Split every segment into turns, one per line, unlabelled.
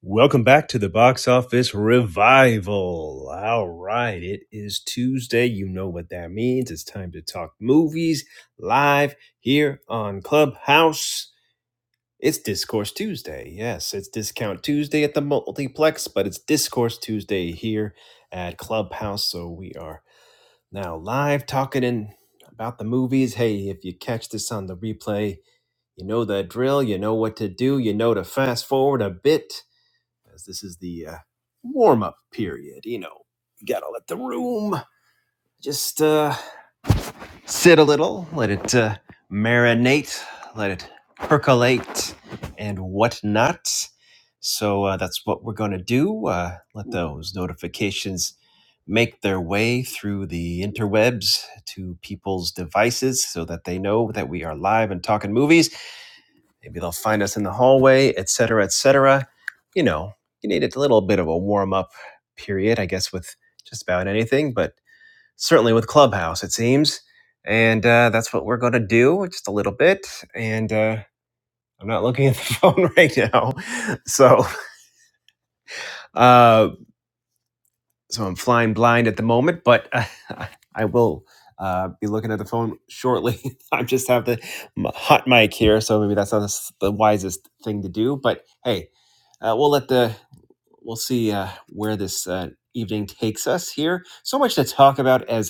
Welcome back to the box office revival. All right, it is Tuesday. You know what that means. It's time to talk movies live here on Clubhouse. It's Discourse Tuesday. Yes, it's Discount Tuesday at the multiplex, but it's Discourse Tuesday here at Clubhouse. So we are now live talking in about the movies. Hey, if you catch this on the replay, you know the drill. You know what to do. You know to fast forward a bit as this is the uh, warm up period. You know, you gotta let the room just uh, sit a little, let it uh, marinate, let it percolate, and whatnot. So uh, that's what we're gonna do. Uh, let those notifications make their way through the interwebs to people's devices so that they know that we are live and talking movies Maybe they'll find us in the hallway, et cetera, et cetera. You know, you need a little bit of a warm up period, I guess, with just about anything, but certainly with Clubhouse, it seems. And uh, that's what we're going to do, just a little bit. And uh, I'm not looking at the phone right now. So, uh, so I'm flying blind at the moment, but uh, I will uh, be looking at the phone shortly. I just have the m- hot mic here, so maybe that's not the s- the wisest thing to do. But hey, uh, we'll let the we'll see uh, where this uh, evening takes us here. So much to talk about as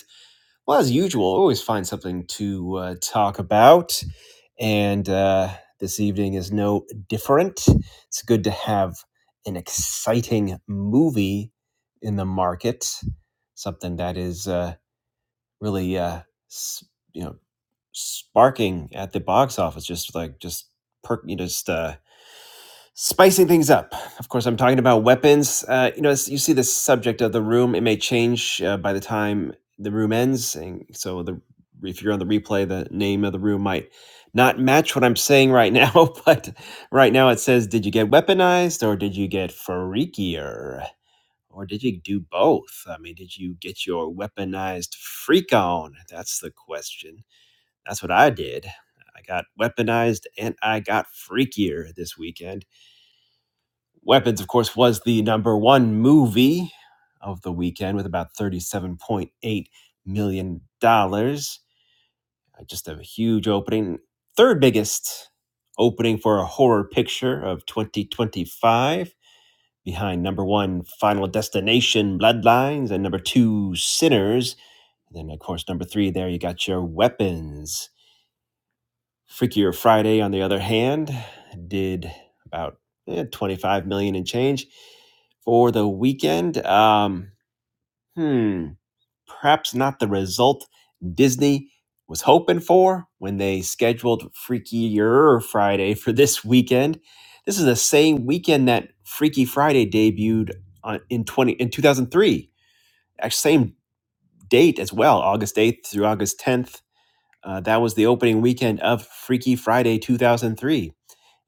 well, as usual, always find something to uh, talk about, and uh, this evening is no different. It's good to have an exciting movie in the market, something that is uh, really, uh, s- you know, sparking at the box office, just like just per, you know, just. Uh, Spicing things up. Of course, I'm talking about weapons. Uh, you know, you see the subject of the room. It may change uh, by the time the room ends. And so, the, if you're on the replay, the name of the room might not match what I'm saying right now. But right now, it says, Did you get weaponized or did you get freakier? Or did you do both? I mean, did you get your weaponized freak on? That's the question. That's what I did. I got weaponized and I got freakier this weekend Weapons, of course, was the number one movie of the weekend with about $37.8 million. dollars. Just a huge opening. Third biggest opening for a horror picture of 2025, behind number one, Final Destination Bloodlines, and number two, Sinners. And then, of course, number three, there you got your weapons. Freakier Friday, on the other hand, did about eh, 25 million dollars and change for the weekend. Um, hmm, perhaps not the result Disney was hoping for when they scheduled Freakier Friday for this weekend. This is the same weekend that Freaky Friday debuted on, in 20 in 2003. Actually, same date as well, August 8th through August 10th. Uh, that was the opening weekend of Freaky Friday 2003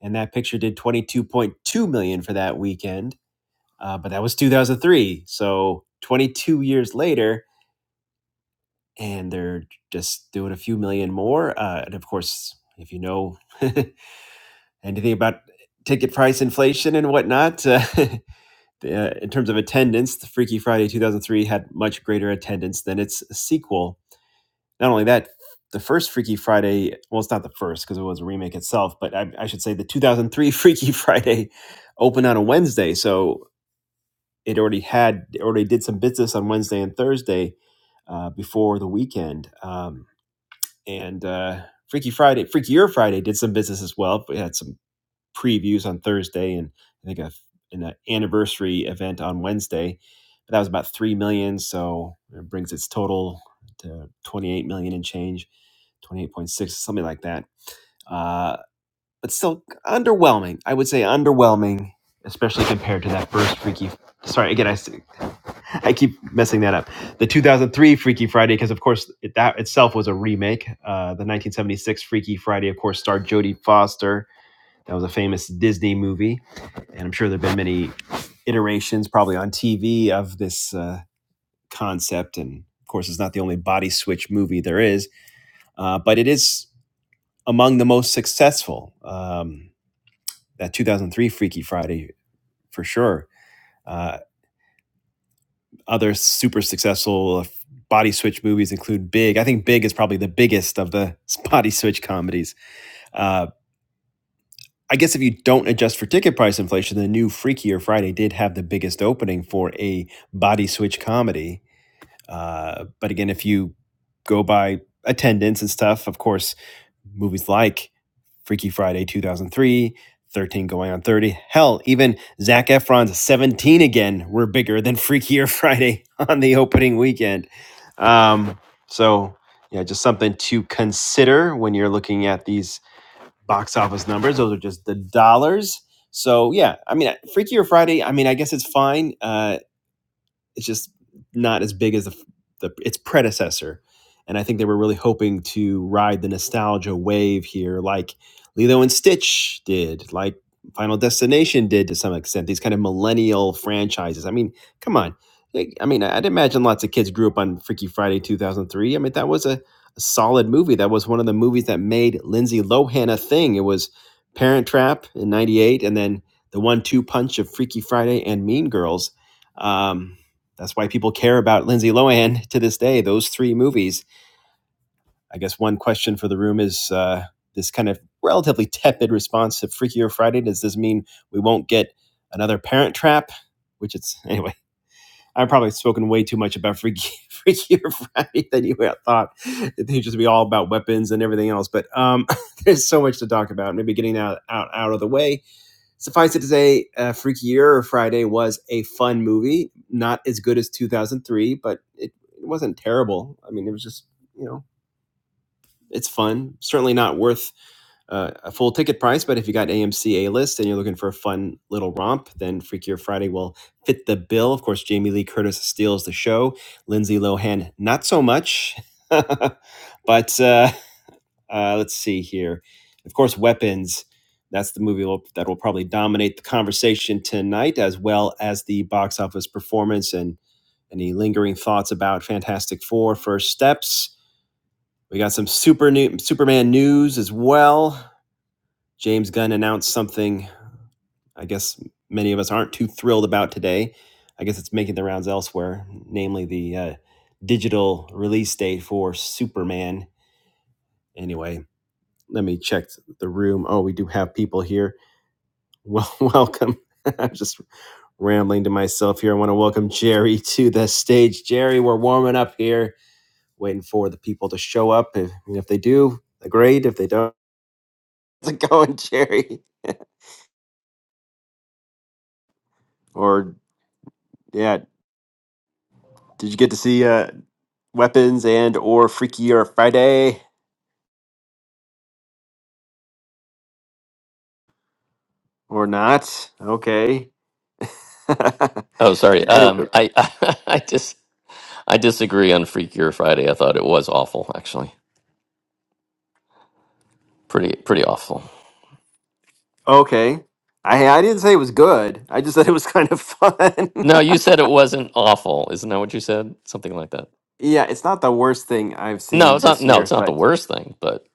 and that picture did 22.2 million dollars for that weekend uh, but that was 2003 so 22 years later and they're just doing a few million more uh, and of course if you know anything about ticket price inflation and whatnot uh, in terms of attendance the freaky friday 2003 had much greater attendance than its sequel Not only that, the first Freaky Friday, well, it's not the first because it was a remake itself, but I, I should say the 2003 Freaky Friday opened on a Wednesday. So it already had, it already did some business on Wednesday and Thursday uh, before the weekend. Um, and uh, Freaky Friday, Freakier Friday did some business as well. but It had some previews on Thursday and I think a an uh, anniversary event on Wednesday. But that was about three million, dollars, so it brings its total to 28 million dollars and change, 28.6, something like that. Uh, but still underwhelming. I would say underwhelming, especially compared to that first Freaky. Sorry, again, I I keep messing that up. The 2003 Freaky Friday, because of course it, that itself was a remake. Uh, the 1976 Freaky Friday, of course, starred Jodie Foster that was a famous Disney movie, and I'm sure there have been many iterations, probably on TV, of this uh, concept. And of course, it's not the only body switch movie there is, uh, but it is among the most successful. Um, that 2003 Freaky Friday, for sure. Uh, other super successful body switch movies include Big. I think Big is probably the biggest of the body switch comedies. Uh, I guess if you don't adjust for ticket price inflation, the new Freakier Friday did have the biggest opening for a body switch comedy. Uh, but again, if you go by attendance and stuff, of course, movies like Freaky Friday 2003, 13 Going on 30, hell, even Zac Efron's 17 again were bigger than Freakier Friday on the opening weekend. Um, so, yeah, just something to consider when you're looking at these box office numbers. Those are just the dollars. So yeah, I mean, Freakier Friday. I mean, I guess it's fine. Uh, it's just not as big as the, the its predecessor. And I think they were really hoping to ride the nostalgia wave here, like Lilo and Stitch did, like Final Destination did to some extent. These kind of millennial franchises. I mean, come on. Like, I mean, I'd imagine lots of kids grew up on Freaky Friday 2003. I mean, that was a, a solid movie. That was one of the movies that made Lindsay Lohan a thing. It was Parent Trap in '98, and then the one-two punch of Freaky Friday and Mean Girls. Um, that's why people care about Lindsay Lohan to this day, those three movies. I guess one question for the room is uh, this kind of relatively tepid response to Freakier Friday. Does this mean we won't get another Parent Trap? Which it's, anyway, I've probably spoken way too much about Freaky, Freakier Friday than you thought. It would just be all about weapons and everything else. But um, there's so much to talk about. Maybe getting that out, out, out of the way Suffice it to say, uh, Freaky Year or Friday was a fun movie. Not as good as 2003, but it, it wasn't terrible. I mean, it was just, you know, it's fun. Certainly not worth uh, a full ticket price, but if you got AMC A list and you're looking for a fun little romp, then Freaky Year Friday will fit the bill. Of course, Jamie Lee Curtis steals the show. Lindsay Lohan, not so much. but uh, uh, let's see here. Of course, Weapons. That's the movie will- that will probably dominate the conversation tonight, as well as the box office performance and any lingering thoughts about Fantastic Four: First Steps. We got some super new, Superman news as well. James Gunn announced something. I guess many of us aren't too thrilled about today. I guess it's making the rounds elsewhere, namely the uh, digital release date for Superman. Anyway, let me check the room. Oh, we do have people here. Well, welcome. I'm just rambling to myself here. I want to welcome Jerry to the stage. Jerry, we're warming up here, waiting for the people to show up. If, if they do, great. If they don't, how's it going, Jerry? or yeah, did you get to see uh, Weapons and or Freaky or Friday or not? Okay.
Oh, sorry.
anyway,
Um, I I just I disagree on Freakier Friday. I thought it was awful, actually. Pretty pretty awful.
okay. I I didn't say it was good. I just said it was kind of fun.
No, you said it wasn't awful. Isn't that what you said? Something like that.
Yeah, it's not the worst thing I've
No,
seen
it's not.
this
No,
year,
it's not the
but
worst thing, but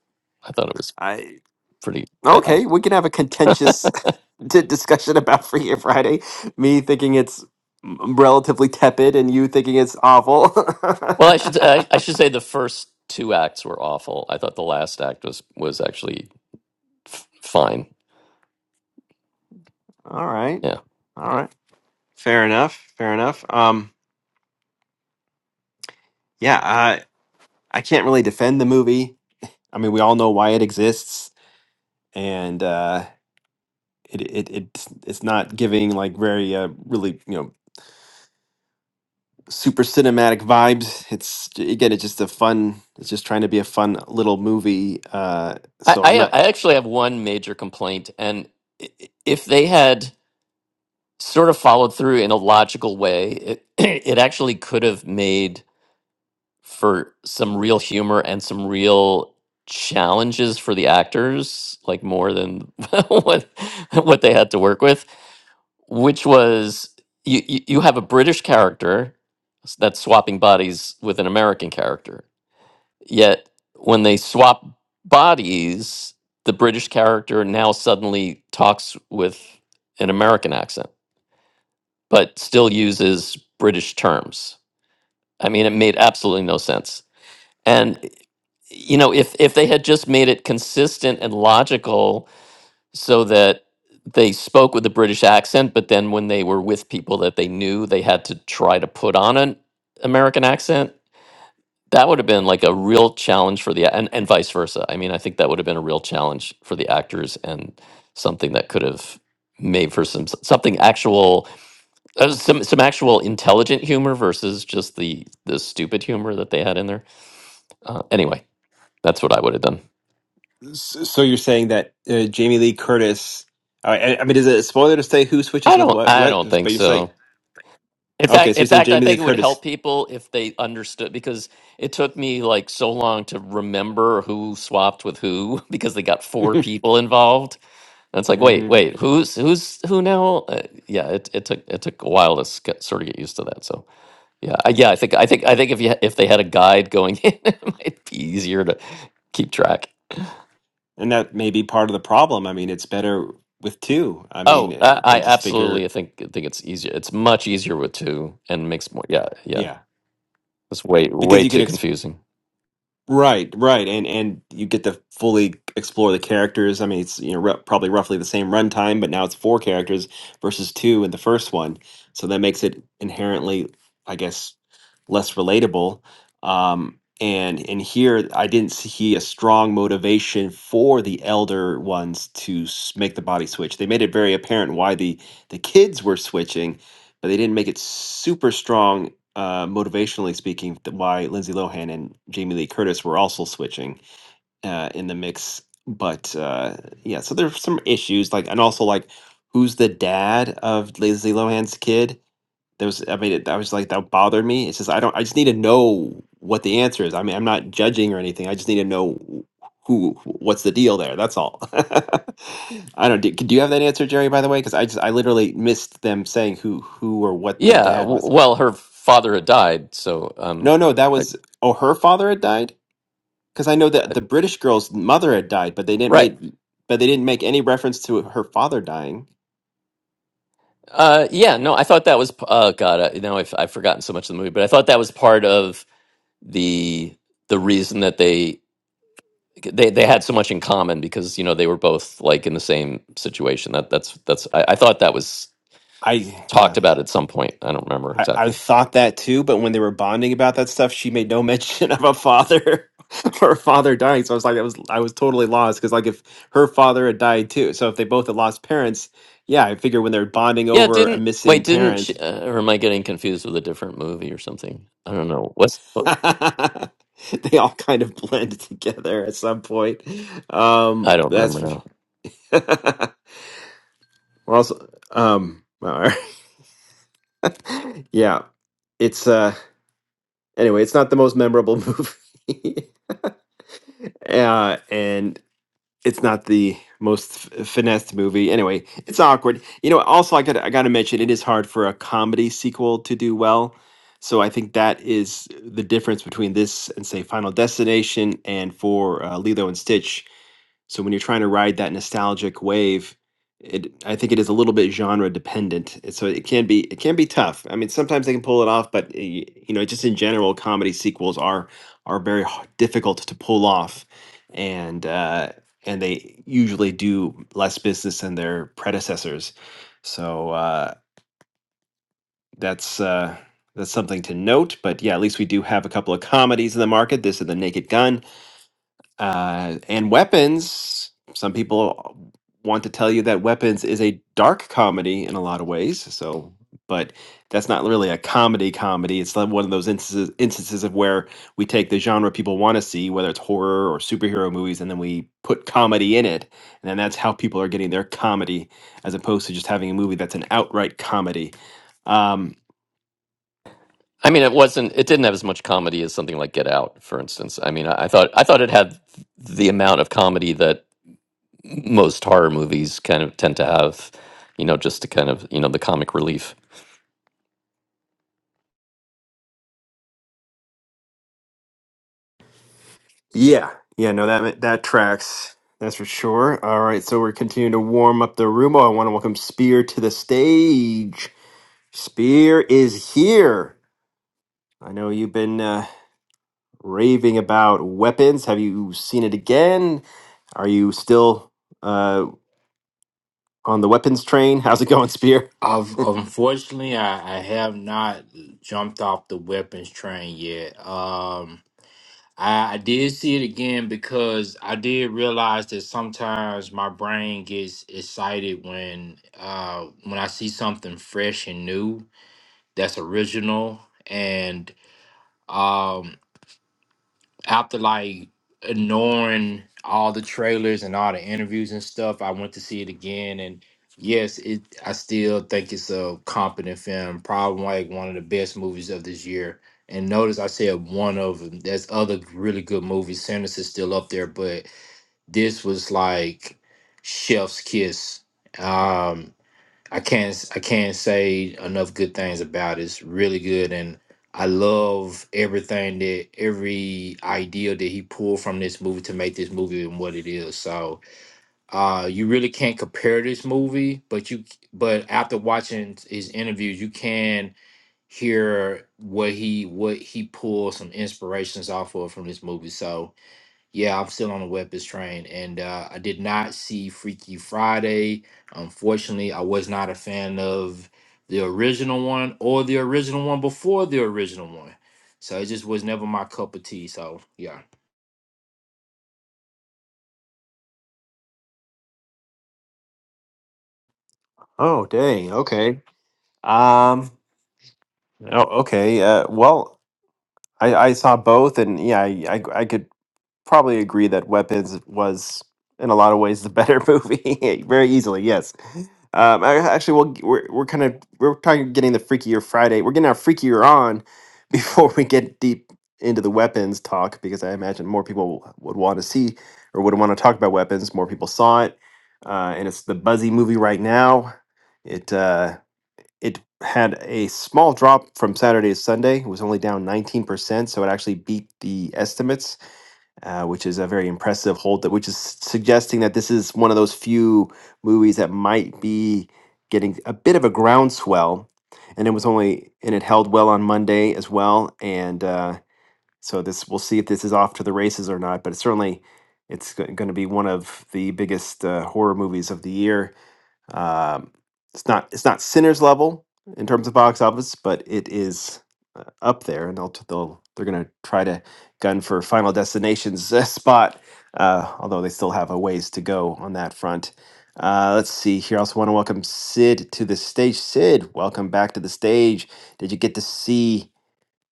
I thought it was
I
pretty bad.
okay, we can have a contentious di- discussion about Free Gear Friday. Me thinking it's m- relatively tepid, and you thinking it's awful.
Well, I should I, I should say the first two acts were awful. I thought the last act was was actually f- fine.
All right,
Yeah.
all right, fair enough, fair enough. Um, yeah, I I can't really defend the movie. I mean, we all know why it exists, and uh, it it it's, it's not giving like very uh, really you know super cinematic vibes. It's again, it's just a fun. It's just trying to be a fun little movie. Uh,
I,
so I'm
I
not.
I actually have one major complaint, and i- if they had sort of followed through in a logical way. It it actually could have made for some real humor and some real challenges for the actors, like more than what what they had to work with, which was you you you have a British character s- that's swapping bodies with an American character. Yet when they swap bodies, the British character now suddenly talks with an American accent but still uses British terms. I mean, it made absolutely no sense. And you know, if if they had just made it consistent and logical, so that they spoke with a British accent, but then when they were with people that they knew, they had to try to put on an American accent. That would have been like a real challenge for the and, and vice versa. I mean, I think that would have been a real challenge for the actors and something that could have made for some something actual uh, some some actual intelligent humor versus just the the stupid humor that they had in there. Uh, anyway, that's what I would have done.
So so you're saying that uh, Jamie Lee Curtis? All right, I, I mean, is it a spoiler to say who switches
I
with
don't
what?
I
What?
don't think
But you're saying
so. In
okay.
fact,
So
in
you're saying
fact, I
Jamie Lee
think it would
Curtis,
help people if they understood because it took me like so long to remember who swapped with who because they got four
hmm
people involved. And it's like, wait,
and
wait, who's who's who now? Uh, yeah, it, it took it took a while to sc- sort of get used to that. So. Yeah, I- yeah. I think I think I think if you if they had a guide going in, it might be easier to keep track.
that may be part of the problem. I mean, it's better with two. I mean,
Oh,
uh,
I,
they
I
just
absolutely.
figure,
I think I think it's easier. It's much easier with two, and makes more. Yeah, yeah.
yeah,
It's way
because
way
you
too
could.
confusing.
Right, right, and and you get to fully explore the characters. I mean, it's you know r probably roughly the same runtime, but now it's four characters versus two in the first one, so that makes it inherently, I guess, less relatable. Um, and and here, I didn't see a strong motivation for the elder ones to s- make the body switch. They made it very apparent why the the kids were switching, but they didn't make it super strong uh, motivationally speaking, th- why Lindsay Lohan and Jamie Lee Curtis were also switching uh, in the mix. But uh, yeah, so there's some issues like, and also like, who's the dad of Lindsay Lohan's kid? There was, I mean, it, I was like, that bothered me. It's just I don't, I just need to know what the answer is. I mean, I'm not judging or anything. I just need to know who, what's the deal there. That's all. I don't. Do, do you have that answer, Jerry? By the way, because I just, I literally missed them saying who, who or what the
Yeah.
dad
w-
was.
Well, her father had died, so um,
No, no, that
I,
was oh, her father had died because I know that
I,
the British girl's mother had died, but they didn't
right.
make but they didn't make any reference to her father dying.
Uh, yeah. No, I thought that was. p- Oh God, I, now I've I've forgotten so much of the movie, but I thought that was part of the the reason that they they they had so much in common because you know they were both like in the same situation. That that's that's I, I thought that was
I
talked
yeah,
about at some point. I don't remember
I, I
exactly.
thought that too, but when they were bonding about that stuff, she made no mention of a father or a father dying. So I was like, that was I was totally lost because like if her father had died too, so if they both had lost parents, yeah, I figure when they're bonding
Yeah,
over a
didn't wait,
missing
didn't she,
parent.
uh, or am I getting confused with a different movie or something? I don't know. What's what-
they all kind of blend together at some point.
I
Um,
don't remember
that's
now.
well, also, um, all right. yeah, it's uh, anyway, it's not the most memorable movie, uh, and it's not the most f- finessed movie. Anyway, it's awkward. You know, also I got I got to mention it is hard for a comedy sequel to do well. So I think that is the difference between this and say Final Destination and for uh, Lilo and Stitch So when you're trying to ride that nostalgic wave, it I think it is a little bit genre dependent. It- So it can be it can be tough. I mean, sometimes they can pull it off, but uh, y- you know, just in general, comedy sequels are are very h- difficult to pull off, and uh, and they usually do less business than their predecessors. So uh, that's. Uh, that's something to note, but yeah, at least we do have a couple of comedies in the market. This is the Naked Gun, uh, and weapons, some people want to tell you that weapons is a dark comedy in a lot of ways. So, but that's not really a comedy comedy. It's like one of those instances, instances of where we take the genre people want to see, whether it's horror or superhero movies, and then we put comedy in it. And then that's how people are getting their comedy, as opposed to just having a movie that's an outright comedy. Um,
I mean, it wasn't. It didn't have as much comedy as something like Get Out, for instance. I mean, I, I thought I thought it had the amount of comedy that most horror movies kind of tend to have, you know, just to kind of, you know, the comic relief.
Yeah, yeah, no, that that tracks. That's for sure. All right, so we're continuing to warm up the room. Oh, I want to welcome Spear to the stage. Spear is here. I know you've been uh, raving about weapons. Have you seen it again? Are you still uh, on the weapons train? How's it going, Spear?
I've unfortunately I, I have not jumped off the weapons train yet. Um I, I did see it again because I did realize that sometimes my brain gets excited when uh when I see something fresh and new that's original and um after like ignoring all the trailers and all the interviews and stuff, I went to see it again and yes, it I still think it's a competent film, probably like one of the best movies of this year. And notice I said one of them. There's other really good movies. Sanderson's still up there, but this was like Chef's Kiss. Um I can't I can't say enough good things about it. It's really good and I love everything that every idea that he pulled from this movie to make this movie and what it is. So uh you really can't compare this movie, but you but after watching his interviews, you can hear what he what he pulled some inspirations off of from this movie. So yeah, I'm still on the weapons train, and uh, I did not see Freaky Friday. Unfortunately, I was not a fan of the original one or the original one before the original one. So it just was never my cup of tea. So yeah.
Oh, dang. Okay. Um. Oh, okay. Uh. Well, I I saw both, and yeah, I I, I could probably agree that Weapons was in a lot of ways the better movie, very easily. Yes. Um. I, actually, we'll, g- we're we're kind of we're talking getting the freakier Friday. We're getting our freakier on before we get deep into the weapons talk because I imagine more people would want to see or would want to talk about weapons. More people saw it, uh, and it's the buzzy movie right now. It. Uh, it had a small drop from Saturday to Sunday. It was only down 19%, so it actually beat the estimates, uh, which is a very impressive hold, that, which is suggesting that this is one of those few movies that might be getting a bit of a groundswell. And it was only, and it held well on Monday as well. And uh, so this, we'll see if this is off to the races or not, but it's certainly, it's going to be one of the biggest uh, horror movies of the year um, it's not it's not Sinners level in terms of box office, but it is uh, up there, and they'll t- they'll they're gonna try to gun for Final Destination's uh, spot, uh, although they still have a ways to go on that front. Uh, let's see here. I also want to welcome Sid to the stage. Sid, welcome back to the stage. Did you get to see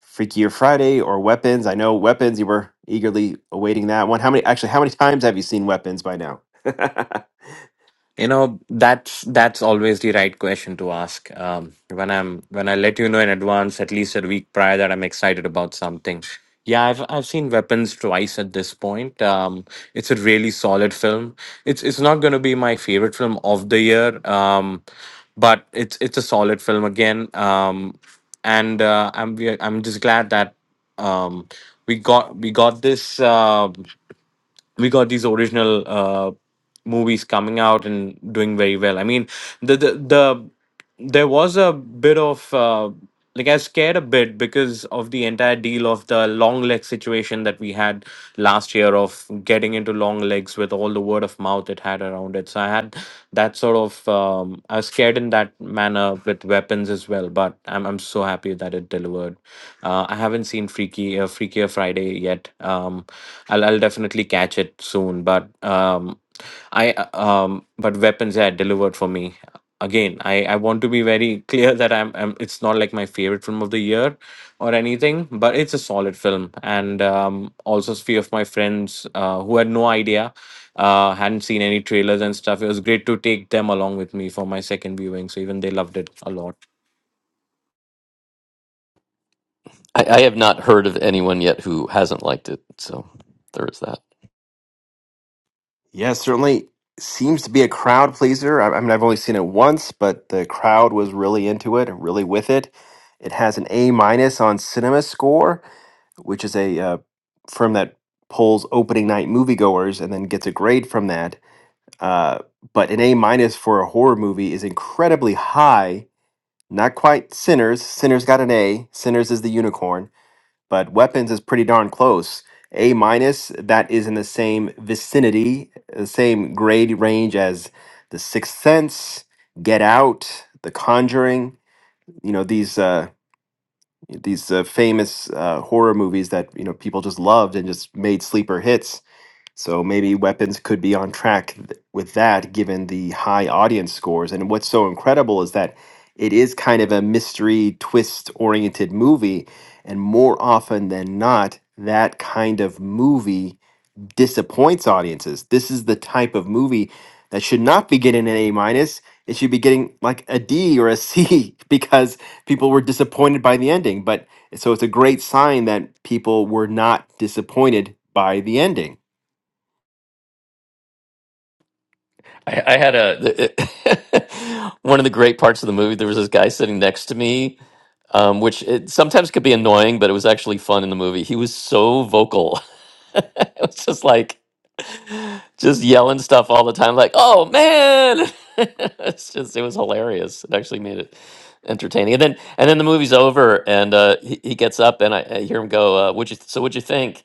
Freakier Friday or Weapons? I know Weapons. You were eagerly awaiting that one. How many? Actually, how many times have you seen Weapons by now?
You know, that's that's always the right question to ask. Um, when I'm when I let you know in advance, at least a week prior, that I'm excited about something. Yeah, I've I've seen Weapons twice at this point. Um, it's a really solid film. It's it's not going to be my favorite film of the year, um, but it's it's a solid film again. Um, and uh, I'm we are- I'm just glad that um, we got we got this. Uh, we got these original uh, movies coming out and doing very well. I mean, the the, the there was a bit of uh, like I was scared a bit because of the entire deal of the long leg situation that we had last year of getting into long legs with all the word of mouth it had around it. So I had that sort of um, I was scared in that manner with weapons as well. But I'm I'm so happy that it delivered. Uh, I haven't seen Freaky uh, Freakier Friday yet. Um, I'll, I'll definitely catch it soon. But um, I uh, um, but weapons yeah delivered for me again. I, I want to be very clear that I'm, I'm it's not like my favorite film of the year or anything, but it's a solid film. And um, also few of my friends uh, who had no idea, uh, hadn't seen any trailers and stuff. It was great to take them along with me for my second viewing. So even they loved it a lot.
I, I have not heard of anyone yet who hasn't liked it, so there is that.
Yeah, certainly seems to be a crowd pleaser. I, I mean, I've only seen it once, but the crowd was really into it, and really with it. It has an A minus on Cinema Score, which is a uh, firm that polls opening night moviegoers and then gets a grade from that. Uh, but an A minus for a horror movie is incredibly high. Not quite Sinners. Sinners got an A. Sinners is the unicorn but weapons is pretty darn close. A minus, that is in the same vicinity, the same grade range as The Sixth Sense, Get Out, The Conjuring. You know these uh, these uh, famous uh, horror movies that you know people just loved and just made sleeper hits so maybe Weapons could be on track th- with that given the high audience scores. And what's so incredible is that it is kind of a mystery twist oriented movie. And more often than not, that kind of movie disappoints audiences. This is the type of movie that should not be getting an A minus. It should be getting like a D or a C because people were disappointed by the ending. But so it's a great sign that people were not disappointed by the ending.
I, I had a The- one of the great parts of the movie. There was this guy sitting next to me um, which it sometimes could be annoying, but it was actually fun in the movie. He was so vocal. it was just like, just yelling stuff all the time, like, oh man. it's just, it was hilarious. It actually made it entertaining. And then, and then the movie's over and uh, he, he gets up and I, I hear him go, uh, would you, th- so what'd you think?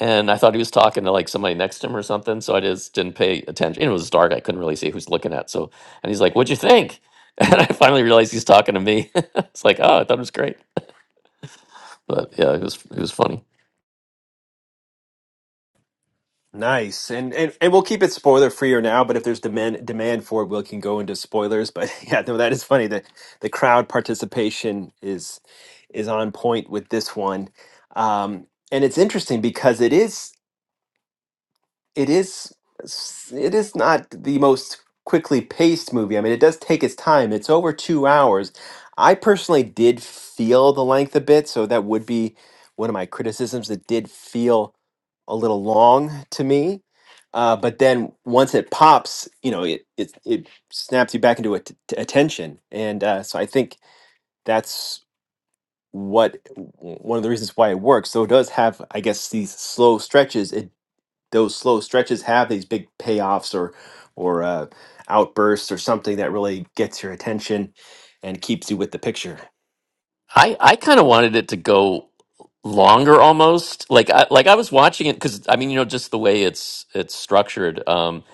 And I thought he was talking to like somebody next to him or something. So I just didn't pay attention. It was dark. I couldn't really see who's looking at. So, and he's like, what'd you think? And I finally realized he's talking to me. it's like, oh, I thought it was great. But yeah, it was it was funny.
Nice. And, and and we'll keep it spoiler freer now, but if there's demand demand for it, we can go into spoilers. But yeah, no, that is funny. The the crowd participation is is on point with this one. Um, and it's interesting because it is it is it is not the most quickly paced movie. I mean, it does take its time. It's over 2 hours. I personally did feel the length a bit, so that would be one of my criticisms. It did feel a little long to me. Uh, but then once it pops, you know, it it, it snaps you back into at- t- attention. And uh, so I think that's what one of the reasons why it works. So it does have, I guess, these slow stretches. It those slow stretches have these big payoffs or or uh, outbursts or something that really gets your attention and keeps you with the picture.
I I kind of wanted it to go longer almost. Like I like I was watching it cuz I mean, you know, just the way it's it's structured. Um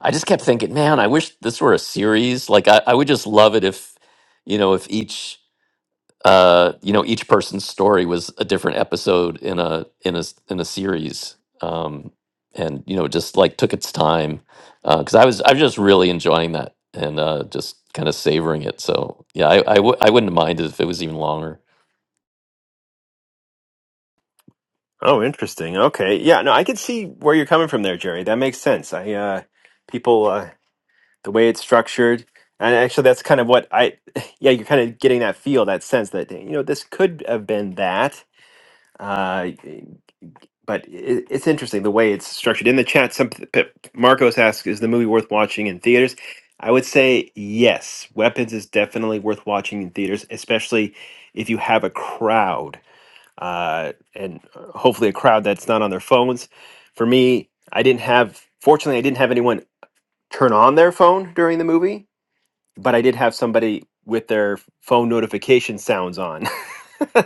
I just kept thinking, man, I wish this were a series. Like I I would just love it if you know, if each uh, you know, each person's story was a different episode in a in a s- in a series, um, and you know, just like took its time because I was I was just really enjoying that and uh, just kind of savoring it. So yeah, I I w- I wouldn't mind if it was even longer.
Oh, interesting. Okay, yeah, no, I can see where you're coming from there, Jerry. That makes sense. I uh, people uh, the way it's structured, and actually that's kind of what I yeah you're kind of getting that feel, that sense that you know this could have been that. Uh, but it, it's interesting the way it's structured in the chat. Some P- Marcos asks, "Is the movie worth watching in theaters?" I would say yes. Weapons is definitely worth watching in theaters, especially if you have a crowd, uh, and uh, hopefully a crowd that's not on their phones. For me, I didn't have. Fortunately, I didn't have anyone turn on their phone during the movie, but I did have somebody with their phone notification sounds on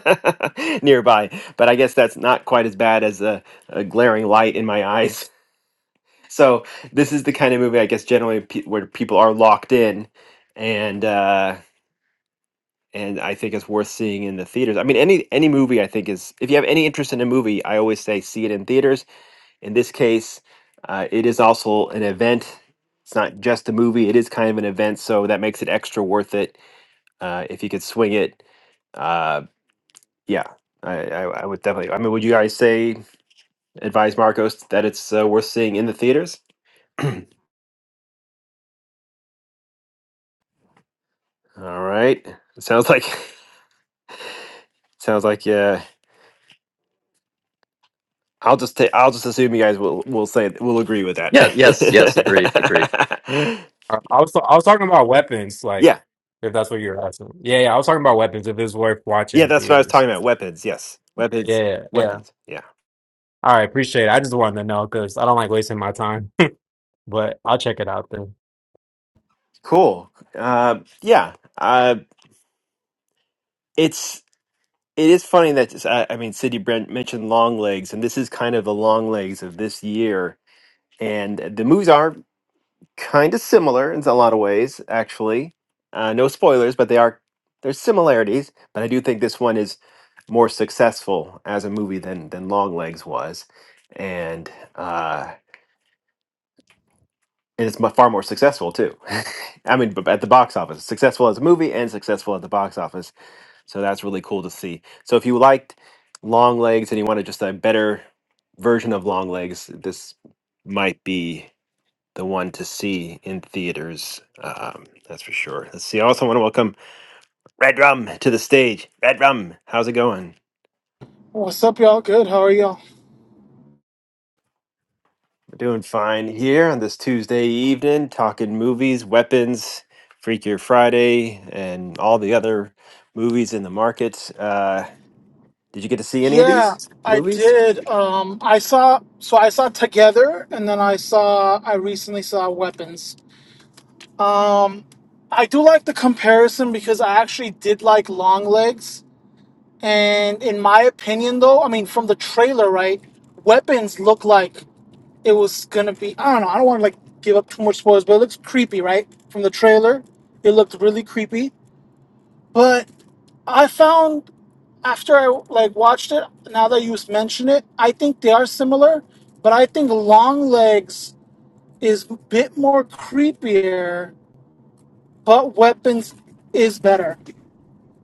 nearby. But I guess that's not quite as bad as a, a glaring light in my eyes. So this is the kind of movie I guess generally pe- where people are locked in, and uh, and I think it's worth seeing in the theaters. I mean, any any movie I think is if you have any interest in a movie, I always say see it in theaters. In this case, uh, it is also an event. It's not just a movie; it is kind of an event, so that makes it extra worth it uh, if you could swing it, uh, yeah, I, I, I would definitely. I mean, would you guys say advise Marcos that it's uh, worth seeing in the theaters? All right, it sounds like sounds like yeah. I'll just take. I'll just assume you guys will will say will agree with that.
Yeah, yes, yes, agreed, agreed.
I I was I was talking about weapons, like
yeah,
if that's what you're asking. Yeah, yeah, I was talking about weapons. If it's worth watching
yeah,
in
that's what I was
theaters.
talking about. Weapons, yes, weapons,
Yeah, yeah. yeah.
weapons. Yeah,
All right, appreciate it. I just wanted to know because I don't like wasting my time, but I'll check it out then.
cool. Uh, yeah, uh, it's it is funny that I, I mean, City Brent mentioned long legs, and this is kind of the long legs of this year. And the movies are kind of similar in a lot of ways, actually. Uh, no spoilers, but they are there's similarities. But I do think this one is more successful as a movie than than Long Legs was, and uh, and it's mu- far more successful too. I mean, b- at the box office, successful as a movie and successful at the box office So that's really cool to see. So if you liked long legs and you wanted just a better version of long legs, this might be the one to see in theaters. Um, that's for sure. Let's see. I also want to welcome Red Rum to the stage. Red Rum, how's it going?
What's up, y'all? Good. How are y'all?
We're doing fine here on this Tuesday evening, talking movies, weapons, Freakier Friday, and all the other movies in the market. Uh, did you get to see any of
Yeah,
these
I
movies?
did. Um, I saw so I saw Together, and then I saw I recently saw Weapons. Um, I do like the comparison because I actually did like Long Legs, and in my opinion, though, I mean from the trailer, right? Weapons looked like it was gonna be. I don't know. I don't want to like give up too much spoilers, but it looks creepy, right? From the trailer, it looked really creepy. But I found after I like watched it, now that you mention it, I think they are similar, but I think Longlegs is a bit more creepier, but Weapons is better,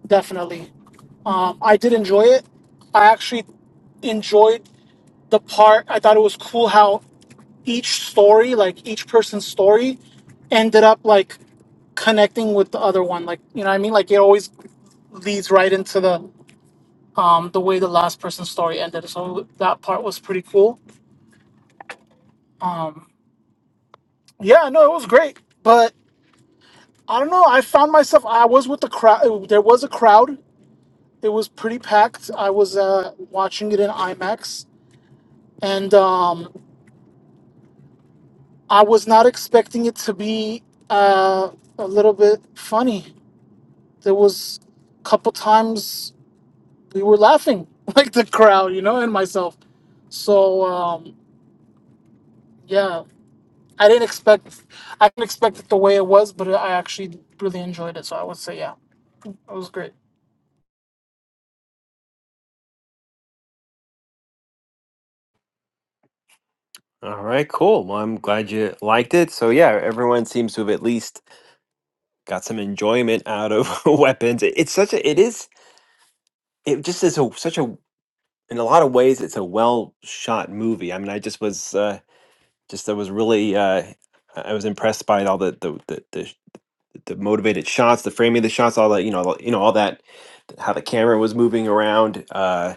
definitely. Um, I did enjoy it. I actually enjoyed the part. I thought it was cool how each story, like each person's story, ended up like connecting with the other one. Like you know what I mean? Like it always leads right into the um, the way the last person's story ended. So that part was pretty cool. Um, yeah, no, it was great. But I don't know. I found myself. I was with the crowd. There was a crowd. It was pretty packed. I was uh, watching it in IMAX, and um, I was not expecting it to be uh, a little bit funny. There was a couple times we were laughing, like the crowd, you know, and myself. So um, yeah. I didn't expect I didn't expect it the way it was, but I actually really enjoyed it. So I would say yeah, it was great.
All right, cool. Well, I'm glad you liked it. So yeah, everyone seems to have at least got some enjoyment out of weapons. It- It's such a it is it just is a such a in a lot of ways it's a well shot movie. I mean, I just was uh just I was really uh I I was impressed by all the the the the, sh- the motivated shots, the framing of the shots, all that, you know, all- you know all that how the camera was moving around uh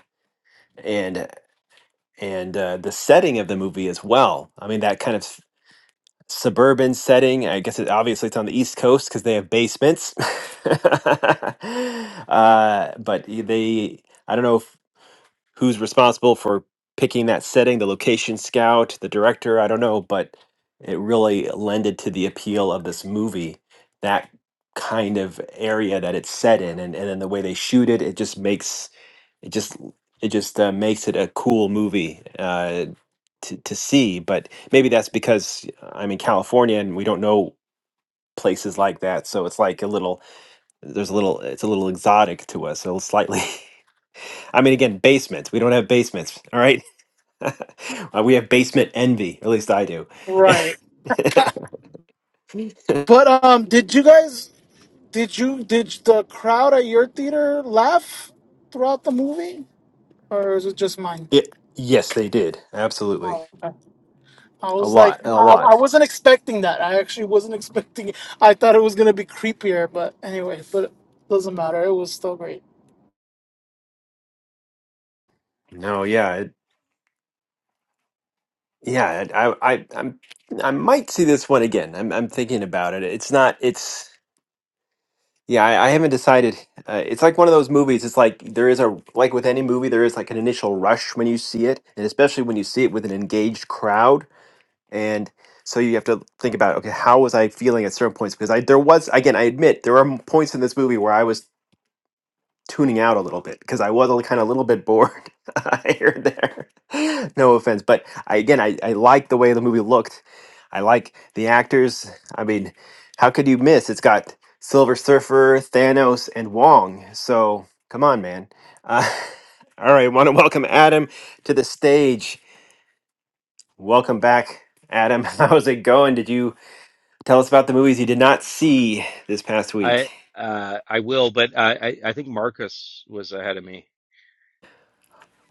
and and uh, the setting of the movie as well. I mean, that kind of suburban setting. I guess it obviously it's on the East Coast because they have basements. uh, but y- they, I don't know if who's responsible for picking that setting, the location scout, the director, I don't know, but it really lended to the appeal of this movie, that kind of area that it's set in and, and then the way they shoot it, it just makes it just it just uh, makes it a cool movie uh, to, to see. But maybe that's because uh, I'm in California and we don't know places like that. So it's like a little there's a little it's a little exotic to us, a little slightly I mean, again, basements. We don't have basements. All right. Uh, we have basement envy. At least I do.
Right. But um, did you guys did you did the crowd at your theater laugh throughout the movie, or is it just mine?
Yeah, yes, they did. Absolutely.
Oh, okay. I
A
was like,
lot.
I,
A
I
lot.
wasn't expecting that. I actually wasn't expecting. It. I thought it was gonna be creepier, but anyway, but it doesn't matter. It was still great.
No, yeah. It, yeah. I, I, I'm, I might see this one again. I'm, I'm thinking about it. It's not, it's, yeah, I, I haven't decided. Uh, it's like one of those movies. It's like there is a, like with any movie, there is like an initial rush when you see it. And especially when you see it with an engaged crowd And so you have to think about, okay, how was I feeling at certain points? Because I there was again, I admit there are points in this movie where I was tuning out a little bit because I was kind of a little bit bored here and there. no offense, but I, again, I I like the way the movie looked. I like the actors. I mean, how could you miss? It's got Silver Surfer, Thanos, and Wong. So come on, man. Uh, all right, want to welcome Adam to the stage. Welcome back, Adam. How's it going? Did you? Tell us about the movies you did not see this past week.
I uh, I will, but I, I think Marcus was ahead of me.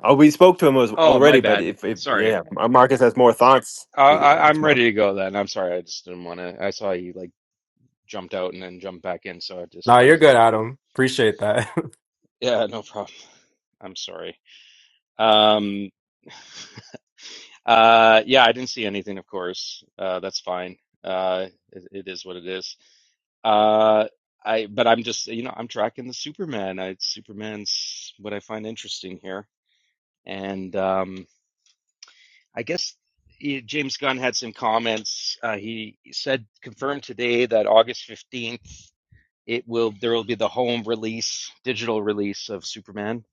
Oh, we spoke to him as-
Oh, my
already, but
bad.
if, if
Sorry.
yeah, Mar- Marcus has more thoughts.
Uh,
He's- uh,
I,
It's
I'm
more.
ready to go then. I'm sorry. I just didn't want to. I saw you like jumped out and then jumped back in, so I just
No, you're good,
wasn't.
Adam. Appreciate that.
Yeah, no problem. I'm sorry. Um. Uh. Yeah, I didn't see anything. Of course. Uh. That's fine. Uh. It, it is what it is. Uh. I. But I'm just. You know. I'm tracking the Superman. I Superman's what I find interesting here, and um. I guess eh, James Gunn had some comments. Uh, he said confirmed today that August fifteenth it will there will be the home release, digital release of Superman.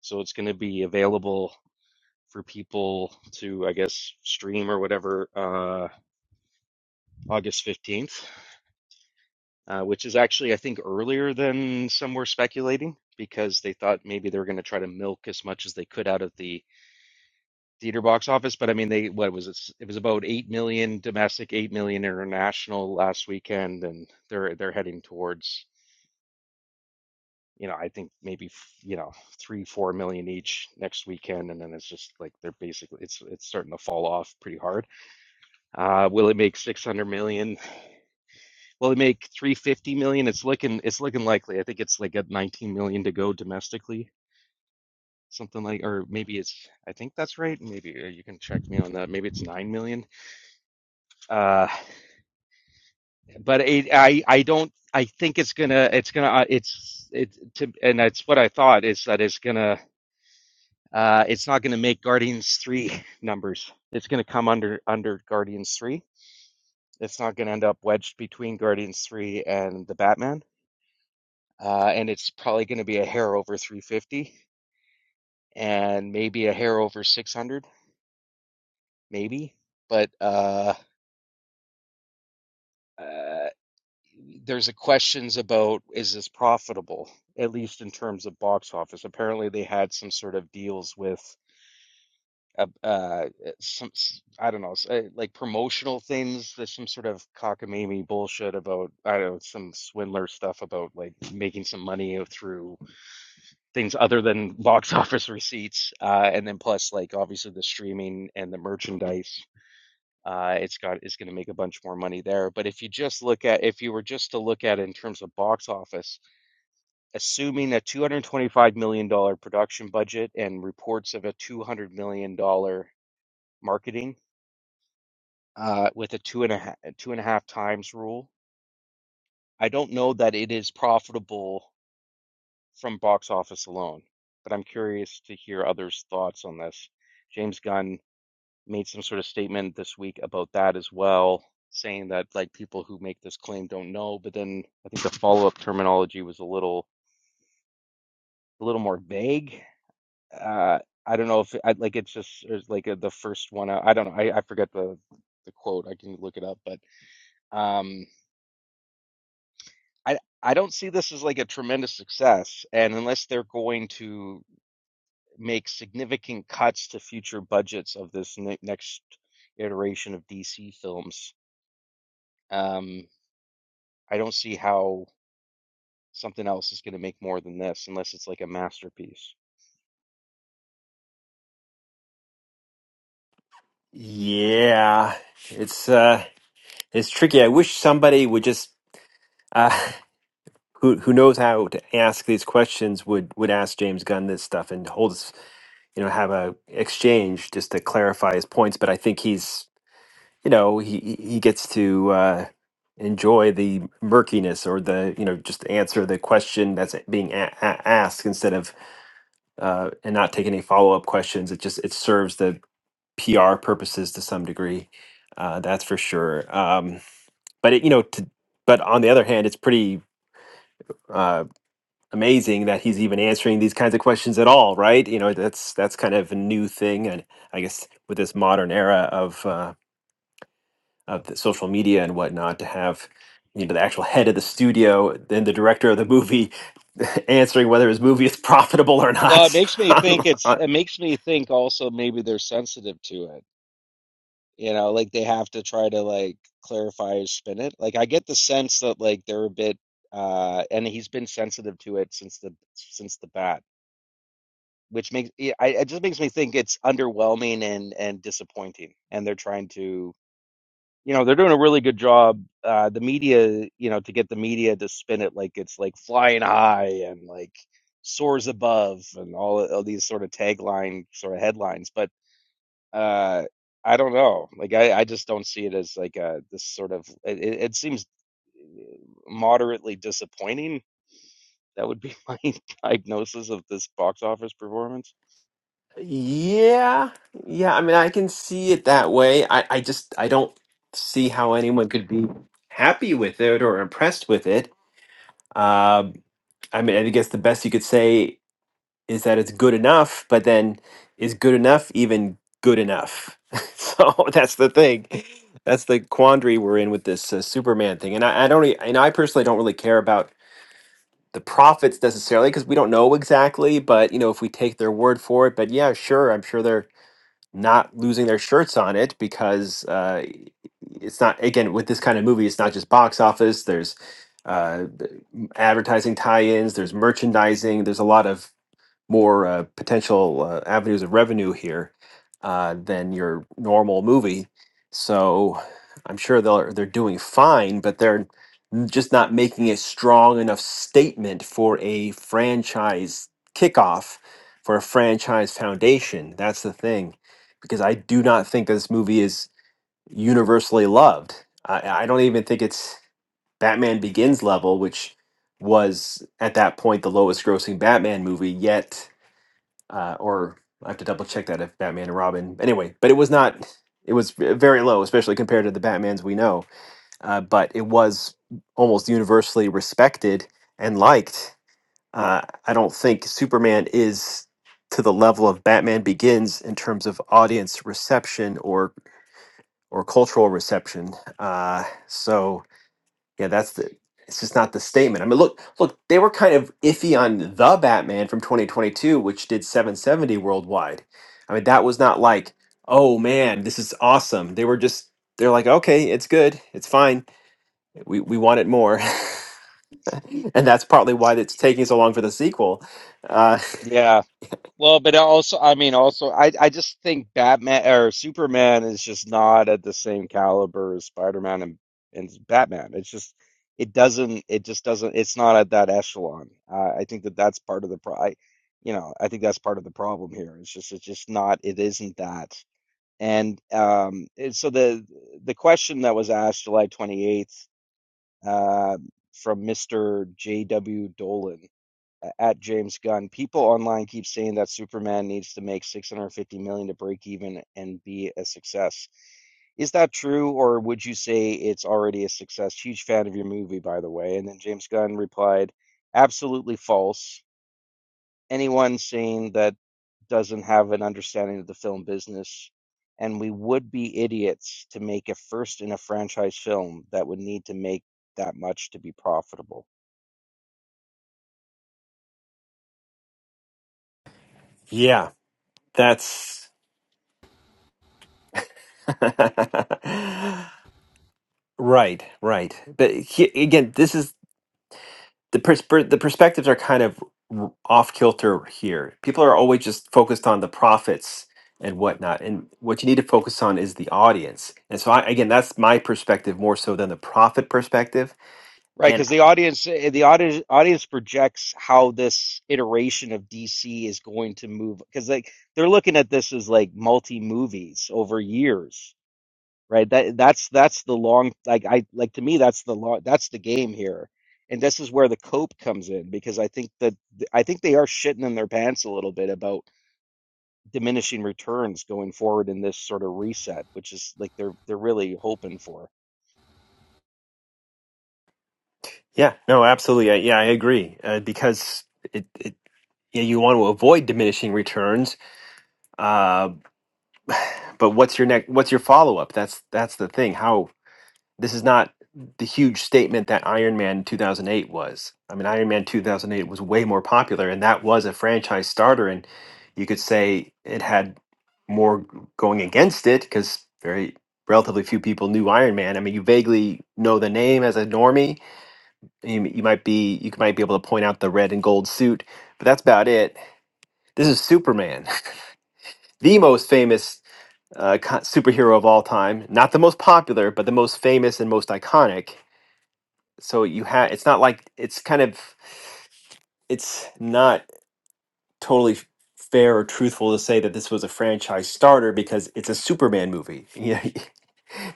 So it's going to be available for people to, I guess, stream or whatever. Uh, August fifteenth, uh, which is actually I think earlier than some were speculating because they thought maybe they were going to try to milk as much as they could out of the theater box office, but I mean, they what was it? It was about eight million domestic, eight million international last weekend, and they're they're heading towards you know I think maybe f- you know three four million each next weekend, and then it's just like they're basically it's it's starting to fall off pretty hard. Uh, will it make six hundred million? Will it make three fifty million? It's looking it's looking likely. I think it's like at nineteen million to go domestically. Something like, or maybe it's, I think that's right. Maybe uh, you can check me on that. Maybe it's 9 million. Uh, but it, I I don't I think it's gonna it's gonna uh, it's it to and that's what I thought is that it's gonna uh it's not gonna make Guardians three numbers. It's gonna come under under Guardians three. It's not gonna end up wedged between Guardians three and the Batman. Uh, and it's probably gonna be a hair over three fifty and maybe a hair over six hundred, maybe. But uh, uh there's a questions about is this profitable, at least in terms of box office. Apparently, they had some sort of deals with uh, uh some I I don't know, uh, like promotional things. There's some sort of cockamamie bullshit about I don't know, some swindler stuff about like making some money through things other than box office receipts. Uh, and then plus like obviously the streaming and the merchandise. Uh, it's got it's going to make a bunch more money there. But if you just look at if you were just to look at it in terms of box office assuming a $225 million dollars production budget and reports of a $200 million dollars marketing uh, with a two and a half, two and a half times rule. I don't know that it is profitable from box office alone, but I'm curious to hear others' thoughts on this. James Gunn made some sort of statement this week about that as well, saying that like people who make this claim don't know, but then I think the follow-up terminology was a little a little more vague uh I don't know if I like it's just it's like uh the first one I, I don't know I, I forget the the quote I can look it up but um I I don't see this as like a tremendous success and unless they're going to make significant cuts to future budgets of this ne next iteration of DC films um I don't see how something else is going to make more than this unless it's like a masterpiece.
Yeah, it's uh, it's tricky. I wish somebody would just uh, who who knows how to ask these questions would would ask James Gunn this stuff and hold us, you know, have a exchange just to clarify his points. But I think he's you know he he gets to uh, enjoy the murkiness or the you know just answer the question that's being a- a- asked instead of uh, and not take any follow up questions. It just it serves the PR purposes to some degree. Uh, that's for sure. Um, but it, you know, to, but on the other hand, it's pretty uh, amazing that he's even answering these kinds of questions at all, right? You know, that's that's kind of a new thing, and I guess with this modern era of uh, of the social media and whatnot to have you know the actual head of the studio then the director of the movie answering whether his movie is profitable or
Well, it
not
makes me think
on-
it's
on-
it makes me think also maybe they're sensitive to it You know, like they have to try to like clarify or spin it. Like I get the sense that like they're a bit uh and he's been sensitive to it since the since the bat, which makes yeah, I it just makes me think it's underwhelming and and disappointing. And they're trying to you know, they're doing a really good job uh the media, you know, to get the media to spin it like it's like flying high and like soars above and all all these sort of tagline sort of headlines, but uh I don't know. Like I, I just don't see it as like a this sort of it, it it seems uh, moderately disappointing. That would be my diagnosis of this box office performance.
yeah yeah i mean i can see it that way i i just i don't see how anyone could be happy with it or impressed with it um i mean i guess the best you could say is that it's good enough, but then is good enough even good enough? so that's the thing. That's the quandary we're in with this uh, Superman thing. And I, I don't, re- and I personally don't really care about the profits necessarily because we don't know exactly. But you know, if we take their word for it, but yeah, sure, I'm sure they're not losing their shirts on it because uh, it's not again with this kind of movie. It's not just box office. There's uh, advertising tie-ins. There's merchandising. There's a lot of more uh, potential uh, avenues of revenue here uh, than your normal movie. So I'm sure they're they're doing fine, but they're n- just not making a strong enough statement for a franchise kickoff for a franchise foundation. That's the thing, because I do not think this movie is universally loved. I, I don't even think it's Batman Begins level, which was at that point the lowest grossing Batman movie yet uh, or I have to double check that if Batman and Robin. Anyway, but it was not. It was v- very low, especially compared to the Batmans we know. Uh, but it was almost universally respected and liked. Uh, I don't think Superman is to the level of Batman Begins in terms of audience reception or or cultural reception. Uh, so yeah, that's the. It's just not the statement. I mean, look, look, they were kind of iffy on the Batman from 2022, which did 770 worldwide. I mean, that was not like, oh man, this is awesome. They were just, they're like, okay, it's good, it's fine. We we want it more,
Y-
and that's partly why it's taking so long for the sequel. Uh,
Yeah, Well, but also, I mean, also, I I just think Batman or Superman is just not at the same caliber as Spider-Man and and Batman. It's just it doesn't it just doesn't it's not at that echelon. Uh, I think that that's part of the pro. I, you know, I think that's part of the problem here. It's just it's just not it isn't that. And um, and so the the question that was asked July 28th uh, from Mr. J.W. Dolan at James Gunn. People online keep saying that Superman needs to make 650 million dollars to break even and be a success. Is that true, or would you say it's already a success? Huge fan of your movie, by the way. And then James Gunn replied, absolutely false. Anyone saying that doesn't have an understanding of the film business, and we would be idiots to make a first in a franchise film that would need to make that much to be profitable.
yeah, that's right, right. But he, again, this is the persper the perspectives are kind of r- off kilter here. People are always just focused on the profits and whatnot, and what you need to focus on is the audience. And so, I, again, that's my perspective more so than the profit perspective.
Right,
And
because the audience eh, the audience audience projects how this iteration of DC is going to move because like they're looking at this as like multi movies over years, right? That that's that's the long like I like to me that's the long that's the game here, and this is where the cope comes in because I think that I think they are shitting in their pants a little bit about diminishing returns going forward in this sort of reset, which is like they're they're really hoping for.
yeah, no, absolutely, I, yeah, I agree uh, because it, it yeah, you want to avoid diminishing returns, uh, but what's your next what's your follow-up that's that's the thing how this is not the huge statement that iron man 2008 was i mean iron man 2008 was way more popular and that was a franchise starter and you could say it had more going against it because very relatively few people knew iron man i mean you vaguely know the name as a normie you, you might be you might be able to point out the red and gold suit but that's about it this is superman the most famous uh, co- superhero of all time. Not the most popular, but the most famous and most iconic. So you have it's not like it's kind of it's not totally f- fair or truthful to say that this was a franchise starter because it's a Superman movie. You know,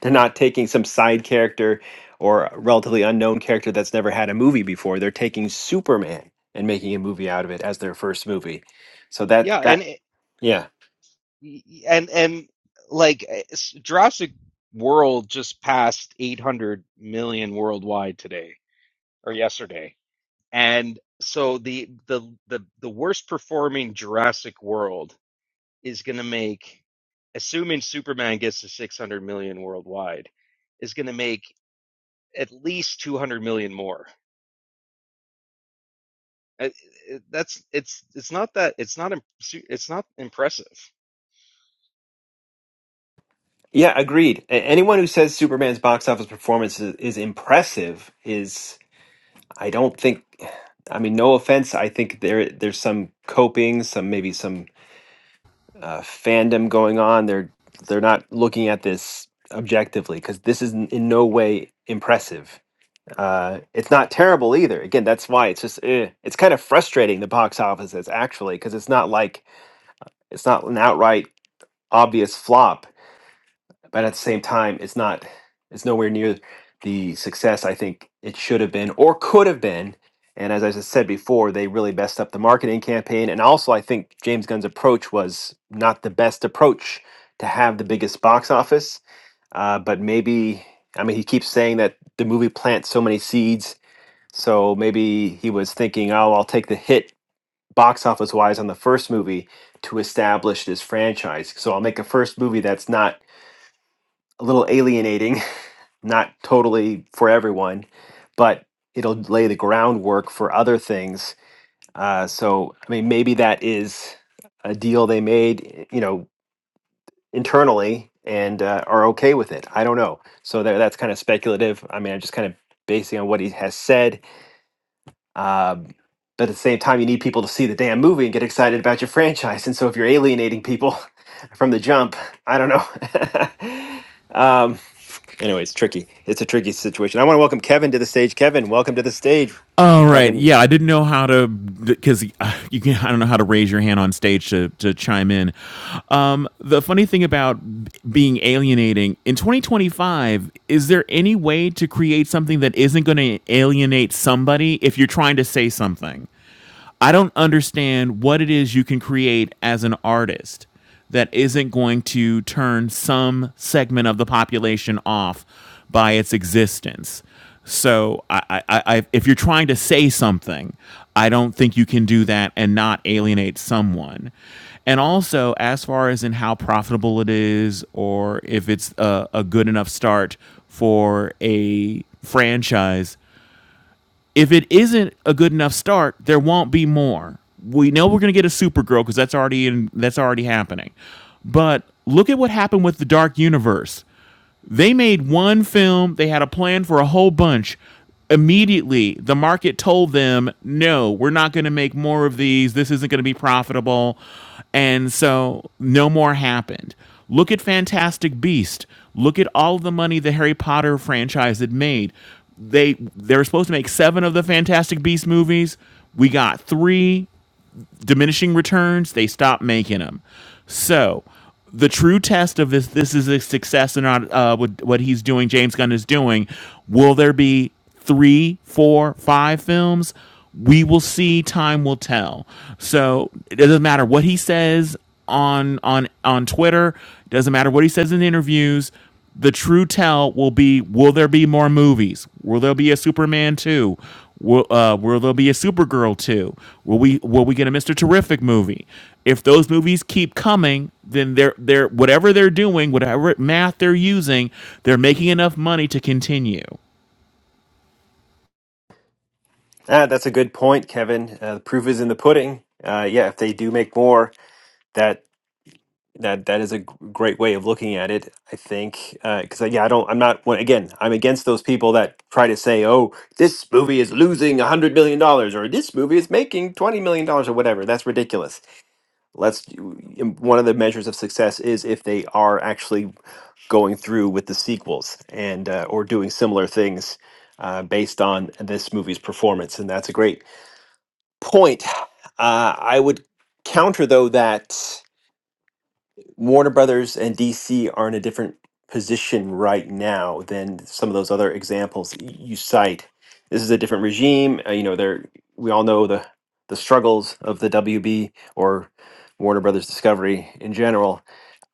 they're not taking some side character or a relatively unknown character that's never had a movie before. They're taking Superman and making a movie out of it as their first movie. So that
Yeah,
that
and eh,
yeah.
and and like Jurassic World just passed 800 million worldwide today or yesterday, and so the the the the worst performing Jurassic World is going to make, assuming Superman gets to 600 million worldwide, is going to make at least 200 million more. Uh, uh, That's it's it's not that it's not it's not impressive.
Yeah, agreed. A- Anyone who says Superman's box office performance is, is impressive is, I don't think, I mean, no offense. I think there there's some coping, some maybe some uh, fandom going on. They're they're not looking at this objectively because this is n- in no way impressive. Uh, it's not terrible either. Again, that's why it's just eh. it's kind of frustrating the box office is actually because it's not like it's not an outright obvious flop but at the same time, it's not it's nowhere near the success I think it should have been or could have been. And as I just said before, they really messed up the marketing campaign. And also, I think James Gunn's approach was not the best approach to have the biggest box office. Uh, but maybe, I mean, he keeps saying that the movie plants so many seeds. So maybe he was thinking, oh, I'll take the hit box office wise on the first movie to establish this franchise. So I'll make a first movie that's not a little alienating, not totally for everyone, but it'll lay the groundwork for other things. Uh, so, I mean, maybe that is a deal they made, you know, internally and uh, are okay with it. I don't know. So that, that's kind of speculative. I mean, I'm just kind of basing on what he has said. Um, but at the same time, you need people to see the damn movie and get excited about your franchise. And so if you're alienating people from the jump, I don't know. um, anyway, it's tricky. It's a tricky situation. I want to welcome Kevin to the stage. Kevin, welcome to the stage.
All right.
Talking.
Yeah, I didn't know how to because uh, you can. I don't know how to raise your hand on stage to to chime in. Um, the funny thing about b- being alienating in 2025 is there any way to create something that isn't going to alienate somebody if you're trying to say something? I don't understand what it is you can create as an artist that isn't going to turn some segment of the population off by its existence. So, I, I, I, if you're trying to say something, I don't think you can do that and not alienate someone. And also, as far as in how profitable it is, or if it's a, a good enough start for a franchise, if it isn't a good enough start, there won't be more. We know we're going to get a Supergirl because that's already in, that's already happening. But look at what happened with the Dark Universe. They made one film, they had a plan for a whole bunch. Immediately, the market told them, no, we're not going to make more of these. This isn't going to be profitable. And so no more happened. Look at Fantastic Beast. Look at all the money the Harry Potter franchise had made. They they were supposed to make seven of the Fantastic Beast movies. We got three diminishing returns, they stop making them. So the true test of this this is a success or not uh, with what he's doing, James Gunn is doing. Will there be three, four, five films? We will see. Time will tell. So it doesn't matter what he says on on on Twitter. It Doesn't matter what he says in interviews the true tell will be will there be more movies will there be a superman 2 will, uh, will there be a supergirl 2 will we will we get a mr terrific movie if those movies keep coming then they're they're whatever they're doing whatever math they're using they're making enough money to continue
Ah, that's a good point, Kevin. Uh, the proof is in the pudding. Uh, yeah, if they do make more, that that that is a g- great way of looking at it. I think because yeah, I don't. I'm not. Well, again, I'm against those people that try to say, "Oh, this movie is losing a hundred million dollars," or "This movie is making twenty million dollars," or whatever. That's ridiculous. Let's. One of the measures of success is if they are actually going through with the sequels and uh, or doing similar things uh, based on this movie's performance, and that's a great point. Uh, I would counter though that Warner Brothers and DC are in a different position right now than some of those other examples y- you cite. This is a different regime. Uh, you know, they're we all know the the struggles of the WB or Warner Brothers Discovery in general.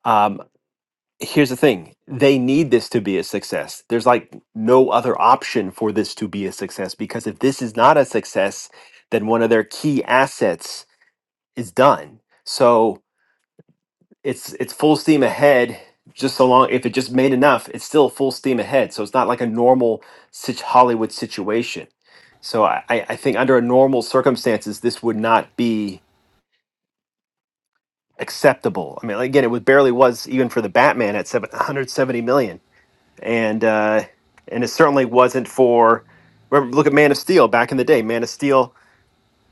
Um, here's the thing they need this to be a success there's like no other option for this to be a success because if this is not a success then one of their key assets is done so it's it's full steam ahead just so long if it just made enough it's still full steam ahead so it's not like a normal sit- hollywood situation so i i I think under a normal circumstances this would not be acceptable i mean again it was barely was even for the batman at 770 million and uh, and it certainly wasn't for. Remember, look at Man of Steel back in the day. Man of Steel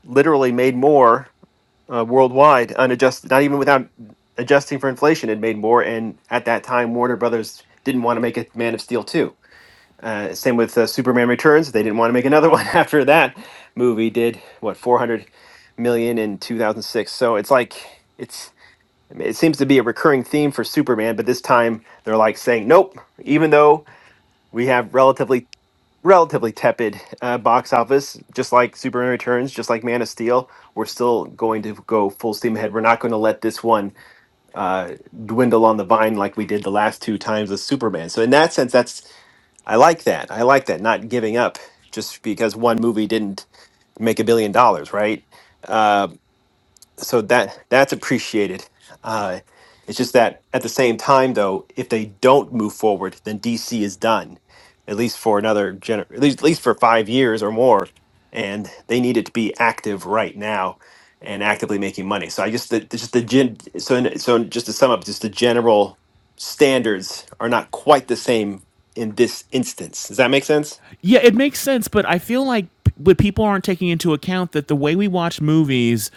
literally made more uh, worldwide, unadjusted, not even without adjusting for inflation, it made more. And at that time, Warner Brothers didn't want to make a Man of Steel two. Uh, same with uh, Superman Returns; they didn't want to make another one after that movie did what 400 million in 2006. So it's like it's. I mean, It seems to be a recurring theme for Superman, but this time they're like saying, "Nope." Even though we have relatively relatively tepid uh, box office, just like Superman Returns, just like Man of Steel. We're still going to go full steam ahead. We're not going to let this one uh, dwindle on the vine like we did the last two times with Superman. So in that sense, that's I like that. I like that not giving up just because one movie didn't make a billion dollars, right? Uh, so that that's appreciated. Uh, it's just that at the same time, though, if they don't move forward, then DC is done, at least for another gener- at least at least for five years or more, and they need it to be active right now and actively making money. So I just the, just the gen- so in, so just to sum up, just the general standards are not quite the same in this instance. Does that make sense?
Yeah, it makes sense, but I feel like what people aren't taking into account that the way we watch movies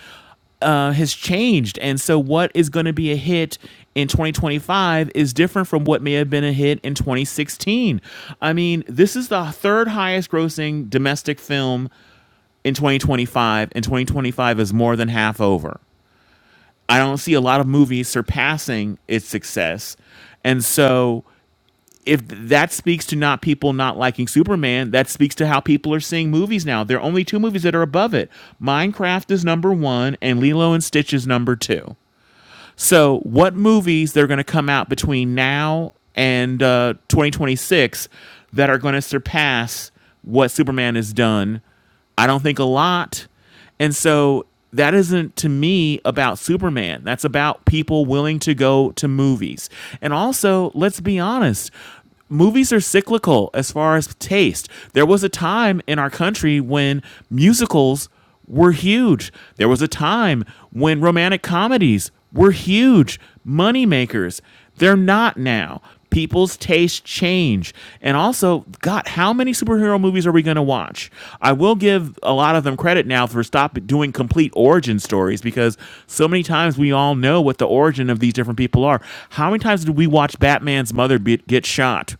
uh, has changed, and so what is going to be a hit in 2025 is different from what may have been a hit in 2016. I mean, this is the third highest grossing domestic film in 2025, and 2025 is more than half over. I don't see a lot of movies surpassing its success. And so if that speaks to not people not liking Superman, that speaks to how people are seeing movies now. There are only two movies that are above it. Minecraft is number one, and Lilo and Stitch is number two. So, what movies that are going to come out between now and uh, 2026 that are going to surpass what Superman has done? I don't think a lot. And so that isn't to me about Superman. That's about people willing to go to movies. And also, let's be honest, movies are cyclical as far as taste. There was a time in our country when musicals were huge. There was a time when romantic comedies were huge money makers. They're not now. People's taste change. And also, God, how many superhero movies are we going to watch? I will give a lot of them credit now for stop doing complete origin stories because so many times we all know what the origin of these different people are. How many times did we watch Batman's mother be- get shot?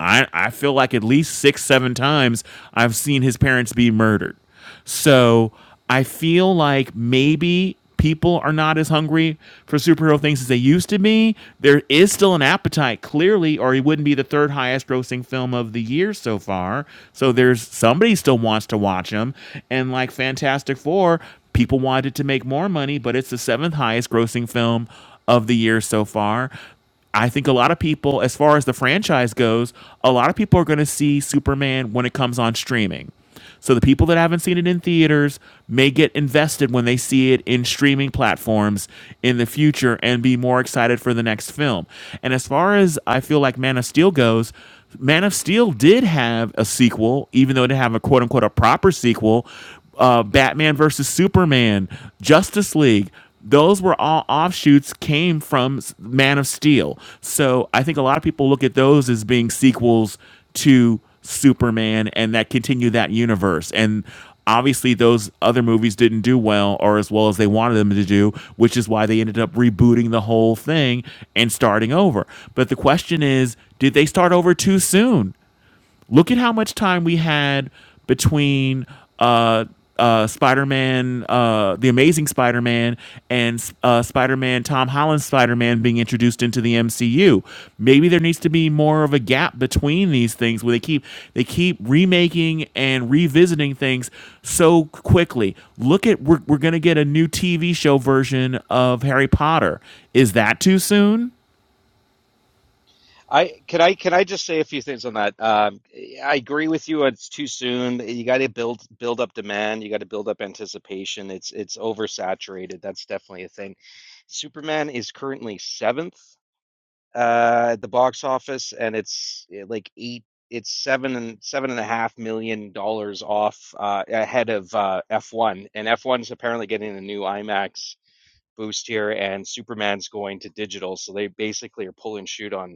I I feel like at least six seven times I've seen his parents be murdered. So I feel like maybe people are not as hungry for superhero things as they used to be. There is still an appetite, clearly, or it wouldn't be the third highest grossing film of the year so far. So there's somebody still wants to watch them. And like Fantastic Four, people wanted to make more money, but it's the seventh highest grossing film of the year so far. I think a lot of people, as far as the franchise goes, a lot of people are going to see Superman when it comes on streaming. So the people that haven't seen it in theaters may get invested when they see it in streaming platforms in the future and be more excited for the next film. And as far as I feel like Man of Steel goes, Man of Steel did have a sequel, even though it didn't have a quote unquote a proper sequel uh, Batman versus Superman, Justice League. Those were all offshoots came from Man of Steel. So I think a lot of people look at those as being sequels to Superman and that continue that universe. And obviously those other movies didn't do well or as well as they wanted them to do, which is why they ended up rebooting the whole thing and starting over. But the question is, did they start over too soon? Look at how much time we had between uh, uh, Spider-Man, uh, the Amazing Spider-Man, and uh, Spider-Man, Tom Holland's Spider-Man being introduced into the MCU. Maybe there needs to be more of a gap between these things where they keep they keep remaking and revisiting things so quickly. Look at we're we're gonna get a new TV show version of Harry Potter. Is that too soon?
I can I can I just say a few things on that. Um, I agree with you. It's too soon. You got to build build up demand. You got to build up anticipation. It's it's oversaturated. That's definitely a thing. Superman is currently seventh uh, at the box office, and it's eh, like eight. It's seven and seven and a half million dollars off uh, ahead of uh, F1, and F1's apparently getting a new IMAX boost here, and Superman's going to digital, so they basically are pull and shoot on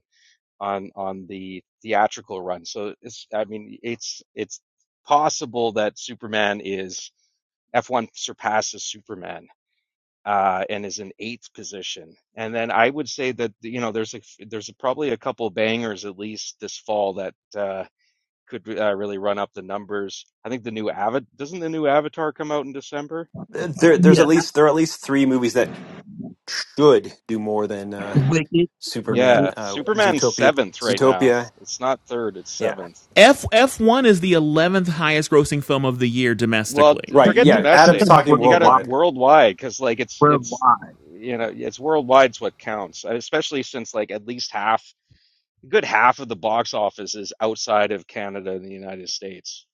on on the theatrical run. So it's I mean it's it's possible that Superman is F1 surpasses Superman uh, and is in eighth position. And then I would say that you know there's a there's a, probably a couple bangers at least this fall that uh, could uh, really run up the numbers. I think the new Avatar doesn't the new Avatar come out in December?
There, there's
Yeah,
at least there are at least three movies that should do more than uh,
wicked, wicked.
Superman,
You
Yeah,
uh,
Superman's
Zootopia,
seventh right now.
Zootopia.
It's not third, it's
Yeah,
seventh.
F F one is the eleventh highest grossing film of the year
Well,
domestically.
d-
right.
forget
Yeah,
you
Adam's
domestic.
said
talking
You got to
worldwide.
worldwide,
worldwide because like it's it's
worldwide.
you know it's worldwide's what counts, and especially since like at least half, a good half of the box office is outside of Canada and the United States.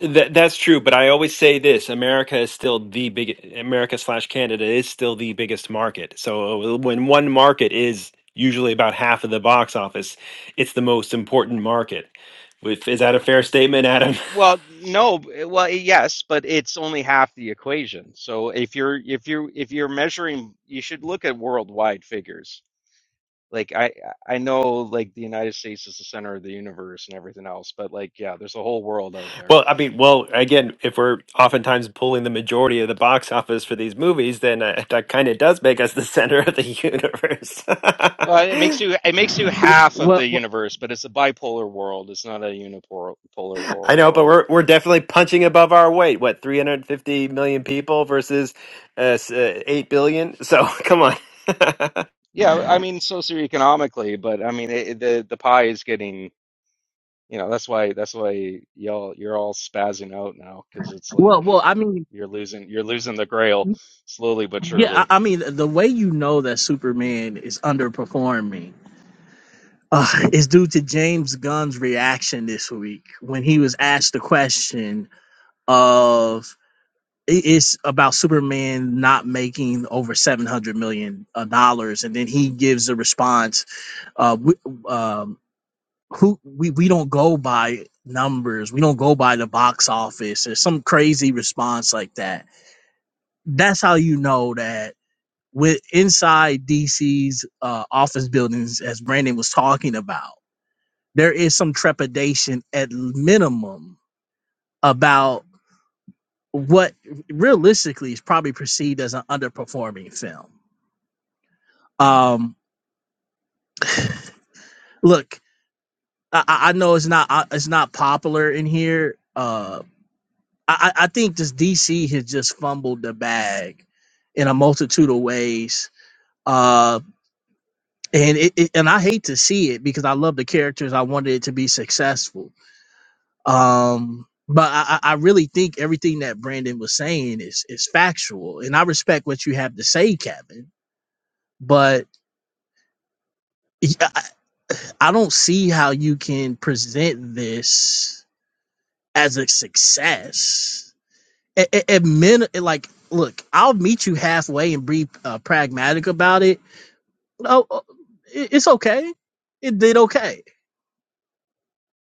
That that's true, but I always say this: America is still the big America slash Canada is still the biggest market. So uh, when one market is usually about half of the box office, it's the most important market. With is that a fair statement, Adam?
Well, no, b- well, eh, yes, but it's only half the equation. So if you're if you're if you're measuring, you should look at worldwide figures. Like I I know like the United States is the center of the universe and everything else, but like yeah, there's a whole world out there.
Well, I mean, well, again, if we're oftentimes pulling the majority of the box office for these movies, then uh, that kind of does make us the center of the
Well, it
universe.
makes you it makes you half of
Well,
the
well,
universe, but it's a bipolar world. It's not a unipolar polar wor
I know, but
world.
we're we're definitely punching above our weight. What, 350 million people versus uh, s- uh, 8 billion? So, come on.
Yeah, I mean socioeconomically, but I mean it, the the pie is getting, you know, that's why that's why y'all you're all spazzing out now because it's
well,
like
well, I mean,
you're losing you're losing the grail slowly but
yeah,
surely.
I, I mean, the way you know that Superman is underperforming uh, is due to James Gunn's reaction this week when he was asked the question of i- it's about Superman not making over seven hundred million dollars, and then he gives a response. Uh, w- um who we, we don't go by numbers we don't go by the box office or some crazy response like that that's how you know that with inside dc's uh, office buildings as brandon was talking about there is some trepidation at minimum about what realistically is probably perceived as an underperforming film um look i, I know it's not uh, it's not popular in here Uh, I, I I think this DC has just fumbled the bag in a multitude of ways. Uh, and it, it and I hate to see it because I love the characters. I wanted it to be successful. Um, but I, I I really think everything that Brandon was saying is is factual, and I respect what you have to say, Kevin. But yeah, I, I don't see how you can present this as a success at, at, at min, at, like, look, I'll meet you halfway and be uh, pragmatic about it. No, uh, it- it's okay. It did okay,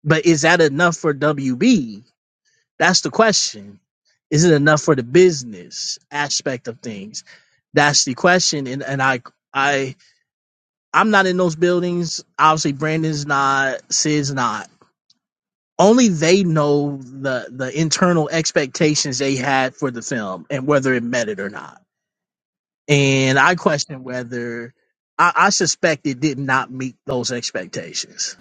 but is that enough for WB? That's the question. Is it enough for the business aspect of things? That's the question. And and I I I'm not in those buildings. Obviously, Brandon's not. Sid's not. Only they know the the internal expectations they had for the film and whether it met it or not And I question whether I, I suspect it did not meet those expectations.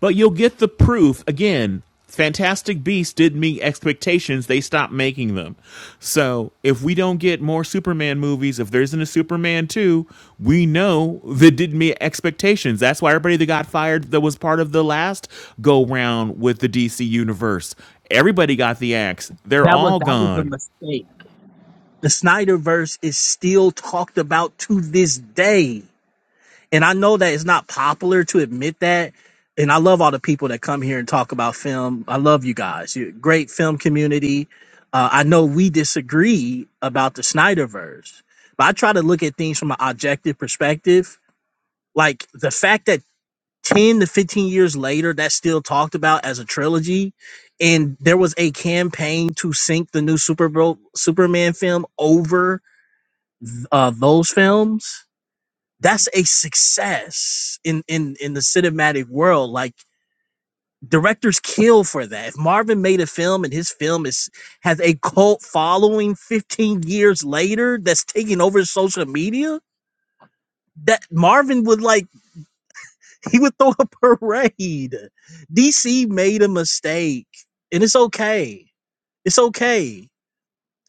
But you'll get the proof again. Fantastic Beasts did meet expectations. They stopped making them. So if we don't get more Superman movies, if there isn't a Superman 2, we know that didn't meet expectations. That's why everybody that got fired that was part of the last go round with the DC universe. Everybody got the axe. They're
That was
all
that was a
gone.
mistake. The Snyderverse is still talked about to this day. And I know that it's not popular to admit that. And I love all the people that come here and talk about film. I love you guys. You're a great film community. Uh, I know we disagree about the Snyderverse, but I try to look at things from an objective perspective. Like the fact that 10 to 15 years later that's still talked about as a trilogy and there was a campaign to sync the new super Bowl, superman film over uh, those films that's a success in in in the cinematic world like directors kill for that if marvin made a film and his film is has a cult following 15 years later that's taking over social media that marvin would like He would throw a parade. DC made a mistake, and it's okay. It's okay.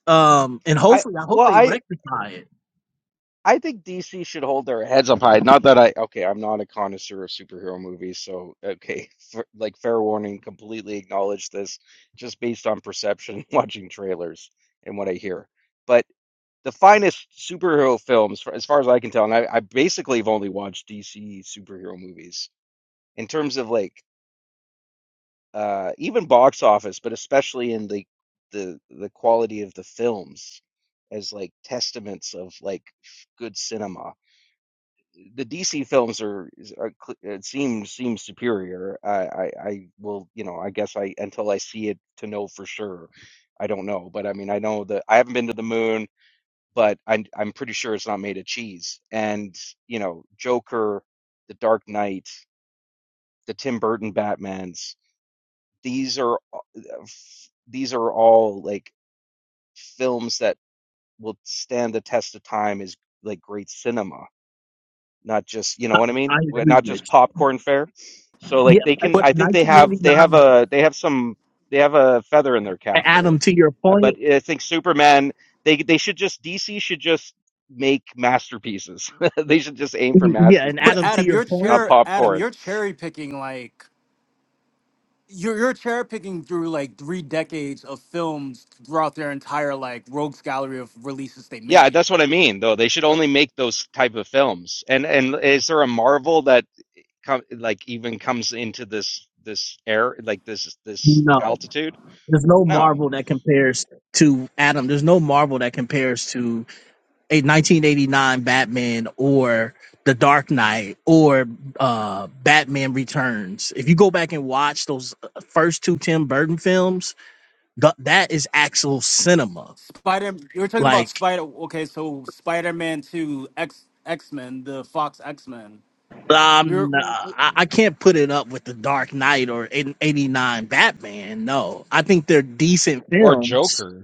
Um, and
I
hopefully, I hope
well
they
I
rectify it.
I think DC should hold their heads up high. Not that I, okay, I'm not a connoisseur of superhero movies, so okay, f like fair warning, completely acknowledge this just based on perception, watching trailers and what I hear. But the finest superhero films, for- as far as I can tell, and I, I basically have only watched DC superhero movies in terms of like uh even box office, but especially in the the the quality of the films as like testaments of like good cinema the DC films are, is- are it seems seems superior. I, I I will you know I guess I until I see it to know for sure. I don't know, but I mean I know that I haven't been to the moon, but I'm I'm pretty sure it's not made of cheese. And you know Joker, The Dark Knight, the Tim Burton Batmans. These are these are all like films that will stand the test of time as like great cinema not just you know
I,
what I mean,
I agree,
not just
Rich.
popcorn fare. So
Yeah,
like they
I-
can,
But
I think they have they have
1989.
a they have some they have a feather in their
A-
cap
Adam,
there.
to your
Uh, But
point,
I think Superman they they should just DC should just make masterpieces. they should just aim for
y- yeah, and
but
Adam, to
masterpieces,
Adam,
your
you're
point,
not
cherry Adam,
popcorn.
you're cherry picking like you're you're cherry picking through like three decades of films throughout their entire like rogues gallery of releases they
Yeah,
made.
that's what I mean though. They should
Like,
only make those type of films. And and is there a Marvel that com- like even comes into this this air like this this
no,
altitude?
there's no
No.
Marvel that compares to Adam. There's no Marvel that compares to a 1989 Batman or The Dark Knight or uh, Batman Returns. If you go back and watch those uh, first two Tim Burton films, th- that is actual cinema.
Spider, you're talking about
Like
Spider. Okay, so Spider Man Two, X X Men, the Fox X Men. You're
um, I-, I can't put it up with The Dark Knight or 89 Batman. No, I think they're decent
Or
films.
Joker.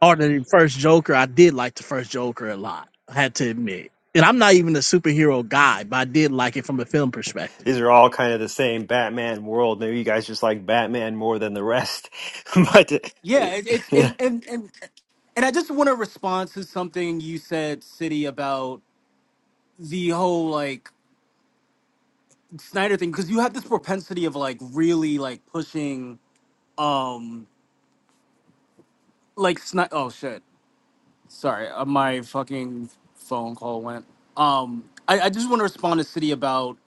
Or the first Joker, I did like the first Joker a lot. I had to admit. And I'm not even a superhero guy, but I did like it from a film perspective.
These are all kind of the same Batman world. Maybe you guys just like Batman more than the rest. but uh,
yeah, it, it's and and and and I just want to respond to something you said, City, about the whole like Snyder thing because you have this propensity of like really like pushing. um like sni- oh shit sorry uh, my fucking phone call went um i, I just want to respond to city about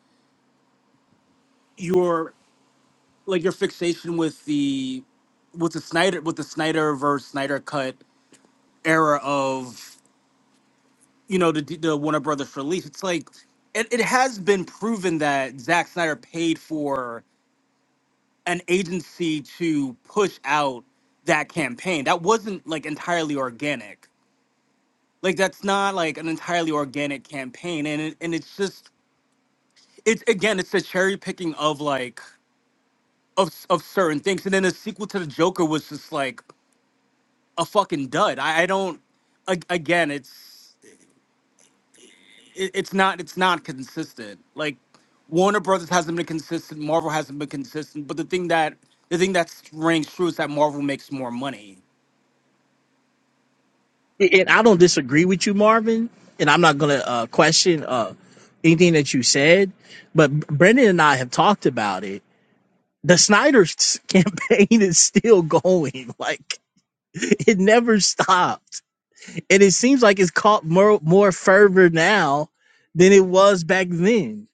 your like your fixation with the with the snyder with the snyder versus snyder cut era of you know the the warner brothers release it's like it, it has been proven that Zack snyder paid for an agency to push out that campaign that wasn't like entirely organic Like that's not like an entirely organic campaign, and it, and it's just it's again it's the cherry picking of like of s- of certain things, and then the sequel to the Joker was just like a fucking dud. I, I don't a- again it's it, it's not it's not consistent. Like Warner Brothers hasn't been consistent, Marvel hasn't been consistent, but the thing that the thing that rings true is that Marvel makes more money
and I don't disagree with you, Marvin, and I'm not gonna uh, question uh, anything that you said. But Brendan and I have talked about it. The Snyder's campaign is still going; like it never stopped, and it seems like it's caught more more fervor now than it was back then.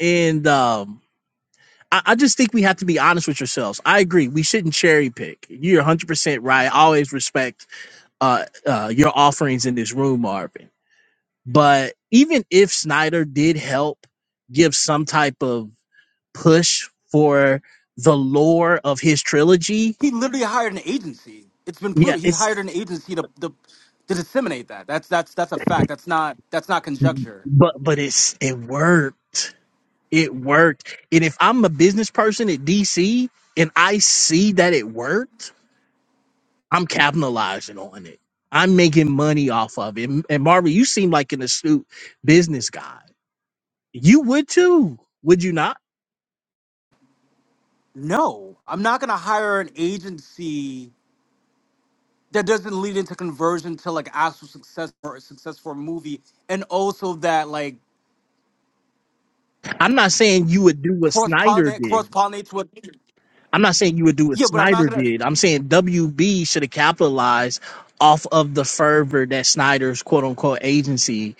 And um, I, I just think we have to be honest with ourselves. I agree; we shouldn't cherry pick. You're 100 percent right. I always respect uh, uh, your offerings in this room, Marvin But even if Snyder did help give some type of push for the lore of his trilogy,
He literally hired an agency. It's been
yeah,
proved. He
it's
hired an agency to, to to disseminate that. That's that's that's a fact. That's not that's not conjecture.
but but it's it worked. It worked. And if I'm a business person at DC and I see that it worked, I'm capitalizing on it. I'm making money off of it. And Marvin, you seem like an astute business guy. You would too, would you not?
No, I'm not gonna hire an agency that doesn't lead into conversion to like actual success or success for a movie, and also that like
I'm not saying you would do what
cross
Snyder
pollinate
did.
cross pollinate to a
I'm not saying you would do what
Yeah, but I'm not
Snyder
gonna.
did. I'm saying WB should have capitalized off of the fervor that Snyder's quote unquote agency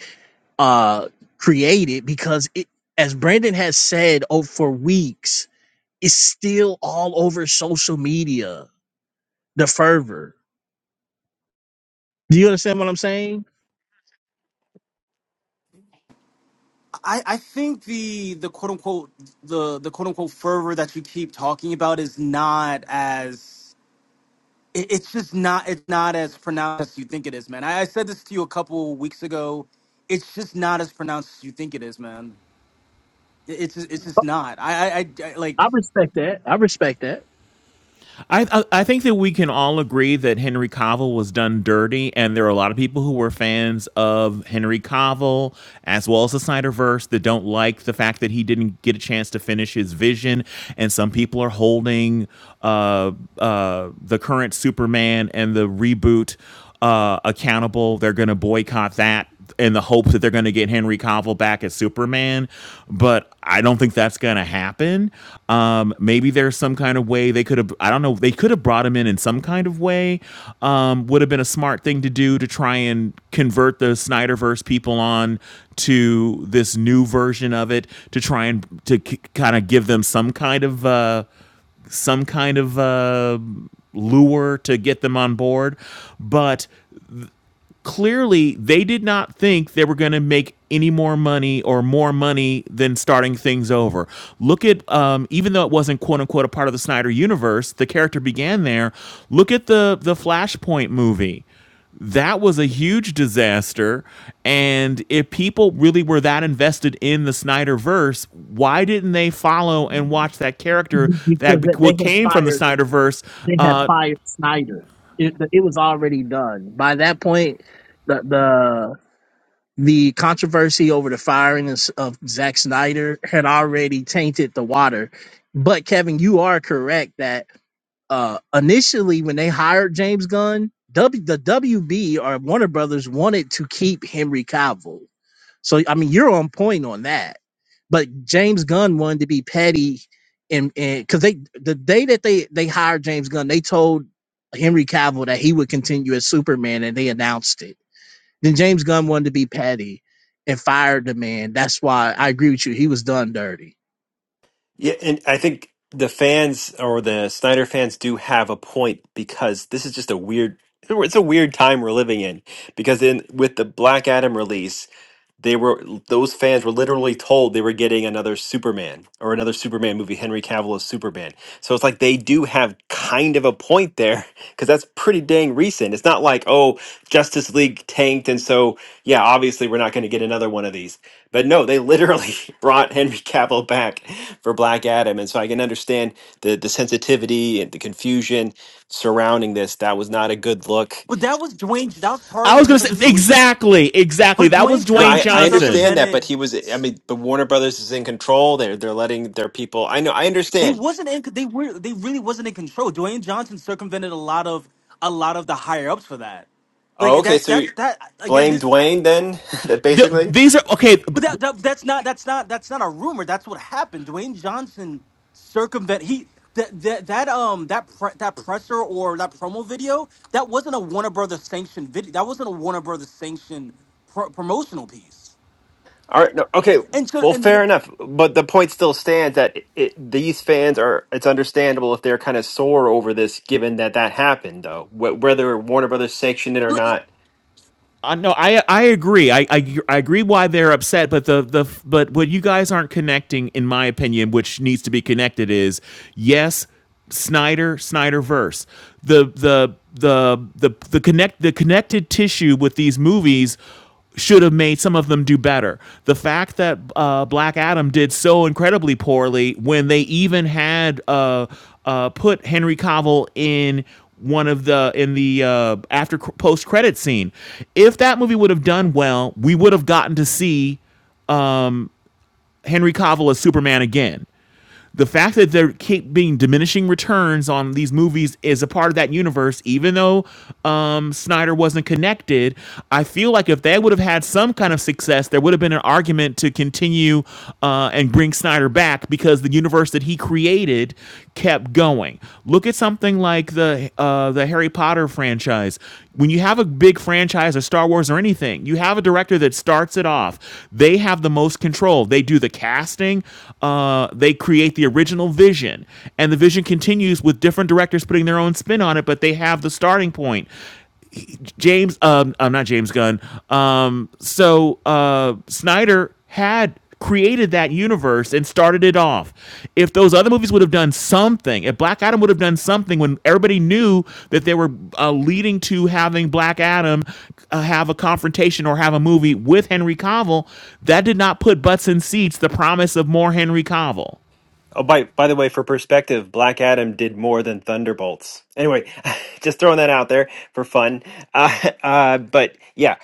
uh created because it as Brandon has said oh, for weeks, it's still all over social media, the fervor. Do you understand what I'm saying?
I, I think the the quote unquote the the quote unquote fervor that you keep talking about is not as it, it's just not it's not as pronounced as you think it is, man. I, I said this to you a couple weeks ago. It's just not as pronounced as you think it is, man. It, it's just- it's just not. I, I I I- like,
I respect that. I respect that.
I, I I think that we can all agree that Henry Cavill was done dirty, and there are a lot of people who were fans of Henry Cavill as well as the Snyderverse that don't like the fact that he didn't get a chance to finish his vision, and some people are holding uh, uh, the current Superman and the reboot uh, accountable. They're going to boycott that in the hopes that they're going to get Henry Cavill back as Superman, but I don't think that's going to happen. Um, maybe there's some kind of way they could have. I don't know. They could have brought him in in some kind of way. Um, would have been a smart thing to do to try and convert the Snyderverse people on to this new version of it to try and to k- kind of give them some kind of uh, some kind of. Uh, lure to get them on board. But clearly they did not think they were going to make any more money or more money than starting things over. Look at um, even though it wasn't quote unquote a part of the Snyder universe, the character began there. Look at the the Flashpoint movie. That was a huge disaster. And if people really were that invested in the Snyderverse, why didn't they follow and watch that character that
because they
what
they had
came from the
fired
Snyderverse?
they had
Uh,
fired Snyder. It it was already done by that point. The the the controversy over the firing of, of Zack Snyder had already tainted the water. But Kevin, you are correct that. uh initially when they hired James Gunn, w, the WB or Warner Brothers wanted to keep Henry Cavill. So I mean, you're on point on that. But James Gunn wanted to be petty, and and because they the day that they they hired James Gunn, they told Henry Cavill that he would continue as Superman, and they announced it. Then James Gunn wanted to be petty and fired the man. That's why I agree with you. He was done dirty.
yeah, and I think the fans or the Snyder fans do have a point because this is just a weird it's a weird time we're living in because in with the Black Adam release They were those fans were literally told they were getting another Superman or another Superman movie, Henry Cavill as Superman. So it's like they do have kind of a point there because that's pretty dang recent. It's not like oh Justice League tanked and so yeah obviously we're not going to get another one of these. But no, they literally brought Henry Cavill back for Black Adam, and so I can understand the the sensitivity and the confusion surrounding this. That was not a good look
but that was Dwayne. That was
I
partly
was going to
because of
say
Dwayne.
exactly, exactly.
But
That was
Dwayne
No,
Dwayne
I,
Johnson
I
Johnson.
understand that, but
circumvented.
he was. I mean, the Warner Brothers is in control. They're they're letting their people. I know. I
They
understand.
wasn't in. They were. They really wasn't in control. Dwayne Johnson circumvented a lot of a lot of the higher ups for that.
Oh,
Like
okay.
that's
So you
that's that again.
blame
This.
Dwayne then. that
The,
basically.
these are okay.
But that, that that's not that's not that's not a rumor. That's what happened. Dwayne Johnson circumvent he that that that um that pre, that presser or that promo video that wasn't a Warner Brothers sanctioned video. That wasn't a Warner Brothers sanctioned pro, promotional piece.
All right. No. Okay.
And so
Well,
and
fair
to-
enough. But the point still stands that it, these fans are. It's understandable if they're kind of sore over this, given that that happened, though. Wh- whether Warner Brothers sanctioned it or
like,
not,
I no, I I agree. I, I I agree why they're upset, but the the but what you guys aren't connecting, in my opinion, which needs to be connected is yes, Snyder Snyder verse. The the the the the connect the connected tissue with these movies should have made some of them do better. The fact that uh, Black Adam did so incredibly poorly when they even had uh, uh, put Henry Cavill in one of the in the uh, after post credit scene. If that movie would have done well, we would have gotten to see Henry Cavill as Superman again the fact that there keep being diminishing returns on these movies is a part of that universe, even though um, Snyder wasn't connected. I feel like if they would have had some kind of success, there would have been an argument to continue uh, and bring Snyder back because the universe that he created kept going. Look at something like the uh, the Harry Potter franchise. When you have a big franchise or Star Wars or anything, you have a director that starts it off. They have the most control. They do the casting. Uh, they create the original vision, and the vision continues with different directors putting their own spin on it. But they have the starting point. James, um, I'm not James Gunn. Um, so uh, Snyder had created that universe and started it off. If those other movies would have done something, if Black Adam would have done something when everybody knew that they were uh, leading to having Black Adam uh, have a confrontation or have a movie with Henry Cavill, that did not put butts in seats the promise of more Henry Cavill.
Oh, by by the way, for perspective, Black Adam did more than Thunderbolts. Anyway, just throwing that out there for fun. Uh, uh, but yeah,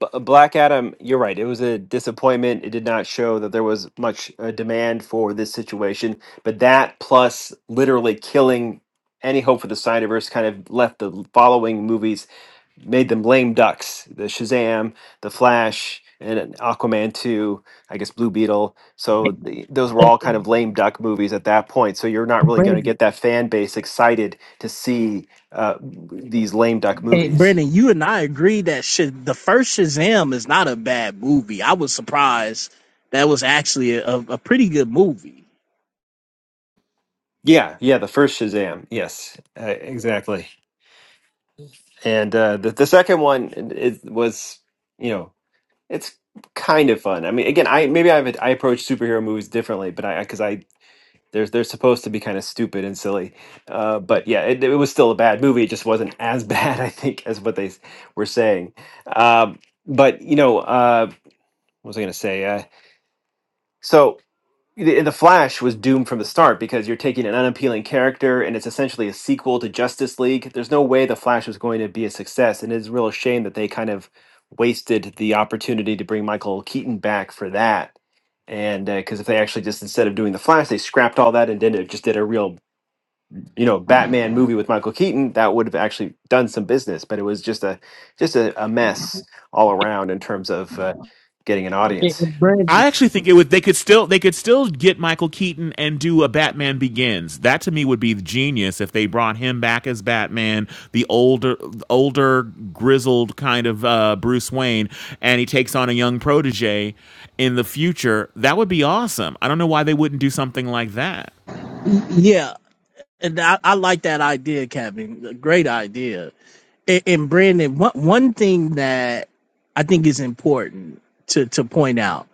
B- Black Adam, you're right. It was a disappointment. It did not show that there was much uh, demand for this situation. But that plus literally killing any hope for the Snyderverse kind of left the following movies made them lame ducks. The Shazam, the Flash, and Aquaman two. I guess Blue Beetle. So the, those were all kind of lame duck movies at that point. So you're not really
But
going to get that fan base excited to see uh, these lame duck
Hey,
movies.
Brendan, you and I agree that shit, the first Shazam is not a bad movie. I was surprised that was actually a, a pretty good movie.
Yeah, yeah, the first Shazam. Yes, uh, exactly. And uh, the the second one it was you know it's kind of fun. I mean, again, I maybe I have a, I approach superhero movies differently, but I because I They're they're supposed to be kind of stupid and silly, uh, but yeah, it, it was still a bad movie. It just wasn't as bad, I think, as what they s- were saying. Um, but you know, uh, what was I going to say? Uh, so the, the Flash was doomed from the start because you're taking an unappealing character, and it's essentially a sequel to Justice League. There's no way the Flash was going to be a success, and it's a real shame that they kind of wasted the opportunity to bring Michael Keaton back for that and because if they actually just instead of doing the flash they scrapped all that and did it just did a real you know Batman movie with Michael Keaton, that would have actually done some business. But it was just a just a, a mess all around in terms of uh, getting an
Yeah,
audience.
and Brandon.
I actually think it would. They could still they could still get Michael Keaton and do a Batman Begins. That to me would be genius if they brought him back as Batman, the older older grizzled kind of uh, Bruce Wayne, and he takes on a young protege in the future. That would be awesome. I don't know why they wouldn't do something like that.
Yeah, and I, I like that idea, Kevin. A Great idea. And, and Brandon, one, one thing that I think is important to, to point out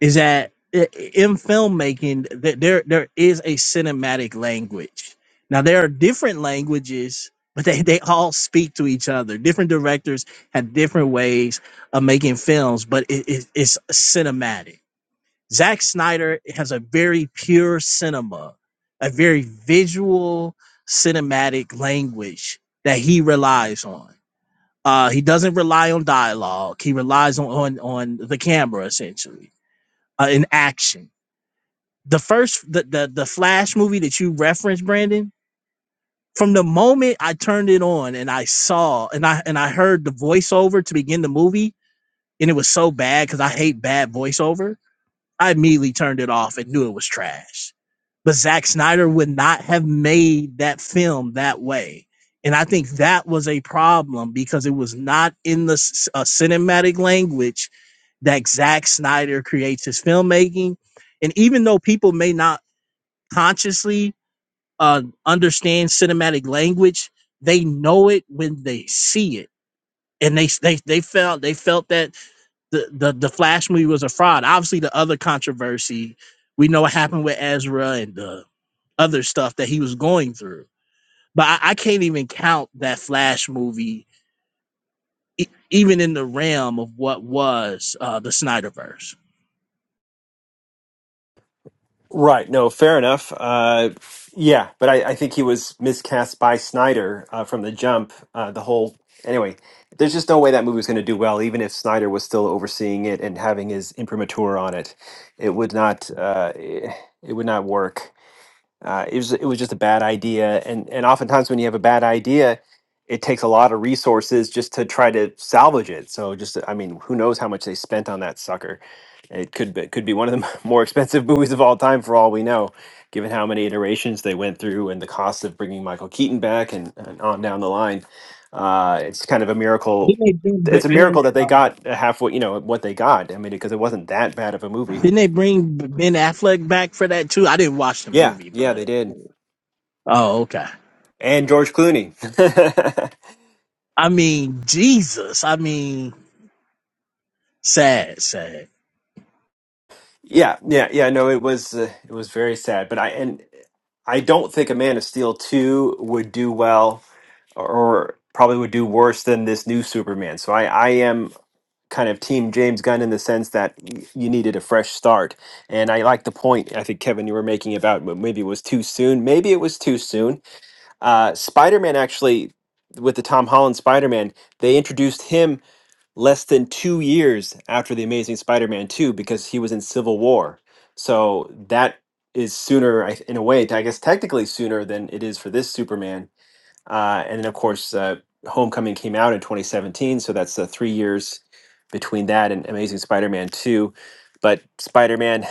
is that i- in filmmaking that there there is a cinematic language. Now there are different languages, but they, they all speak to each other. Different directors have different ways of making films, but it, it, it's cinematic. Zack Snyder has a very pure cinema, a very visual cinematic language that he relies on. Uh, he doesn't rely on dialogue. He relies on on, on the camera essentially uh, in action the first the, the the flash movie that you referenced brandon from the moment i turned it on and i saw and i and i heard the voiceover to begin the movie and it was so bad because i hate bad voiceover i immediately turned it off and knew it was trash but Zack snyder would not have made that film that way and i think that was a problem because it was not in the uh, cinematic language that Zack snyder creates his filmmaking and even though people may not consciously uh, understand cinematic language. They know it when they see it, and they they they felt they felt that the the the Flash movie was a fraud. Obviously, the other controversy we know what happened with Ezra and the other stuff that he was going through. But I, I can't even count that Flash movie, e- even in the realm of what was uh, the Snyderverse.
Right. No, fair enough. Uh, yeah, but I, I think he was miscast by Snyder uh, from the jump. Uh, the whole anyway, there's just no way that movie was going to do well, even if Snyder was still overseeing it and having his imprimatur on it. It would not. Uh, it, it would not work. Uh, it was it was just a bad idea, and and oftentimes when you have a bad idea, it takes a lot of resources just to try to salvage it. So just I mean, who knows how much they spent on that sucker? It could be, could be one of the more expensive movies of all time for all we know, given how many iterations they went through and the cost of bringing Michael Keaton back and, and on down the line. Uh, it's kind of a miracle.
Didn't they bring Ben?
It's a
ben
miracle that they
uh,
got halfway, you know, what they got. I mean, because it wasn't that bad of a movie.
didn't they bring Ben Affleck back for that too? I didn't watch the
Yeah,
movie,
yeah, they
but
did
oh, okay.
and George Clooney.
I mean, Jesus. I mean, sad, sad.
Yeah, yeah, yeah. No, it was uh, it was very sad, but I and I don't think a Man of Steel two would do well, or probably would do worse than this new Superman. So I I am kind of team James Gunn in the sense that y- you needed a fresh start, and I like the point I think Kevin you were making about m- maybe it was too soon, maybe it was too soon. Uh, Spider Man actually with the Tom Holland Spider Man, they introduced him less than two years after the Amazing Spider-Man two because he was in Civil War. So that is sooner, I th- in a way, I guess technically sooner than it is for this Superman. Uh, and then of course, uh, Homecoming came out in 2017, so that's uh, three years between that and Amazing Spider-Man two. But Spider-Man,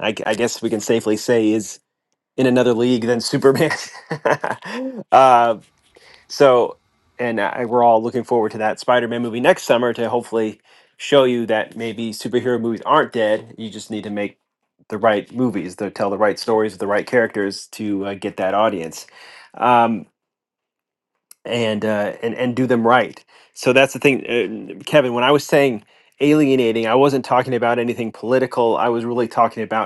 I, g- I guess we can safely say, is in another league than Superman. uh, so, and I, we're all looking forward to that Spider Man movie next summer to hopefully show you that maybe superhero movies aren't dead. You just need to make the right movies that tell the right stories with the right characters to uh, get that audience um, and, uh, and, and do them right. So that's the thing, uh, Kevin, when I was saying alienating, I wasn't talking about anything political. I was really talking about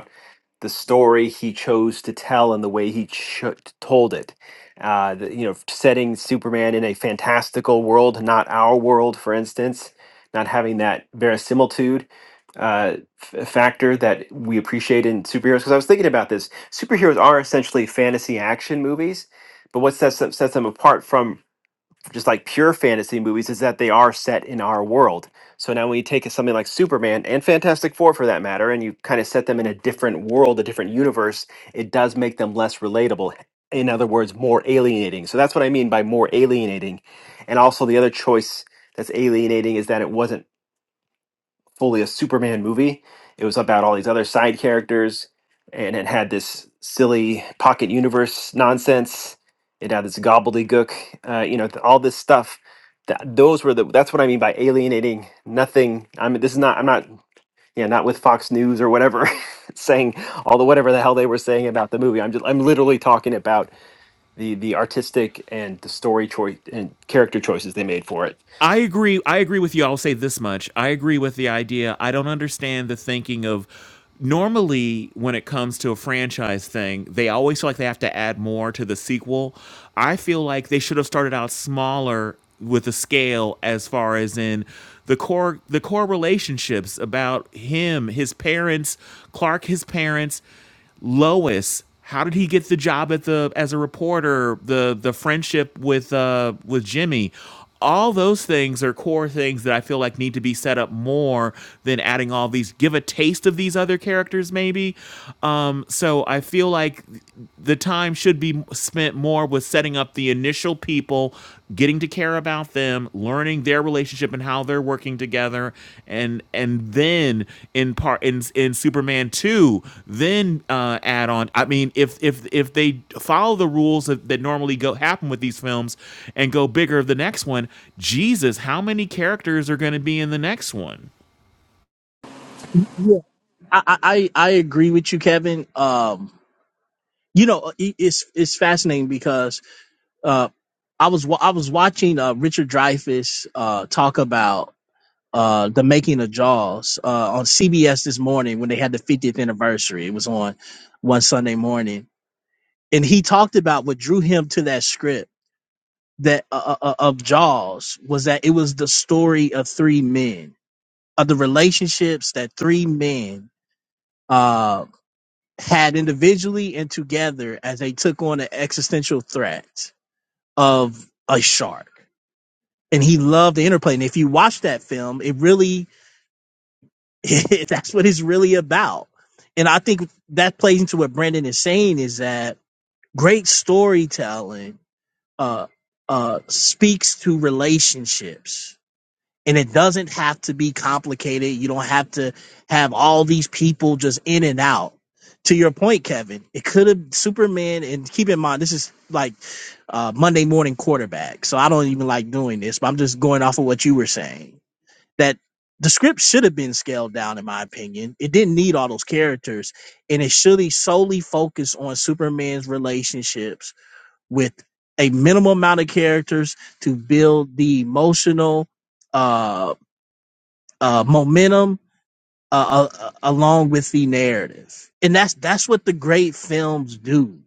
the story he chose to tell and the way he cho- told it. Uh, the, you know, setting Superman in a fantastical world, not our world, for instance, not having that verisimilitude uh, f- factor that we appreciate in superheroes. Because I was thinking about this, superheroes are essentially fantasy action movies, but what sets them, sets them apart from just like pure fantasy movies is that they are set in our world. So now when you take something like Superman and Fantastic Four for that matter, and you kind of set them in a different world, a different universe, it does make them less relatable. In other words, more alienating. So that's what I mean by more alienating. And also the other choice that's alienating is that it wasn't fully a Superman movie. It was about all these other side characters, and it had this silly pocket universe nonsense. It had this gobbledygook, uh, you know, th- all this stuff. Th- those were the. That's what I mean by alienating. Nothing. I mean, this is not. I'm not. Yeah, not with Fox News or whatever, saying all the whatever the hell they were saying about the movie. I'm just. I'm literally talking about the the artistic and the story choice and character choices they made for it
I agree. I agree with you. I'll say this much. I agree with the idea. I don't understand the thinking of normally when it comes to a franchise thing, they always feel like they have to add more to the sequel. I feel like they should have started out smaller with the scale as far as in the core the core relationships about him, his parents, Clark, his parents. Lois, how did he get the job at the as a reporter? The the friendship with uh with Jimmy. All those things are core things that I feel like need to be set up more than adding all these. Give a taste of these other characters, maybe. Um, so I feel like the time should be spent more with setting up the initial people getting to care about them, learning their relationship and how they're working together, and and then in part in in Superman two, then uh, add on. I mean, if if if they follow the rules that, that normally go happen with these films, and go bigger the next one, Jesus, how many characters are going to be in the next one?
I, I, I I agree with you, Kevin. Um, you know, it- it's it's fascinating because uh, I was wa- I was watching uh, Richard Dreyfuss uh talk about uh the making of Jaws uh on CBS this morning when they had the 50th anniversary. It was on one Sunday morning, and he talked about what drew him to that script that uh, uh, uh, of Jaws was that it was the story of three men of the relationships that three men uh, had individually and together as they took on the existential threat of a shark. And he loved the interplay. And if you watch that film, it really, that's what it's really about. And I think that plays into what Brandon is saying is that great storytelling uh, uh, speaks to relationships and it doesn't have to be complicated. You don't have to have all these people just in and out. To your point, Kevin, it could have Superman, and keep in mind this is like uh, Monday morning quarterback, so I don't even like doing this, but I'm just going off of what you were saying that the script should have been scaled down, in my opinion. It didn't need all those characters, and it should have solely focused on Superman's relationships with a minimal amount of characters to build the emotional uh uh, momentum uh, uh, uh, along with the narrative, and that's that's what the great films do.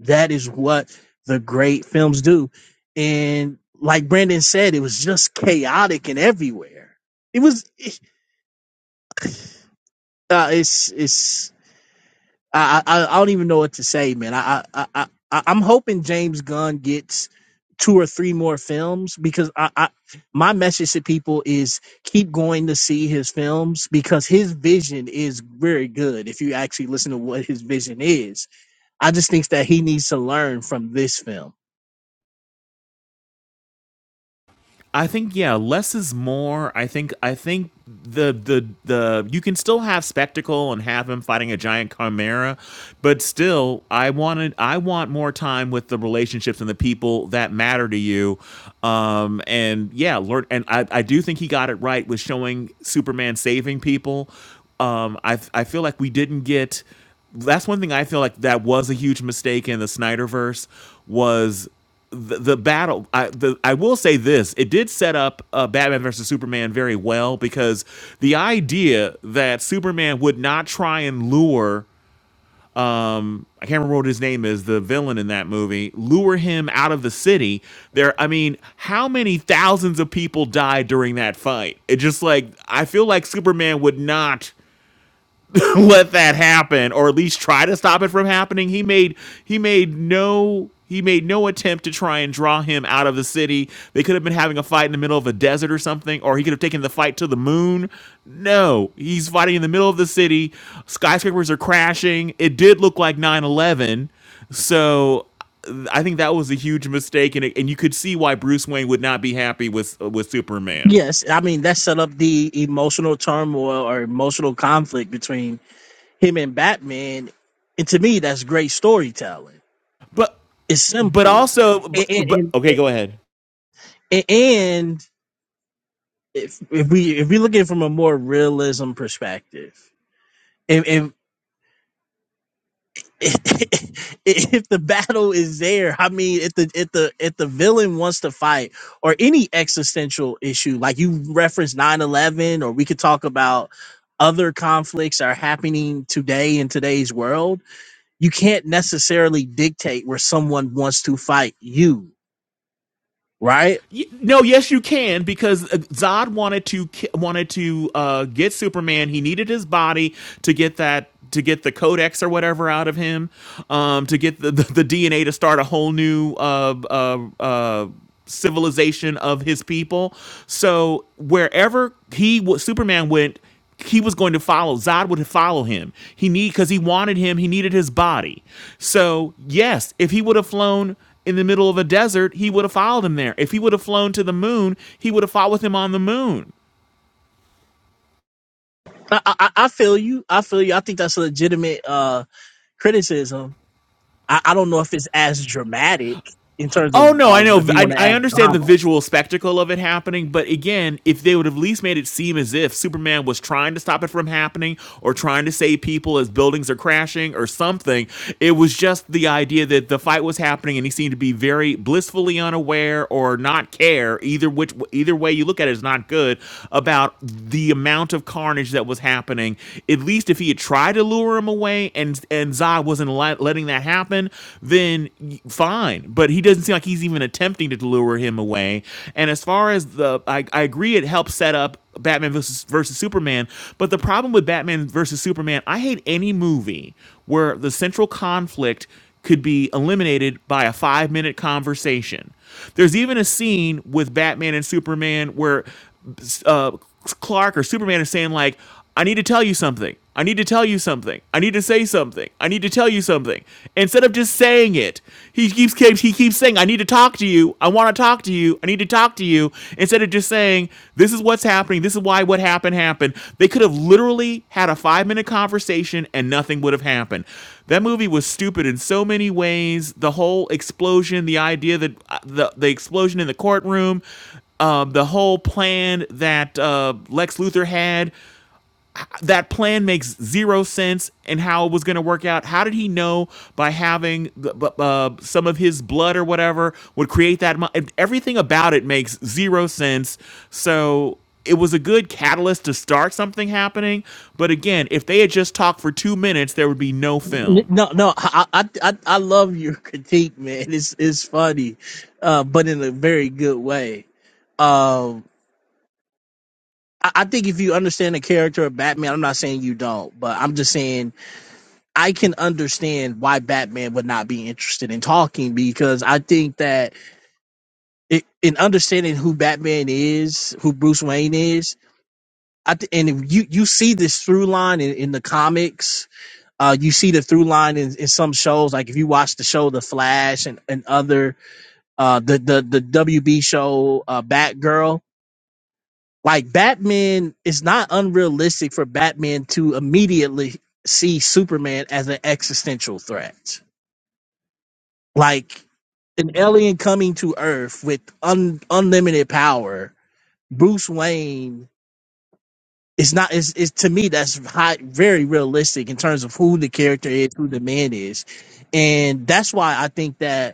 That is what the great films do, and like Brandon said, it was just chaotic and everywhere. It was uh, it's it's I, I I don't even know what to say, man. I I I I- I'm hoping James Gunn gets two or three more films because I, I my message to people is keep going to see his films because his vision is very good if you actually listen to what his vision is. I just think that he needs to learn from this film.
I think yeah, less is more. I think I think the the the you can still have spectacle and have him fighting a giant chimera, but still I wanted I want more time with the relationships and the people that matter to you. Um and yeah, Lord and I I do think he got it right with showing Superman saving people. Um I I feel like we didn't get that's one thing I feel like that was a huge mistake in the Snyderverse was the, the battle I, the, I will say this it did set up uh, batman versus superman very well because the idea that superman would not try and lure um i can't remember what his name is the villain in that movie lure him out of the city there i mean how many thousands of people died during that fight it just like i feel like superman would not let that happen or at least try to stop it from happening he made he made no he made no attempt to try and draw him out of the city they could have been having a fight in the middle of a desert or something or he could have taken the fight to the moon no he's fighting in the middle of the city skyscrapers are crashing it did look like nine eleven. so i think that was a huge mistake and, it, and you could see why bruce wayne would not be happy with with superman
Yes, I mean that set up the emotional turmoil or emotional conflict between him and Batman. And to me that's great storytelling.
but
It's
but
simple.
also
and.
but,
and,
but okay
and
go ahead
A- and if if we if we look at it from a more realism perspective, if if if the battle is there, I mean, if the if the if the villain wants to fight or any existential issue, like you referenced nine eleven, or we could talk about other conflicts are happening today in today's world. You can't necessarily dictate where someone wants to fight you, right?
No, yes, you can because uh, Zod wanted to wanted to uh, get Superman. He needed his body to get that to get the codex or whatever out of him, um, to get the, the, the DNA to start a whole new uh, uh, uh, civilization of his people. So wherever he Superman went he was going to follow Zod would follow him. He need because he wanted him. He needed his body. So yes, if he would have flown in the middle of a desert, he would have followed him there. If he would have flown to the moon, he would have followed him on the moon.
I, I, I I feel you. I feel you. I think that's a legitimate uh criticism I, I don't know if it's as dramatic in terms of
Oh no, I
um,
know.
if you want
I,
to
I
add
understand the
drama.
visual spectacle of it happening, but again, if they would have at least made it seem as if Superman was trying to stop it from happening, or trying to save people as buildings are crashing, or something, it was just the idea that the fight was happening and he seemed to be very blissfully unaware or not care either which either way you look at it is not good about the amount of carnage that was happening. At least if he had tried to lure him away and and Zod wasn't li- letting that happen happen, then fine. But he doesn't seem like he's even attempting to lure him away. And as far as the, I, I agree, it helps set up Batman versus, versus Superman. But the problem with Batman versus Superman, I hate any movie where the central conflict could be eliminated by a five minute conversation. There's even a scene with Batman and Superman where uh, Clark or Superman is saying, like, I need to tell you something. I need to tell you something. I need to say something. I need to tell you something. Instead of just saying it, he keeps, keeps he keeps saying, "I need to talk to you. I want to talk to you. I need to talk to you. Instead of just saying, this is what's happening, this is why what happened happened, they could have literally had a five minute conversation and nothing would have happened. That movie was stupid in so many ways. The whole explosion, the idea that uh, the, the explosion in the courtroom, um, the whole plan that uh, Lex Luthor had that plan makes zero sense and how it was going to work out. How did he know by having uh, some of his blood or whatever would create that? mo- Everything about it makes zero sense. So it was a good catalyst to start something happening. But again, if they had just talked for two minutes, there would be no
N-
film.
No, no, I, I I I love your critique, man. It's it's funny, uh, but in a very good way. Um, I, I think if you understand the character of Batman, I'm not saying you don't, but I'm just saying I can understand why Batman would not be interested in talking because I think that it, in understanding who Batman is, who Bruce Wayne is, I th- and if you you see this through line in, in the comics uh, you see the through line in, in some shows. Like if you watch the show The Flash and, and other uh, the the the WB show uh, Batgirl, like Batman, it's not unrealistic for Batman to immediately see Superman as an existential threat, like an alien coming to Earth with un, unlimited power. Bruce Wayne is not is is to me that's high, very realistic in terms of who the character is, who the man is, and that's why I think that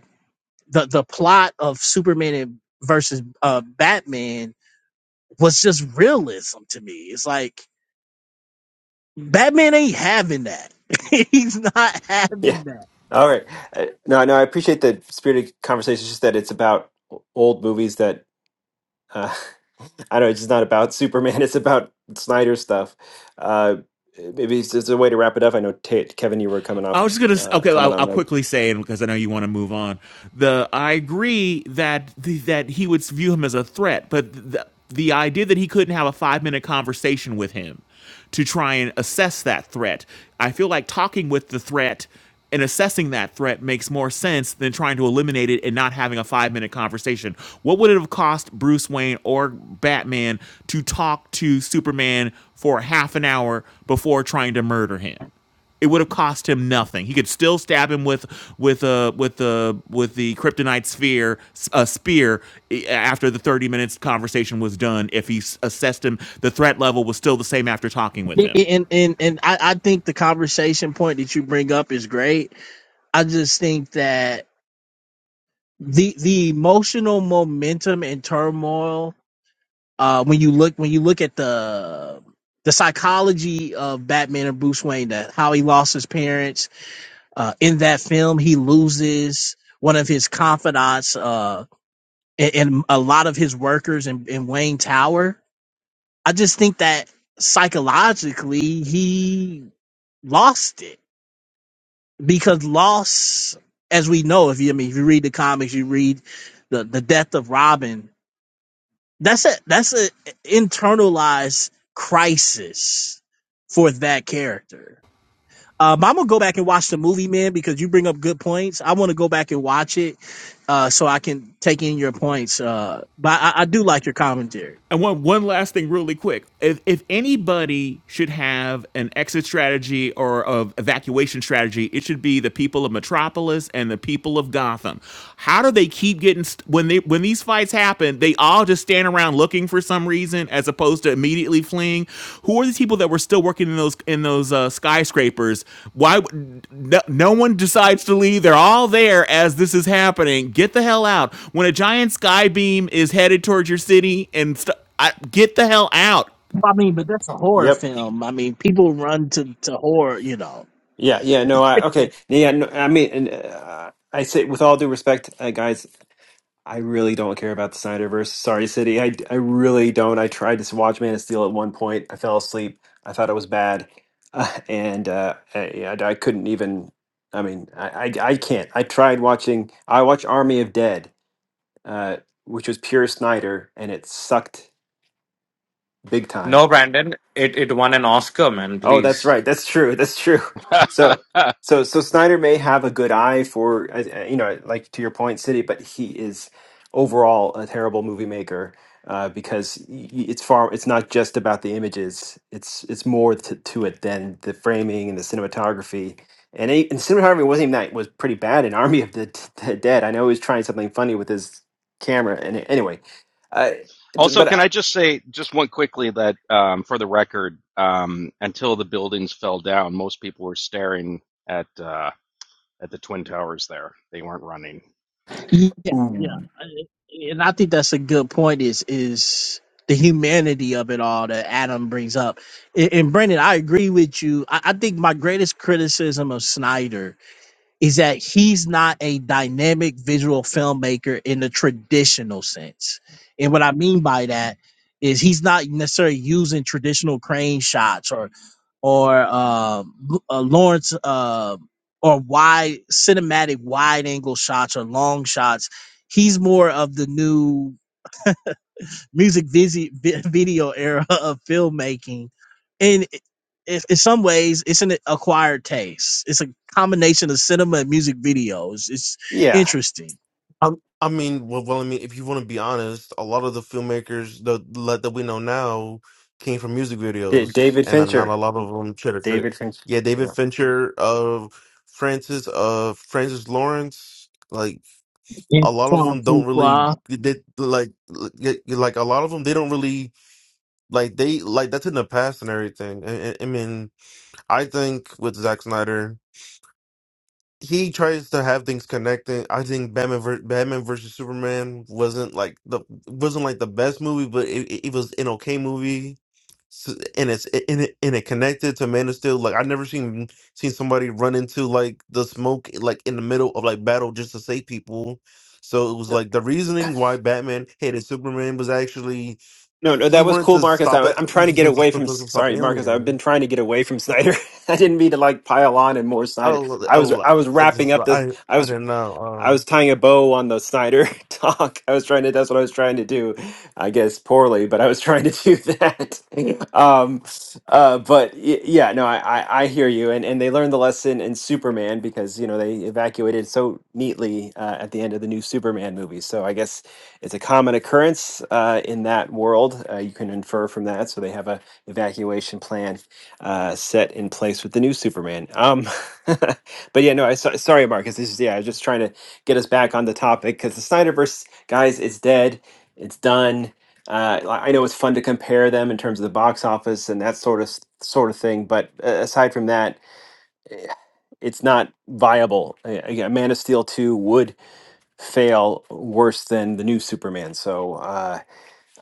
the the plot of Superman and versus uh, Batman was just realism to me. It's like Batman ain't having that. He's not having
Yeah. All right. Uh, No, no, I appreciate the spirited conversation. It's just that it's about o- old movies that uh, I don't know. It's just not about Superman. It's about Snyder stuff. Uh, maybe it's just a way to wrap it up. I know Ta Kevin, you were coming off,
I was just gonna
uh,
okay. I'll,
coming on
I'll
like,
quickly say it because I know you want to move on. The I agree that the, that he would view him as a threat, but the, the idea that he couldn't have a five minute conversation with him to try and assess that threat, I feel like talking with the threat and assessing that threat makes more sense than trying to eliminate it and not having a five minute conversation. What would it have cost Bruce Wayne or Batman to talk to Superman for half an hour before trying to murder him? it would have cost him nothing. He could still stab him with with a uh, with the uh, with the kryptonite sphere a spear eh, after the 30 minutes conversation was done if he assessed him the threat level was still the same after talking with him.
it. and and and I, I think the conversation point that you bring up is great. I just think that the the emotional momentum and turmoil uh, when you look when you look at the the psychology of Batman and Bruce Wayne, that how he lost his parents, Uh, in that film, he loses one of his confidants uh, and, and a lot of his workers in, in Wayne Tower. I just think that psychologically, he lost it because loss, as we know, if you I mean if you read the comics, you read the the death of Robin. That's a that's a internalized crisis for that character Um, I'm gonna go back and watch the movie, man, because you bring up good points. I want to go back and watch it, uh, so I can take in your points. Uh, but I, I do like your commentary.
And one one last thing really quick. If if anybody should have an exit strategy or an evacuation strategy, it should be the people of Metropolis and the people of Gotham. How do they keep getting st- when they when these fights happen, they all just stand around looking for some reason as as opposed to immediately fleeing? Who are these people that were still working in those in those uh, skyscrapers? Why no, no one decides to leave? They're all there as this is happening. Get the hell out! When a giant sky beam is headed towards your city and st- I, get the hell out.
I mean, but that's a horror
yep,
film. I mean, people run to, to horror, you know.
yeah, yeah. No, I okay. Yeah, no, I mean, and, uh, I say with all due respect, uh, guys. I really don't care about the Snyderverse. Sorry, City. I, I really don't. I tried to watch Man of Steel at one point. I fell asleep. I thought it was bad, uh, and uh, I, yeah, I couldn't even. I mean, I, I I can't. I tried watching. I watched Army of Dead, uh, which was pure Snyder, and it sucked big time.
No, Brandon, it it won an Oscar, man.
Oh, that's
Please.
right. That's true. That's true. So, so, so Snyder may have a good eye for, uh, uh, you know, like to your point, City, but he is overall a terrible movie maker uh, because y- y- it's far. It's not just about the images. It's it's more to, to it than the framing and the cinematography. And, he, and cinematography wasn't even that was pretty bad in Army of the, D- the Dead. I know he was trying something funny with his camera. And anyway, uh, d-
also,
but
can I
I,
just say just one quickly that um, for the record, um, until the buildings fell down, most people were staring at uh, at the twin towers. There, they weren't running.
Yeah, yeah,
Ooh.
and I think that's a good point. Is is the humanity of it all that Adam brings up? And, and Brendan, I agree with you. I, I think my greatest criticism of Snyder is that he's not a dynamic visual filmmaker in the traditional sense. And what I mean by that is he's not necessarily using traditional crane shots or or uh, Lu- uh, Lawrence uh, or wide cinematic wide angle shots or long shots. He's more of the new music visi- vi- video era of filmmaking and i i- in some ways it's an acquired taste it's a combination of cinema and music videos it's
yeah,
interesting
I, I mean, well, well, I mean, if you want to be honest, a lot of the filmmakers that like, that we know now came from music
D-
videos,
David
and not a
Fincher.
lot of them should have.
David thinks.
Yeah, David
Yeah.
Fincher, uh, Francis, uh, Francis Lawrence, like
in
a lot of
form
them don't
fruit
really
fly.
did like like, y- like a lot of them they don't really like they like that's in the past and everything. I, I I mean, I think with Zack Snyder he tries to have things connecting. I think Batman ver- Batman versus Superman wasn't like the wasn't like the best movie, but it, it it was an okay movie. S and it's and it, and it connected to Man of Steel. Like I never seen seen somebody run into like the smoke like in the middle of like battle just to save people. So it was like the reasoning why Batman hated Superman was actually
No, no, that
he
was
wanted
cool,
to
Marcus.
stop
I,
it.
I'm
He
trying to
he
get
wanted to
away
stop,
from.
stop stop
Sorry, Marcus. I've been
Alien.
trying to get away from Snyder. I didn't mean to like pile on and more Snyder.
Oh,
I was,
oh,
I was
I
wrapping
just
up the.
I
I
I
was,
didn't know.
I
uh,
was tying a bow on the Snyder talk. I was trying to. That's what I was trying to do. I guess poorly, but I was trying to do that. um, uh, but y- yeah, no, I, I, I hear you. And and they learned the lesson in Superman because you know they evacuated so neatly uh, at the end of the new Superman movie. So I guess. It's a common occurrence uh, in that world. Uh, you can infer from that. So they have a evacuation plan uh, set in place with the new Superman. Um, but yeah, no, I so- sorry, Marcus. This is yeah, I was just trying to get us back on the topic because the Snyderverse guys is dead. It's done. Uh, I I know it's fun to compare them in terms of the box office and that sort of s- sort of thing, but uh, aside from that, it's not viable. Uh, Again, Man of Steel two would fail worse than the new Superman. So. Uh,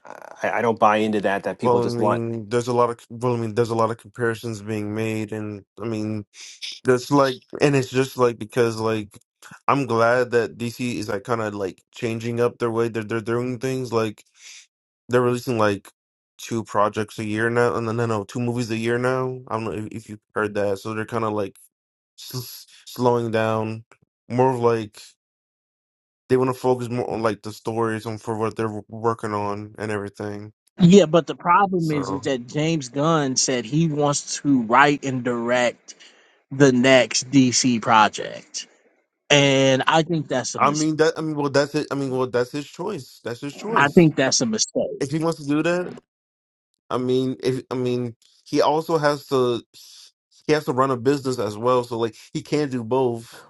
I, I don't buy into that. That people
Well, I
just want.
mean, there's a lot of well, I mean, there's a lot of comparisons being made, and I mean, that's like, and it's just like because like I'm glad that DC is like kind of like changing up their way that they're doing things. Like they're releasing like two projects a year now, and then no, no, two movies a year now. I don't know if, if you heard that. So they're kind of like s slowing down, more of like they want to focus more on like the stories and for what they're working on and everything.
yeah but the problem is is
So.
that james gunn said he wants to write and direct the next dc project and i think that's a
I
mistake
mean that. I mean, well, that's it. I mean, well, that's his choice. That's his
i
choice.
think that's a mistake
If he wants to do that, I mean, if I mean, he also has to. He has to run a business as well, so like he can't do both.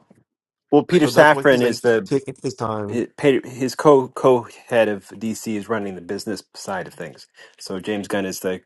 Well, Peter
So that's why
Safran
he's
is
like
the
taking his time.
it- Peter- his co co head of DC is running the business side of things. So James Gunn is the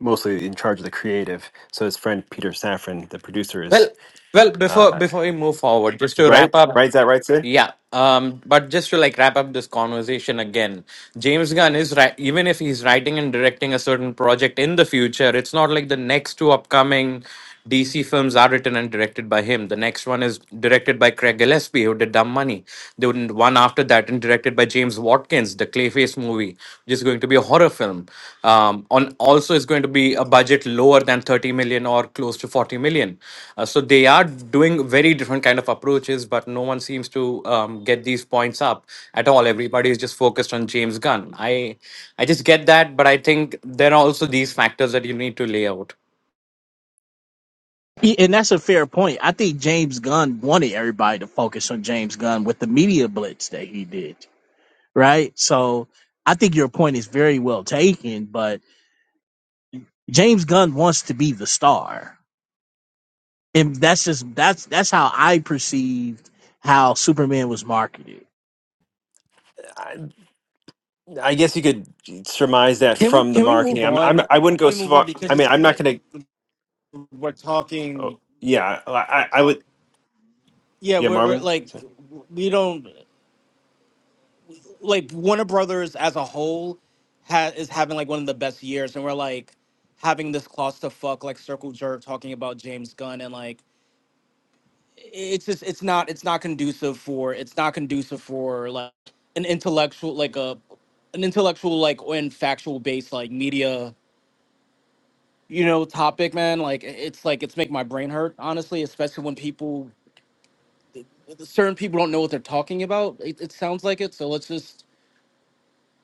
mostly in charge of the creative. So his friend Peter Safran, the producer,
Well,
is
well, before
uh,
before we move forward, just to
right.
wrap up,
Right? Is that right, Sid?
yeah. Um, but just to like wrap up this conversation again, James Gunn is right. Even if he's writing and directing a certain project in the future, it's not like the next two upcoming DC films are written and directed by him. The next one is directed by Craig Gillespie, who did Dumb Money. They would and one after that, and directed by James Watkins, the Clayface movie, which is going to be a horror film. Um, on also is going to be a budget lower than 30 million or close to 40 million. Uh, so they are doing very different kind of approaches, but no one seems to um, get these points up at all. Everybody is just focused on James Gunn. I I just get that, but I think there are also these factors that you need to lay out.
Yeah, And that's a fair point. I think James Gunn wanted everybody to focus on James Gunn with the media blitz that he did, right? So I think your point is very well taken, but James Gunn wants to be the star. And that's just that's that's how I perceived how Superman was marketed.
I, I guess you could surmise that
Can we
from the
can we move
marketing. I'm.
on?
I'm.
Can
I wouldn't go
we
so
move on
far.
because
I mean,
it's
I'm not
like
going to.
we're
Oh,
talking.
yeah. I. I I would.
Yeah,
Yeah,
we're we're
Marvin.
like
So-
we don't. like Warner Brothers as a whole ha- is having like one of the best years, and we're like having this clusterfuck like circle jerk talking about James Gunn, and like it's just it's not it's not conducive for it's not conducive for like an intellectual like a an intellectual like and factual based like media you know topic man like it- it's like it's make my brain hurt honestly especially when people certain people don't know what they're talking about it, it sounds like it so let's just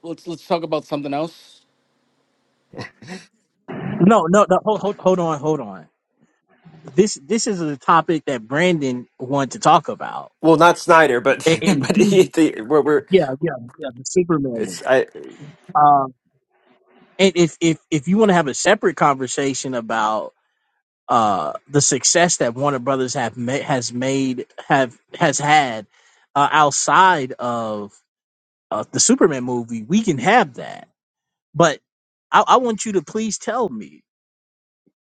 let's let's talk about something else
No, no, no hold, hold, hold on, hold on. This this is a topic that Brandon wanted to talk about.
Well, not Snyder, but
And,
but he,
and
the, we're, we're
yeah, yeah, yeah, the Superman
it's I.
one. And if if if you want to have a separate conversation about uh the success that Warner Brothers have ma- has made have has had uh, outside of uh, the Superman movie, we can have that. But I, I want you to please tell me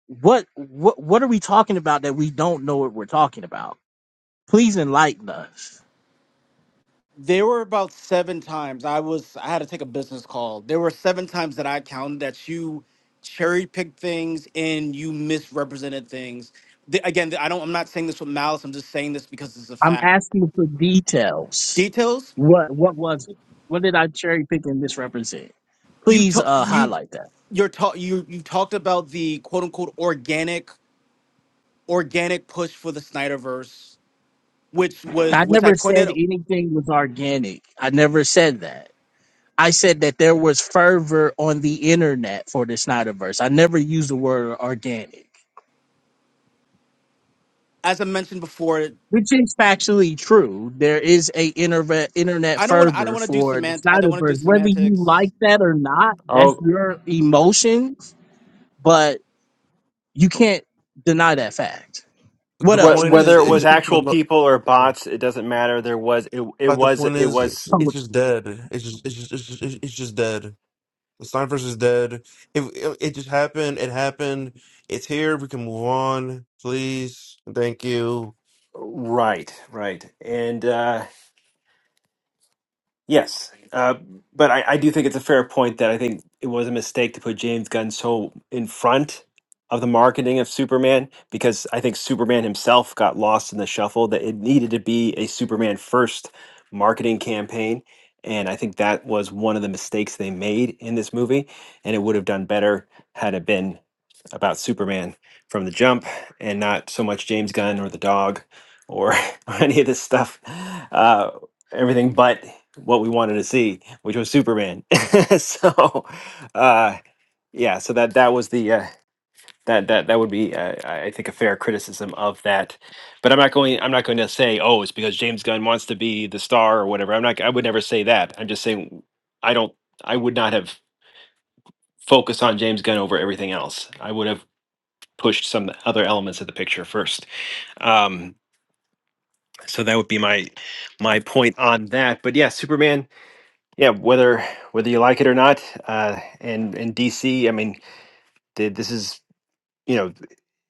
what what what are we talking about that we don't know what we're talking about? Please enlighten us.
There were about seven times I was I had to take a business call. There were seven times that I counted that you cherry picked things and you misrepresented things. The, again, I don't. I'm not saying this with malice. I'm just saying this because it's a
I'm
fact.
asking for details.
Details.
What what was it? What did I cherry pick and misrepresent?
You
Please
talk.
uh,
You
highlight that.
you're talk. you you talked about the quote unquote organic organic push for the Snyderverse, which
I
was which I
never said
pointed
anything was organic. I never said that. I said that there was fervor on the internet for the Snyderverse. I never used the word organic,
as I mentioned before.
which is factually true. There is a internet internet
I don't want I don't
fervor
want to do
for the
semant I don't want to do
Snyderverse, whether you
semantics.
like that or not. That's your emotions, but you can't deny that fact.
The
What else?
What
point
whether
is,
Please,
it
it's
was
please
just,
continue.
like
actual people or
look,
bots, it doesn't matter. There was it it
like, the
was
point
it
is,
was
Come
it's
with-
just dead. It's just, it's just, it's just, it's it's just dead. Steinfurst is dead. If it, it just happened, it happened. It's here. We can move on, please. Thank you.
right, right. And uh Yes, uh, but I, I do think it's a fair point that I think it was a mistake to put James Gunn so in front of the marketing of Superman because I think Superman himself got lost in the shuffle. That it needed to be a Superman first marketing campaign, and I think that was one of the mistakes they made in this movie. And it would have done better had it been about Superman from the jump and not so much James Gunn or the dog or any of this stuff. Uh, everything but what we wanted to see, which was Superman. so, uh, yeah, so that that was the uh, that that that would be uh, I I think a fair criticism of that. But I'm not going I'm not going to say oh it's because James Gunn wants to be the star or whatever. I'm not I would never say that. I'm just saying I don't I would not have focused on James Gunn over everything else. I would have pushed some other elements of the picture first. Um, so that would be my my point on that. But yeah, Superman Yeah, whether whether you like it or not, uh, and and DC, I mean, th- this is you know,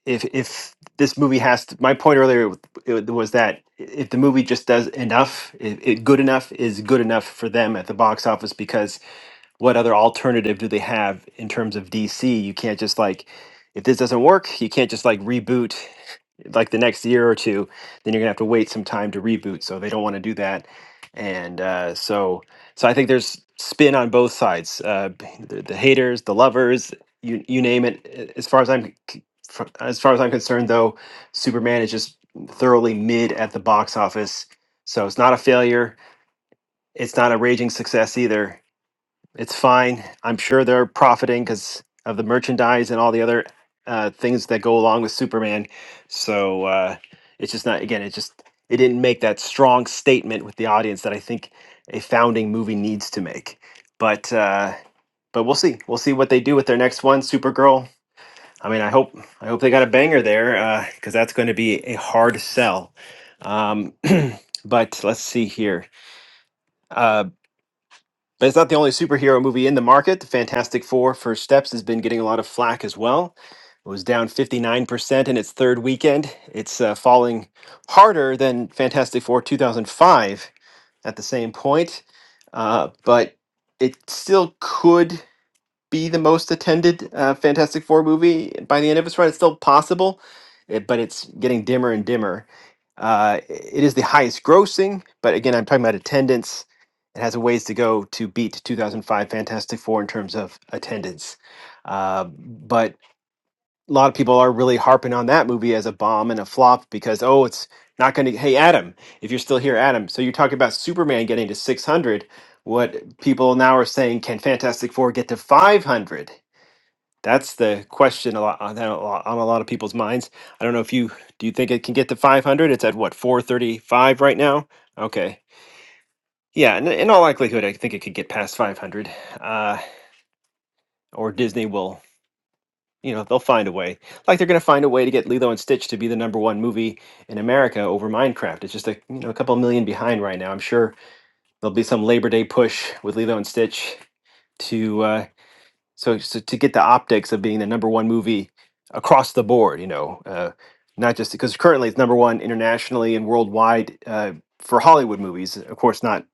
if if this movie has to, my point earlier w- it was that if the movie just does enough, it, it good enough is good enough for them at the box office because what other alternative do they have in terms of DC? You can't just like if this doesn't work, you can't just like reboot like the next year or two, then you're gonna have to wait some time to reboot. So they don't want to do that, and uh, so so I think there's spin on both sides, uh, b- the, the haters, the lovers, you you name it. A- As far as I'm c- fr- as far as I'm concerned, though, Superman is just thoroughly mid at the box office, so it's not a failure. It's not a raging success either. It's fine. I'm sure they're profiting because of the merchandise and all the other uh, things that go along with Superman. So uh, it's just not. Again, it just it didn't make that strong statement with the audience that I think a founding movie needs to make. But uh, but we'll see. We'll see what they do with their next one, Supergirl. I mean, I hope I hope they got a banger there because that's going to be a hard sell. Um, but let's see here. Uh, but it's not the only superhero movie in the market. The Fantastic Four First Steps has been getting a lot of flack as well. It was down 59% in its third weekend. It's uh, falling harder than Fantastic Four 2005 at the same point. Uh, but it still could be the most attended uh, Fantastic Four movie by the end of its run. It's still possible, eh, but it's getting dimmer and dimmer. Uh, it is the highest grossing, but again, I'm talking about attendance. It has a ways to go to beat 2005 Fantastic Four in terms of attendance. Uh, but a lot of people are really harping on that movie as a bomb and a flop because, oh, it's not going to. Hey, Adam, if you're still here, Adam, so you're talking about Superman getting to 600 what people now are saying can Fantastic Four get to 500? That's the question a lot on a lot, on a lot of people's minds. I don't know if you do you think it can get to 500? It's at what 435 right now. Okay, yeah, in, in all likelihood, I think it could get past 500. Uh, or Disney will, you know, they'll find a way. Like they're going to find a way to get Lilo and Stitch to be the number one movie in America over Minecraft. It's just a you know a couple million behind right now. I'm sure there'll be some Labor Day push with Lilo and Stitch to. uh, so, so to get the optics of being the number one movie across the board, you know, uh, not just because currently it's number one internationally and worldwide uh, for Hollywood movies. Of course, not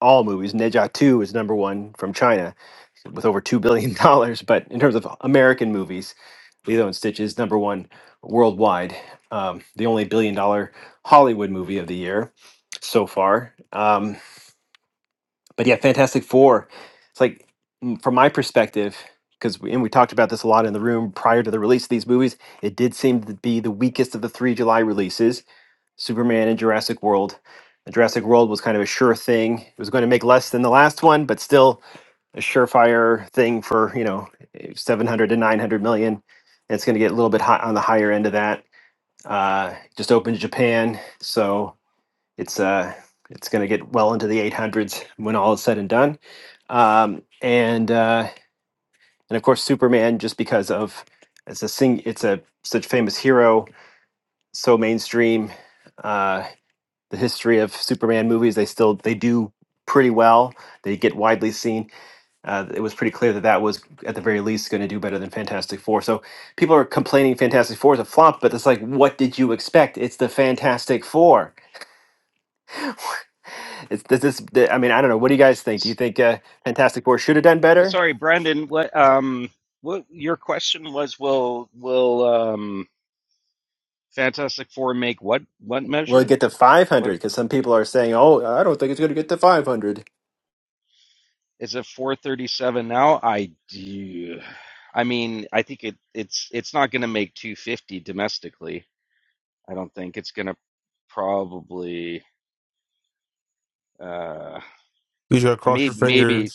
all movies. Ne Zha 2 is number one from China with over $2 billion. dollars. But in terms of American movies, Lilo and Stitch is number one worldwide, um, the only billion dollar Hollywood movie of the year so far. Um, but yeah, Fantastic Four. It's like m- from my perspective, because we, and we talked about this a lot in the room prior to the release of these movies. It did seem to be the weakest of the three July releases: Superman and Jurassic World. And Jurassic World was kind of a sure thing. It was going to make less than the last one, but still a surefire thing for you know eh, seven hundred to nine hundred million. And it's going to get a little bit hot on the higher end of that. Uh, just opened in Japan, so it's uh it's going to get well into the 800s when all is said and done um and uh and of course superman just because of it's a sing it's a such famous hero so mainstream uh the history of superman movies they still they do pretty well they get widely seen uh, it was pretty clear that that was at the very least going to do better than fantastic four so people are complaining fantastic four is a flop but it's like what did you expect it's the fantastic four It's, this is, the- I mean, I don't know. What do you guys think? Do you think uh, Fantastic Four should have done
Uh,
better?
Sorry, Brandon. What um what your question was? Will will um Fantastic Four make what what
Will it
measure?
get to 500?
What
Because some people are saying, oh, I don't think it's going to get to five hundred."
is it? Four thirty seven now. I do. I mean, I think it it's it's not going to make two fifty domestically. I don't think it's gonna probably uh
Please, you gotta
and
cross your
maybe maybe
fingers.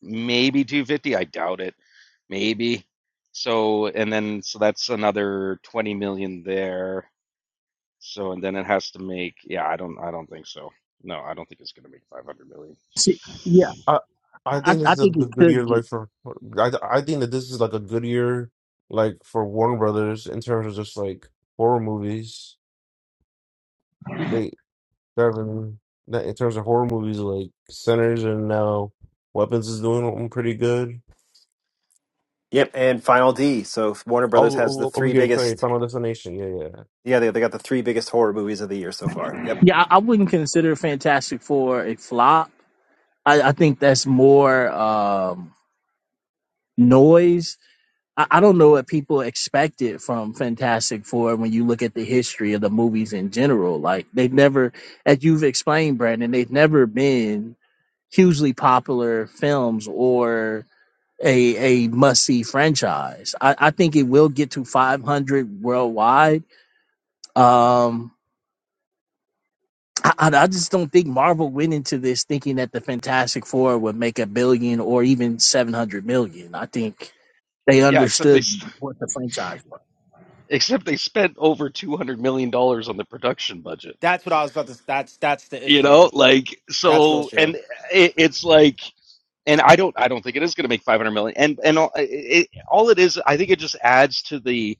maybe 250. I doubt it. Maybe. So and then so that's another 20 million there. So and then it has to make yeah, I don't I don't think so. No, I don't think it's gonna make 500 million.
see, Yeah,
I I
I,
think this
I
is a
think it
good good year
could get.
like for for- I I think that this is like a good year like for Warner Brothers in terms of just like horror movies. They they're having that in terms of horror movies like Sinners and now Weapons is doing them pretty good.
Yep, and Final D. So Warner
Oh,
Brothers has
oh,
the
oh, over
three
here, Trey,
biggest,
Final Destination. Yeah, yeah.
yeah, they, they got the three biggest horror movies of the year so far. Yep.
Yeah, I, I wouldn't consider Fantastic Four a flop I, I think that's more um, noise. I, I don't know what people expected from Fantastic Four when you look at the history of the movies in general. Like they've never, as you've explained, Brandon, they've never been hugely popular films or a a must see franchise. I, I think it will get to 500 worldwide. Um, I, I I just don't think Marvel went into this thinking that the Fantastic Four would make a billion or even 700 million. I think They
Yeah, except they
understood what the franchise was.
except they spent over 200 million dollars on the production budget.
That's what I was about to. That's that's the
You know,
issue.
like
That's the
so
issue.
and it, it's like and I don't I don't think it is going to make 500 million. And and all, it, all it is, I think it just adds to the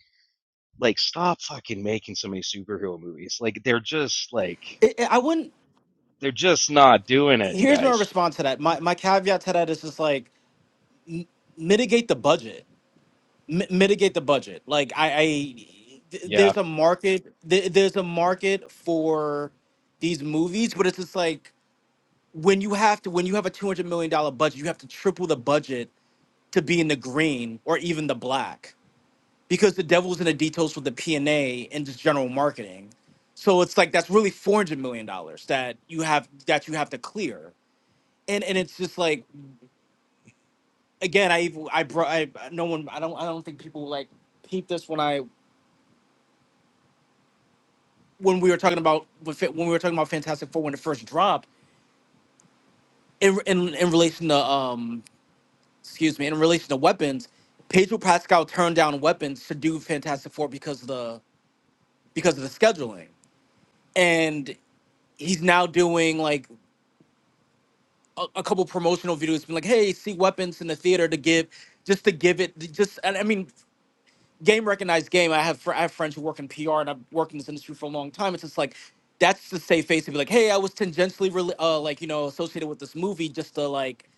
like stop fucking making so many superhero movies. Like they're just like
It, it- I wouldn't.
they're just not doing it,
Here's my
guys.
response to that. My my caveat to that is just like mitigate the budget. Mi- mitigate the budget. Like I, I th-
Yeah.
there's a market. Th- there's a market for these movies, but it's just like when you have to when you have a two hundred million dollar budget, you have to triple the budget to be in the green or even the black. because the devil's in the details with the P&A and A and just general marketing. So it's like that's really four hundred million dollars that you have that you have to clear. And and it's just like again, I even I brought I no one I don't I don't think people like peep this when I when we were talking about when fa- when we were talking about Fantastic Four when it first dropped in in, in relation to um excuse me in relation to weapons, Pedro Pascal turned down weapons to do Fantastic Four because of the because of the scheduling and he's now doing like a, a couple promotional videos been like, "Hey, see weapons in the theater to give, just to give it, just." And I mean, game recognized game. I have fr- I have friends who work in PR and I've worked in this industry for a long time. It's just like that's the safe face to be like, "Hey, I was tangentially rela- uh, like you know associated with this movie just to like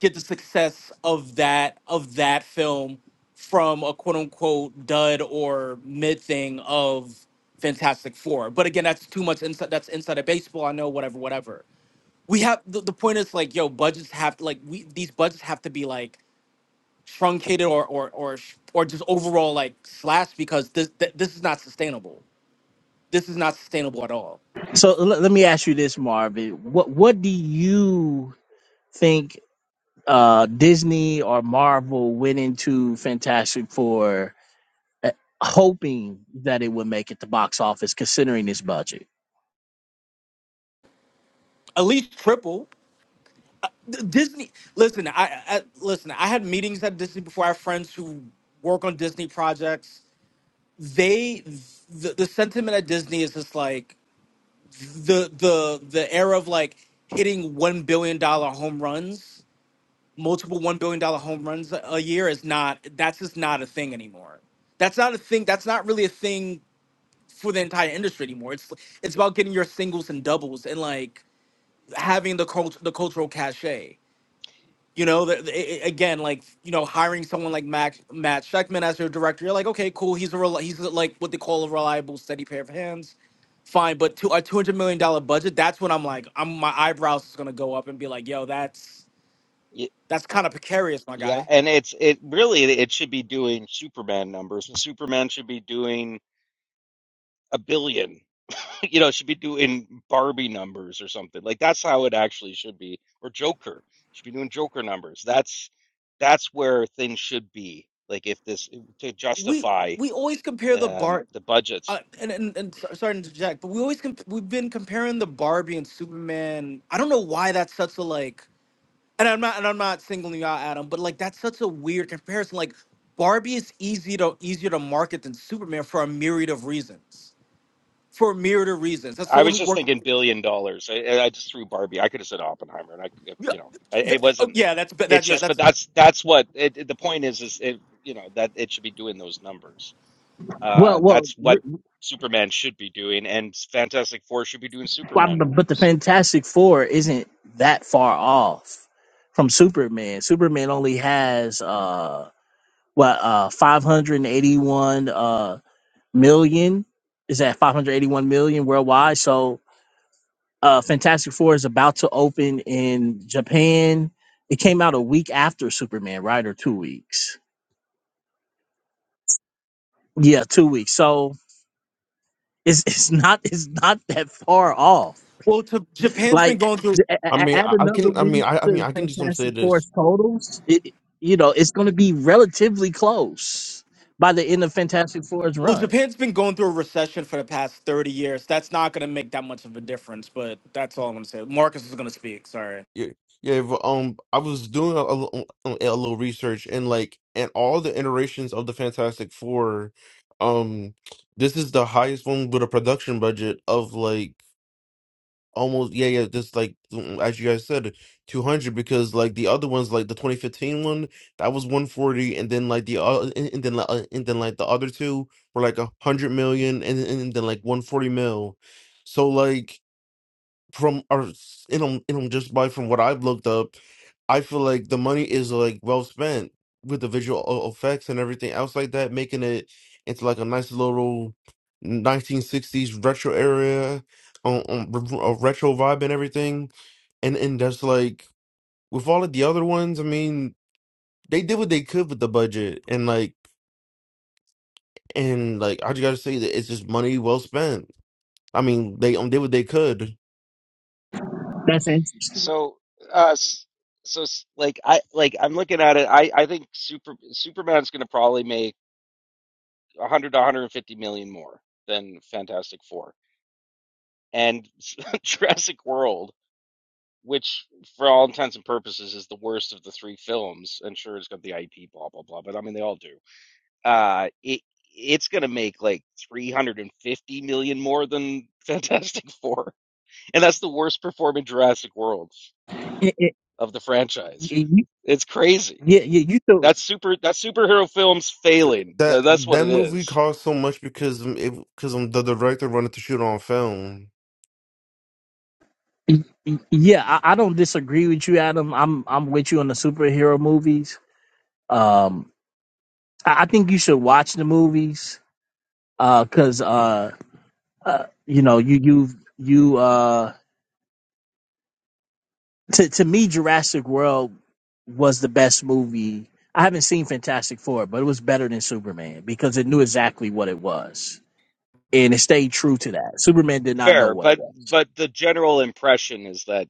get the success of that of that film from a quote unquote dud or mid thing of Fantastic Four.' But again, that's too much inside. That's inside of baseball. I know whatever, whatever we have the, the point is like yo budgets have to like we these budgets have to be like truncated or or or sh- or just overall like slashed because this th- this is not sustainable this is not sustainable at all
So let, let me ask you this, Marvin. What what do you think uh, Disney or Marvel went into Fantastic Four? eh, hoping that it would make it to box office considering its budget.
at least triple D- disney listen I, I listen i had meetings at disney before i have friends who work on disney projects they the, the sentiment at disney is just like the the the era of like hitting one billion dollar home runs multiple one billion dollar home runs a year is not that's just not a thing anymore. That's not a thing. That's not really a thing for the entire industry anymore. It's it's about getting your singles and doubles and like having the cult, the cultural cachet. You know, the, the- i- again, like you know, hiring someone like Max, Matt Scheckman as your director, you're like, okay, cool. He's a rel- he's like what they call a reliable, steady pair of hands. Fine, but to a two hundred million dollar budget, that's when I'm like, I'm my eyebrows is gonna go up and be like, yo, that's
Y-
that's kind of precarious, my
Yeah,
guy
and it's it really it should be doing Superman numbers. Superman should be doing a billion. you know, should be doing Barbie numbers or something. Like that's how it actually should be. Or Joker. Should be doing Joker numbers. That's that's where things should be. Like if this to
we
justify
we always compare the
um
bar
the
uh,
budgets.
and, and and so- sorry to interject, but we always comp- we've been comparing the Barbie and Superman. I don't know why that's such a like, and I'm not and I'm not singling you out, Adam, but like that's such a weird comparison. Like Barbie is easy to easier to market than Superman for a myriad of reasons. For a myriad of reasons, as
I
someone
was
who
just
worked,
thinking billion dollars. I, I I just threw Barbie. I could have said Oppenheimer and I could
yeah,
you know, I, it
oh,
wasn't
yeah, that's that,
it's
yeah,
just but
that's
that's that's what it, it- the point is is it you know that it should be doing those numbers. Uh
Well, well,
that's
re-
what Superman should be doing and Fantastic Four should be doing
why-
Superman
but but the
numbers
Fantastic Four isn't that far off from Superman. Superman only has uh what uh 581 uh million is that 581 million worldwide. So uh, Fantastic Four is about to open in Japan. It came out a week after Superman, right, or two weeks? Yeah, two weeks. So it's it's not it's not that far off.
well, to, Japan's been
Like
going through.
a- a-
I mean,
add
I, I
another
can. I
week
mean, I. I mean,
to
I can just um, say
Fantastic
this.
Four's totals. It, you know, it's going to be relatively close by the end of Fantastic Four's
Well,
run.
Japan's been going through a recession for the past 30 years. That's not going to make that much of a difference, but that's all I'm going to say. Marcus is going to speak. Sorry.
Yeah, yeah. But, um, I was doing a, a, a little research, and like, and all the iterations of the Fantastic Four, um, this is the highest one with a production budget of like almost yeah, yeah. This like mm, as you guys said, two hundred because like the other ones, like the twenty fifteen one, that was one forty, and then like the uh, and, and then like, uh, and then like the other two were like a hundred million, and, and then like one forty mil. So like from our in them, in them just by from what I've looked up, I feel like the money is like well spent with the visual o- effects and everything else like that, making it into like a nice little 1960s retro area, um, um, re- a retro vibe and everything. And and that's like with all of the other ones, I mean, they did what they could with the budget, and like and like I just gotta say that it's just money well spent. I mean, they um, did what they could.
That's interesting.
So, uh, s- so s- like I like I'm looking at it. I I think Super Superman's going to probably make 100 to 150 million more than Fantastic Four and Jurassic World, which for all intents and purposes is the worst of the three films. And sure, it's got the IP, blah blah blah, but I mean they all do. Uh, it it's going to make like 350 million more than Fantastic Four, and that's the worst performing Jurassic World
It- it-
of the franchise.
it- you-
It's crazy.
yeah, yeah, you do.
That's super. That's superhero films failing.
That
Th- That's what
that
it
movie
is.
cost so much because um, it because um, the director wanted to shoot on film.
Y- y- Yeah, I, I don't disagree with you, Adam. I'm I'm with you on the superhero movies Um, I, I think you should watch the movies because uh, 'cause, uh, uh, you know you you you uh, to to me Jurassic World was the best movie. I haven't seen Fantastic Four, but it was better than Superman because it knew exactly what it was and it stayed true to that. Superman did not know
Fair,
what it
but
was.
but the general impression is that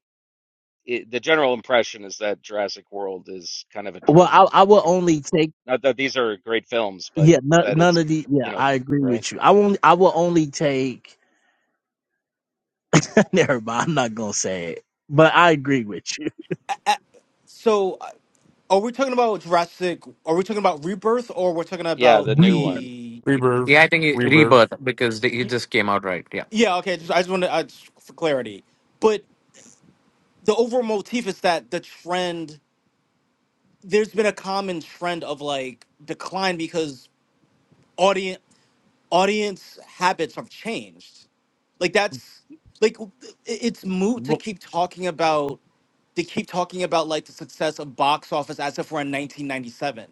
it, the general impression is that Jurassic World is kind of a
Well,
turd.
I, I will
Com-
only take
Not that these are great films, but
yeah no,
that
none
it's
of the
you
yeah
know
I agree
right.
with you. I won't I will only take never mind. I'm not gonna say it, but I agree with you.
Uh, So, uh, are we talking about Jurassic? Are we talking about Rebirth or we're talking
Yeah,
about
the new
Breather.
one.
the.
Yeah, I
Rebirth.
think it-
Rebirth.
Rebirth because the, it
Y-
just came out right. Yeah.
Yeah, okay. Just, I just want to, uh, just for clarity. But the overall motif is that the trend, there's been a common trend of like decline because. audience. audience habits have changed. Like that's like it- it's moot to
Well,
keep talking about to keep talking about like the success of box office as if we're in 1997.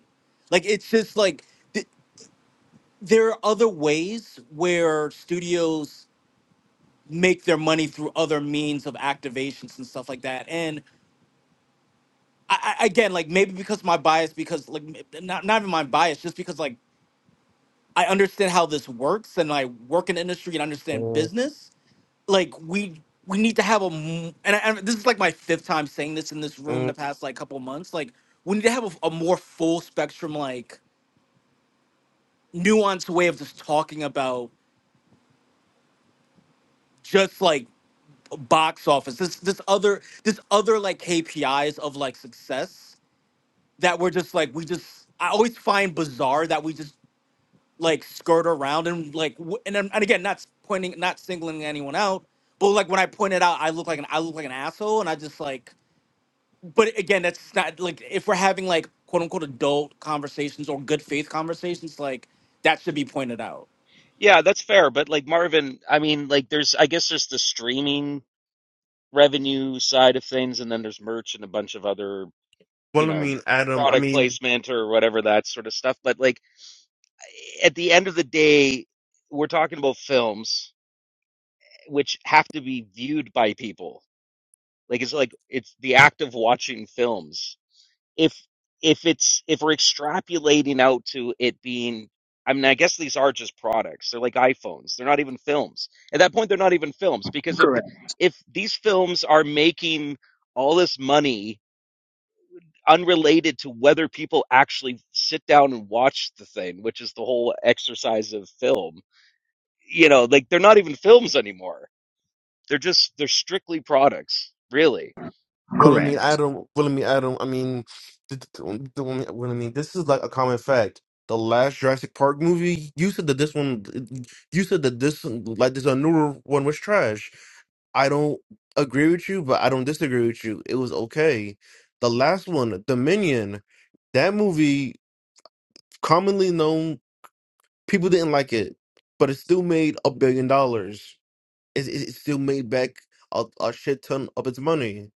Like it's just like th- there are other ways where studios make their money through other means of activations and stuff like that. And I, I again, like maybe because my bias, because like m- not not even my bias, just because like I understand how this works and I work in the industry and understand
mm,
business. like we we need to have a m- and, I, and this is like my fifth time saying this in this room in the
mm.
past like couple months like we need to have a, a more full spectrum like nuanced way of just talking about just like box office this this other this other like kpis of like success that we're just like we just i always find bizarre that we just like skirt around and like w- and, then- and again not pointing not singling anyone out but like when i point it out i look like an i look like an asshole and i just like but again, that's not like if we're having like quote unquote adult conversations or good faith conversations, like that should be pointed out.
Yeah, that's fair. But like Marvin, I mean, like there's I guess there's the streaming revenue side of things, and then there's merch and a bunch of other you
Well, I
know
mean Adam. I
product
mean,
placement or whatever that sort of stuff. But like at the end of the day, we're talking about films which have to be viewed by people. Like it's like it's the act of watching films. If if it's if we're extrapolating out to it being I mean, I guess these are just products. They're like iPhones. They're not even films. At that point, they're not even films because if the, if these films are making all this money unrelated to whether people actually sit down and watch the thing, which is the whole exercise of film, you know, like they're not even films anymore. They're just they're strictly products, really.
well, I mean
Correct.
Adam. Well, I mean Adam. I mean, th- th- um, th- um, well, I mean this is like a common fact. The last Jurassic Park movie, you said that this one, you said that this like this a newer one was trash. I don't agree with you, but I don't disagree with you. It was okay. The last one, Dominion, that movie. commonly known. People didn't like it, but it still made a billion dollars. It, it, it still made back a, a shit ton of its money.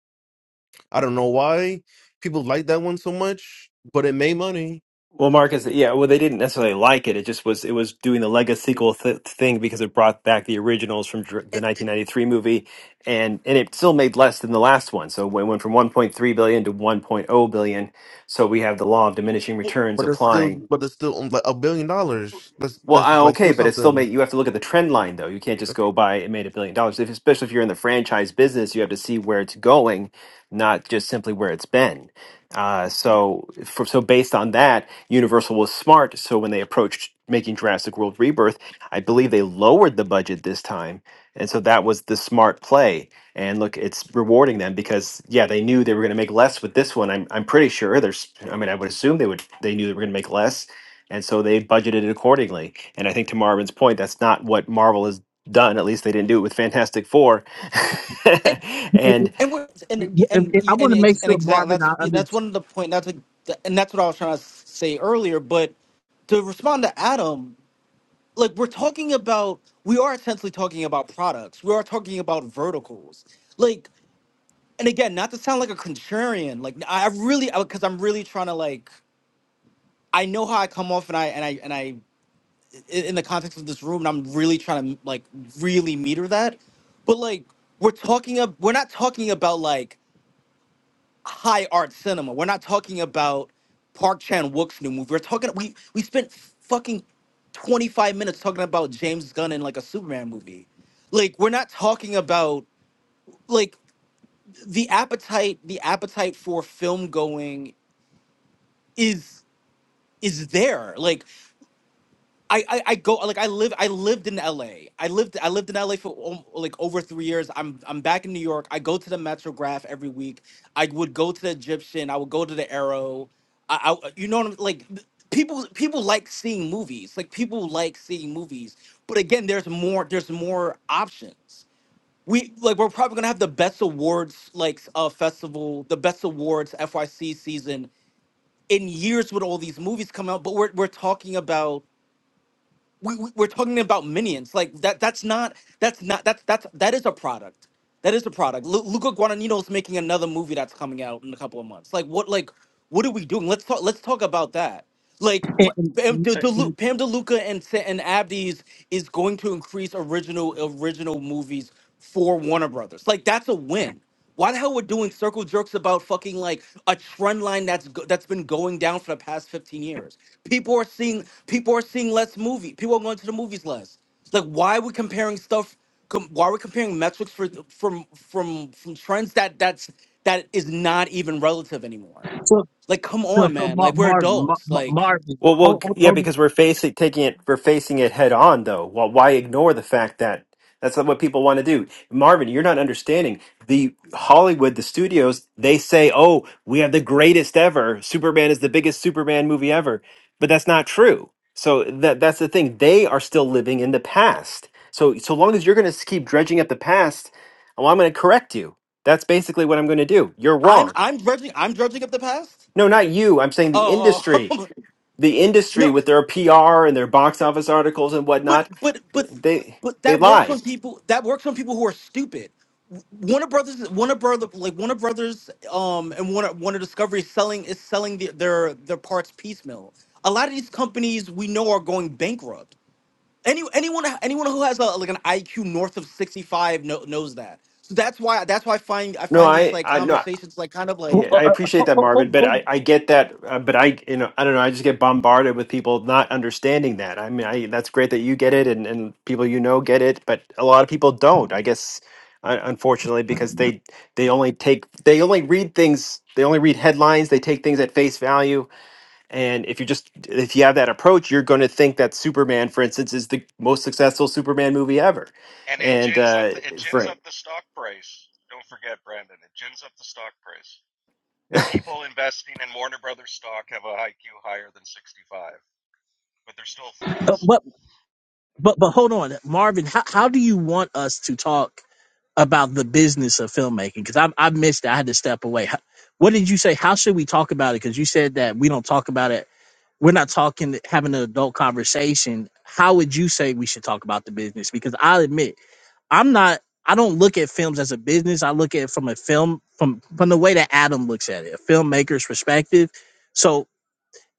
I don't know why people like that one so much, but it made money.
Well, Marcus, yeah, well, they didn't necessarily like it. It just was, it was doing the Lego sequel th thing because it brought back the originals from dr- the 1993 movie, and and it still made less than the last one. So it went from 1.3 billion to 1.0 billion. So we have the law of diminishing returns
But it's still,
applying
but it's still um, like a billion dollars. That's
well,
that's
I,
just like still
okay, but it still
something.
made you have to look at the trend line though. You can't just go by it made a billion dollars. If, especially if you're in the franchise business, you have to see where it's going, not just simply where it's been. Uh, so, for, so based on that, Universal was smart. So when they approached making Jurassic World Rebirth, I believe they lowered the budget this time, and so that was the smart play. And look, it's rewarding them because yeah, they knew they were going to make less with this one. I'm I'm pretty sure. There's, I mean, I would assume they would. They knew they were going to make less, and so they budgeted it accordingly and I think to Marvin's point, that's not what Marvel has done. At least they didn't do it with Fantastic Four.
And
and
and we're, and and
If-
and,
if- I want
and,
to make
ex- and
sure
exact
Marvin,
that's
I
that's
understand.
one of the point. That's like, and that's what I was trying to say earlier. But to respond to Adam, like we're talking about, we are essentially talking about products. We are talking about verticals. Like, and again, not to sound like a contrarian. Like I I really, because I'm really trying to like, I know how I come off, and I and I and I. in, in the context of this room, and I'm really trying to like really meter that. But like we're talking of we're not talking about like high art cinema. We're not talking about Park Chan Wook's new movie. We're talking we we spent fucking 25 minutes talking about James Gunn in like a Superman movie. Like we're not talking about like the appetite the appetite for film going is is there. Like I, I I go like I live I lived in LA. I lived I lived in LA for om- like over 3 years. I'm I'm back in New York. I go to the Metrograph every week. I would go to the Egyptian. I would go to the Arrow. I, I you know what I'm like th- people people like seeing movies. Like people like seeing movies. But again, there's more there's more options. We like we're probably going to have the best awards like uh festival, the best awards FYC season in years with all these movies coming out, but we're we're talking about we, we we're talking about minions like that that's not that's not that's that's that is a product that is a product Lu- luca guadagnino's making another movie that's coming out in a couple of months like what like what are we doing let's talk let's talk about that like but
and-
pam, De,
and-
De, pam deluca and Sa- and abdi's is going to increase original original movies for warner brothers like that's a win why the hell we're doing circle jerks about fucking like a trend line that's go- that's been going down for the past 15 years? People are seeing people are seeing less movie. People are going to the movies less. Like why are we comparing stuff com- why are we comparing metrics for from from from trends that that's that is not even relative anymore?
So,
Like come
so,
on,
so
man.
Mar,
Like we're
Mar,
adults.
Mar,
Like
Marvin,
Well, well,
hold,
c- yeah,
hold,
because we're facing taking it, we're facing it head on, though. Well, why ignore the fact that that's not what people want to do? Marvin, you're not understanding the Hollywood, the studios. They say, "Oh, we have the greatest ever. Superman is the biggest Superman movie ever," but that's not true. So that that's the thing. They are still living in the past. So so long as you're going to keep dredging up the past, well, I'm going to correct you. That's basically what I'm going to do. You're
I'm
wrong.
I'm judging I'm judging up the past?
No, not you. I'm saying the
Oh,
industry
oh.
the industry
no.
with their PR and their box office articles and
But
whatnot,
but but
they
but
they
that works
lie.
on people. That works on people who are stupid. Warner Brothers, Warner Brother, like Warner Brothers, um, and Warner Warner Discovery is selling is selling the, their their parts piecemeal. A lot of these companies we know are going bankrupt. Any anyone anyone who has a, like an IQ north of sixty five kno knows that. So that's why that's why I find I
No,
find these
I
like
I no, I
conversations like kind of like
hold, uh,
I
uh,
appreciate
hold,
that,
hold,
Marvin,
hold,
but
hold-
I I get that, uh, but I you know I don't know. I just get bombarded with people not understanding that. I mean, I that's great that you get it and and people you know get it, but a lot of people don't. I guess un- unfortunately because they they only take they only read things they only read headlines they take things at face value And if you just if you have that approach, you're going to think that Superman, for instance, is the most successful Superman movie ever.
And it
And
gins up
uh,
the it gins
right,
up the stock price. Don't forget, Brandon. It gins up the stock price. And people investing in Warner Brothers stock have a IQ higher than 65, but they're still
uh,
fools.
but, but, but hold on, Marvin. How, how do you want us to talk about the business of filmmaking? Because I, I missed. it. I had to step away. How- What did you say? How should we talk about it? Because you said that we don't talk about it. We're not talking, having an adult conversation. How would you say we should talk about the business? Because I'll admit. I'm not I don't look at films as a business. I look at it from a film from from the way that Adam looks at it, a filmmaker's perspective. So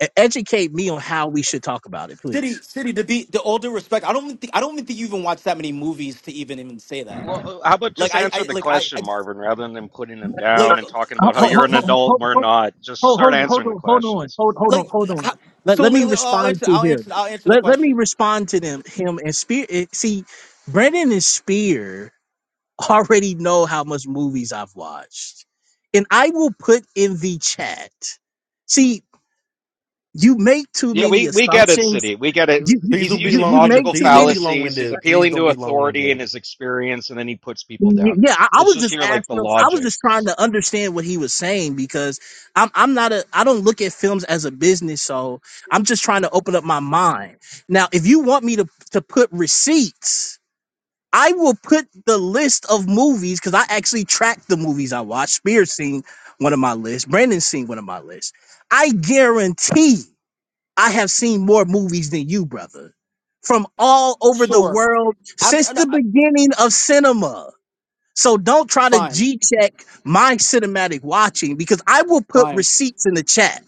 e- educate me on how we should talk about it,
city
please.
city to be the all due respect. I don't think I don't even think you even watch that many movies to even even say that.
Well, uh, how about
Like
just
I
answer
I
the
like I,
question,
I
Marvin, rather than putting them down
Like,
and talking
Ho-
about how
I
ho-
like,
you're
ho- ho-
an
ho-
adult,
ho-
we're
ho- ho-
not. Just
Hold,
start
hold, on,
answering the questions.
hold, hold on,
like,
hold
how,
on. Let,
so
let me
Lily, I'll
respond
answer,
to
I'll answer,
him.
I'll answer the
Let, let me
question.
respond to them. Him and Spear. eh, See, Brennan and Spear already know how much movies I've watched, and I will put in the chat. See, you make too
Yeah,
many
we, we get it,
assumptions.
City. We get it.
You you
Please
He's
you,
don't be
you
using
you
long
make
winded.
logical
too
Please don't
many.
be long
fallacies. He's
winded. Please
appealing
don't
to
be long
authority and
winded.
his experience, and then he puts people
Y-
down.
Yeah, I, I
Let's
was
just
just
hear like the
asking him. I was
logic.
just trying to understand what he was saying because I'm I'm not a I don't look at films as a business, so I'm just trying to open up my mind. Now, if you want me to to put receipts, I will put the list of movies because I actually track the movies I watch. Spears seen one of my lists. Brandon seen one of my lists. I guarantee. I have seen more movies than you, brother, from all over the
Sure.
world
I'm,
since
no,
the
I,
beginning of cinema. So don't try to
fine,
G check my cinematic watching because I will put
fine.
receipts in the chat.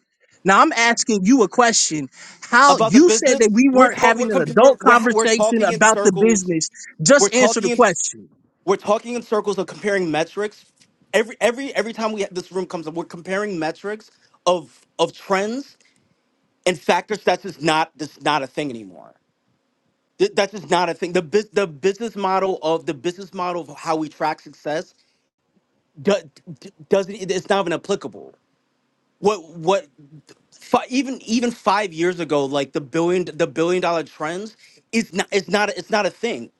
Now I'm asking you a question. How
About the
you said
business,
that we
we're
weren't
talk, we're,
having an
comp- we're
adult
we're ha- we're
conversation
talking in
about the
circles.
business.
We're
Just answer
talking
the
in
question.
we're talking in circles of comparing metrics. Every every every time we this room comes up, we're comparing metrics of of trends and factors. That's just not that's not a thing anymore. Th- That's just not a thing. The bus the business model of the business model of how we track success do, d- doesn't e, it's not even applicable what what fi- even even five years ago like the billion the billion dollar trends is not it's not it's not a thing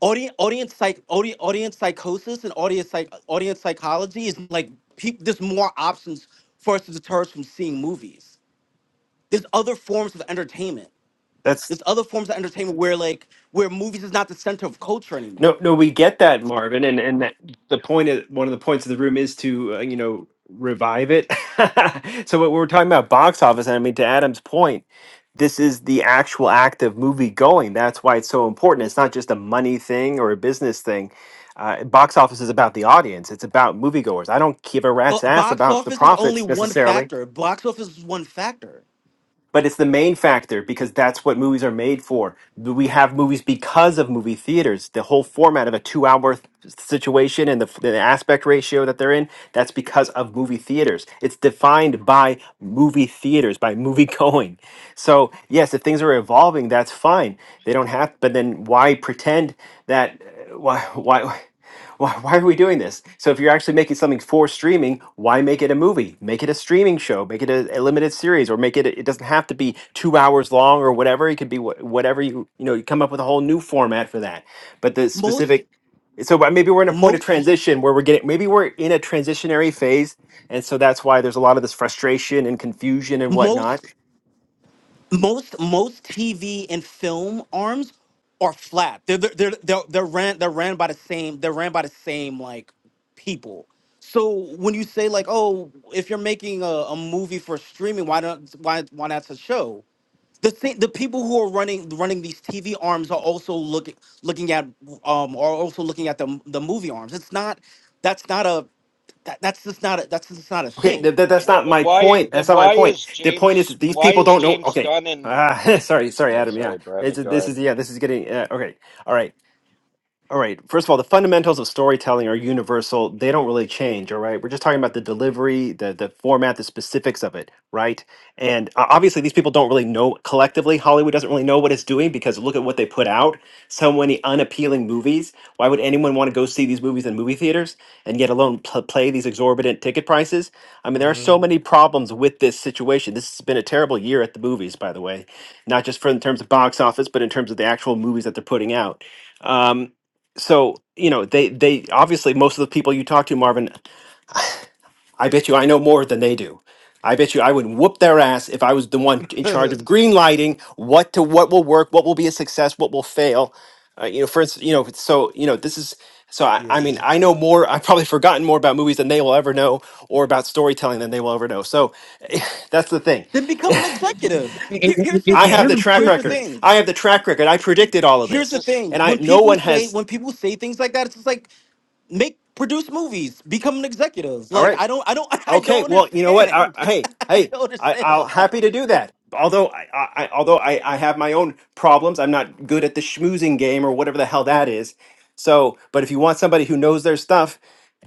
audience audience psych audience, audience psychosis and audience psych audience psychology is like peop there's more options for us to deter us from seeing movies there's other forms of entertainment
that's
there's other forms of entertainment where like where movies is not the center of culture
No,
anymore
no, we get that, Marvin, and and that the point of one of the points of the room is to uh, you know revive it. so what we we're talking about box office, and I mean to Adam's point, this is the actual act of movie going. That's why it's so important. It's not just a money thing or a business thing. Uh, box office is about the audience. It's about moviegoers. I don't give a
well
rat's ass
box
about the
office is only
profits
one
necessarily
factor box office is one factor
but it's the main factor because that's what movies are made for. We have movies because of movie theaters. The whole format of a two-hour th- situation and the, the aspect ratio that they're in, that's because of movie theaters. It's defined by movie theaters, by movie going. So yes, if things are evolving, that's fine. They don't have, but then why pretend that? uh, Why? Why? why, why are we doing this? So if you're actually making something for streaming, why make it a movie? Make it a streaming show, make it a, a limited series, or make it. It doesn't have to be two hours long or whatever. It could be wh- whatever you you know. You come up with a whole new format for that. But the
most
specific. So but maybe we're in a point of
most
transition where we're getting. Maybe we're in a transitionary phase, and so that's why there's a lot of this frustration and confusion and whatnot
most most most TV and film arms are flat. They're they're they're they're, they're ran they're ran by the same they're ran by the same like people. So when you say like, oh, if you're making a, a movie for streaming, why don't why why not a show? The thing, the people who are running running these TV arms are also looking looking at um are also looking at the the movie arms. It's not that's not a that, that's just not a, that's just not a
Okay,
So
thing.
th- th- that's
wh-
not
then
my
why
point. That's
then
not my
why
point.
is
The point is
James
that these
why
people
is
don't know.
James
Okay,
Gunn and
ah, sorry, sorry,
yeah
Adam. Yeah,
sorry
it's,
Brandon go
this
ahead
is yeah, this is getting uh, okay. All right. All right. First of all, the fundamentals of storytelling are universal. They don't really change. All right. We're just talking about the delivery, the the format, the specifics of it, right? And uh, obviously, these people don't really know collectively. Hollywood doesn't really know what it's doing because look at what they put out. So many unappealing movies. Why would anyone want to go see these movies in movie theaters and yet alone pl- play these exorbitant ticket prices? I mean, there are
hmm
so many problems with this situation. This has been a terrible year at the movies, by the way, not just for in terms of box office, but in terms of the actual movies that they're putting out so you know they they obviously most of the people you talk to marvin i bet you i know more than they do i bet you i would whoop their ass if i was the one in
yeah,
charge of green lighting what to what will work what will be a success what will fail uh, you know for instance you know so you know this is so I, I mean
you
i know more i've probably forgotten more about movies than they will ever know or about storytelling than they will ever know so that's the thing
Then become an executive.
It,
Here,
it,
here's the
it-
i
it
have the
thing.
really
track
puts
Here's the
me-
record
thing.
i have the track record i predicted all of
Here's the
this
just
thing.
and i
When
no
people
one
say
has
when people say things like that, it's just like make produce movies, become an executive.
all
Like
right
I don't I don't I
Okay,
don't
well, you know what? I,
understand.
I- hey,
I
hey,
don't
I,
understand
I'll
about that.
happy to do that. Although I, I I- although I, I have my own problems, I'm not good at the schmoozing game or whatever the hell that is. So, but if you want somebody who knows their stuff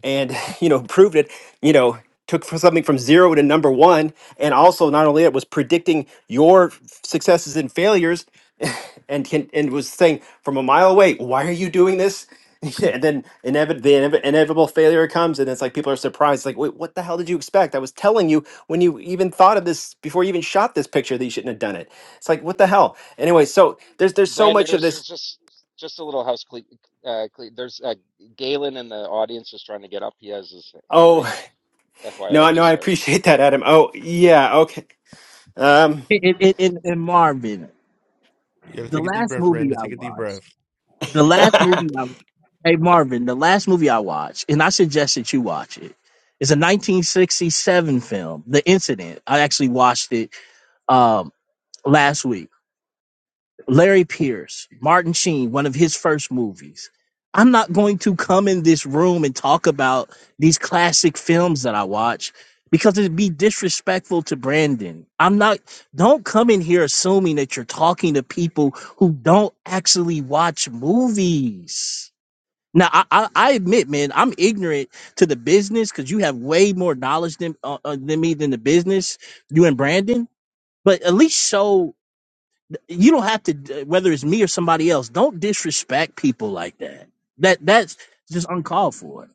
and, you know, proved it, you know, took for something from zero to number one, and also not only that was predicting your f- successes and failures, and can, and was saying from a mile away, why are you doing this? and then inevit- the inev- inevitable failure comes, and it's like people are surprised, like, wait, what the hell did you expect? I was telling you when you even thought of this before you even shot this picture that you shouldn't have done it. It's like, what the hell? Anyway, so there's there's so
Brandon
much of
there's
this.
just just a little house cle- uh, cle- there's uh, Galen in the audience is trying to get up he has his hand
Oh,
raised
No,
FYI
no,
just
I
sorry
appreciate that, Adam. Oh, yeah, okay. Um,
it, it, it, and and Marvin,
gotta
the
take a deep
last
breath,
movie
Randa.
I
Take a deep
watched.
breath.
The last movie
no,
I Hey Marvin, the last movie I watched, and I suggest that you watch it, is a 1967 film, The Incident. I actually watched it um, last week. Larry Pierce, Martin Sheen, one of his first movies. I'm not going to come in this room and talk about these classic films that I watch because it'd be disrespectful to Brandon. I'm not, don't come in here assuming that you're talking to people who don't actually watch movies. Now I, I, I admit, man, I'm ignorant to the business because you have way more knowledge than uh, uh, than me than the business. You and Brandon, but at least so you don't have to. d- Whether it's me or somebody else, don't disrespect people like that. That that's just uncalled for.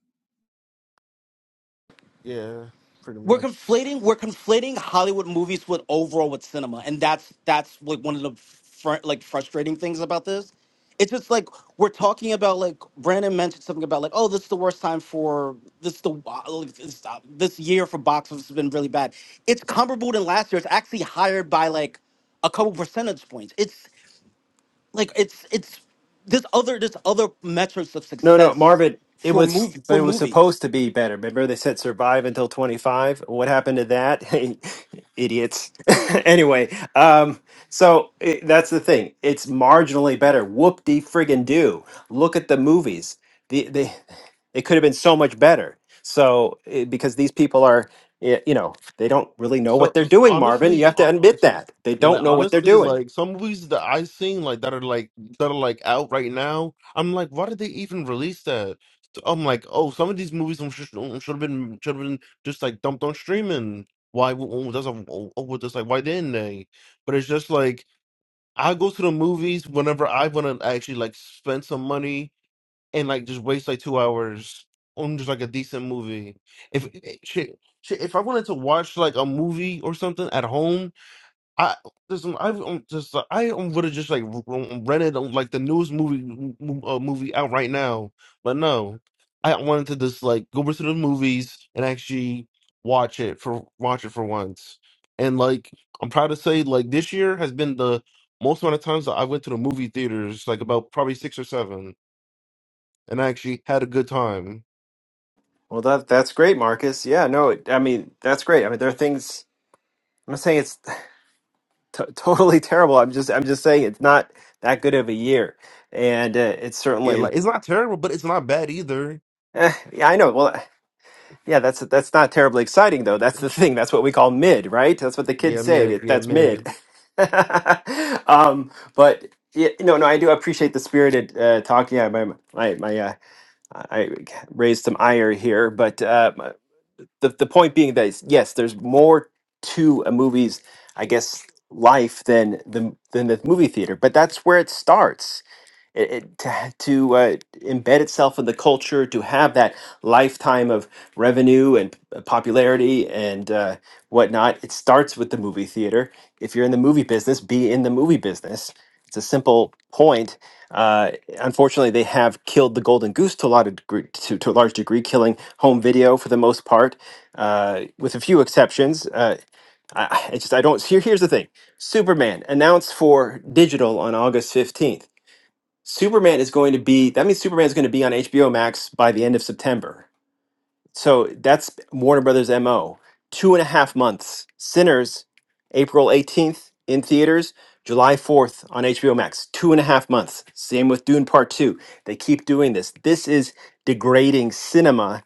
Yeah, pretty
we're
much.
conflating we're conflating Hollywood movies with overall with cinema, and that's that's like one of the fr- like frustrating things about this. It's just like we're talking about like Brandon mentioned something about like oh this is the worst time for this is the uh, like, this, uh, this year for box office has been really bad. It's comparable to last year. It's actually higher by like a couple percentage points. It's like it's it's this other this other metrics of
no,
success
Marvin. It
for
was,
movie for
but it was
movies.
supposed to be better. Remember, they said survive until twenty five. What happened to that? Idiots. anyway, um, so it, that's the thing. It's marginally better. Whoop de friggin' do. Look at the movies. The they, it could have been so much better. So eh, because these people are, eh, you know. They don't really know what
So
they're doing, Marvin. You
honestly,
have
uh,
to admit
it's-
that. They
yeah,
don't
like
know what they're
honestly,
doing.
like some movies that I've seen, like that are like that are like out right now. I'm like, why did they even release that? So I'm like, oh, some of these movies should have been should have been just like dumped on streaming. Why? w- w- That's a, oh, oh, just like why didn't they? But it's just like I go to the movies whenever I want to actually like spend some money and like just waste like two hours on just like a decent movie. If eh, shit, shit, if I wanted to watch like a movie or something at home, I listen, I um, just uh, I would have just like r- r- rented um, like the newest movie m- m- uh, movie out right now. But no, I wanted to just like go over to the movies and actually watch it for watch it for once. And like I'm proud to say, like this year has been the most amount of times that I went to the movie theaters, like about probably six or seven and I actually had a good time.
Well, that that's great, Marcus. Yeah, no, it- I mean that's great. I mean there are things. I'm not saying it's t- totally terrible. I'm just I'm just saying it's not that good of a year, and uh, it's
Yeah,
certainly.
like it's not terrible, but it's not bad either.
Eh, yeah, I know. Well, Yeah, that's that's not terribly exciting though. That's the thing. That's what we call mid, right? That's what the kids
Yeah,
say.
mid.
that-
Yeah,
That's
mid.
mid. um, but yeah, no, no, I do appreciate the spirited uh, talk. Yeah, my my, my uh, I raised some ire here, but uh, my- the the point being that it's- yes, there's more to a movie's, I guess, life than the than the movie theater. But that's where it starts it, it, to, to uh, embed itself in the culture, to have that lifetime of revenue and popularity and uh, whatnot. It starts with the movie theater. If you're in the movie business, be in the movie business. It's a simple point. Uh, unfortunately, they have killed the golden goose to a lot of degree, to, to a large degree, killing home video for the most part, uh, with a few exceptions. Uh, I, I just I don't. Here, here's the thing: Superman announced for digital on August fifteenth Superman is going to be that means Superman is going to be on HBO Max by the end of September. So that's Warner Brothers MO. Two and a half months. Sinners, April 18th in theaters, July 4th on HBO Max. Two and a half months. Same with Dune Part 2. They keep doing this. This is degrading cinema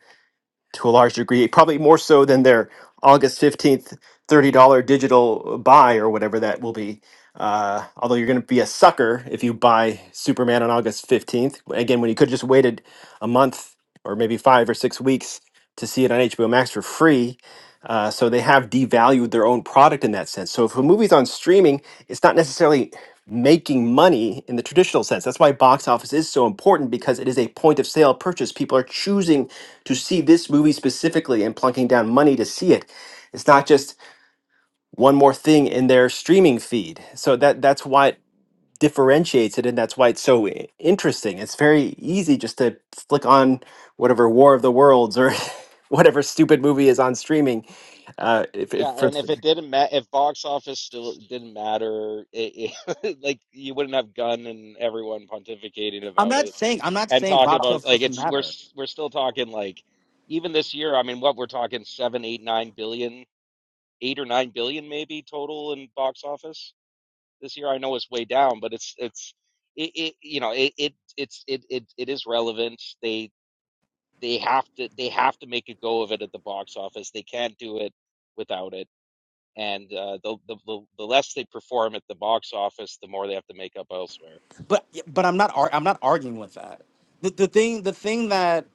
to a large degree, probably more so than their August 15th $30 digital buy or whatever that will be. Uh, although you're going to be a sucker if you buy Superman on August 15th. Again, when you could just waited a month or maybe five or six weeks to see it on HBO Max for free. Uh, so they have devalued their own product in that sense. So if a movie's on streaming, it's not necessarily making money in the traditional sense. That's why box office is so important because it is a point of sale purchase. People are choosing to see this movie specifically and plunking down money to see it. It's not just one more thing in their streaming feed. So that that's why it differentiates it and that's why it's so i- interesting. It's very easy just to flick on whatever War of the Worlds or whatever stupid movie is on streaming uh if, if
Yeah,
for
and if it didn't matter, if box office still didn't matter, it, it, like you wouldn't have Gunn and everyone pontificating
I'm
about
not
it
saying I'm not
and
saying
talking
box
about
office
like
doesn't
it's we're
matter.
s- we're still talking like even this year. I mean, what we're talking seven, eight, nine billion, eight or nine billion maybe total in box office this year. I know it's way down, but it's it's it, it you know it it it's it it it is relevant. They they have to they have to make a go of it at the box office. They can't do it without it and uh, the, the the less they perform at the box office, the more they have to make up elsewhere.
but but I'm not ar- I'm not arguing with that. The, the thing the thing that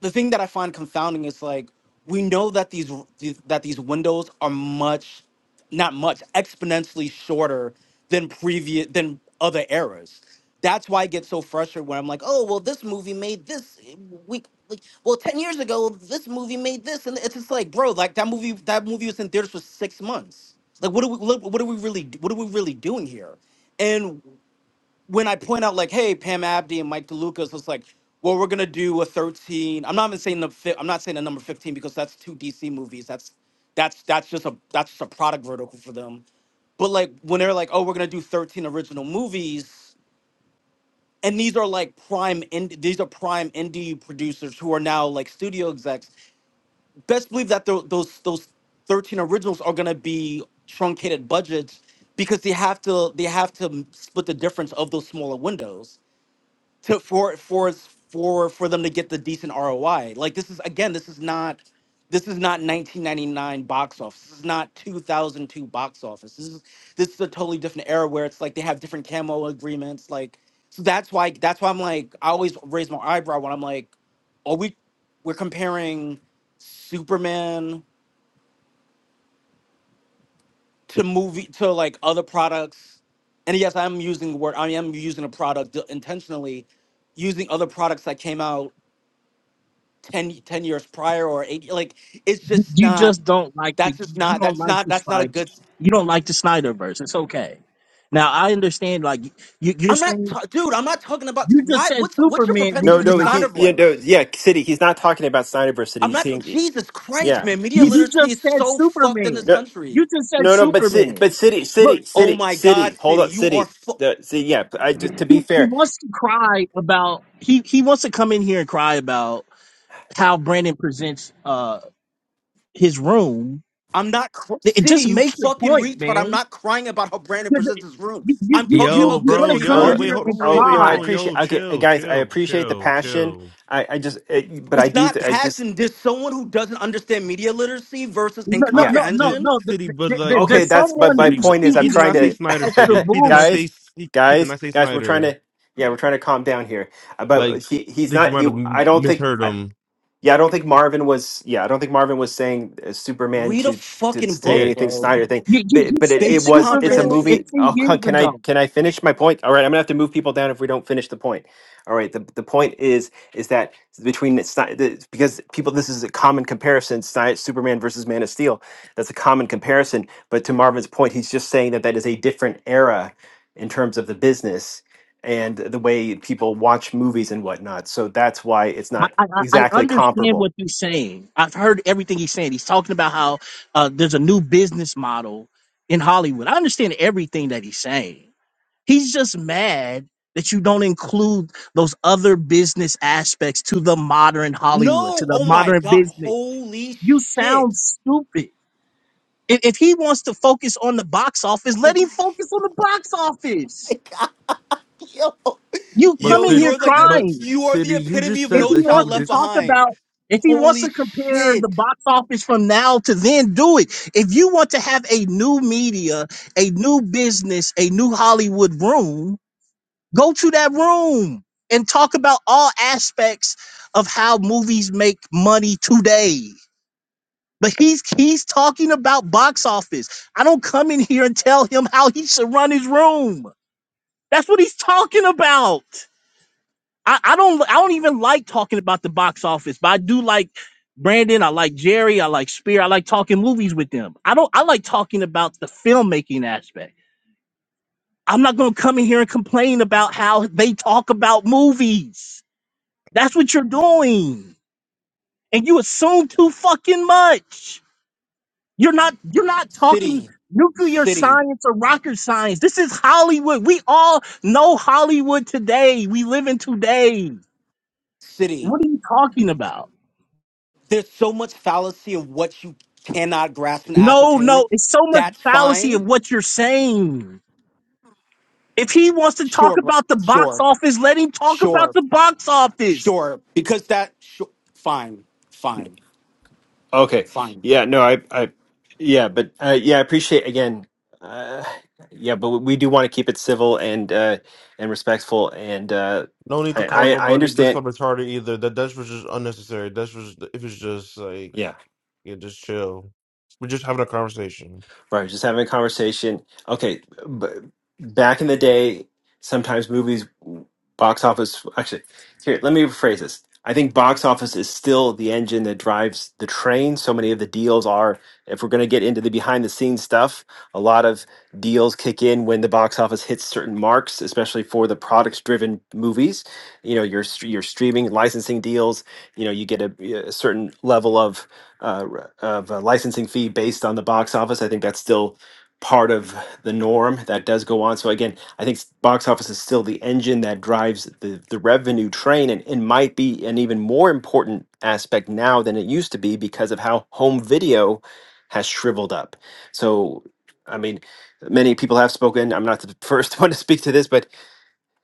the thing that I find confounding is like we know that these, these that these windows are much not much exponentially shorter than previous than other eras. That's why I get so frustrated when I'm like, oh well, this movie made this week. Like, well, ten years ago, this movie made this, and it's just like, bro, like that movie. That movie was in theaters for six months. Like, what are we? What what are we really? What are we really doing here? when I point out like, hey, Pam Abdi and Mike DeLucas, it's like, well, we're gonna do a 13. I'm not even saying the fi- I'm not saying the number 15 because that's two DC movies. That's that's that's just a that's just a product vertical for them. But like when they're like, oh, we're gonna do 13 original movies, and these are like prime ind- these are prime indie producers who are now like studio execs. Best believe that tho- those those 13 originals are gonna be truncated budgets because they have to they have to split the difference of those smaller windows to for for for for them to get the decent ROI. Like this is again, this is not this is not 1999 box office. This is not 2002 box office. This is this is a totally different era where it's like they have different camo agreements. Like so that's why that's why I'm like I always raise my eyebrow when I'm like, are we we're comparing Superman to movie to like other products. And yes, I'm using the word I am using a product intentionally, using other products that came out 10, 10 years prior or eight. Like it's just
You
not.
just don't like the
That's just
you
not.
don't
That's
like
not.
the
That's not a
Snyder
good.
you don't like the Snyderverse. It's okay. Now I understand. Like you, you're
I'm not,
saying,
ta- dude. I'm not talking about
you just
why.
said
What's what's your
Superman.
propensity
Did
No,
with the
you
no,
not?
Snyder
he, yeah, no,
voice?
yeah, City. He's not talking about Snyderverse City.
I'm
He's
not.
saying,
Jesus Christ,
yeah,
man. Media
You, you
he's
literacy
just
is
said
so fucked in this
Superman.
no,
You
country.
just said
no, no, but City,
Superman.
but City,
Look,
City,
Oh
City,
my God,
City. Hold
City,
up,
you are.
City.
Fu-
The, see, yeah, I just to
he,
be
he
fair.
wants to cry about he, he wants to come in here and cry about how Brandon presents uh his room.
I'm not cr-
It, it
City,
just
you
makes a
fucking
point,
retard. I'm
man.
not crying about how Brandon
You
presents his room.
you
I'm
you
talking
you,
Yo,
about
you
good
want to
bro,
faith
come
No,
yo,
no,
in
wait,
here
hold on,
and
arguments.
wait,
oh
wait,
no, I
hold
cry.
on,
appreciate.
yo,
Okay,
chill,
guys, I
chill,
appreciate the
chill,
passion.
chill.
I, I just, uh but I
It's
do.
not
Th- I just,
passion. There's someone who doesn't understand media literacy versus
No no
yeah,
no no
The
incomprehension
no.
city,
Th-
but
th-
like,
th-
okay.
but
There's
That's, but
someone
my
who
city, but
point
see-
is, I'm
he
who
did
trying
not say
sees
Snyder
past your
City.
to,
He did not
bullshit.
guys,
say he, he did
guys,
not say
guys. We're trying
Snyder.
to, yeah, we're trying to calm down here. Uh,
Like,
But he,
I
he's
think you
not.
might
He,
have
I
m-
don't think.
misheard him.
Yeah, I don't think Marvin was. Yeah, I don't think Marvin was saying uh, Superman
Read a
to to
fucking
say
Yeah,
book,
anything
bro.
Snyder thing.
You, you, you
But but it,
said
it
Basic
was. It's a
Superman
comprehension.
movie.
10
Oh,
years
c- can I
ago.
can I finish my point? All right, I'm gonna have to move people down if we don't finish the point. All right. The the point is is that between the, Sny- the because people this is a common comparison. Sny- Superman versus Man of Steel. That's a common comparison. But to Marvin's point, he's just saying that that is a different era in terms of the business and the way people watch movies and whatnot. So that's why it's
I,
not
I, I I
exactly
understand
comparable.
what he's saying. I've heard everything he's saying. He's talking about how uh, there's a new business model in Hollywood. I understand everything that he's saying. He's just mad that you don't include those other business aspects to the modern Hollywood, to
No,
the
oh my
modern
god,
business.
holy
You
shit.
sound stupid. If, if he wants to focus on the box office,
Oh
let him focus on the box office.
my god, yo.
You
but
come
Yo,
in
city,
here
you're like the
but
crying.
you are the
city, you
epitome
just
of
if
said
no
he
that he
child
wants
would.
to
left
talk
behind.
about if he wants
Holy
to compare the
shit.
box office from now to then, do it. If you want to have a new media, a new business, a new Hollywood room, go to that room and talk about all aspects of how movies make money today. But he's he's talking about box office. I don't come in here and tell him how he should run his room. That's what he's talking about. I, I don't I don't even like talking about the box office, but I do like Brandon, I like Jerry, I like Spear, I like talking movies with them. I don't I like talking about the filmmaking aspect. I'm not gonna come in here and complain about how they talk about movies. That's what you're doing. And you assume too fucking much. You're not you're not talking
City.
nuclear
City.
science or rocket science. This is Hollywood. We all know Hollywood today. We live in today.
City.
What are you talking about?
There's so much fallacy in what you cannot grasp and
No,
ascertain.
no, it's so much
That's
fallacy of
fine.
what you're saying. If he wants to talk
Sure, bro.
about the box
Sure.
office, let him talk about
Sure.
the box office.
Sure. Because that sure. fine. Fine.
Okay.
Fine.
Yeah, no, I I yeah, but uh yeah, I appreciate again uh yeah, but we do want to keep it civil and uh and respectful and uh
No need to
I
call
I, I
nobody. There's
understand.
not retarded either. That that was just unnecessary. That's was if it's just like
Yeah.
yeah, just chill. We're just having a conversation.
Right, just having a conversation. Okay, but back in the day, sometimes movies, box office, actually, here, let me rephrase this. I think box office is still the engine that drives the train. So many of the deals are, if we're going to get into the behind the scenes stuff, a lot of deals kick in when the box office hits certain marks, especially for the products driven movies. You know, your, str- your streaming licensing deals, you know, you get a, a certain level of uh, re- of a licensing fee based on the box office. I think that's still part of the norm that does go on. So again, I think s- box office is still the engine that drives the, the revenue train and, and might be an even more important aspect now than it used to be because of how home video has shriveled up. So I mean, many people have spoken. I'm not the first one to speak to this, but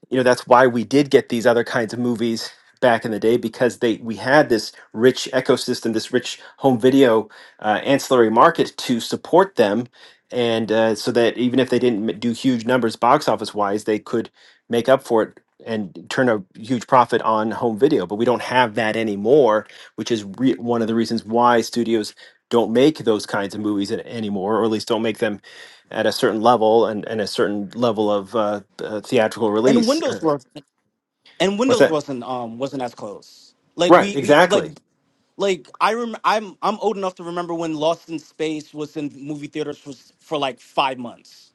you know that's why we did get these other kinds of movies back in the day because they we had this rich ecosystem this rich home video uh, ancillary market to support them and uh, so that even if they didn't m- do huge numbers box office wise they could make up for it and turn a huge profit on home video but we don't have that anymore which is re- one of the reasons why studios don't make those kinds of movies an- anymore or at least don't make them at a certain level and, and a certain level of uh, uh, theatrical
and
release.
Windows was and
What's
Windows
that?
wasn't um wasn't as close. Like
Right,
we, we like
exactly.
like I rem- I'm I'm old enough to remember when Lost in Space was in movie theaters for s- for like five months.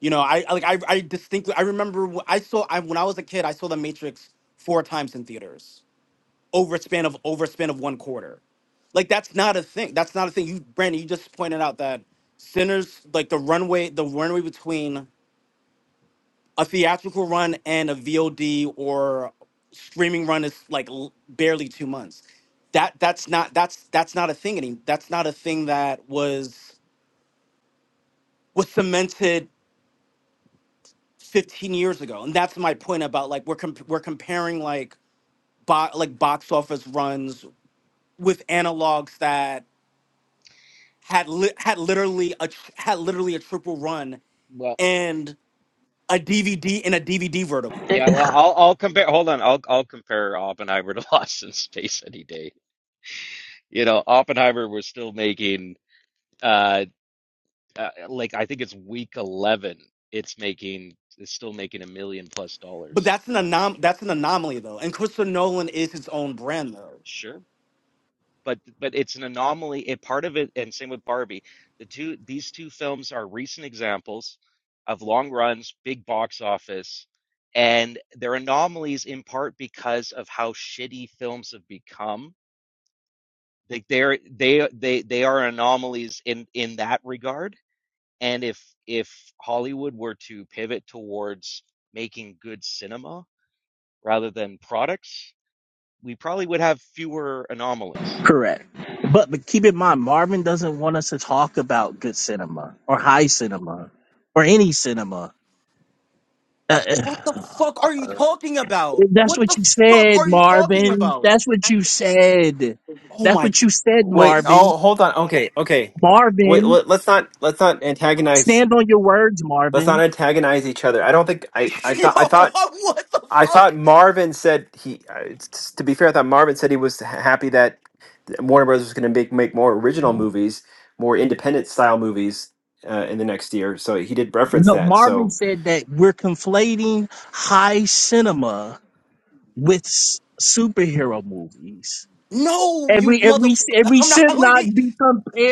You know, I I- like I I distinctly I remember wh- I saw I when I was a kid I saw The Matrix four times in theaters over a span of over a span of one quarter. Like that's not a thing. That's not a thing. You Brandon, you just pointed out that Sinners like the runway the runway between a theatrical run and a VOD or streaming run is like l- barely two months. That that's not that's that's not a thing any that's not a thing that was was cemented 15 years ago. And that's my point about like we're comp- we're comparing like bo- like box office runs with analogs that had li- had literally a tr- had literally a triple run
Well,
and a DVD in a DVD vertical.
yeah, well, I'll I'll compare. Hold on, I'll I'll compare Oppenheimer to Lost in Space any day. You know, Oppenheimer was still making uh, uh like I think it's week 11. It's making it's still making a million plus
But
dollars.
that's an anom- that's an anomaly though. And Christopher Nolan is his own brand though.
Sure. but but it's an anomaly. A part of it, and same with Barbie. The two these two films are recent examples of long runs, big box office, and they're anomalies in part because of how shitty films have become. Like they're they they they are anomalies in in that regard. And if if Hollywood were to pivot towards making good cinema rather than products, we probably would have fewer anomalies.
Correct. But but keep in mind, Marvin doesn't want us to talk about good cinema or high cinema or any cinema. Uh,
What the
uh,
fuck are you talking about?
that's
What
what
the
you
fuck
said,
are you talking
Marvin.
about?
That's what you said.
Oh
That's
my
what you said,
Wait,
Marvin.
oh, hold on.
Well.
Okay, okay. Wait,
Marvin,
let, let's not let's not antagonize
stand on your words,
let's
Marvin.
not antagonize each other. I don't think I I
yo,
thought I thought
what the
I thought
fuck?
Marvin said he uh, it's- to be fair, I thought Marvin said he was happy that Warner Brothers was going to make make more original movies, more independent style movies uh, in the next year. So he did reference
No,
that.
Marvin
So
said that we're conflating high cinema with s- superhero movies,
No,
and
you
we and we s-
motherfucker.
and we
I'm not
should
let
not
me
be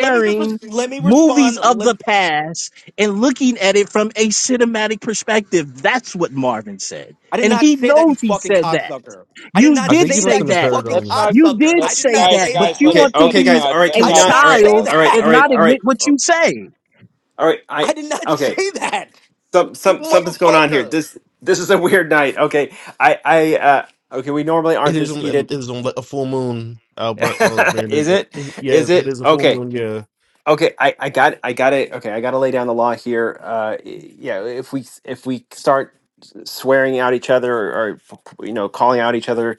let me just res- let me
movies
respond.
of
Let
the
me
past and looking at it from a cinematic perspective. That's what Marvin said,
I did
and
not
he
say that you
knows he
fucking
said that.
cocksucker. I did
You
not
I
did
think you
say
must
say
have
that you
that.
misheard.
fucking
Let's
Um,
not.
You
cocksucker.
did
I
Let's
did
say
not
guys,
that,
say
but
guys.
that.
you
okay,
Let's
want to
okay,
let's
be
guys. All
not.
right,
a
can
Let's
I
we
did
not.
not? All
not
right,
say
child
Yeah.
all right,
and
all
Let's
that.
right,
not
all
stop.
admit
right,
what you
oh,
say.
all right. I
I did not
okay.
say that.
some
You
some something's going on here.
motherfucker.
This this is a weird night. Okay, I I uh, okay. We normally
it
aren't
is
this
on it
heated.
is on like a full moon. Albert, oh Brandon,
is
It-
it?
it-
Is
yes, it
it?
is a full
Okay.
moon. Yeah,
Okay. I I got I got it. Okay. I got to lay down the law here. Uh, y- yeah. If we if we start swearing out each other or, or you know calling out each other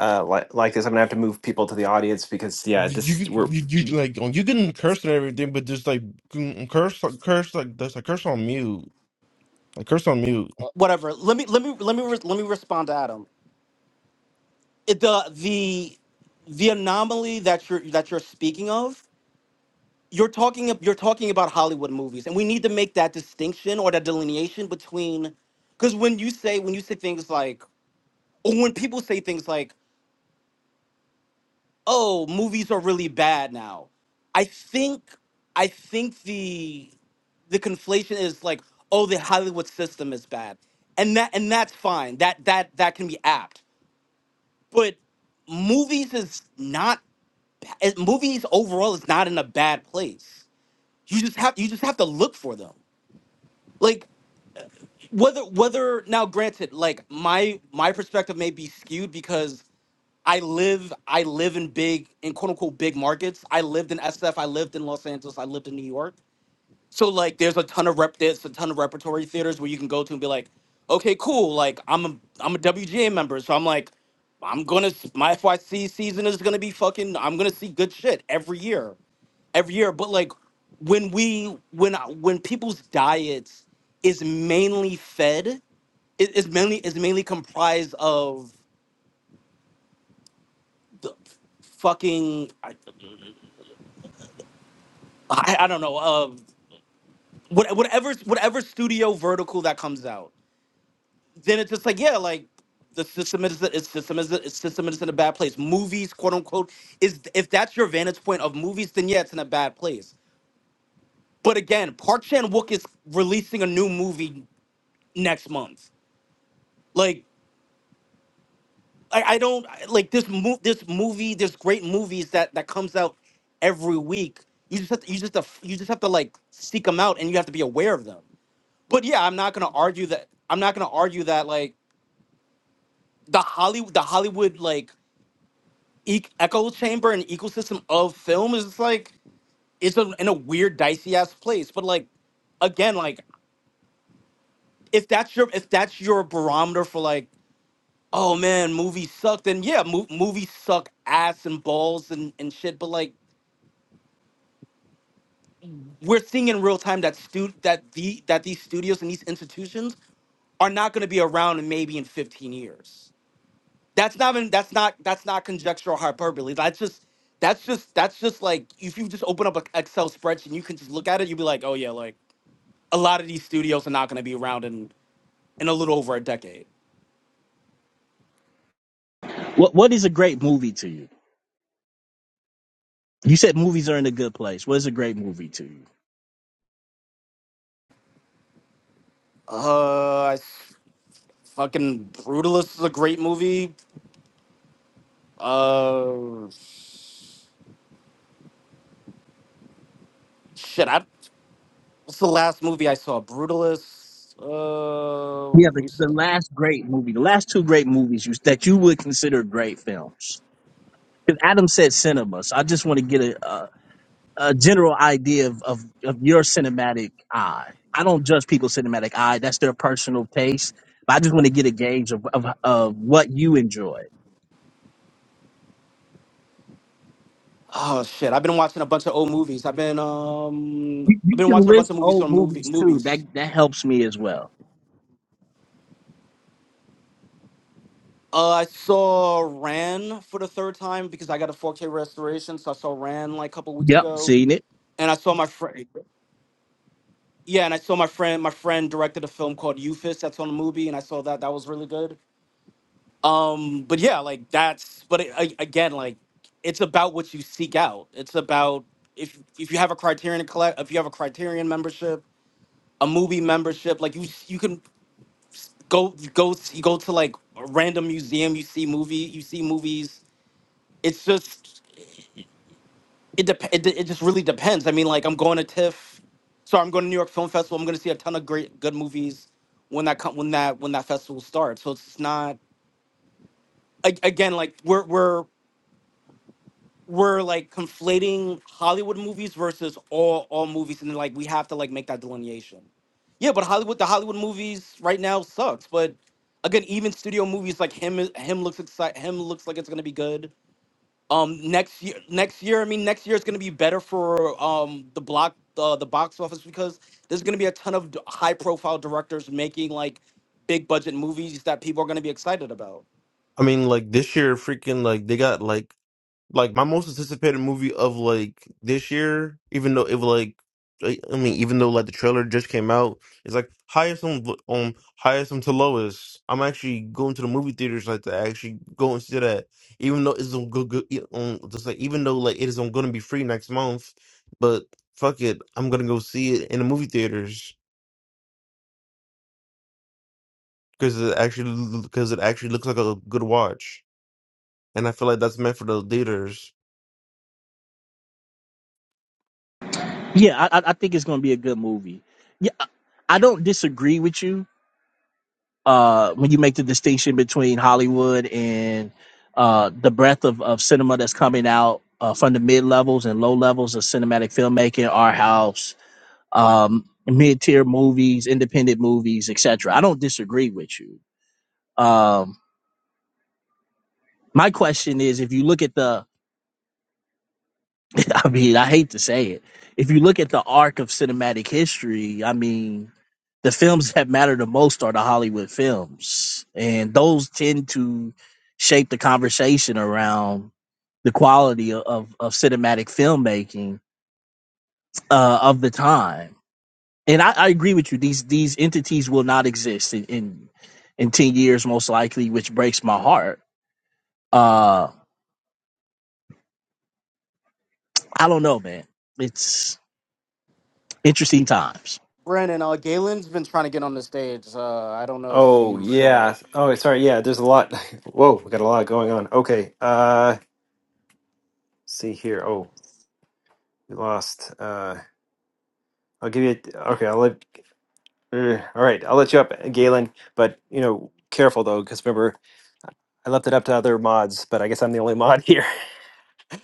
uh like, like this i'm gonna have to move people to the audience because yeah
you
this
you,
we're
you you, like oh, you can curse and everything, but just like mm, mm, curse like, curse like that's a curse on mute. Like curse on mute.
Uh,
whatever. Let me let me let me re- let me respond to Adam. It, the the the anomaly that you're that you're speaking of, you're talking ab- you're talking about Hollywood movies, and we need to make that distinction or that delineation between because when you say when you say things like or when people say things like oh movies are really bad now, I think I think the the conflation is like oh the Hollywood system is bad, and that and that's fine that that that can be apt but movies is not it- movies overall is not in a bad place you just have you just have to look for them like whether whether now granted like my my perspective may be skewed because i live i live in big in quote unquote big markets i lived in sf i lived in los angeles i lived in new york so like, there's a ton of rep. There's a ton of repertory theaters where you can go to and be like, okay, cool. Like I'm a I'm a WGA member, so I'm like, I'm gonna s- my FYC season is gonna be fucking. I'm gonna see good shit every year, every year. But like, when we when I- when people's diets is mainly fed, it is mainly is mainly comprised of the fucking I, I, I don't know of what whatever whatever studio vertical that comes out then it's just like yeah like the system is its system is its system is in a bad place movies quote unquote is if that's your vantage point of movies then yeah it's in a bad place but again park chan-wook is releasing a new movie next month like i, I don't I- like this mo- this movie there's great movies that that comes out every week you just have to, you just have, you just have to like seek them out and you have to be aware of them but yeah i'm not gonna argue that i'm not gonna argue that like the hollywood the hollywood like e- echo chamber and ecosystem of film is just like it's a, in a weird dicey ass place but like again like if that's your if that's your barometer for like oh man movies suck then yeah mo- movies suck ass and balls and, and shit but like we're seeing in real time that stu- that the that these studios and these institutions are not going to be around in maybe in 15 years That's not even that's not that's not conjectural hyperbole. That's just that's just that's just like if you just open up an Excel spreadsheet and you can just look at it, you'll be like, oh yeah, like a lot of these studios are not gonna be around in in a little over a decade.
What what is a great movie to you? You said movies are in a good place. What is a great movie to you?
Uh, I s- fucking Brutalist is a great movie. Uh, shit, I what's the last movie I saw? Brutalist. Uh,
Yeah, the, the
recently.
last great movie, the last two great movies you, that you would consider great films. Because Adam said cinema, so I just want to get a, a, a general idea of, of, of your cinematic eye. I don't judge people's cinematic eye; that's their personal taste. But I just want to get a gauge of, of, of what you enjoy.
Oh shit, I've been watching a bunch of old movies. I've been um,
You,
I've
you
been
can
watching a bunch
list
of movies
old
on movie
movies too.
movies.
That that helps me as well.
Uh, I saw Ran for the third time because I got a 4K restoration, so I saw Ran like a couple weeks
Yep,
ago,
seen it.
and I saw my friend. Yeah, and I saw my friend. My friend directed a film called Euphis that's on the movie, and I saw that. That was really good. Um, but yeah, like that's. But it, a- again, like it's about what you seek out. It's about if if you have a Criterion collect, if you have a Criterion membership, a movie membership, like you you can go you go you go to like a random museum, you see movie, you see movies. It's just it, dep- it it just really depends. I mean, like I'm going to TIFF, so I'm going to New York Film Festival. I'm going to see a ton of great good movies when that come when that when that festival starts. So it's not a- again like we're we're we're like conflating Hollywood movies versus all all movies, and like we have to like make that delineation. Yeah, but Hollywood the Hollywood movies right now sucks. But again, even studio movies like him him looks excited. Him looks like it's going to be good um next year next year i mean next year is going to be better for um the block uh, the box office because there's going to be a ton of high profile directors making like big budget movies that people are going to be excited about
I mean, like this year, freaking like they got like Like my most anticipated movie of like this year, even though it was like, I I mean, even though like the trailer just came out, it's like highest on um highest on to lowest. I'm actually going to the movie theaters like to actually go and see that, even though it's on good, on just like even though like it is on going to be free next month, but fuck it, I'm gonna go see it in the movie theaters because it actually because it actually looks like a good watch, and I feel like that's meant for the theaters.
Yeah, I, I I think it's going to be a good movie. Yeah, I I don't disagree with you uh, when you make the distinction between Hollywood and uh, the breadth of, of cinema that's coming out uh, from the mid levels and low levels of cinematic filmmaking, our house, um, mid tier movies, independent movies, etc. I don't disagree with you. Um, my question is, if you look at the I mean, I hate to say it. If you look at the arc of cinematic history, I mean, the films that matter the most are the Hollywood films, and those tend to shape the conversation around the quality of, of, of cinematic filmmaking uh, of the time. And I, I agree with you; these these entities will not exist in in, in ten years, most likely, which breaks my heart. Uh, I don't know, man. It's interesting times.
brandon uh galen's been trying to get on the stage uh i don't know if
oh
you saw
yeah
it
oh sorry yeah there's a lot whoa we got a lot going on okay uh see here oh we lost. Uh, I'll give you. Okay, I'll let. er, all right, I'll let you up, Galen. But you know, careful though, because remember, I left it up to other mods, but I guess I'm the only mod here.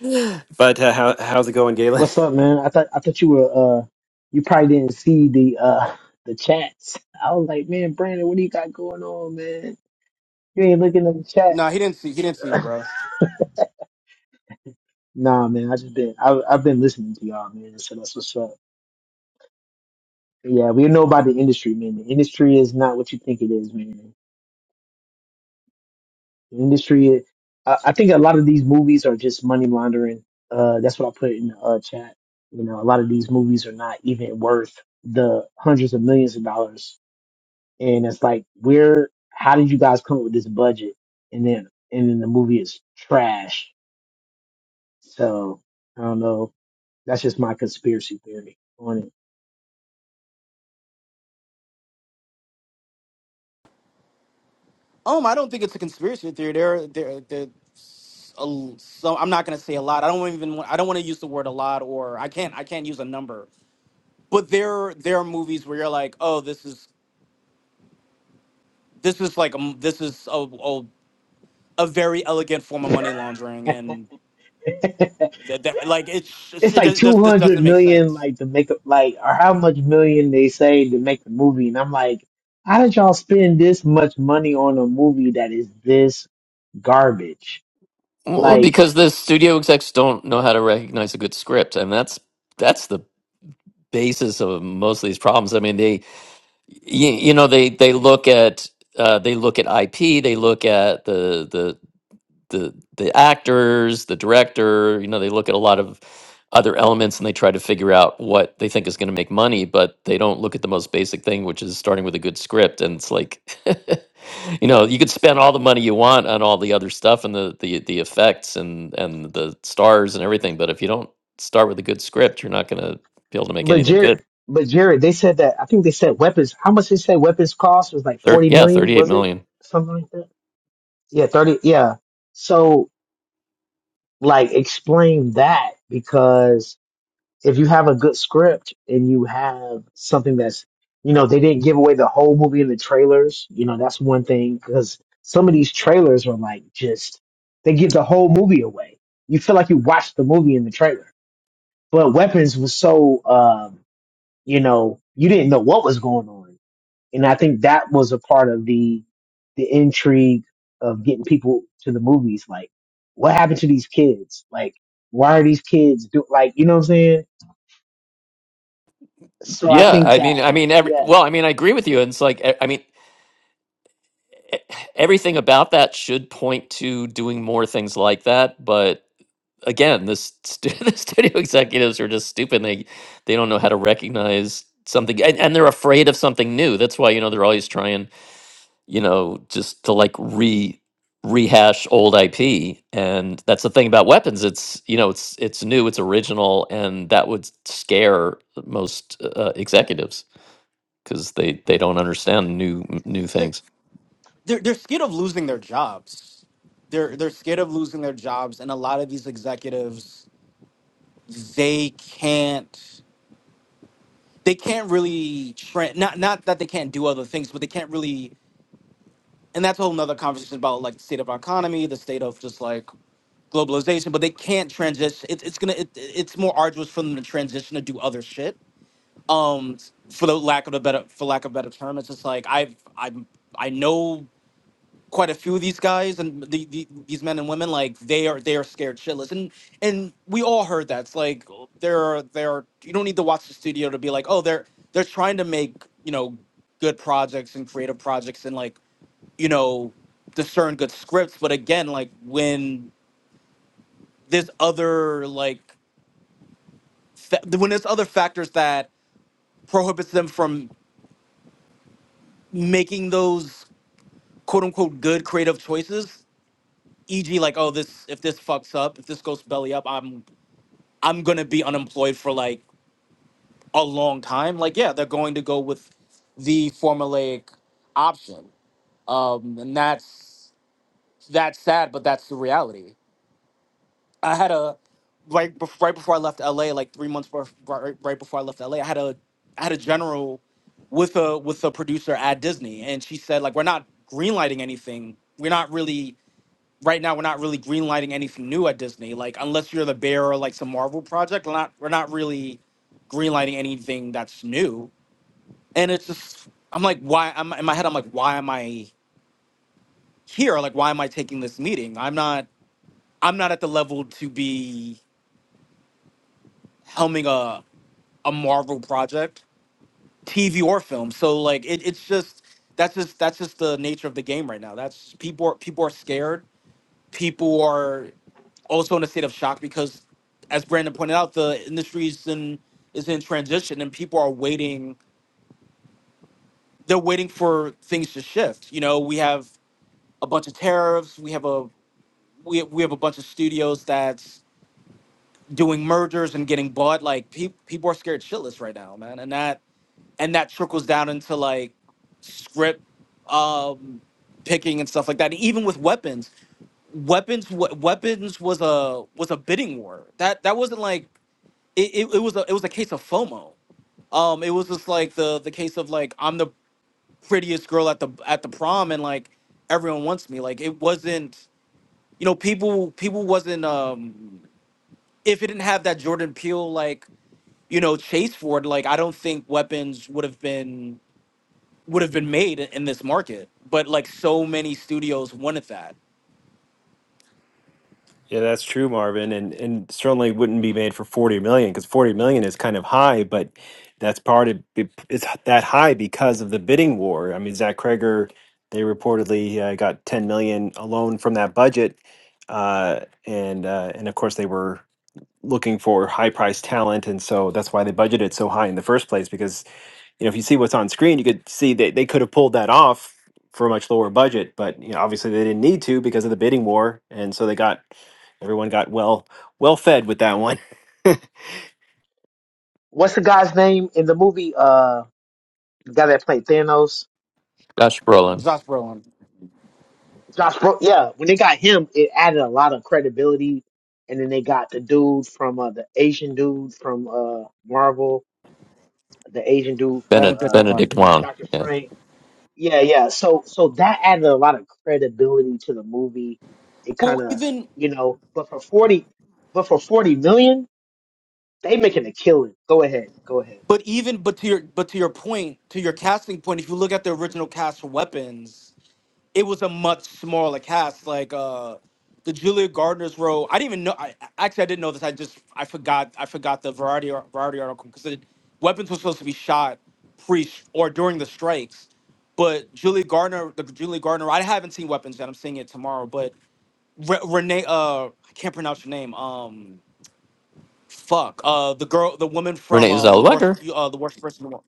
but uh, how how's it going, Galen?
What's up, man? I thought I thought you were uh you probably didn't see the uh the chats. I was like, man, Brandon, what do you got going on, man? You ain't looking at the chat.
no he didn't see he didn't see you bro
Nah, man, I just been I I've been listening to y'all, man. So that's what's up. Yeah, we know about the industry, man. The industry is not what you think it is, man. The industry, I, I think a lot of these movies are just money laundering. Uh, that's what I put in the uh, chat. You know, a lot of these movies are not even worth the hundreds of millions of dollars and it's like, where? How did you guys come up with this budget? And then, and then the movie is trash. So I don't know. That's just my conspiracy theory on
um i don't think it's a conspiracy theory there there there a l- so i'm not going to say a lot i don't even want- i don't want to use the word a lot or i can't i can't use a number but there there are movies where you're like, oh, this is this is like um, this is a, a, a very elegant form of money laundering, and
it.
that, that like it's
it's
it,
like
does does-
two
this
hundred
doesn't make
million,
sense.
like to make up, like or how much million they say to make the movie, and I'm like, how did y'all spend this much money on a movie that is this garbage?
Well,
Like,
because the studio execs don't know how to recognize a good script, and that's that's the basis of most of these problems. I mean, they. you, you know they they look at uh, they look at IP, they look at the the the the actors, the director. You know they look at a lot of other elements and they try to figure out what they think is going to make money, but they don't look at the most basic thing, which is starting with a good script. And it's like, you know, you could spend all the money you want on all the other stuff and the the the effects and and the stars and everything, but if you don't start with a good script, you're not going to be able to make
but
anything
Jared,
good.
but Jared, they said that I think they said weapons. How much they say weapons cost was like
Thir-
forty
yeah,
million,
thirty eight
was it
million.
something like that? Yeah, 30. Yeah. So, like, explain that because if you have a good script and you have something that's, you know, they didn't give away the whole movie in the trailers, you know, that's one thing because some of these trailers are like just, they give the whole movie away. You feel like you watched the movie in the trailer. But Weapons was so, um, you know, you didn't know what was going on. And I think that was a part of the, the intrigue of getting people to the movies. Like, what happened to these kids? Like, why are these kids do, like, you know what I'm saying? So I
Yeah,
think
I
that,
mean, I mean, every
yeah.
well, I mean, I agree with you. And it's like, e- I mean, e- everything about that should point to doing more things like that. But again, the, st- the studio executives are just stupid. They they don't know how to recognize something, and, and they're afraid of something new. That's why you know they're always trying, you know, just to like re rehash old IP. And that's the thing about weapons. It's you know, it's it's new, it's original, and that would scare most uh, executives because they they don't understand new new
They're,
things.
they're they're scared of losing their jobs. They're they're scared of losing their jobs, and a lot of these executives they can't they can't really tra- not not that they can't do other things, but they can't really. And that's a whole nother conversation about like the state of our economy, the state of just like globalization. But they can't transition. It, it's gonna it, it's more arduous for them to transition to do other shit um for the lack of a better for lack of a better term it's just like i've i'm i know quite a few of these guys and the, the, these men and women like they are they are scared shitless and and we all heard that it's like they're they're you don't need to watch the studio to be like oh they're they're trying to make you know good projects and creative projects and like you know discern good scripts but again like when there's other like fa- when there's other factors that prohibits them from making those quote unquote good creative choices e.g. like oh this if this fucks up if this goes belly up i'm i'm going to be unemployed for like a long time like yeah they're going to go with the formulaic option um and that's that's sad but that's the reality i had a right bef- right before i left la like 3 months bef- right, right before i left la i had a i had a general with a with a producer at disney and she said like we're not greenlighting anything we're not really right now we're not really greenlighting anything new at Disney. Like unless you're the bearer like some Marvel project, we're not we're not really greenlighting anything that's new. And it's just I'm like why I'm in my head I'm like why am I here? Like why am I taking this meeting? I'm not I'm not at the level to be helming a a Marvel project, TV or film. So like it, it's just that's just that's just the nature of the game right now. That's people are people are scared. People are also in a state of shock because, as Brandon pointed out, the industry is in is in transition and people are waiting. They're waiting for things to shift. You know, we have a bunch of tariffs. We have a we we have a bunch of studios that's doing mergers and getting bought. Like pe- people are scared shitless right now, man, and that and that trickles down into like script um, picking and stuff like that. Even with weapons, weapons we- weapons was a was a bidding war. That that wasn't like it, it, it was a it was a case of FOMO. Um, it was just like the the case of like I'm the prettiest girl at the at the prom and like everyone wants me. Like it wasn't you know people people wasn't um if it didn't have that Jordan Peele like you know chase for it like I don't think weapons would have been would have been made in this market. But like so many studios wanted that.
Yeah, that's true, Marvin, and and certainly wouldn't be made for forty million because forty million is kind of high, but that's part of be- it's that high because of the bidding war. I mean, Zach Kreger, they reportedly uh, got ten million alone from that budget, uh, and uh, and of course they were. looking for high priced talent and so that's why they budgeted so high in the first place because you know if you see what's on screen you could see they, they could have pulled that off for a much lower budget but you know obviously they didn't need to because of the bidding war and so they got everyone got well well fed with that one
What's the guy's name in the movie? Uh, the guy that played Thanos?
Josh Brolin,
Josh Brolin,
Josh Bro, yeah. When they got him, it added a lot of credibility. And then they got the dude from, uh, the Asian dude from, uh, Marvel, the Asian dude from,
Benedict
Benedict
uh,
Wong.
Benedict Wong,
Doctor
yeah,
Strange. Yeah, yeah. So so that added a lot of credibility to the movie. It kind
Well,
of,
even
you know, but for 40 but for 40 million, they making a killing. Go ahead. Go ahead.
But even but to your but to your point, to your casting point, if you look at the original cast for weapons, it was a much smaller cast. Like uh the Julia Gardner's role, I didn't even know. I I- actually I didn't know this. I just I forgot I forgot the variety ar- variety article because weapons was supposed to be shot pre or during the strikes. But Julie Gardner, the Julie Gardner, I haven't seen weapons yet. I'm seeing it tomorrow. But Re- Renee, uh, I can't pronounce her name. Um, fuck. Uh, the girl, the woman from
Renee
um, the worst,
Zellweger.
uh, the worst person.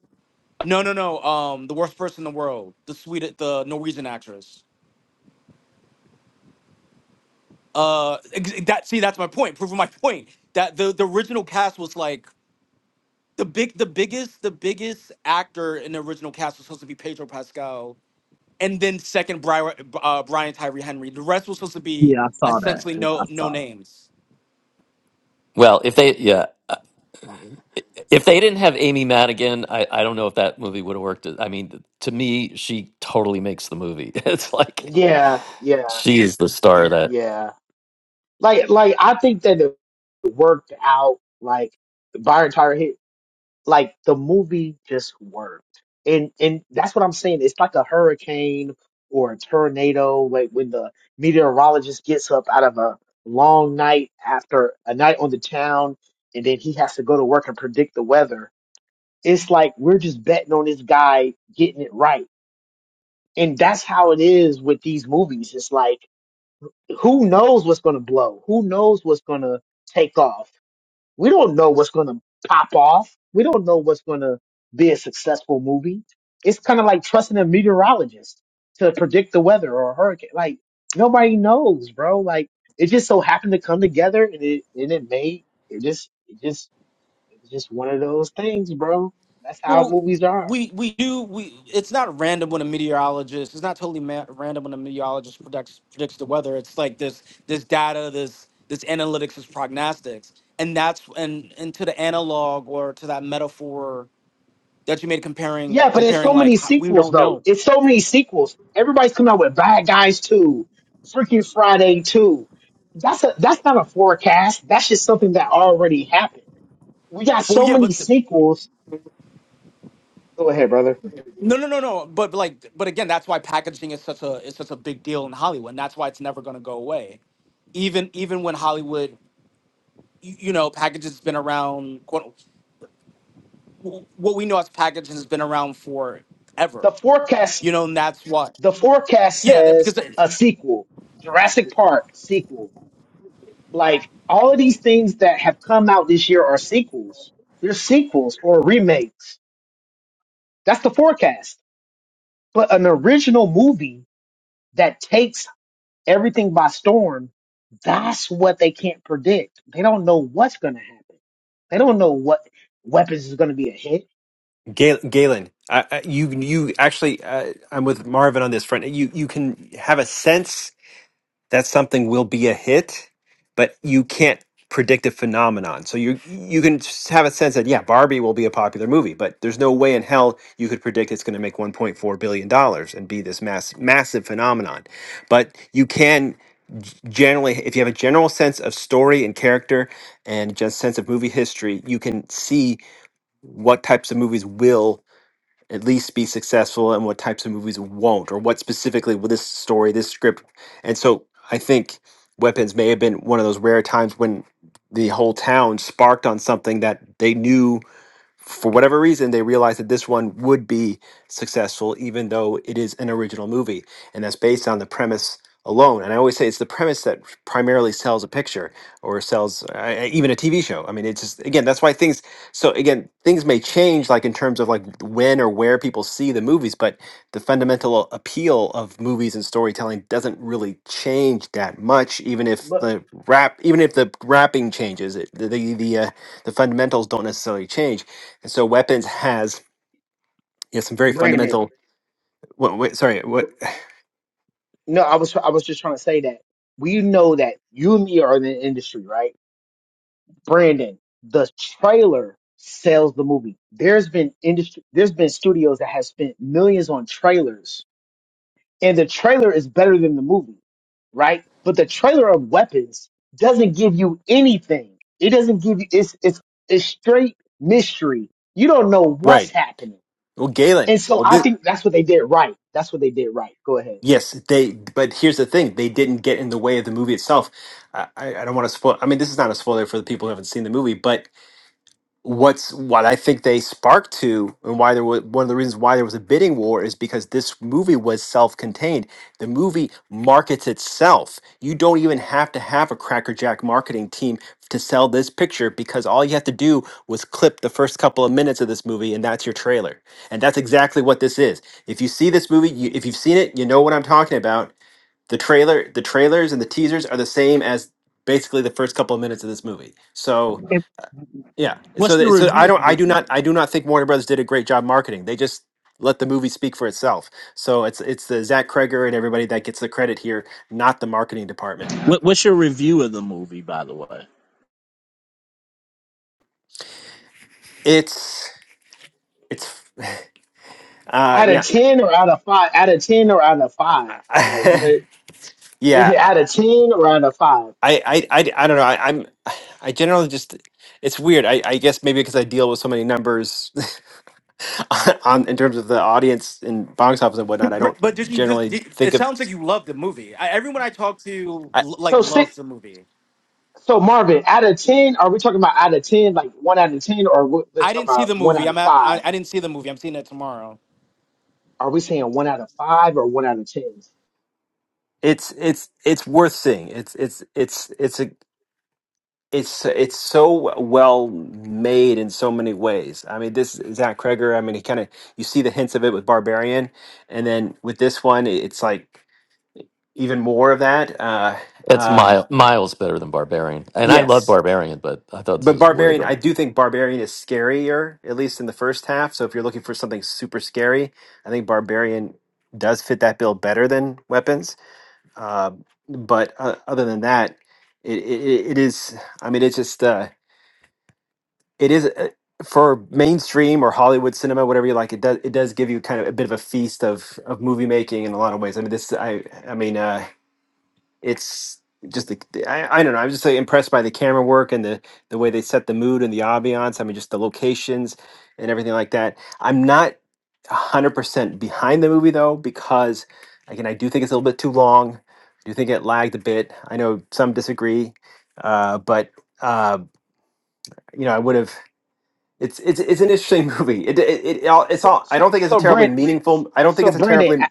No, no, no. Um, the worst person in the world, the sweet, the Norwegian actress. Uh, ex- that see, that's my point. Proving my point that the the original cast was like the big, the biggest, the biggest actor in the original cast was supposed to be Pedro Pascal, and then second Bri- uh, Brian Tyree Henry. The rest was supposed to be
Yeah, I saw that.
essentially
Yeah, I
no
saw
no
that.
names.
Well, if they yeah, uh, if they didn't have Amy Madigan, I I don't know if that movie would have worked. I mean, to me, she totally makes the movie. It's like
Yeah, yeah,
she is the star of that.
yeah. Like like I think that it worked out like Byron Tyler hit. like the movie just worked and and that's what i'm saying it's like a hurricane or a tornado like when the meteorologist gets up out of a long night after a night on the town and then he has to go to work and predict the weather it's like we're just betting on this guy getting it right and that's how it is with these movies it's like who knows what's going to blow who knows what's going to take off we don't know what's going to pop off. We don't know what's going to be a successful movie. It's kind of like trusting a meteorologist to predict the weather or a hurricane. Like nobody knows, bro. Like it just so happened to come together and it and it made it just it just it's just one of those things, bro. That's how
Well,
movies are.
we we do we. It's not random when a meteorologist. It's not totally ma- random when a meteorologist predicts predicts the weather. It's like this this data, this this analytics, this prognostics, and that's and and to the analog or to that metaphor that you made
Yeah,
comparing
but it's
comparing
so
like
many
how, we
sequels
don't
though.
know.
It's so many sequels. Everybody's coming out with Bad Guys Two, Freaking Friday Two. That's a that's not a forecast. That's just something that already happened. We got
Well,
so
yeah,
many
but the,
sequels. Go ahead, brother.
no, no, no, no. But like, but again, that's why packaging is such a is such a big deal in Hollywood. And that's why it's never going to go away even even when Hollywood, y- you know, packaging's been around. what we know as packaging has been around
The
forever,
forecast
you know, and that's what.
the forecast
Yeah, that,
says
because it-
a sequel, Jurassic Park sequel. Like all of these things that have come out this year are sequels. They're sequels or remakes. That's the forecast. But an original movie that takes everything by storm, that's what they can't predict. They don't know what's going to happen. They don't know what weapons is going to be a hit.
Gal- Galen, I, I, you you actually, uh, I'm with Marvin on this front. You you can have a sense. that something will be a hit, but you can't predict a phenomenon. So you you can s- have a sense that yeah, Barbie will be a popular movie, but there's no way in hell you could predict it's going to make 1.4 billion dollars and be this mass massive phenomenon. But you can g- generally if you have a general sense of story and character and just sense of movie history, you can see what types of movies will at least be successful and what types of movies won't or what specifically with this story this script and so i think weapons may have been one of those rare times when the whole town sparked on something that they knew for whatever reason, they realized that this one would be successful, even though it is an original movie. And that's based on the premise alone. And I always say it's the premise that primarily sells a picture or sells uh, uh, even a TV show. I mean, it's just, again, that's why things, so again, things may change, like in terms of like when or where people see the movies, but the fundamental appeal of movies and storytelling doesn't really change that much, even if
But
the rap, even if the wrapping changes, it, the, the, the, uh, the fundamentals don't necessarily change and so weapons has yeah, some very
Brandon,
fundamental. What, wait, sorry,
br-
what?
no, I was I was just trying to say that we know that you and me are in the industry, right? Brandon, the trailer sells the movie. There's been industry. There's been studios that have spent millions on trailers and the trailer is better than the movie, right? But the trailer of Weapons doesn't give you anything. It doesn't give you it's it's it's straight mystery. You don't know what's
Right.
happening,
Well, Galen.
and so
Well,
I
thi-
think that's what they did right. That's what they did right. Go ahead.
yes, they. But here's the thing: they didn't get in the way of the movie itself. I, I I don't want to spoil. I mean, this is not a spoiler for the people who haven't seen the movie, but what's what I think they sparked to, and why there was one of the reasons why there was a bidding war is because this movie was self-contained. The movie markets itself. You don't even have to have a Cracker Jack marketing team to sell this picture because all you have to do was clip the first couple of minutes of this movie, and that's your trailer. And that's exactly what this is. If you see this movie, you, if you've seen it, you know what I'm talking about. The trailer, the trailers, and the teasers are the same as basically the first couple of minutes of this movie. So
And
yeah.
what's
So
the
th- so
review?
I don't I do not I do not think Warner Brothers did a great job marketing. They just let the movie speak for itself. So it's it's the Zach Kreger and everybody that gets the credit here, not the marketing department.
What, what's your review of the movie, by the way?
It's it's uh
Out
yeah.
of ten or out of five? Out of ten or out of five? Like what is it?
yeah.
Out of ten or out of five?
I, I, I, I don't know. I, I'm I generally just it's weird. I, I guess maybe because I deal with so many numbers on in terms of the audience and box office and whatnot. I
but did
don't
you just?
generally
Did,
think
it
of.
sounds like you love the movie. I, everyone I talk to l- like
So six.
loves the movie.
So Marvin, out of ten, are we talking about out of ten, like one out of ten, or we're we're
I
talking
didn't see
about
the
one
movie.
out of
I'm at, I,
five?
I didn't see the movie. I'm seeing it tomorrow.
Are we saying one out of five or one out of ten?
It's it's it's worth seeing. It's it's it's it's a it's it's so well made in so many ways. I mean, this Zach Kreger. I mean, he kind of you see the hints of it with Barbarian, and then with this one, it's like even more of that. Uh,
It's
um,
mile, miles better than Barbarian, and I love
yes,
Barbarian, but I thought this
but
was way
Barbarian, I
better.
do think Barbarian is scarier, at least in the first half. So if you're looking for something super scary, I think Barbarian does fit that bill better than Weapons. Uh, but uh, other than that, it, it it is. I mean, it's just uh, it is uh, for mainstream or Hollywood cinema, whatever you like. It does it does give you kind of a bit of a feast of of movie making in a lot of ways. I mean, this I I mean. Uh, it's just the the- I, I don't know. I was just like, impressed by the camera work and the the way they set the mood and the ambiance. I mean, just the locations and everything like that. I'm not 100% behind the movie though because again, I do think it's a little bit too long. I do think it lagged a bit. I know some disagree, uh, but uh, you know, I would have. It's it's it's an interesting movie. It it, it all it's
So,
all. I
so,
don't think it's a
so
terribly
Brent,
meaningful. I don't think
so
it's a
Brandon,
terribly.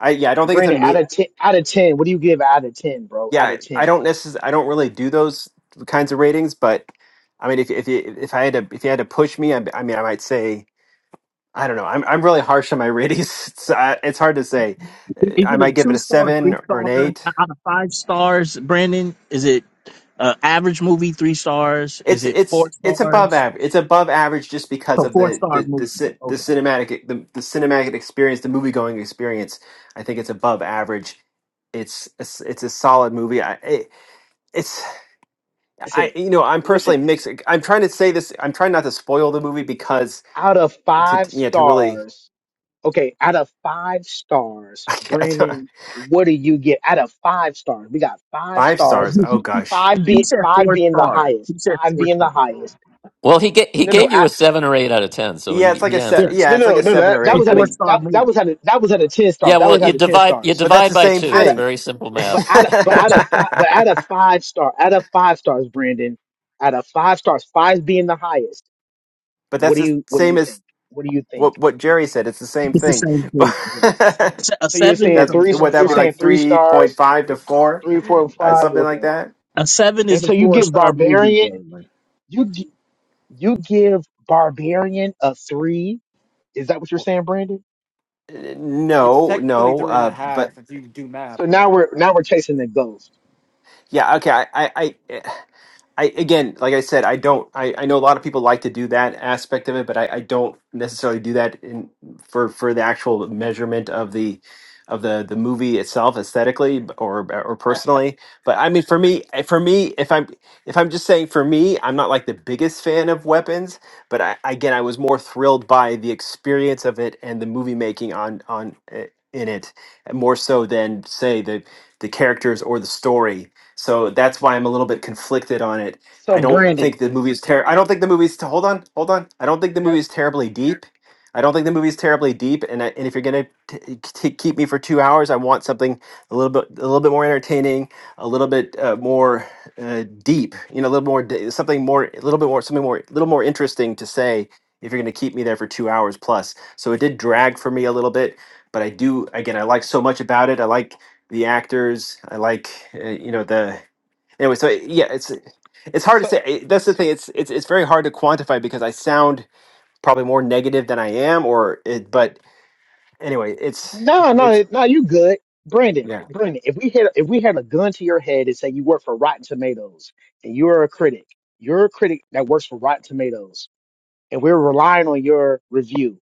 I yeah. I don't think it's a
Brandon, out
me.
of ten, out of ten, what do you give out of ten, bro? Out
yeah,
of ten,
I don't necessarily, I don't really do those kinds of ratings, but I mean, if if you- if I had to if you had to push me, I, I mean, I might say I don't know. I'm I'm really harsh on my ratings. It's, uh, it's hard to say. Uh,
Is
I
it a
might give it
two
a
star,
seven
three star
or an eight.
out of five stars, Brandon? Is it uh, average movie, three stars? Is
It's
it
it's
four
it's above
stars?
average. It's above average just because
So
of
four
the
star
the the,
movie.
ci- the
Okay.
cinematic the, the cinematic experience, the movie going experience. I think it's above average. It's it's, it's a solid movie. I, it, it's.
listen,
I you know I'm personally
listen,
mixed. I'm trying to say this. I'm trying not to spoil the movie because
out of
to
five
to- yeah to really
stars, okay, out of five stars,
I don't,
Brandon, what do you get out of five stars? We got five
five
stars,
stars. Oh gosh,
five
He, he
be
said
five
four
being the
star.
highest,
He said
five
four
being the
star.
highest.
Well, he ga- he
No, no,
gave you
I,
a seven or eight out of ten, so
yeah, it's
he,
like
he
a se-
Yes,
answered.
it's
no,
yeah, it's like
no, no,
a
no,
seven
that,
or
a
that
eight.
was
I
out
four
of
mean,
star
that, that
movie.
was out of that was out of ten
Yeah,
stars. That
well,
was
you
out of ten
divide you
stars.
but that's
divide
the
by
same
two. It's
thing.
very simple
but
but
math.
out of, but out of five, but out of five star, out of five stars, Brandon, out of five stars, five being the highest. What
that's
do
the
you what do
same
you think?
as
What do you think?
what what Jerry said. It's the same
It's the
thing.
same thing. yeah. Se- A
So you're
seven is
saying
But
a
that's
three?
four
what that
You're
would be
star
saying
like
movie.
three
three point
stars,
five to four,
three, four, and
uh,
five.
something like
Okay,
that.
A seven
and
is a
so you
four
give
star movie,
Barbarian,
Jalen.
you gi- you give Barbarian a three. Is that what you're saying, Brandon?
Uh,
It's
No,
technically
no.
three and a
Uh, but
half if you do math,
So now
but
we're now we're chasing the ghost.
yeah, okay. I I. I eh, I again, like I said, I don't. I, I know a lot of people like to do that aspect of it, but I, I don't necessarily do that in for for the actual measurement of the of the the movie itself aesthetically b- or or personally. But I mean, for me, eh, for me, if I'm if I'm just saying for me, I'm not like the biggest fan of weapons, but I again, I was more thrilled by the experience of it and the movie making on on eh, in it more so than say the the characters or the story so that's why I'm a little bit conflicted on it.
So
I don't
Brandon,
think the movie is terrible. I don't think the movie's t- hold on, hold on. I don't think the
yeah.
movie is terribly deep. I don't think the movie's terribly deep. And I, and if you're gonna t- t- keep me for two hours, I want something a little bit a little bit more entertaining, a little bit uh, more uh, deep. You know, a little more d- something more, a little bit more something more, a little more interesting to say. If you're gonna keep me there for two hours plus, so it did drag for me a little bit. But I do again, I like so much about it. I like the actors. I like uh, you know the anyway. So yeah, it's it's hard to
So.
say. I- That's the thing. It's it's it's very hard to quantify because I sound probably more negative than I am, or it, but anyway, it's
No, no,
it's
no, you good. Brandon,
yeah
Brandon, if we had if we had a gun to your head and say you work for Rotten Tomatoes and you're a critic, you're a critic that works for Rotten Tomatoes, and we're relying on your review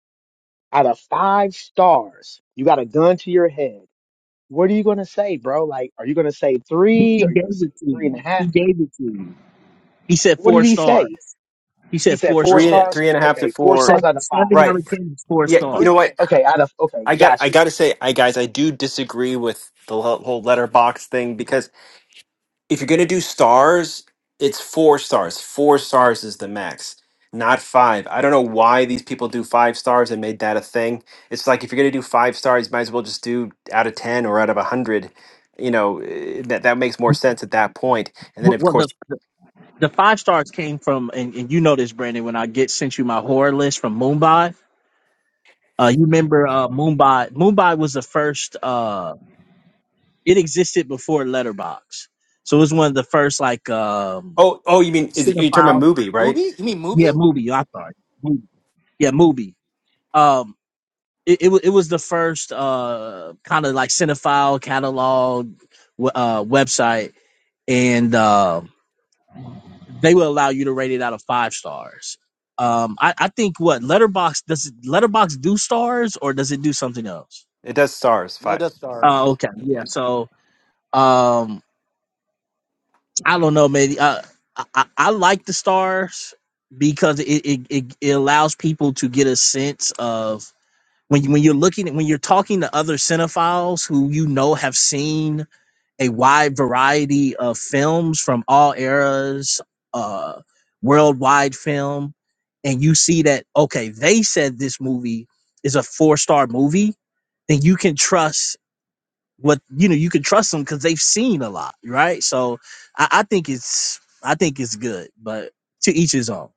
out of five stars, you got a gun to your head. What are you gonna say, bro? Like, are you gonna say
He,
three?
he
Are you gonna
gave
say
it to
three and a
you. He
half?
gave it to you. He said
What
four
did he say?
stars. He
He
said
said
four
four
three
stars.
and
stars.
three and a half to
Okay, four
four,
stars out
Seven,
of five.
seven out
right?
of ten is four
Yeah, you
Three.
know
stars.
what?
Okay, out of okay,
I got
got
I got to say, I guys, I do disagree with the whole whole letterbox thing because if you're gonna do stars, it's four stars. Four stars is the max, not five. I don't know why these people do five stars and made that a thing. It's like if you're gonna do five stars, might as well just do out of ten or out of a hundred. You know eh, that that makes more sense at that point. And then
Well,
of
well,
course,
the, the the five stars came from, and, and you know this, Brandon. When I get sent you my horror list from Mumbai, uh, you remember uh, Mumbai? Mumbai was the first. Uh, it existed before Letterbox, so it was one of the first like um,
oh oh, you mean is it, you're talking about
cinephile.
movie, right?
movie? You mean movie?
Yeah, movie. I'm sorry. Movie. Yeah, movie. Um, it it, wa- it was the first uh kind of like cinephile catalog w- uh website and. um they will allow you to rate it out of five stars. Um, I, I think what Letterbox does it, Letterbox do stars or does it do something else?
It does stars
No,
five.
Death
Uh,
Stars.
okay,
yeah.
yeah. So um, I don't know. Maybe uh, I, I I like the stars because it, it it it allows people to get a sense of when you, when you're looking at when you're talking to other cinephiles who you know have seen a wide variety of films from all eras, uh, worldwide film, and you see that okay, they said this movie is a four star movie, then you can trust what you know. You can trust them because they've seen a lot, right? So I, I think it's I think it's good, but to each his own.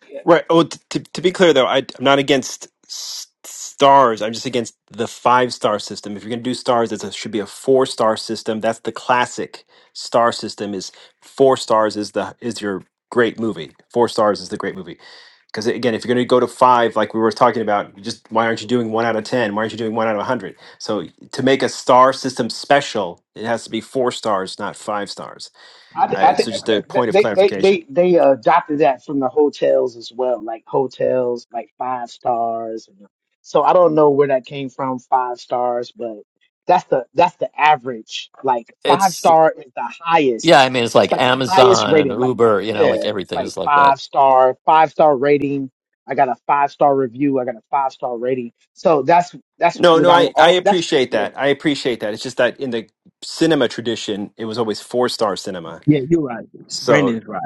you.
Right. Oh, t- to to be clear though, I, I'm not against s- stars. I'm just against the five star system. If you're going to do stars, it should be a four star system. That's the classic star system. Is four stars is the is your great movie. Four stars is the great movie. Because again, if you're going to go to five, like we were talking about, you just why aren't you doing one out of ten? Why aren't you doing one out of a hundred? So to make a star system special, it has to be four stars, not five stars.
I, th-
Uh,
I
it's
think
just a
that- that-
point of
they they
clarification.
they they uh, adopted that from the hotels as well, like hotels like five stars. And so I don't know where that came from, five stars, but that's the that's the average. Like five
It's
star is the highest.
yeah, I mean, it's
It's
like
like the highest
Amazon,
rated. Like
Uber, you know, like
yeah,
everything
like
is like that.
five star, five star rating. I got a five star review. I got a five star rating. So that's that's
No,
what
no,
I'm
I, I
all. That's
appreciate
yeah,
that. I appreciate that. It's just that in the cinema tradition, it was always four star cinema.
Yeah, you're right.
So,
Brandon's right.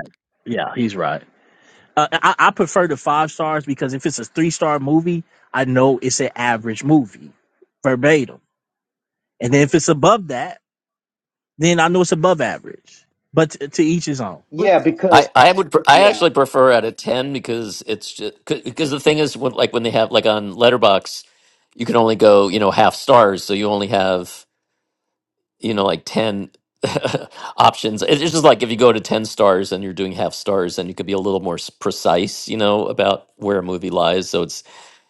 Yeah, he's right. Uh, I, I prefer the five stars because if it's a three star movie, I know it's an average movie verbatim And then if it's above that, then I know it's above average. But to, to each his own.
yeah
But
I,
because.
I would pre- I
Yeah.
actually prefer out of ten because it's just because the thing is when, like when they have like on Letterbox, you can only go you know half stars, so you only have you know like 10 options It- it's just like if you go to 10 stars and you're doing half stars then you could be a little more s- precise you know about where a movie lies so it's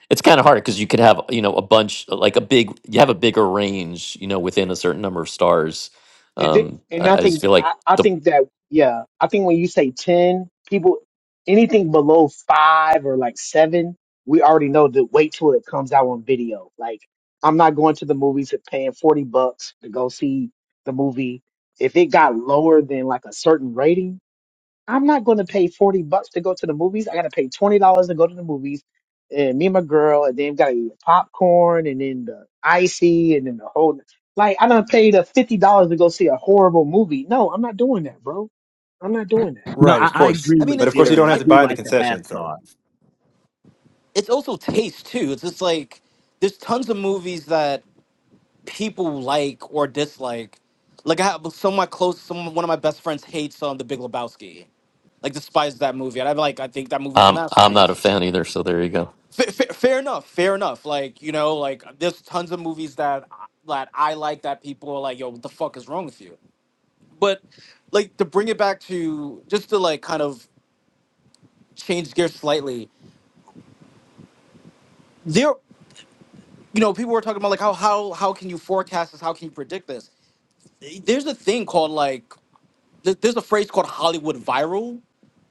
it's kind of hard because you could have you know a bunch like a big you have a bigger range you know within a certain number of stars
And th-
um
and
i,
I
I just
think
feel like
I, I
the
think that yeah, I think when you say ten people, anything below five or like seven, we already know to wait till it comes out on video. Like I'm not going to the movies and paying forty bucks to go see the movie. If it got lower than like a certain rating, I'm not going to pay 40 bucks to go to the movies. I got to pay $20 to go to the movies. And me and my girl, and then got to eat popcorn and then the icy and then the whole. Like, I done paid a $50 to go see a horrible movie. No, I'm not doing that, bro. I'm not doing that.
No,
right,
I,
of
I
course.
agree
I mean,
with
But of
it's
course, you
it's
Jerry.
don't
I
have to
do
buy the
like the half
concessions, though.
star.
it's also taste too. It's just like there's tons of movies that people like or dislike. Like I have some of my close, some one of my best friends hates um, the Big Lebowski, like despises that movie. And I'm like, I think that movie's a
I'm i'm not a
masterpiece.
fan either so there you go
Fa fa- fair enough, fair enough. Like you know, like there's tons of movies that that I like that people are like, yo, what the fuck is wrong with you? But like to bring it back to just to like kind of change gears slightly, there, you know, people were talking about like how how how can you forecast this? How can you predict this? There's a thing called like th- there's a phrase called Hollywood viral,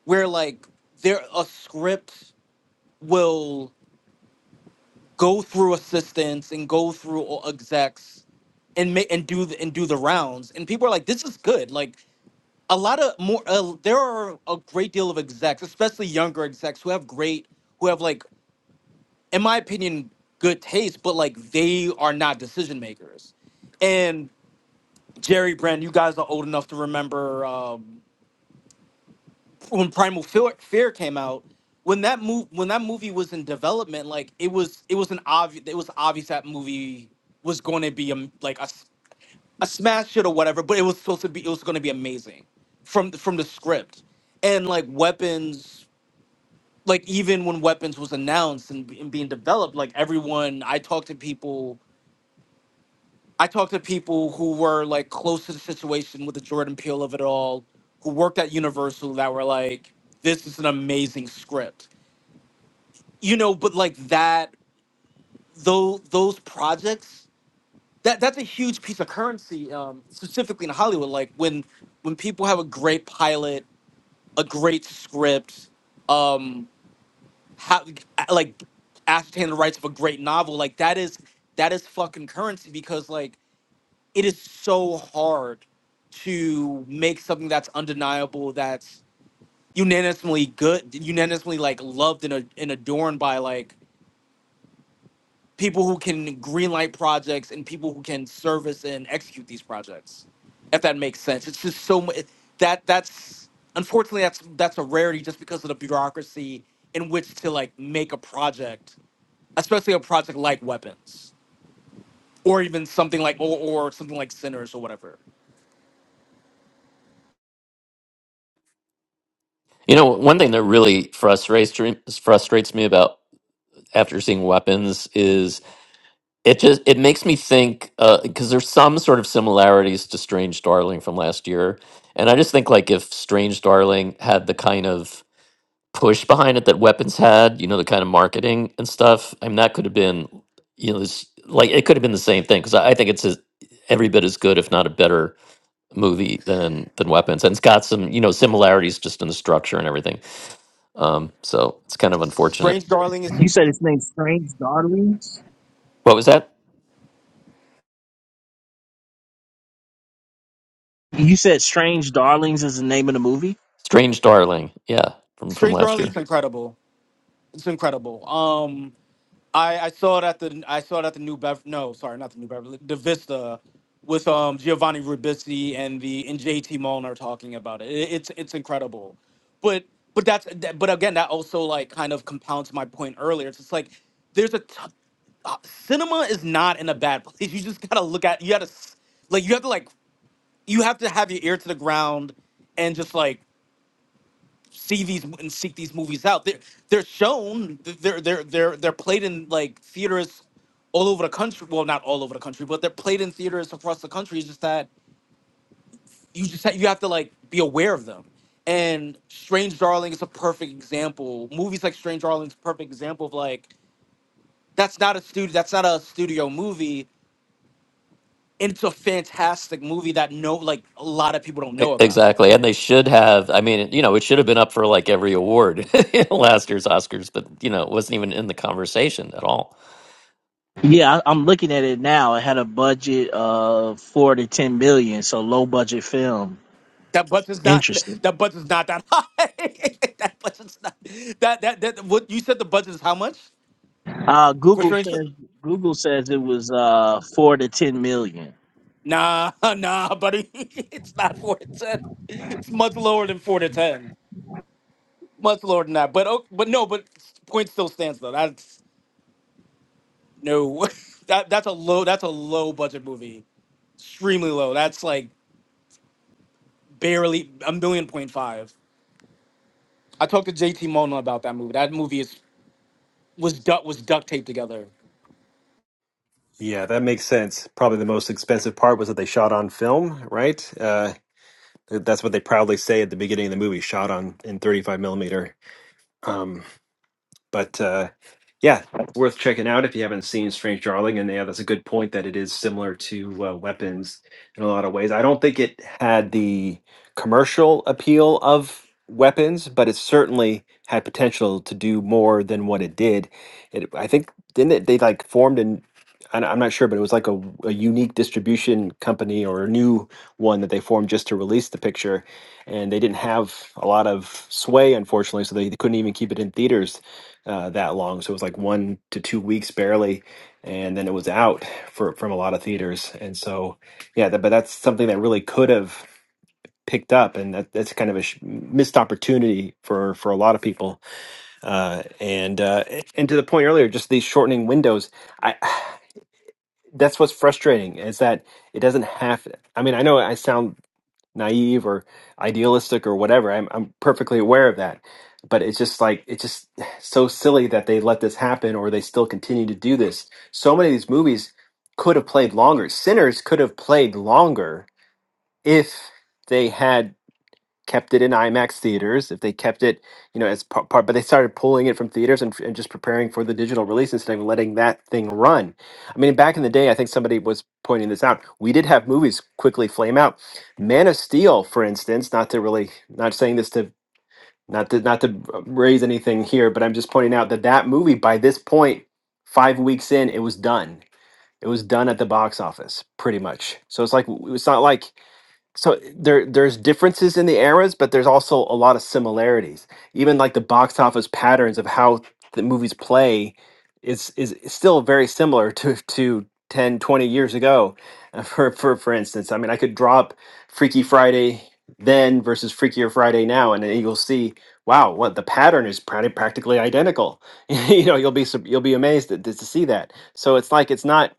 where like there a script will go through assistants and go through all execs and make and do the, and do the rounds, and people are like, this is good. Like a lot of more, uh, there are a great deal of execs, especially younger execs, who have great, who have like, in my opinion, good taste, but like they are not decision makers. And Jerry Brand, you guys are old enough to remember. um, when Primal Fear, Fear came out, when that move when that movie was in development, like it was it was an obvious it was obvious that movie was going to be a, m- like a, s- a smash hit or whatever, but it was supposed to be it was going to be amazing from from the script and like weapons like even when weapons was announced and, and being developed like everyone i talked to people I talked to people who were like close to the situation with the Jordan Peele of it all, who worked at Universal that were like, this is an amazing script. You know, but like that, though, those projects, that that's a huge piece of currency, um, specifically in Hollywood. Like when when people have a great pilot, a great script, um, how, like ascertain the rights of a great novel, like that is that is fucking currency because like it is so hard to make something that's undeniable that's unanimously good unanimously like loved and, ad- and adorned by like people who can greenlight projects and people who can service and execute these projects if that makes sense it's just so much that that's unfortunately that's that's a rarity just because of the bureaucracy in which to like make a project especially a project like weapons or even something like or, or something like sinners or whatever
you know one thing that really frustrates frustrates me about after seeing weapons is. It just it makes me think because there's some sort of similarities to Strange Darling from last year, and I just think like if Strange Darling had the kind of push behind it that Weapons had, you know, the kind of marketing and stuff. I mean, that could have been, you know, this, like it could have been the same thing because I, I think it's a, every bit as good, if not a better movie than than Weapons, and it's got some you know similarities just in the structure and everything. Um, so it's kind of unfortunate.
strange darling is
You said it's named Strange Darlings?
What was that?
You said Strange Darlings is the name of the movie?
Strange Darling, yeah, from from
Street
last
Journey
year.
is incredible. It's incredible. Um, I, I saw it at the I saw it at the New Bev. No, sorry, not the New Beverly. The Vista with um Giovanni Ribisi and the and JT Mulner talking about it. It- It's it's incredible, but but that's that, but again that also like kind of compounds my point earlier. It's just like there's a t- uh, cinema is not in a bad place. You just gotta look at you gotta s- like you have to like you have to have your ear to the ground and just like see these and seek these movies out. They're they're shown. They're they're they're they're played in like theaters all over the country. Well, not all over the country, but they're played in theaters across the country. It's just that you just ha- you have to like be aware of them. And Strange Darling is a perfect example. Movies like Strange Darling is a perfect example of like that's not a studio. That's not a studio movie. And it's a fantastic movie that no like a lot of people don't
E-
know about.
Exactly. And they should have, I mean, you know, it should have been up for like every award in last year's Oscars, but, you know, it wasn't even in the conversation at all.
Yeah, I, I'm looking at it now. It had a budget of four to ten million, so low budget film.
That bus is not
Interesting.
that bus is not that high. that bus is not that that that what you said the budget is how much?
Uh,
For
Google
sure.
says Google says it was uh, four to ten million.
Nah, nah, buddy. it's not four to ten. It's much lower than four to ten. Much lower than that. But oh, but no, but point still stands though. That's no that that's a low that's a low budget movie. Extremely low. That's like barely a million point five. I talked to JT Mona about that movie. That movie is was duct was duct taped together.
Yeah, that makes sense. Probably the most expensive part was that they shot on film, right? Uh, that's what they proudly say at the beginning of the movie shot on in 35 millimeter. Um, But uh, yeah, worth checking out if you haven't seen Strange Darling. And yeah, that's a good point that it is similar to uh, Weapons in a lot of ways. I don't think it had the commercial appeal of Weapons, but it certainly had potential to do more than what it did. It, I think didn't it, they like formed an I- I'm not sure, but it was like a, a unique distribution company or a new one that they formed just to release the picture. And they didn't have a lot of sway, unfortunately, so they couldn't even keep it in theaters uh, that long. So it was like one to two weeks barely, and then it was out for from a lot of theaters. And so, yeah, that, but that's something that really could have picked up, and that, that's kind of a sh- missed opportunity for for a lot of people. Uh, and uh, and to the point earlier, just these shortening windows, I. That's what's frustrating is that it doesn't have. I mean, I know I sound naive or idealistic or whatever. I'm I'm perfectly aware of that. But it's just like it's just so silly that they let this happen or they still continue to do this. So many of these movies could have played longer. Sinners could have played longer if they had kept it in IMAX theaters, if they kept it, you know, as part, part but they started pulling it from theaters and, and just preparing for the digital release instead of letting that thing run. I mean, back in the day, I think somebody was pointing this out. We did have movies quickly flame out. Man of Steel, for instance, not to really, not saying this to, not to, not to uh, raise anything here, but I'm just pointing out that that movie, by this point, five weeks in, it was done. It was done at the box office, pretty much. So it's like it's not like so there there's differences in the eras but there's also a lot of similarities even like the box office patterns of how the movies play is is still very similar to to 10, 20 years ago Uh, for for for instance i mean i could drop freaky friday then versus freakier friday now and then you'll see wow what the pattern is practi- practically identical you know you'll be sup- you'll be amazed at, to see that so it's like it's not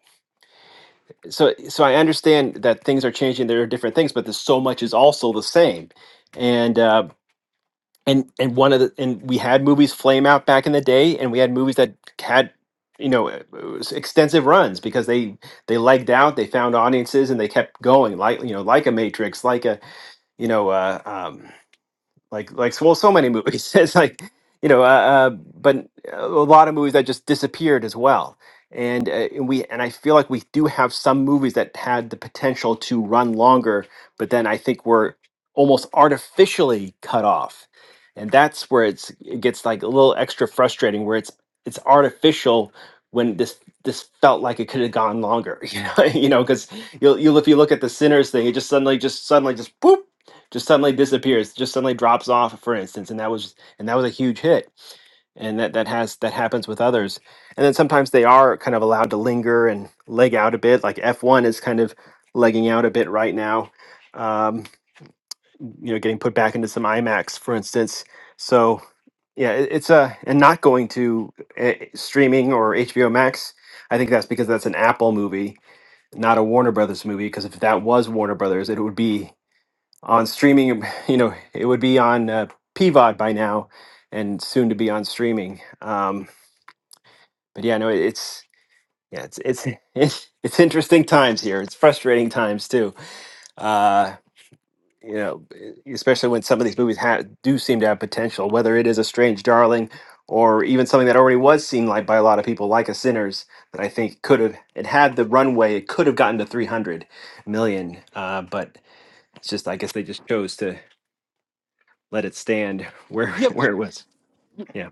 so so I understand that things are changing. There are different things, but there's so much is also the same. And uh, and and one of the and we had movies flame out back in the day, and we had movies that had you know uh, s- extensive runs because they they legged out, they found audiences, and they kept going. Like you know, like a Matrix, like a you know. Uh, um, like like so, well so many movies it's like you know uh, uh but uh, a lot of movies that just disappeared as well and, uh, and we and i feel like we do have some movies that had the potential to run longer but then i think we're almost artificially cut off and that's where it's it gets like a little extra frustrating where it's it's artificial when this this felt like it could have gone longer you know you know because you'll, you'll if you look at the sinners thing it just suddenly just suddenly just boop just suddenly disappears, just suddenly drops off, for instance, and that was and that was a huge hit, and that that has that happens with others, and then sometimes they are kind of allowed to linger and leg out a bit, like F one is kind of legging out a bit right now, um, you know, getting put back into some IMAX, for instance. So yeah, it, it's a and not going to uh, streaming or HBO Max. I think that's because that's an Apple movie, not a Warner Brothers movie. Because if that was Warner Brothers, it would be on streaming. You know, it would be on uh, PVOD by now, and soon to be on streaming. Um, but yeah, no, it's yeah, it's it's it's, it's interesting times here. It's frustrating times too. Uh, you know, e- especially when some of these movies ha- do seem to have potential, whether it is a strange darling or even something that already was seen like by a lot of people, like a Sinners, that I think could have it had the runway, it could have gotten to three hundred million. Uh, but it's just I guess they just chose to let it stand where
Yeah,
where it was. Yeah.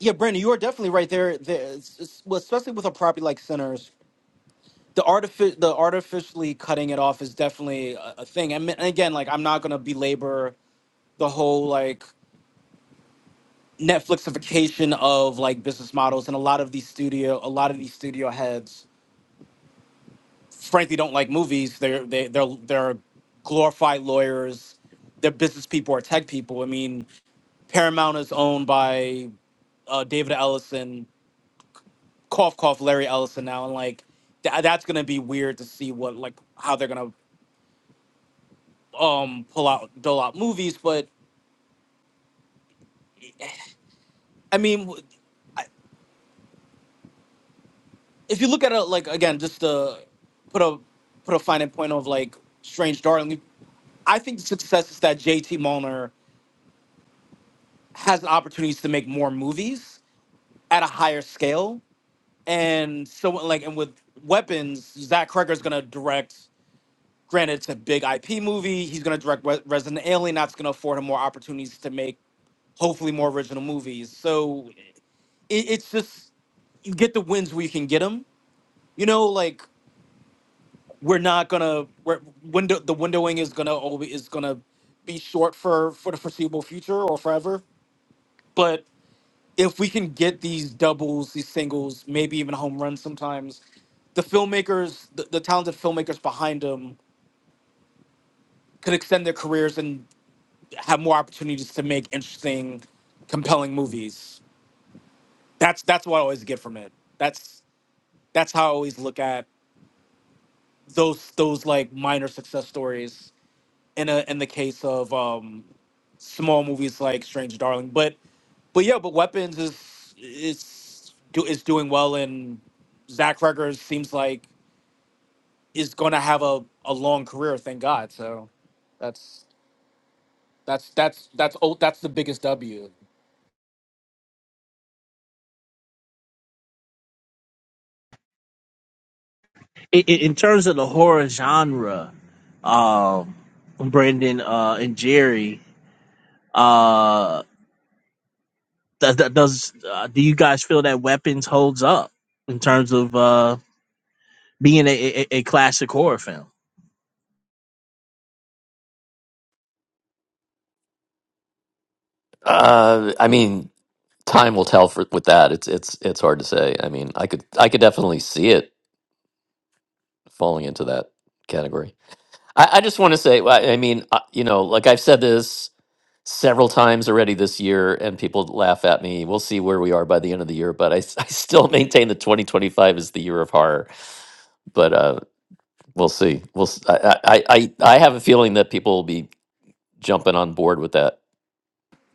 Yeah, Brandon, you are definitely right there. there it's- it's- well, especially with a property like Sinners, the artific the artificially cutting it off is definitely a, a thing. I and again, like I'm not gonna belabor the whole like Netflixification of like business models, and a lot of these studio, a lot of these studio heads, frankly, don't like movies. They're they, they're they're glorified lawyers. They're business people or tech people. I mean, Paramount is owned by uh, David Ellison cough cough Larry Ellison now, and like tha- that's gonna be weird to see what like how they're gonna um pull out dole out movies. But I mean, w- if you look at it like again, just to put a put a fine point of like Strange Darling, I think the success is that JT Mulner has opportunities to make more movies at a higher scale, and so like and with weapons, Zach Cregger's gonna direct. Granted, it's a big IP movie. He's gonna direct Re- Resident Alien. That's gonna afford him more opportunities to make hopefully more original movies. So it, it's just you get the wins where you can get them. You know, like we're not gonna we're, window the windowing is gonna always is gonna be short for for the foreseeable future or forever. But if we can get these doubles, these singles, maybe even home runs sometimes, the filmmakers, the, the talented filmmakers behind them could extend their careers and have more opportunities to make interesting, compelling movies. That's that's what I always get from it. That's that's how I always look at those those like minor success stories in a in the case of um small movies like Strange Darling. But but yeah, but Weapons is is do is doing well and Zach Ruggers seems like is gonna have a, a long career, thank God. So that's that's that's that's old that's the biggest W.
I i in terms of the horror genre, um, Brendan uh, and Jerry. Uh, does that does uh, do you guys feel that Weapons holds up in terms of uh being a, a, a classic horror film?
Uh, I mean, time will tell for with that. It's it's it's hard to say. I mean, I could I could definitely see it falling into that category. I, I just want to say, I I mean, uh, you know, like I've said this several times already this year, and people laugh at me. We'll see where we are by the end of the year, but I, s- I still maintain that 2025 is the year of horror. But uh, We'll see. We'll. s- I, I. I. I have a feeling that people will be jumping on board with that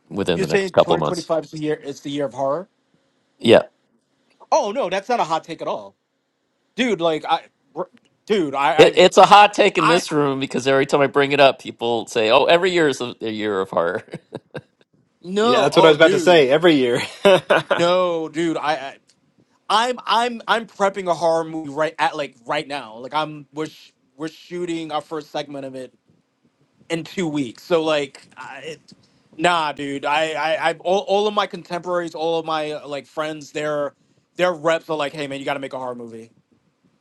within
You're
the
saying
next couple of months.
2025 is the year is the year of horror?
Yeah,
Oh no, that's not a hot take at all. Dude, like I r- dude, I,
it,
I've
it's a hot take in this
I
room because every time I bring it up, people say, "Oh, every year is a, a year of horror."
Yeah,
No,
that's what I
oh,
was about to
dude,
say. Every year.
no, dude. I, I I'm I'm I'm prepping a horror movie right at like right now. Like I'm we're sh- we're shooting our first segment of it in two weeks. So like, I, it, nah, dude. I I I all, all of my contemporaries, all of my uh, like friends, their their reps are like, hey man, you got to make a horror movie.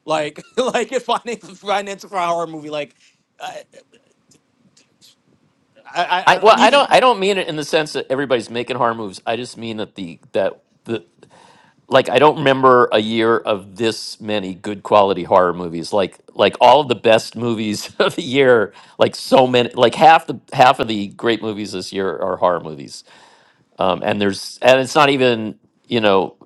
Like like if finance finance for a horror movie, like. I, I, I
I well,
don't
I
even
don't. I don't mean it in the sense that everybody's making horror moves. I just mean that the that the like I don't remember a year of this many good quality horror movies. Like like all of the best movies of the year. Like so many. Like half the half of the great movies this year are horror movies. um, and there's and it's not even you know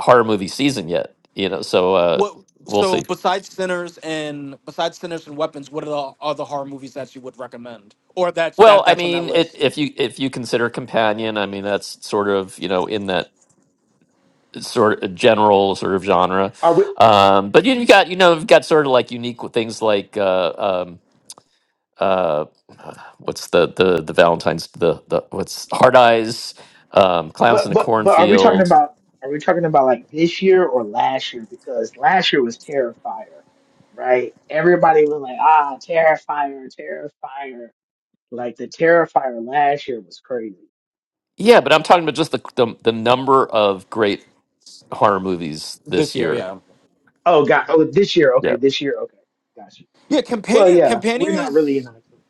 horror movie season yet you know so uh
What?
we'll
So
see
besides sinners and besides sinners and weapons, what are the other horror movies that you would recommend, or that's
well
that
i
that's on that
mean it,
list
if you if you consider companion i mean that's sort of you know in that sort of general sort of genre
Are we,
um but you, you got you know you've got sort of like unique w- things like uh um uh what's the the the valentine's the the what's hard eyes um clowns in
but,
the
but, but are we talking
cornfield
about, are we talking about like this year or last year? Because last year was Terrifier, right? Everybody was like, ah, Terrifier, Terrifier. Like the Terrifier last year was crazy.
yeah but i'm talking about just the the, the number of great horror movies
this
this
year?
year.
Yeah,
Oh, God. Oh, this year. Okay,
Yeah.
this year. Okay, gotcha.
yeah.
Well,
Companion,
yeah, we're
companion
not
is
really in October.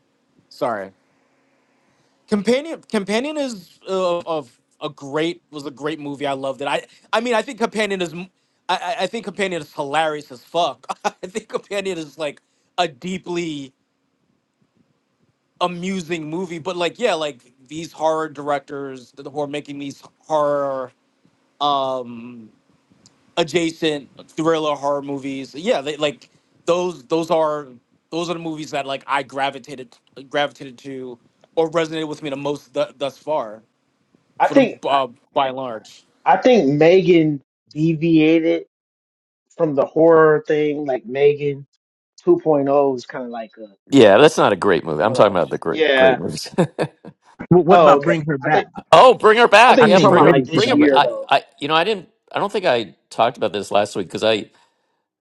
sorry. Companion, companion is uh, of a great was a great movie. I loved it. I I mean, I think companion is. m- I, I I think companion is hilarious as fuck. I think companion is like a deeply amusing movie. But like, yeah, like these horror directors who are making these horror. um adjacent thriller horror movies. Yeah, they like those those are those are the movies that like I gravitated gravitated to or resonated with me the most th- thus far
I
for the
think I,
uh, by and large.
I think Megan deviated from the horror thing. Like Megan 2.0 is kind of like a
Yeah, that's not a great movie. I'm
more like
talking
a
about the
j-
great great
yeah.
movies.
Wh- what
Oh,
about Bring
okay.
Her
I
Back?
think
oh, bring her
I
back.
I
think you're
Yeah,
think
talking
bring
about
her
like
Brendan said
bring
this
her
that was
ba-
year
I
good.
though.
I you know, I didn't I don't think I talked about this last week cuz I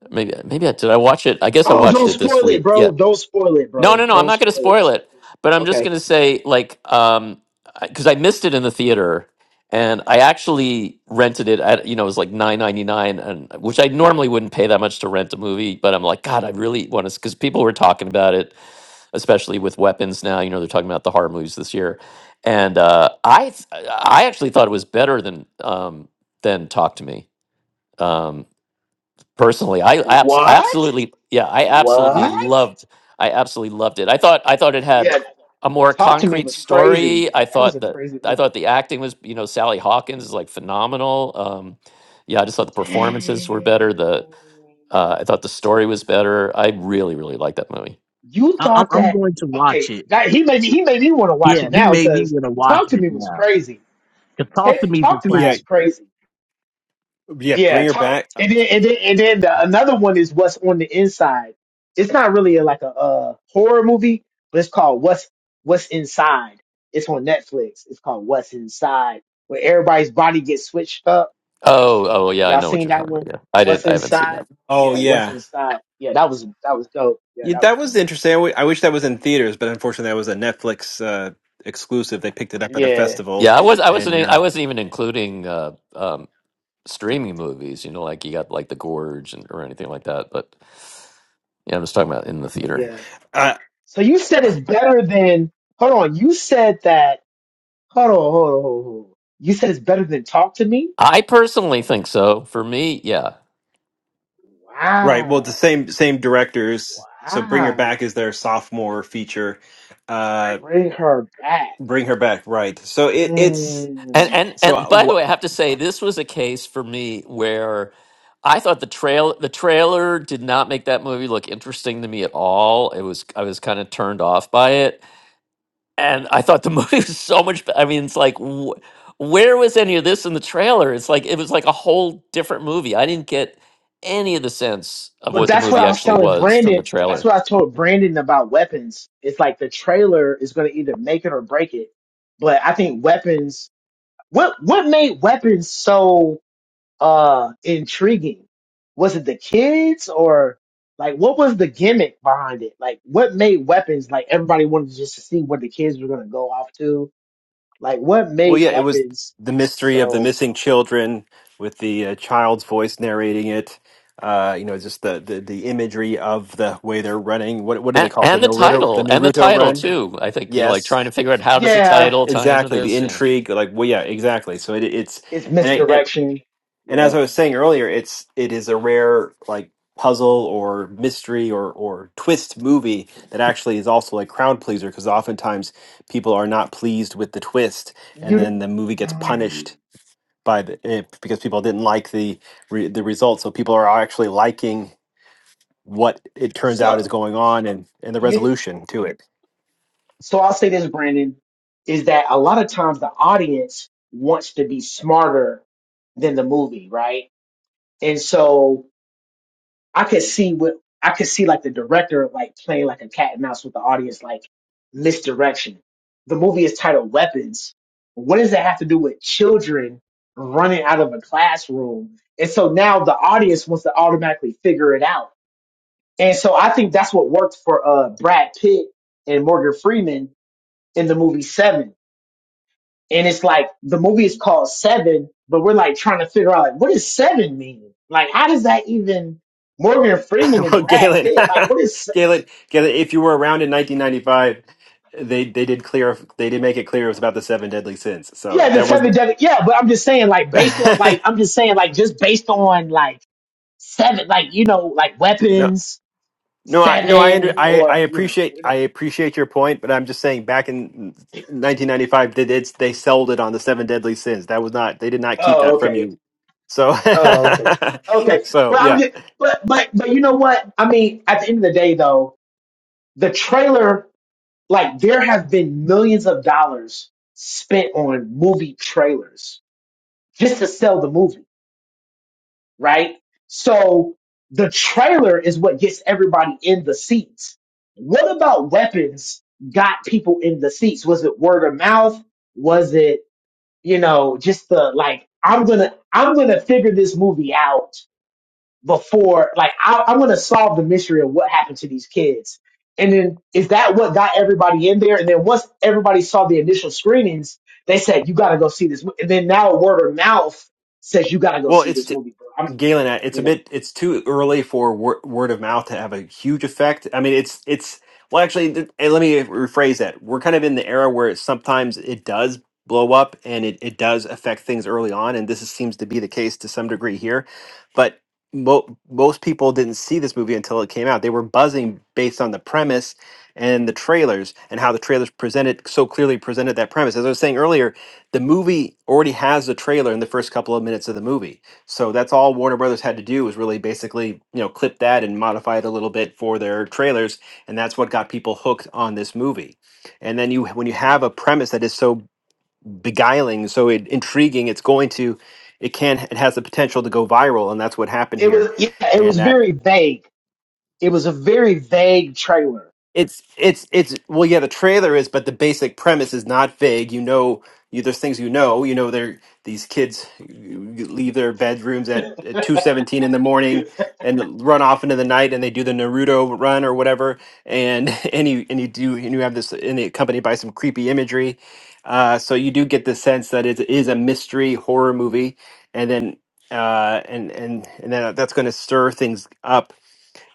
maybe maybe I did I watch it. I guess I
Oh,
watched
don't
it this
spoil it,
week. Yeah,
bro. Don't spoil it,
No,
bro.
no, no. I'm
Don't
not going to
spoil it.
spoil it, but I'm just going
Okay.
to say, like, um, because I missed it in the theater, and I actually rented it at, you know, it was like nine ninety nine, and which I normally wouldn't pay that much to rent a movie, but I'm like, God, I really want to, because people were talking about it, especially with weapons now. You know, they're talking about the horror movies this year, and uh, I, th- I actually thought it was better than um, than Talk to Me. Um, personally. I, abs-
What?
absolutely, yeah, I absolutely
What?
loved. I absolutely loved it. I thought I thought it had
Yeah.
a more
Talk to me
concrete
was crazy.
story. I
That was
thought
a
that
crazy
I thought
movie.
the acting was, you know, Sally Hawkins is like phenomenal. Um, yeah, I just thought the performances were
Dang.
better. The uh, I thought the story was better. I really, really liked that movie.
You
I, I'm
thought
I'm
that
going to watch
okay?
it.
That, he made me. He made me want to watch
Yeah,
it
he
now
made me
because
gonna watch
talk to
it
me was
now.
crazy.
'Cause
Ta-
Y-
talk to me
Yeah.
was crazy.
Yeah.
Yeah,
Bring her
talk.
back. Uh,
And then and then and then the, another one is what's on the inside. It's not really a, like a, uh horror movie, but it's called what's what's inside. It's on Netflix. It's called What's Inside, where everybody's body gets switched up.
Oh, oh yeah, I
Y'all
know what
seen
you're
that
talking
one?
about. Yeah, I didn't.
What's
I haven't seen
inside?
that.
oh
Yeah, what's
yeah.
inside? Yeah, that was that was dope. Yeah,
yeah,
that was
that was
dope.
interesting. I w I wish that was in theaters, but unfortunately, that was a Netflix uh, exclusive. They picked it up at a
Yeah,
festival,
Yeah, I was. I wasn't.
and
e,
uh,
I wasn't even including. Uh, um, streaming movies, you know, like you got like The Gorge and, or anything like that. But yeah, I'm just talking about in the
but
theater.
yeah.
uh,
So you said it's better than. Hold on. You said that. Hold on. Hold on. Hold on. hold on. You said it's better than talk to me.
I personally think so. For me, yeah.
right, well, the
Wow.
same same directors. So, Bring Her
Wow.
Back is their sophomore feature. Uh,
Bring her back.
Bring Her Back, right? So it it's
And
Mm.
and and
so.
by the way, I have to say this was a case for me where I thought the trail the trailer did not make that movie look interesting to me at all. It was I was kind of turned off by it and I thought the movie was so much. be- I mean, it's like, wh- where was any of this in the trailer? It's like it was like a whole different movie. I didn't get any of the sense of
But
what the
that's what
movie
I was
actually
telling
was from the
Brandon. That's
trailer,
what I told Brandon about weapons. It's like the trailer is going to either make it or break it. But I think weapons. What what made weapons so? uh intriguing? Was it the kids or like what was the gimmick behind it? Like what made weapons like everybody wanted just to see what the kids were gonna go off to? Like what
Well,
made
yeah, it was
weapons
the mystery of the
so
missing children with the uh, child's voice narrating it. Uh, you know, just the, the the imagery of the way they're running. What what do they
and
call it? The
and the
Naruto the
title, and the
Naruto
title
run.
too. I think you know, like
Yes,
trying to figure out how does the
yeah,
title tie into
exactly. The
this. Yeah.
intrigue, like well, yeah, exactly. So it, it's
it's
and, I, and
misdirection.
and as
Yeah.
I was saying earlier, it's it is a rare like puzzle or mystery or or twist movie that actually is also a crowd pleaser because oftentimes people are not pleased with the twist and then
You
the movie gets
mm,
punished by the it, because people didn't like the re, the results. So people are actually liking what it turns out
so
is going on and and the
you
resolution to it.
so I'll say this, Brandon, is that a lot of times the audience wants to be smarter than the movie, right? And so I could see what I could see like the director like playing like a cat and mouse with the audience, like misdirection. The movie is titled Weapons. What does that have to do with children running out of a classroom? And so now the audience wants to automatically figure it out. And so I think that's what worked for uh Brad Pitt and Morgan Freeman in the movie Seven and it's like the movie is called Seven, but we're like trying to figure out like what does seven mean? Like how does that even Morgan Freeman and
well,
Brad
Galen,
Pitt? Like what is
Galen, Galen, if you were around in 1995. They they did clear they did make it clear it was about the seven deadly sins. So
yeah, the
that was
seven deadly yeah, but I'm just saying like based on like I'm just saying like just based on like seven like you know, like
no
weapons,
No, I no, I under,
seven
I I
or you know,
appreciate
we
I
don't
appreciate your point, but I'm just saying back in 1995 they did they sold it on the seven deadly sins. That was not they did not keep
Oh,
that from
okay.
you. So
Oh, okay. Okay.
so
But I'm
yeah.
just but but but you know what? I mean, at the end of the day though, the trailer Like there have been millions of dollars spent on movie trailers just to sell the movie, right? So the trailer is what gets everybody in the seats. What about weapons got people in the seats? Was it word of mouth? Was it, you know, just the like, I'm gonna, I'm gonna figure this movie out before like I, I want to solve the mystery of what happened to these kids and then is that what got everybody in there and then once everybody saw the initial screenings they said you got to go see this mo-" and then now word of mouth says you got to go
Well,
see this
it's
movie bro I'm,
Galen, I- it's a
you know
bit, it's too early for wor- word of mouth to have a huge effect. I mean, it's, it's, well, actually, th- eh, let me rephrase that. We're kind of in the era where it, sometimes it does blow up and it, it does affect things early on. And this is, seems to be the case to some degree here. But mo- most people didn't see this movie until it came out. They were buzzing based on the premise and the trailers and how the trailers presented so clearly presented that premise. As I was saying earlier, the movie already has the trailer in the first couple of minutes of the movie so that's all Warner Brothers had to do was really basically, you know, clip that and modify it a little bit for their trailers, and that's what got people hooked on this movie. And then you when you have a premise that is so beguiling, so it, intriguing, it's going to it can it has the potential to go viral, and that's what happened
it was
here.
yeah, it was
And that
very vague it was a very vague trailer
it's it's it's well yeah the trailer is but the basic premise is not vague you know you, there's things you know you know they're these kids leave their bedrooms at, at 2.17 in the morning and run off into the night and they do the naruto run or whatever and and you and you do and you have this and it accompanied by some creepy imagery uh, so you do get the sense that it is a mystery horror movie and then uh, and and and then that's going to stir things up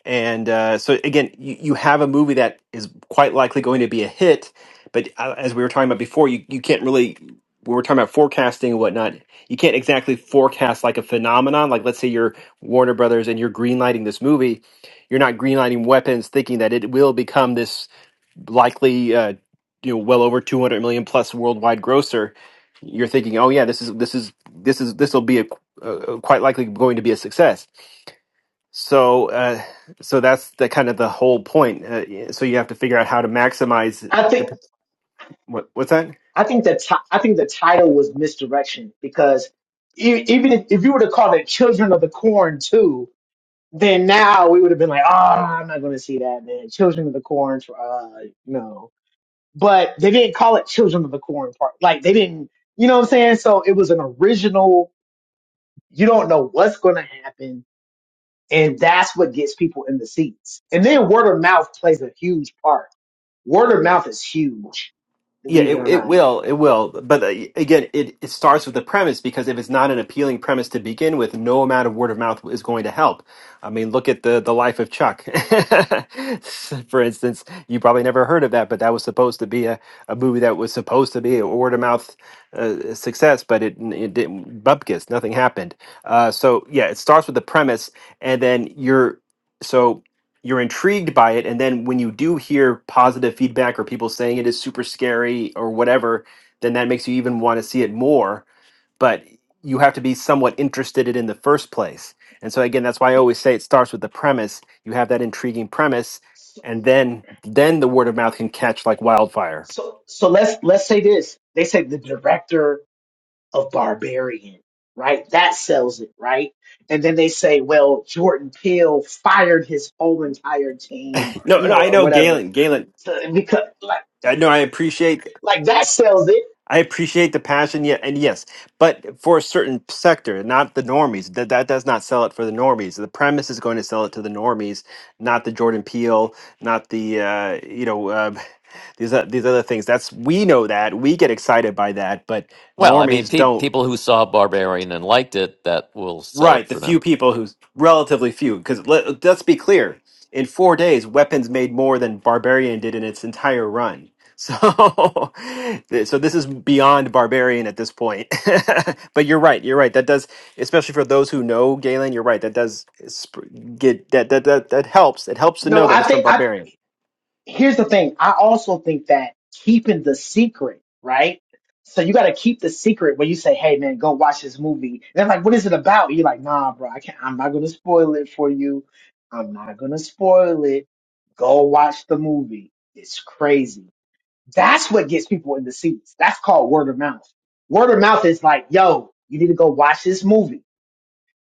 and uh, so again, you, you have a movie that is quite likely going to be a hit, but uh, as we were talking about before, you, you can't really. We were talking about forecasting and whatnot. You can't exactly forecast like a phenomenon. Like let's say you're Warner Brothers and you're greenlighting this movie, you're not greenlighting Weapons thinking that it will become this likely, uh, you know, well over 200 million plus worldwide grosser. You're thinking, oh yeah, this is this is this is this will be a, uh, quite likely going to be a success so, uh, so that's the kind of the whole point. Uh, yeah, so you have to figure out how to maximize
i think
the what, what's that?
i think the ti- i think the title was misdirection because e- even if, if you were to call it children of the corn Two. then now we would have been like, ah, I'm not going to see that, man. Children of the Corn, uh, no. But they didn't call it Children of the Corn part. Like they didn't, you know what I'm saying? So it was an original. You don't know what's going to happen, and that's what gets people in the seats. And then word of mouth plays a huge part. Word of mouth is huge,
Yeah,
believe it
it
or
it
not.
will, it will. But uh, again, it it starts with the premise because if it's not an appealing premise to begin with, no amount of word of mouth is going to help. I mean, look at the the life of Chuck, for instance. You probably never heard of that, but that was supposed to be a, a movie that was supposed to be a word of mouth uh, success, but it it didn't. Bupkis, nothing happened. Uh, so yeah, it starts with the premise, and then you're so you're intrigued by it and then when you do hear positive feedback or people saying it is super scary or whatever then that makes you even want to see it more but you have to be somewhat interested in it in the first place and so again that's why i always say it starts with the premise you have that intriguing premise
So,
and then then the word of mouth can catch like wildfire
so, so let's let's say this. They say the director of Barbarian, right? That sells it, right? And then they say, well, Jordan Peele fired his whole entire team, or
no
you
no
know,
i
or
know
whatever,
galen galen
so, because like
i know i appreciate
like that sells it.
I appreciate the passion, yeah, and yes, but for a certain sector, not the normies. That that does not sell it for the normies. The premise is going to sell it to the normies, not the Jordan Peele, not the uh, you know uh, these o- these other things. That's we know that we get excited by that, but
Well, I mean,
normies
pe-
don't.
people who saw Barbarian and liked it, that will sell it
Right, the
for
few
them.
people who's relatively few, because let, let's be clear, in four days, weapons made more than Barbarian did in its entire run. So, th- so this is beyond Barbarian at this point. but you're right, you're right. That does, especially for those who know Galen, you're right. That does sp- get that that that that helps. It helps to
No,
know that
I
it's from
think I
Barbarian.
here's the thing. I also think that keeping the secret, right? So you got to keep the secret when you say, "Hey, man, go watch this movie." And they're like, "What is it about?" You're like, "Nah, bro, I can't. I'm not gonna spoil it for you. I'm not gonna spoil it. Go watch the movie. It's crazy." That's what gets people in the seats. That's called word of mouth. Word of mouth is like, yo, you need to go watch this movie.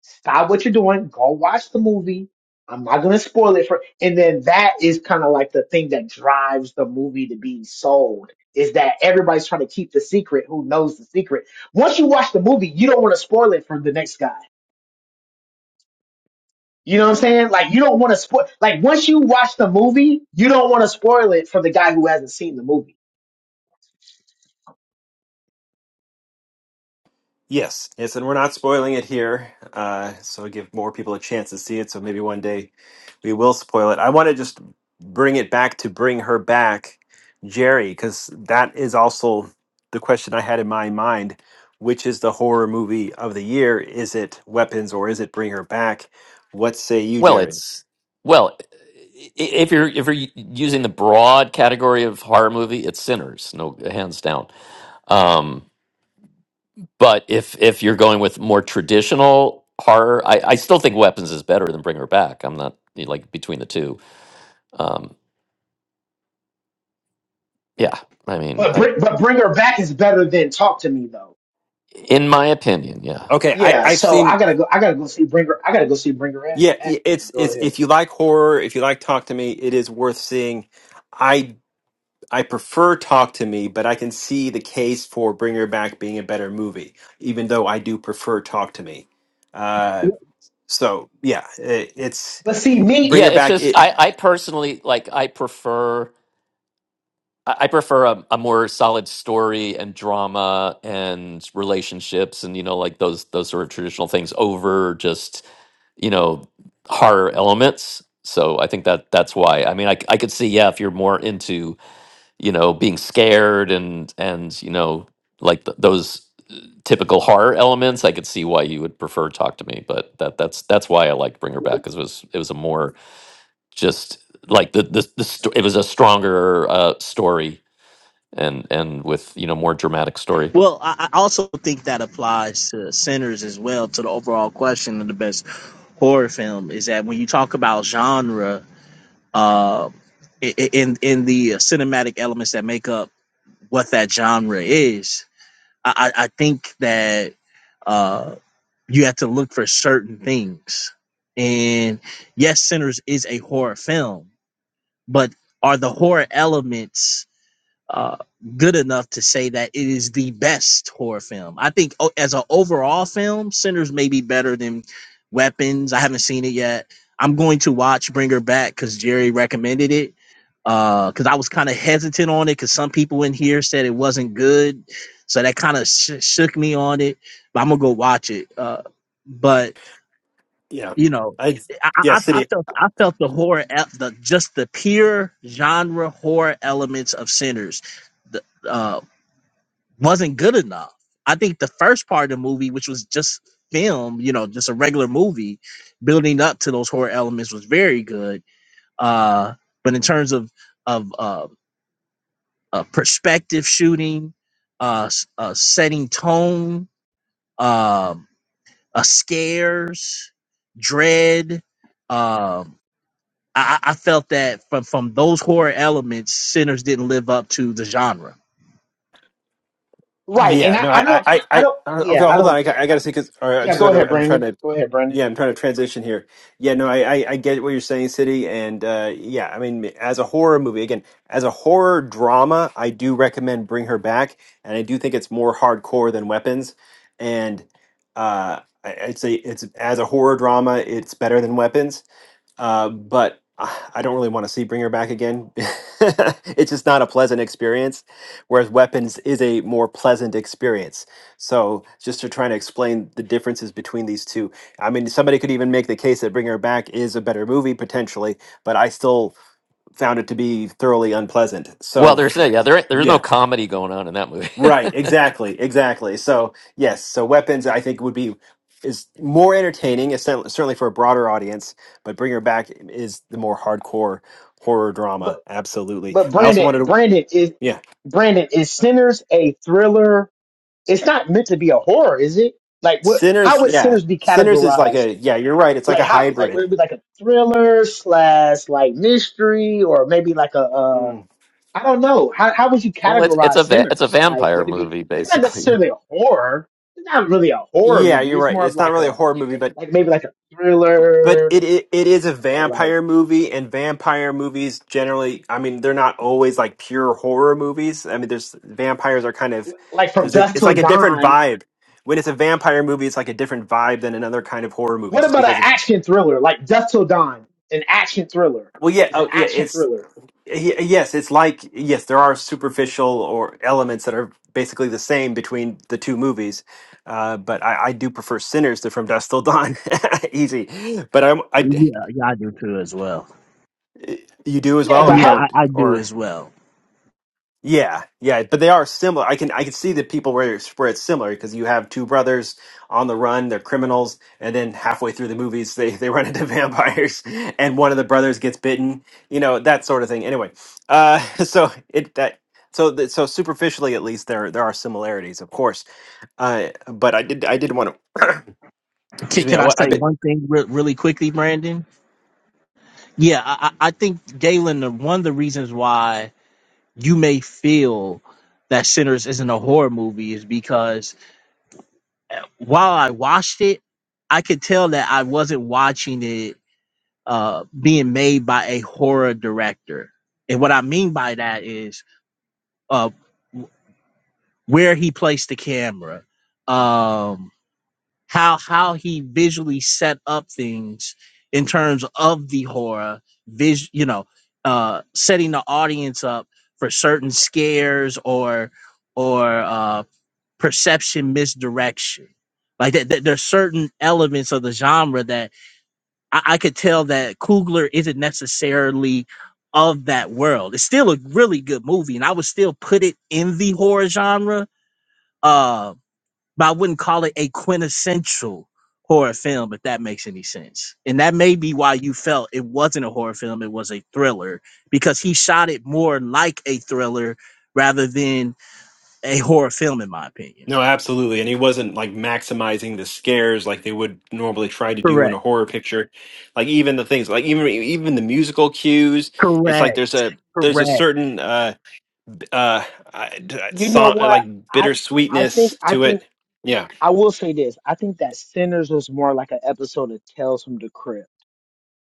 Stop what you're doing. Go watch the movie. I'm not going to spoil it for, and then that is kind of like the thing that drives the movie to be sold is that everybody's trying to keep the secret who knows the secret. Once you watch the movie, you don't want to spoil it for the next guy. You know what I'm saying? Like you don't want to spoil, like once you watch the movie, you don't want to spoil it for the guy who hasn't seen the movie.
Yes, yes, and we're not spoiling it here, uh, so give more people a chance to see it. So maybe one day we will spoil it. I want to just bring it back to bring her back, Jerry, because that is also the question I had in my mind. Which is the horror movie of the year? Is it Weapons or is it Bring Her Back? What say you,
Well,
Jerry?
it's well. i- i- If you're if you're u- using the broad category of horror movie, it's Sinners, no hands down. Um, But if if you're going with more traditional horror, I, I still think Weapons is better than Bring Her Back. I'm not like between the two. Um, yeah, I mean,
But
uh,
bring, but bring her back is better than talk to me though.
in my opinion, yeah.
Okay, I,
Yeah,
I've
so I
seen.
gotta go. I gotta go see bring her. I gotta go see bring her at-
Yeah,
back.
i-
Then
it's
go
it's
ahead.
if you like horror, if you like Talk to Me, it is worth seeing. I I prefer Talk to Me, but I can see the case for Bring Her Back being a better movie, even though I do prefer Talk to Me. Uh,
Paul-
so yeah, it, it's
But see
Bring
me
Yeah,
Her
it's
Back.
just
It
I, I personally like I prefer I I prefer a, a more solid story and drama and relationships and you know like those those sort of traditional things over just you know horror elements. So I think that that's why. I mean, I c- I could see yeah if you're more into you know being scared and and you know like th- those typical horror elements, I could see why you would prefer Talk to Me. But that that's that's why I liked Bring Her Back because it was it was a more just like the the, the sto- it was a stronger uh, story and end with you know more dramatic story.
Well, I I also think that applies to Sinners as well. To the overall question of the best horror film is that when you talk about genre, uh, i- i- in in the cinematic elements that make up what that genre is, I, I think that uh, you have to look for certain things. And yes, Sinners is a horror film, but are the horror elements uh, good enough to say that it is the best horror film. I think o- as an overall film, Sinners may be better than Weapons. I haven't seen it yet. I'm going to watch Bring Her Back because Jerry recommended it. Because I was kind of hesitant on it because some people in here said it wasn't good, so that kind of sh- shook me on it. But I'm gonna go watch it. Uh, but
yeah,
you know,
I
I,
yeah,
I,
City
I felt I felt the horror, el- the just the pure genre horror elements of Sinners, the, uh, wasn't good enough. I think the first part of the movie, which was just film, you know, just a regular movie, building up to those horror elements was very good. Uh, but in terms of of uh, uh, perspective shooting, uh, s- uh, setting tone, um uh, scares, dread. Um, I, I felt that from from those horror elements, Sinners didn't live up to the genre.
right, and
Yeah,
I,
no,
I
I, I,
don't. I,
I,
I
I
don't.
uh, okay,
Yeah, I
hold on.
don't
I,
think
got- I
that.
gotta see because I just,
Yeah, go
sort of-
ahead,
I'm trying
Brandon.
to,
Go ahead, Brandon.
yeah, I'm trying to transition here. Yeah, no, I, I, I get what you're saying, City, and uh, yeah, I mean, as a horror movie, again, as a horror drama, I do recommend Bring Her Back, and I do think it's more hardcore than Weapons, and uh, I, I'd say it's as a horror drama, it's better than Weapons uh, but I I don't really want to see Bringer back again. it's just not a pleasant experience, whereas Weapons is a more pleasant experience. So just to try to explain the differences between these two, I mean, somebody could even make the case that Bringer Back is a better movie potentially, but I still found it to be thoroughly unpleasant. So
Well, there's
f-
no, yeah, there there's
yeah,
no comedy going on in that movie.
Right, exactly, exactly. So yes, so weapons I think would be is more entertaining, it's cer- certainly for a broader audience. But Bring Her Back is the more hardcore horror
But
drama. Absolutely.
but
I also
Brandon,
wanted Right. to,
Brandon is
yeah,
Brandon is Sinners a thriller? It's not meant to be a horror, is it? Like what?
Sinners.
How would
Yeah,
Sinners be
Sinners is like
categorized?
a yeah. You're right. It's like
Like
a
how? Like would
hybrid.
it be like a thriller slash like mystery, or maybe like a? uh,
Mm.
I don't know. How how would you
well, it's it's
categorize
a va- it's a
Sinners? Like,
vampire
would it be?
movie
It's not
basically.
necessarily a horror. It's not really a horror
Yeah,
movie.
you're
It's
right.
more of
It's not
like
really a
a
horror movie, but
like maybe like a
But
thriller
it, it it is a
or like
vampire movie, and vampire movies generally, I mean, they're not always like pure horror movies. I mean, there's vampires are kind of
like from
there's a,
Dusk
it's
Till
like a different
Dawn.
vibe. When it's a vampire movie, it's like a different vibe than another kind of horror movie,
What
just
about an
because it's
action thriller? Like Dusk Till Dawn, an action thriller.
well, yeah,
It's an
oh yeah,
action
it's
thriller.
y- yes, it's like yes, there are superficial or elements that are basically the same between the two movies. Uh, but I, I do prefer Sinners to From Dusk Till Dawn, easy. But I'm I
Yeah, yeah, I do too as well.
you do as
Yeah,
well
but
or
Yeah,
how?
don't
I, I do
or.
as well.
Yeah, yeah, but they are similar. I can I can see the people where it's, where it's similar because you have two brothers on the run, they're criminals, and then halfway through the movies they they run into vampires, and one of the brothers gets bitten, you know that sort of thing. Anyway, uh, so it that so that so superficially at least there there are similarities, of course. Uh, but I did I did want to
Can,
excuse me
can
I,
I
wa-
say
I
one thing re- really quickly, Brandon? Yeah, I, I I think Galen, the- one of the reasons why you may feel that Sinners isn't a horror movie is because while I watched it, I could tell that I wasn't watching it uh, being made by a horror director. And what I mean by that is uh, w- where he placed the camera, um, how how he visually set up things in terms of the horror, vis- you know, uh, setting the audience up for certain scares or or uh, perception misdirection. Like that, that there's certain elements of the genre that I, I could tell that Coogler isn't necessarily of that world. It's still a really good movie, and I would still put it in the horror genre. Uh, but I wouldn't call it a quintessential horror film, if that makes any sense. And that may be why you felt it wasn't a horror film, it was a thriller, because he shot it more like a thriller rather than a horror film, in my opinion.
No, absolutely. And he wasn't like maximizing the scares like they would normally try to do in
Correct.
a horror picture. Like even the things like even even the musical cues, it's
Correct.
like there's a there's a
Correct.
certain uh uh I- d- uh,
You know
song uh,
what?
like
I I think
bittersweetness
I
to
think
it. Yeah.
I will say this. I think that Sinners was more like an episode of Tales from the Crypt,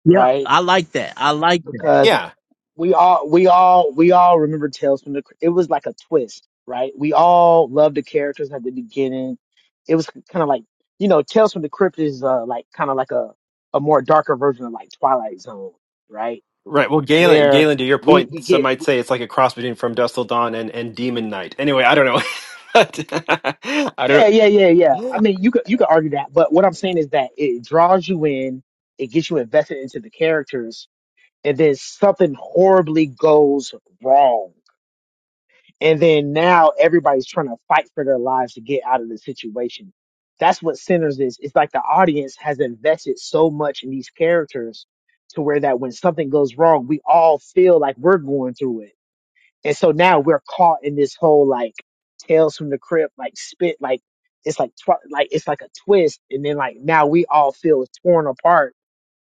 Yeah,
right?
I like that. I like that.
Yeah.
we all we all we all remember Tales from the Crypt. It was like a twist, right? We all loved the characters at the beginning. It was kind of like you know Tales from the Crypt is uh, like kind of like a a more darker version of like Twilight Zone, right?
Right. Well, Galen,
Where
Galen, to your
we
point,
we
some
get
might
we,
say it's like a cross between From Dusk Till Dawn and, and Demon Knight. Anyway, I don't know. but I
yeah
don't
yeah yeah yeah.
know.
I mean you could you could argue that, but what I'm saying is that it draws you in, it gets you invested into the characters, and then something horribly goes wrong And then now everybody's trying to fight for their lives to get out of the situation. That's what Sinners is. It's like the audience has invested so much in these characters to where that when something goes wrong, we all feel like we're going through it. And so now we're caught in this whole like tales from the crypt, like spit, like it's like, tw- like it's like a twist. And then like now we all feel torn apart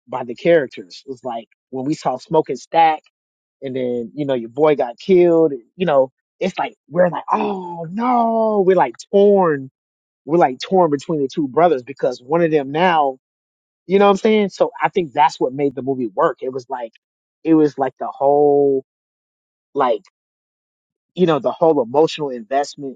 by the characters. It's like when we saw Smoking Stack and then you know your boy got killed. You know, it's like we're like, oh no, we're like torn. We're like torn between the two brothers because one of them now, you know what I'm saying? So I think that's what made the movie work. It was like, it was like the whole like you know the whole emotional investment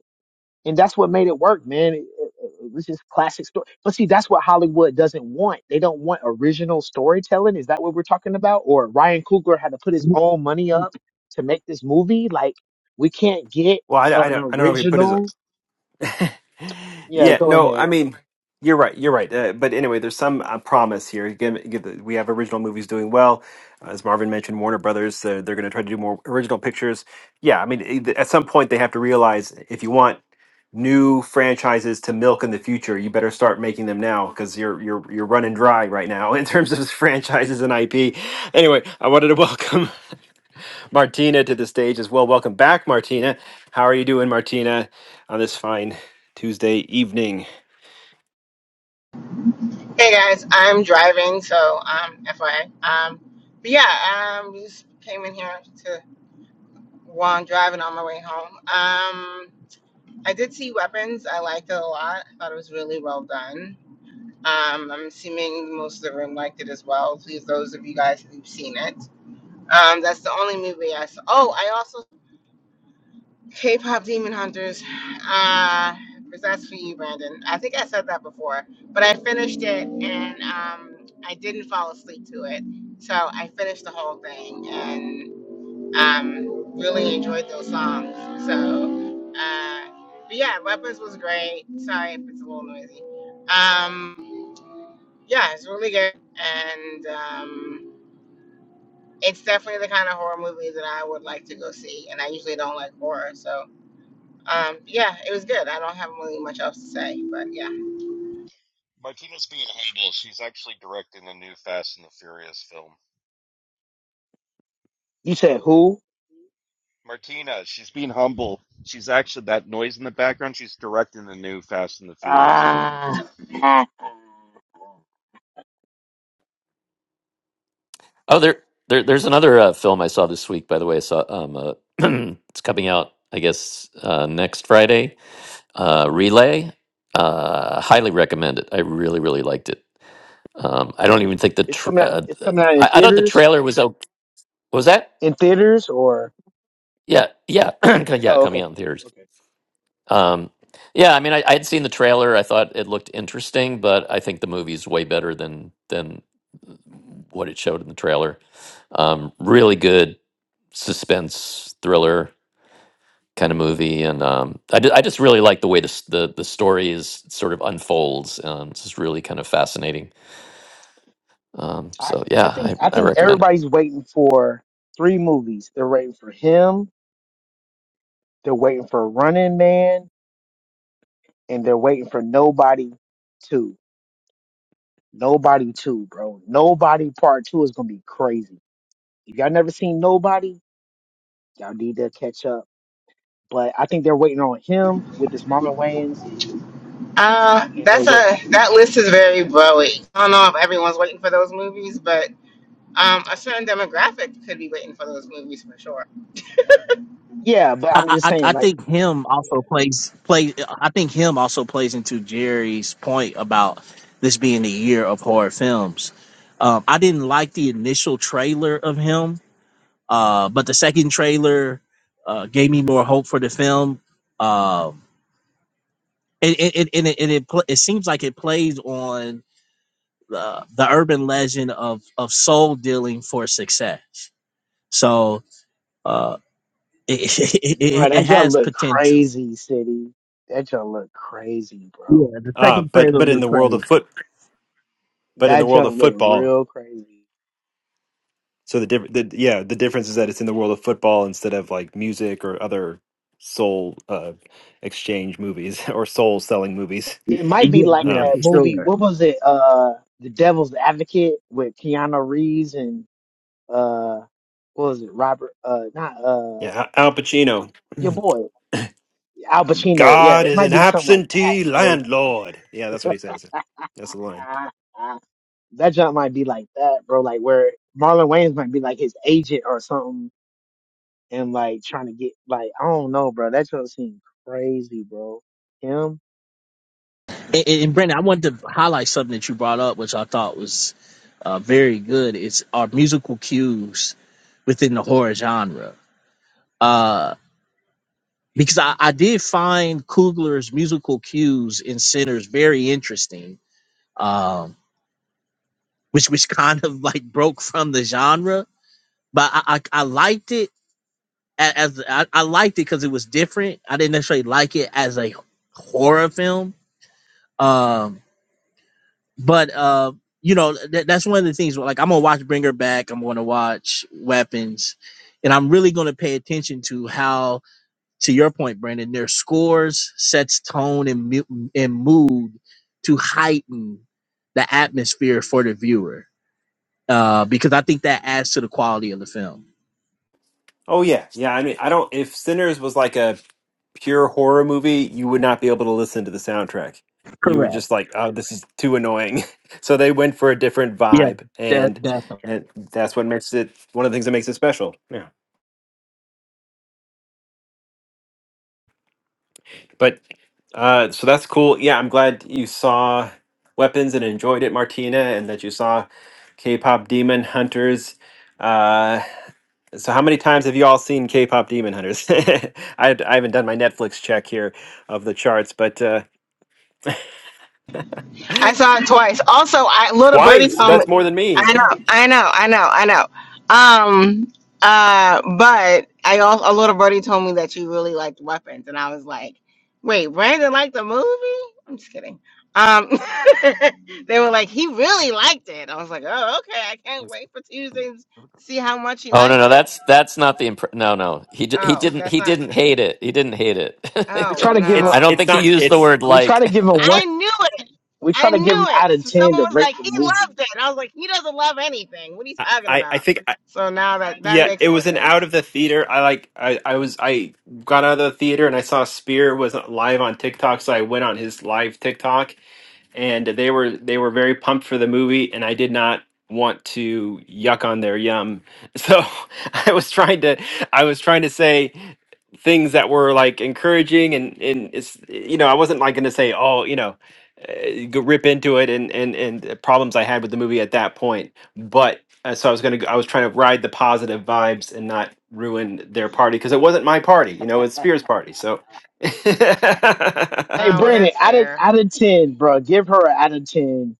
and that's what made it work, man. It, it, it was just classic story. But see, that's what Hollywood doesn't want. They don't want original storytelling. Is that what we're talking about? Or Ryan Coogler had to put his own money up to make this movie? Like, we can't get
Well, I, I
an
don't. I don't know if he put his.
original. Yeah,
Yeah,
go
no, I
ahead.
mean, you're right, you're right. Uh, but anyway, there's some uh, promise here. Again, again, the- we have original movies doing well. Uh, As Marvin mentioned, Warner Brothers, uh, they're going to try to do more original pictures. Yeah, I mean, it- at some point they have to realize if you want new franchises to milk in the future, you better start making them now because you're you're you're running dry right now in terms of franchises and IP. Anyway, I wanted to welcome. Martina to the stage as well. Welcome back, Martina. How are you doing, Martina, on this fine Tuesday evening?
Hey guys, I'm driving, so um, FYI. Um, but yeah, um, just came in here to while I'm driving on my way home. Um, I did see weapons. I liked it a lot. I thought it was really well done. Um, I'm assuming most of the room liked it as well. Please, those of you guys who've seen it. Um, that's the only movie I saw. Oh, I also K pop demon hunters. Uh, that's for you, Brandon. I think I said that before, but I finished it and um, I didn't fall asleep to it. So I finished the whole thing and um, really enjoyed those songs. So, uh, but yeah, Weapons was great. Sorry if it's a little noisy. Um, yeah, it's really good. And um, it's definitely the kind of horror movie that I would like to go see. And I usually don't like horror. So, um, yeah, it was good. I don't have really much else to say, but yeah.
Martina's being humble. She's actually directing the new Fast and the Furious film.
You said who?
Martina, she's being humble. She's actually that noise in the background. She's directing the new Fast and the Furious film.
Ah,
Oh, there, there there's another uh, film I saw this week by the way. I saw um uh, it's coming out I guess uh, next Friday. Uh, Relay. Uh, highly recommend it. I really really liked it. Um, I don't even think the
it's
tr
coming out.
uh,
It's coming out in
I, I thought the
theaters.
trailer was out. Was that?
In theaters, or
Yeah, yeah, yeah,
oh,
coming
okay,
out in theaters.
okay.
Um, yeah, I mean, I, I had seen the trailer. I thought it looked interesting, but I think the movie's way better than than what it showed in the trailer. Um, really good suspense thriller kind of movie, and um, I, ju- I just really like the way the s- the the story is sort of unfolds. Um, it's just really kind of fascinating. Um,
I
so yeah,
I think
I,
I
I
think
recommend it.
everybody's waiting for three movies. They're waiting for him. They're waiting for Running Man, and they're waiting for Nobody Two. Nobody Two, bro. Nobody Part Two is gonna be crazy. If y'all never seen Nobody, y'all need to catch up. But I think they're waiting on him with this Marlon Wayans,
Uh,
and they're
that's
wait.
a that list is very broad. I don't know if everyone's waiting for those movies, but um, a certain demographic could be waiting for those movies for sure.
Yeah, but
I,
I'm just
I I
saying,
I
like,
think him
yeah,
also plays play. I think him also plays into Jerry's point about this being the year of horror films. Um, I didn't like the initial trailer of him, uh, but the second trailer uh, gave me more hope for the film. Um, and, and, and, and it and it, pl- it seems like it plays on the, the urban legend of of soul dealing for success. So. uh, It, it, it,
bro,
it
that junk
has
look
potential.
crazy, city. That junk look crazy,
Yeah,
bro.
the
Uh,
second
but
trailer
but in
was
the world
crazy.
of foot, but in
That
the world of
junk look
football,
real crazy.
so the different, the, yeah, the difference is that it's in the world of football instead of like music or other soul uh, exchange movies or soul selling movies.
It might be
Yeah,
like
yeah,
Um,
that
for
movie.
sure.
What was it? Uh, The Devil's Advocate with Keanu Reeves and uh what was it, Robert uh not uh
yeah, Al Pacino.
your boy, Al Pacino. Yeah,
God
it
is
might
an
be something like that,
absentee
bro. Like,
landlord. Yeah, that's what he says. That's the line.
ah, ah. That jump might be like that, bro, like where Marlon Wayans might be like his agent or something and like trying to get like I don't know, bro. That jump seemed crazy, bro. Him, that
And,
jump's
and Brandon, I wanted to highlight something that you brought up, which I thought was uh, very good. It's our musical cues within the horror genre. Uh, because I, I did find Coogler's musical cues in Sinners very interesting, um, which which kind of like broke from the genre. But I, I, I liked it a- as I, I liked it because it was different. I didn't necessarily like it as a horror film. Um, but uh, you know, th- that's one of the things. where, Like, I'm gonna watch Bring Her Back. I'm gonna watch Weapons, and I'm really gonna pay attention to how, to your point, Brandon, their scores sets tone and mu- and mood to heighten the atmosphere for the viewer. Uh, because I think that adds to the quality of the film.
Oh yeah, yeah. I mean, I don't. If Sinners was like a pure horror movie, you would not be able to listen to the soundtrack. You would
Correct.
just like, oh, this is too annoying. so they went for a different
Yeah.
vibe,
That
and and that's what makes it one of the things that makes it special. Yeah, but uh, so that's cool. Yeah, I'm glad you saw Weapons and enjoyed it, Martina, and that you saw K-pop Demon Hunters. Uh, so how many times have you all seen K-pop Demon Hunters? I, I haven't done my Netflix check here of the charts, but uh,
not nah.
I saw it twice. Also, I little birdie
twice.
told me.
That's more than me.
I know, I know, I know, I know. Um, uh, but I also a little birdie told me that you really liked weapons, and I was like, wait, Brandon liked the movie? I'm just kidding. Um, they were like, he really liked it. I was like, oh, okay. I can't wait for Tuesdays to see how much he
Oh no,
liked
no,
it.
that's that's not the impre- no, no. He d- he
Oh,
didn't
that's
he
not.
didn't hate it. He didn't hate it.
We
Oh
try to give him
it's
I don't
no.
it's
think he
not
used the
it's
word
we try
like.
to give him one
I knew it.
we try
I
to give him
knew it.
out of
So
ten
someone
to
was like,
rate the
"He
movie.
loved it." I was like, "He doesn't love anything. What are you
i
talking
i
about?"
think I,
So now that that
yeah
makes
it
more
was an out
sense.
of the theater i like i i was i got out of the theater and i saw spear was live on tiktok so i went on his live tiktok and they were they were very pumped for the movie and i did not want to yuck on their yum so i was trying to i was trying to say things that were like encouraging and and it's you know i wasn't like going to say oh you know uh, go rip into it and and and the problems i had with the movie at that point but uh, so i was going to i was trying to ride the positive vibes and not ruin their party because it wasn't my party you know it's spears party so
Hey,
Oh well,
Brandon,
that's
out of
fair.
out of ten, bro, give her an out of ten.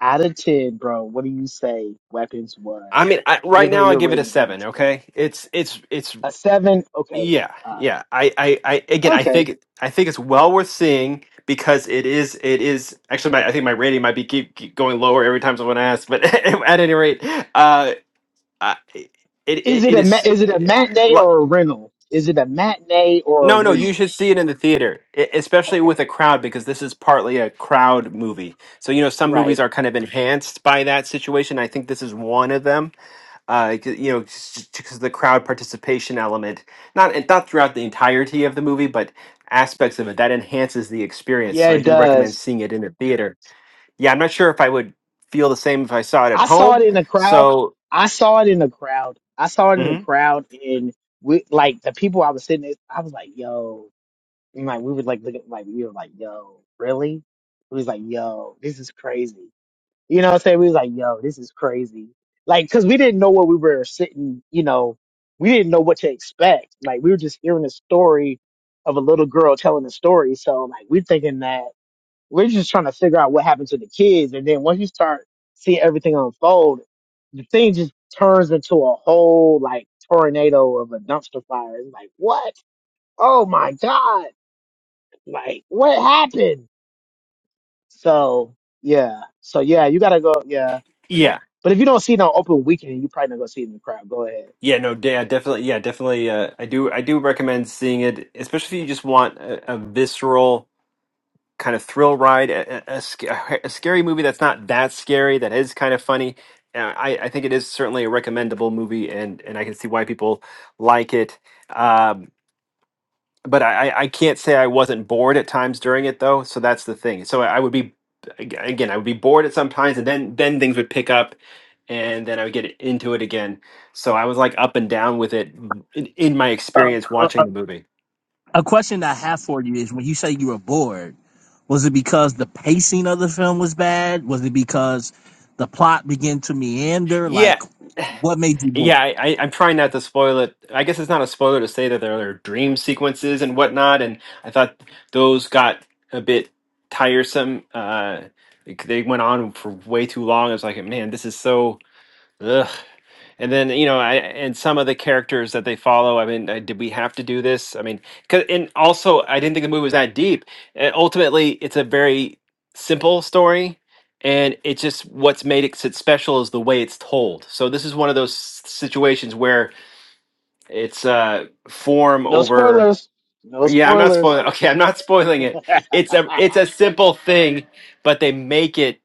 Out of ten, bro, what do you say weapons
I
was?
mean, I,
Give
right
her
now I
your
give it a
rating out of
seven.
ten.
Okay, it's it's it's
A seven? Okay,
yeah
all
yeah.
right,
I, I I again I
okay.
think I think it's well worth seeing because it is it is actually my I think my rating might be keep, keep going lower every time someone asks, but at any rate, uh, I, it,
Is
it
it
it
a ma-
is.
is it a
eh,
matinee
lo-
or a rental? Is it a matinee or a
No, no, you
rental?
should see it in the theater, e- especially with
Okay,
a crowd, because this is partly a crowd movie. So you know, some movies
right.
are kind of enhanced by that situation. I think this is one of them uh, c- you know, because the crowd participation element, not and not throughout the entirety of the movie, but aspects of it that enhances the experience.
Yeah,
So I
it
do
does.
recommend seeing it in a theater. Yeah, I'm not sure if I would feel the same if I saw it at
I saw
home.
it in the crowd.
So
I saw it in the crowd. I saw it in the
mhm.
crowd, and we like the people I was sitting. With, I was like, "Yo," and like we were like looking, like we were like, "Yo, really?" We was like, "Yo, this is crazy." You know what I'm saying? We was like, "Yo, this is crazy." Like, cause we didn't know what we were sitting. You know, we didn't know what to expect. Like, we were just hearing the story of a little girl telling a story. So, like, we're thinking that. We're just trying to figure out what happened to the kids. And then once you start seeing everything unfold, the thing just turns into a whole like tornado of a dumpster fire. It's like, what? Oh my God. Like, what happened? So, yeah. So, yeah, you got to go. Yeah.
yeah,
But if you don't see it on open weekend, you probably not going to see it in the crowd. Go ahead.
yeah, no, de- yeah, definitely, yeah, definitely. Uh, I do, I do recommend seeing it, especially if you just want a, a visceral. kind of thrill ride, a, a, sc- a scary movie that's not that scary, that is kind of funny. Uh, I, I think it is certainly a recommendable movie, and, and I can see why people like it. Um, but I, I I can't say I wasn't bored at times during it, though. So that's the thing. So I would be, ag- again, I would be bored at some times, and then then things would pick up, and then I would get into it again. So I was like up and down with it in, in my experience
definitely.
watching the movie.
A question I have for you is when you say you were bored, was it because the pacing of the film was bad? Was it because the plot began to meander? Like, what made you
Yeah,
bored?
I, I, I'm trying not to spoil it. I guess it's not a spoiler to say that there are dream sequences and whatnot, and I thought those got a bit tiresome. Uh, they they went on for way too long. I was like, man, this is so. Ugh. And then you know, I and some of the characters that they follow. I mean, uh, did we have to do this? I mean, 'cause- and also, I didn't think the movie was that deep. And ultimately, it's a very simple story, and it's just what's made it sit special is the way it's told. So this is one of those s- situations where it's uh form
No
over.
spoilers. No
Yeah, I'm not
spoilers.
spoiling. Okay, I'm not spoiling it. It's a it's a simple thing, but they make it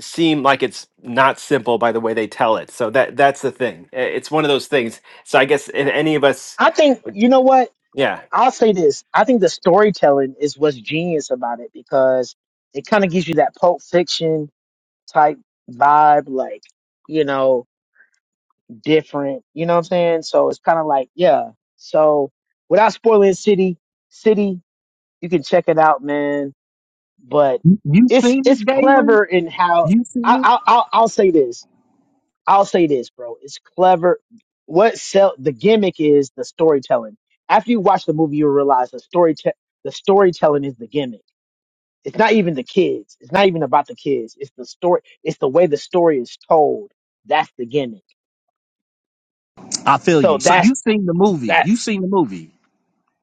seem like it's not simple by the way they tell it. So that that's the thing. I- It's one of those things. So I guess if any of us,
I think, you know what?
yeah,
I'll say this. I think the storytelling is what's genius about it because it kind of gives you that pulp fiction type vibe, like, you know, different, you know what I'm saying? So it's kind of like, yeah. So without spoiling City, City, you can check it out, man. But
You, you
it's,
seen
it's
it, Galen?
clever in how
You
I,
seen
I,
it?
I'll, I'll say this. I'll say this, bro. It's clever. What sell the gimmick is the storytelling. After you watch the movie, you realize the story te- the storytelling is the gimmick. It's not even the kids. It's not even about the kids. It's the story. It's the way the story is told. That's the gimmick.
I feel
So
you. So
that's
you seen the movie.
that.
You seen the movie.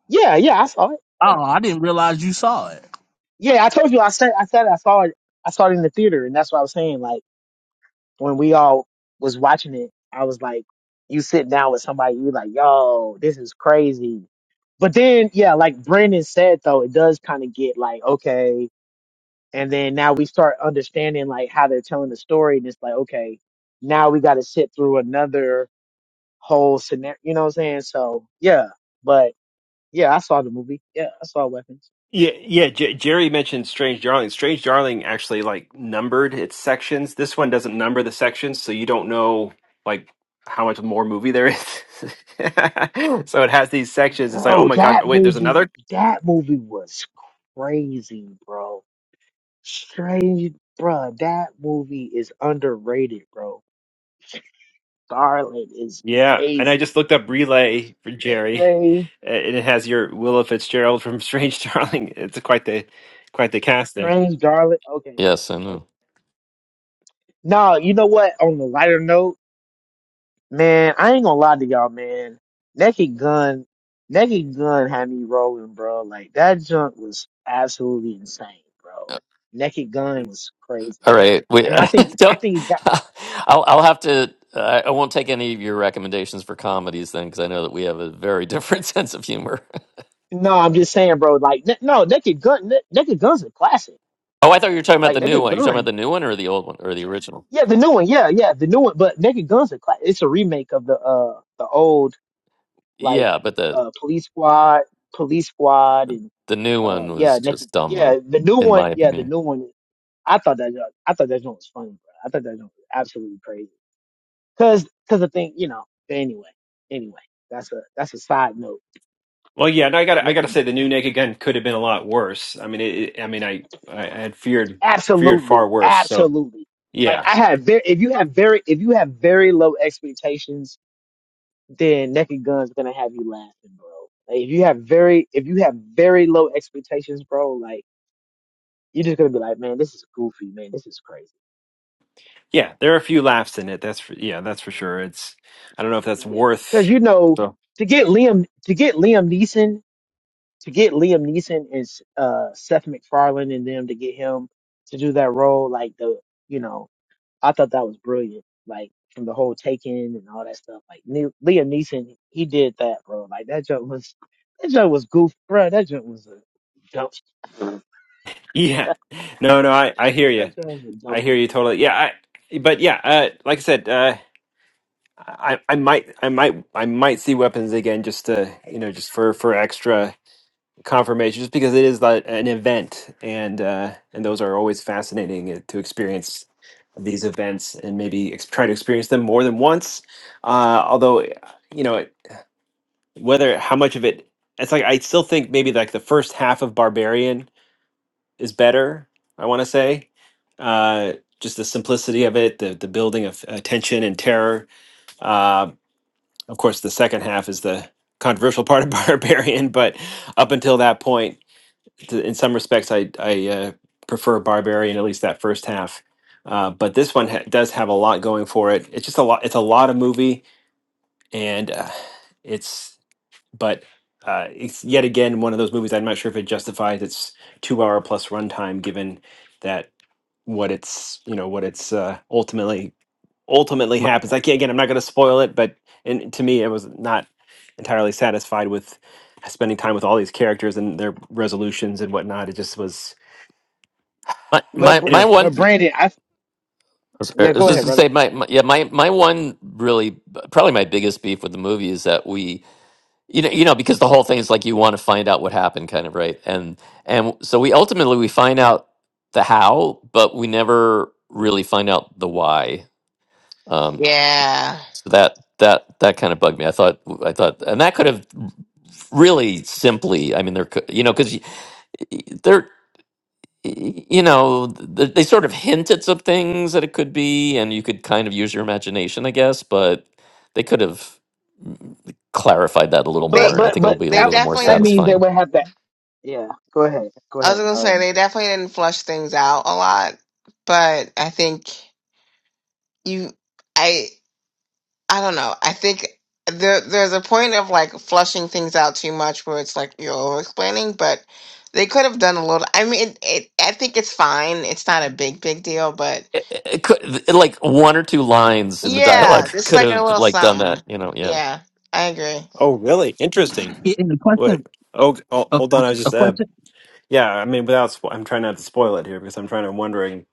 Yeah, yeah, I saw it. Yeah,
Oh, I didn't realize you saw it.
yeah. I told you, I said, I said, I saw it. I saw it in the theater, and that's what I was saying. Like. when we all was watching it, I was like, you sit down with somebody, you like, yo, this is crazy. But then, yeah, like Brandon said, though, it does kind of get like, okay. And then now we start understanding like how they're telling the story. And it's like, okay, now we got to sit through another whole scenario. You know what I'm saying? So, yeah. But yeah, I saw the movie. Yeah, I saw Weapons.
yeah, yeah. J- Jerry mentioned Strange Darling. Strange Darling actually like numbered its sections. This one doesn't number the sections, so you don't know like how much more movie there is. so it has these sections. It's like, oh
Bro,
my gosh,
that
wait, there's another
movie, that movie was crazy, bro Strange, bruh. That movie is underrated, bro. Darling is
Yeah, and I
crazy.
just looked up relay for Jerry,
Strange,
and it has your Willa Fitzgerald from Strange Darling. It's quite the quite the casting.
strange, darling. Okay.
Yes, I
okay.
know.
No, you know what? On the lighter note, man, I ain't gonna lie to y'all, man. Naked Gun, Naked Gun had me rolling, bro. Like that junk was absolutely insane, bro. Naked Gun was crazy,
All right, we
and I think I
don't.
think it got.
I'll I'll have to. I I won't take any of your recommendations for comedies then, because I know that we have a very different sense of humor.
No, I'm just saying, bro. Like, n- no, Naked Gun, N- Naked Gun's a classic.
Oh, I thought you were talking about
Like,
the new
Naked
one. You talking about
Gun.
the new one or the old one or the original?
Yeah, the new one. Yeah, yeah, the new one. But Naked Guns, a cla- it's a remake of the uh the old like
Yeah, but the
uh Police Squad, Police Squad, and
the new
uh
one was
yeah, Naked.
just dumb,
Yeah,
though,
the new
in
one.
my
Yeah, the
opinion.
new one. I thought that joke- I thought that joke was funny, bro. I thought that joke was absolutely crazy. Cause cause the thing, you know. but Anyway, anyway, that's a that's a side note.
Well, yeah, and I got to I got to
Naked. Gun-
say the new Naked Gun could have been a lot worse. I mean, it, it- I mean, I I I had feared feared far
Absolutely,
worse. So
absolutely. Like
yeah,
I had very if you have very if you have very low expectations then Naked Gun's gonna have you laughing, bro. Like, if you have very, if you have very low expectations, bro, like you're just gonna be like, man, this is goofy, man, this is crazy.
yeah, there are a few laughs in it. That's for, yeah, that's for sure. It's I don't know if that's
Yeah,
worth.
because you know,
So
to get Liam, to get Liam Neeson, to get Liam Neeson and uh, Seth MacFarlane and them to get him to do that role, like the, you know, I thought that was brilliant, like from the whole Taken and all that stuff. Like ne- Liam Neeson, he did that, bro. Like that joke was, that joke was goofy, bro. That joke was a joke
yeah, no, no, I I hear you.
That sounds a
I
dope
hear you
plan.
totally. Yeah, I but yeah, uh, like I said. Uh, I, I might I might I might see weapons again just to you know just for for extra confirmation just because it is like an event and uh and those are always fascinating uh, to experience these events and maybe ex- try to experience them more than once uh although you know whether how much of it it's like I still think maybe like the first half of Barbarian is better I want to say uh just the simplicity of it the the building of uh, tension and terror Uh, of course, the second half is the controversial part of Barbarian, but up until that point, th- in some respects, I, I uh, prefer Barbarian, at least that first half. Uh, but this one ha- does have a lot going for it. It's just a lot. It's a lot of movie, and uh, it's but uh, it's yet again one of those movies. I'm not sure if it justifies its two hour plus runtime, given that what it's you know what it's uh, ultimately ultimately
My
happens. I can't, again, I'm not going to spoil it, but and to me, I was not entirely satisfied with spending time with all these characters and their resolutions and whatnot. It just was,
my
But
my
Br-
you
my
know.
one.
but Brandon, I
I
yeah,
was
go
just
ahead,
gonna
brother.
say my, my yeah my my one really probably my biggest beef with the movie is that we you know you know because the whole thing is like you want to find out what happened kind of right and and so we ultimately we find out the how but we never really find out the why um
Yeah,
so that that that kind of bugged me i thought i thought and that could have really simply i mean there could you know because there y- you know th- they sort of hint at some things that it could be and you could kind of use your imagination i guess but they could have mm, clarified that a little
they
But
more and i
but
think it'll
but
be a
they
That
little more
definitely
that
didn't.
means they
satisfying
would have that. Yeah, go ahead, go
I was
ahead,
gonna say
um,
they
sir.
definitely didn't flush things out a lot, but I think you, I. I don't know. I think there there's a point of like flushing things out too much where it's like you're over explaining, but they could have done a little. I mean, it, it, I think it's fine. It's not a big big deal, but
it, it could it- like one or two lines in the
yeah,
dialogue
just
could
like a
have
little
like done
something.
that you know yeah
Yeah, I agree.
Oh, really? Interesting.
I- And the
Wait.
question,
Oh, oh
a,
hold on. I was
a
just, uh,
question.
yeah. I mean, without, spo- I'm trying not to spoil it here because I'm trying to wondering.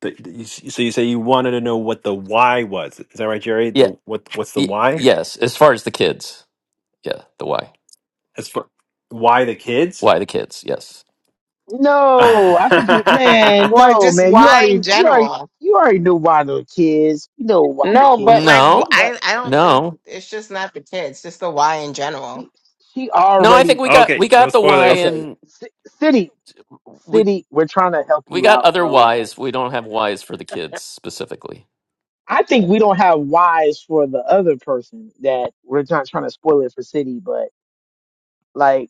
The, the- you s- so you say you wanted to know what the why was? Is that right, Jerry?
yeah
The what? What's the
y-
why?
yes as far as the kids yeah the why
As for why the kids?
why the kids yes
no, I thought you
okay,
man,
Or
no
just
man, you
why
already
in
you already
general.
you already knew why the kids, you know why the
No, but
kids.
like wh-
no
But
I I don't think
no
it's just not the kids, just the why in general.
she she
no i think
already
we got we
no
got the why
spoilers.
okay.
and
C- city
we
city, we're trying to help
we
you
got
out,
other
bro. Like
whys we don't have whys for the kids specifically
I think we don't have whys for the other person that we're not trying to spoil it for city, but. like,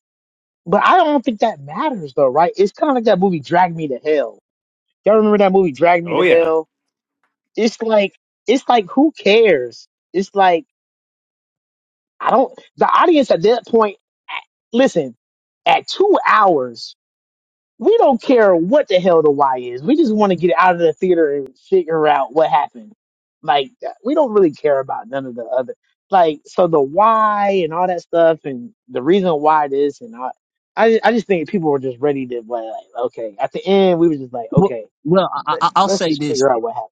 But I don't think that matters though, right? It's kind of like that movie Drag Me to Hell. Y'all remember that movie Drag Me
Oh
to
yeah.
Hell? It's like it's like who cares? It's like I don't the audience at that point listen, at 2 hours we don't care what the hell the why is. We just want to get out of the theater and figure out what happened. Like we don't really care about none of the other. Like so the why and all that stuff and the reason why this and I, I I just think people were just ready to like okay at the end we were just like
Well,
okay
well, I,
let,
I- I'll
let's
say
just
this:
figure out what happened.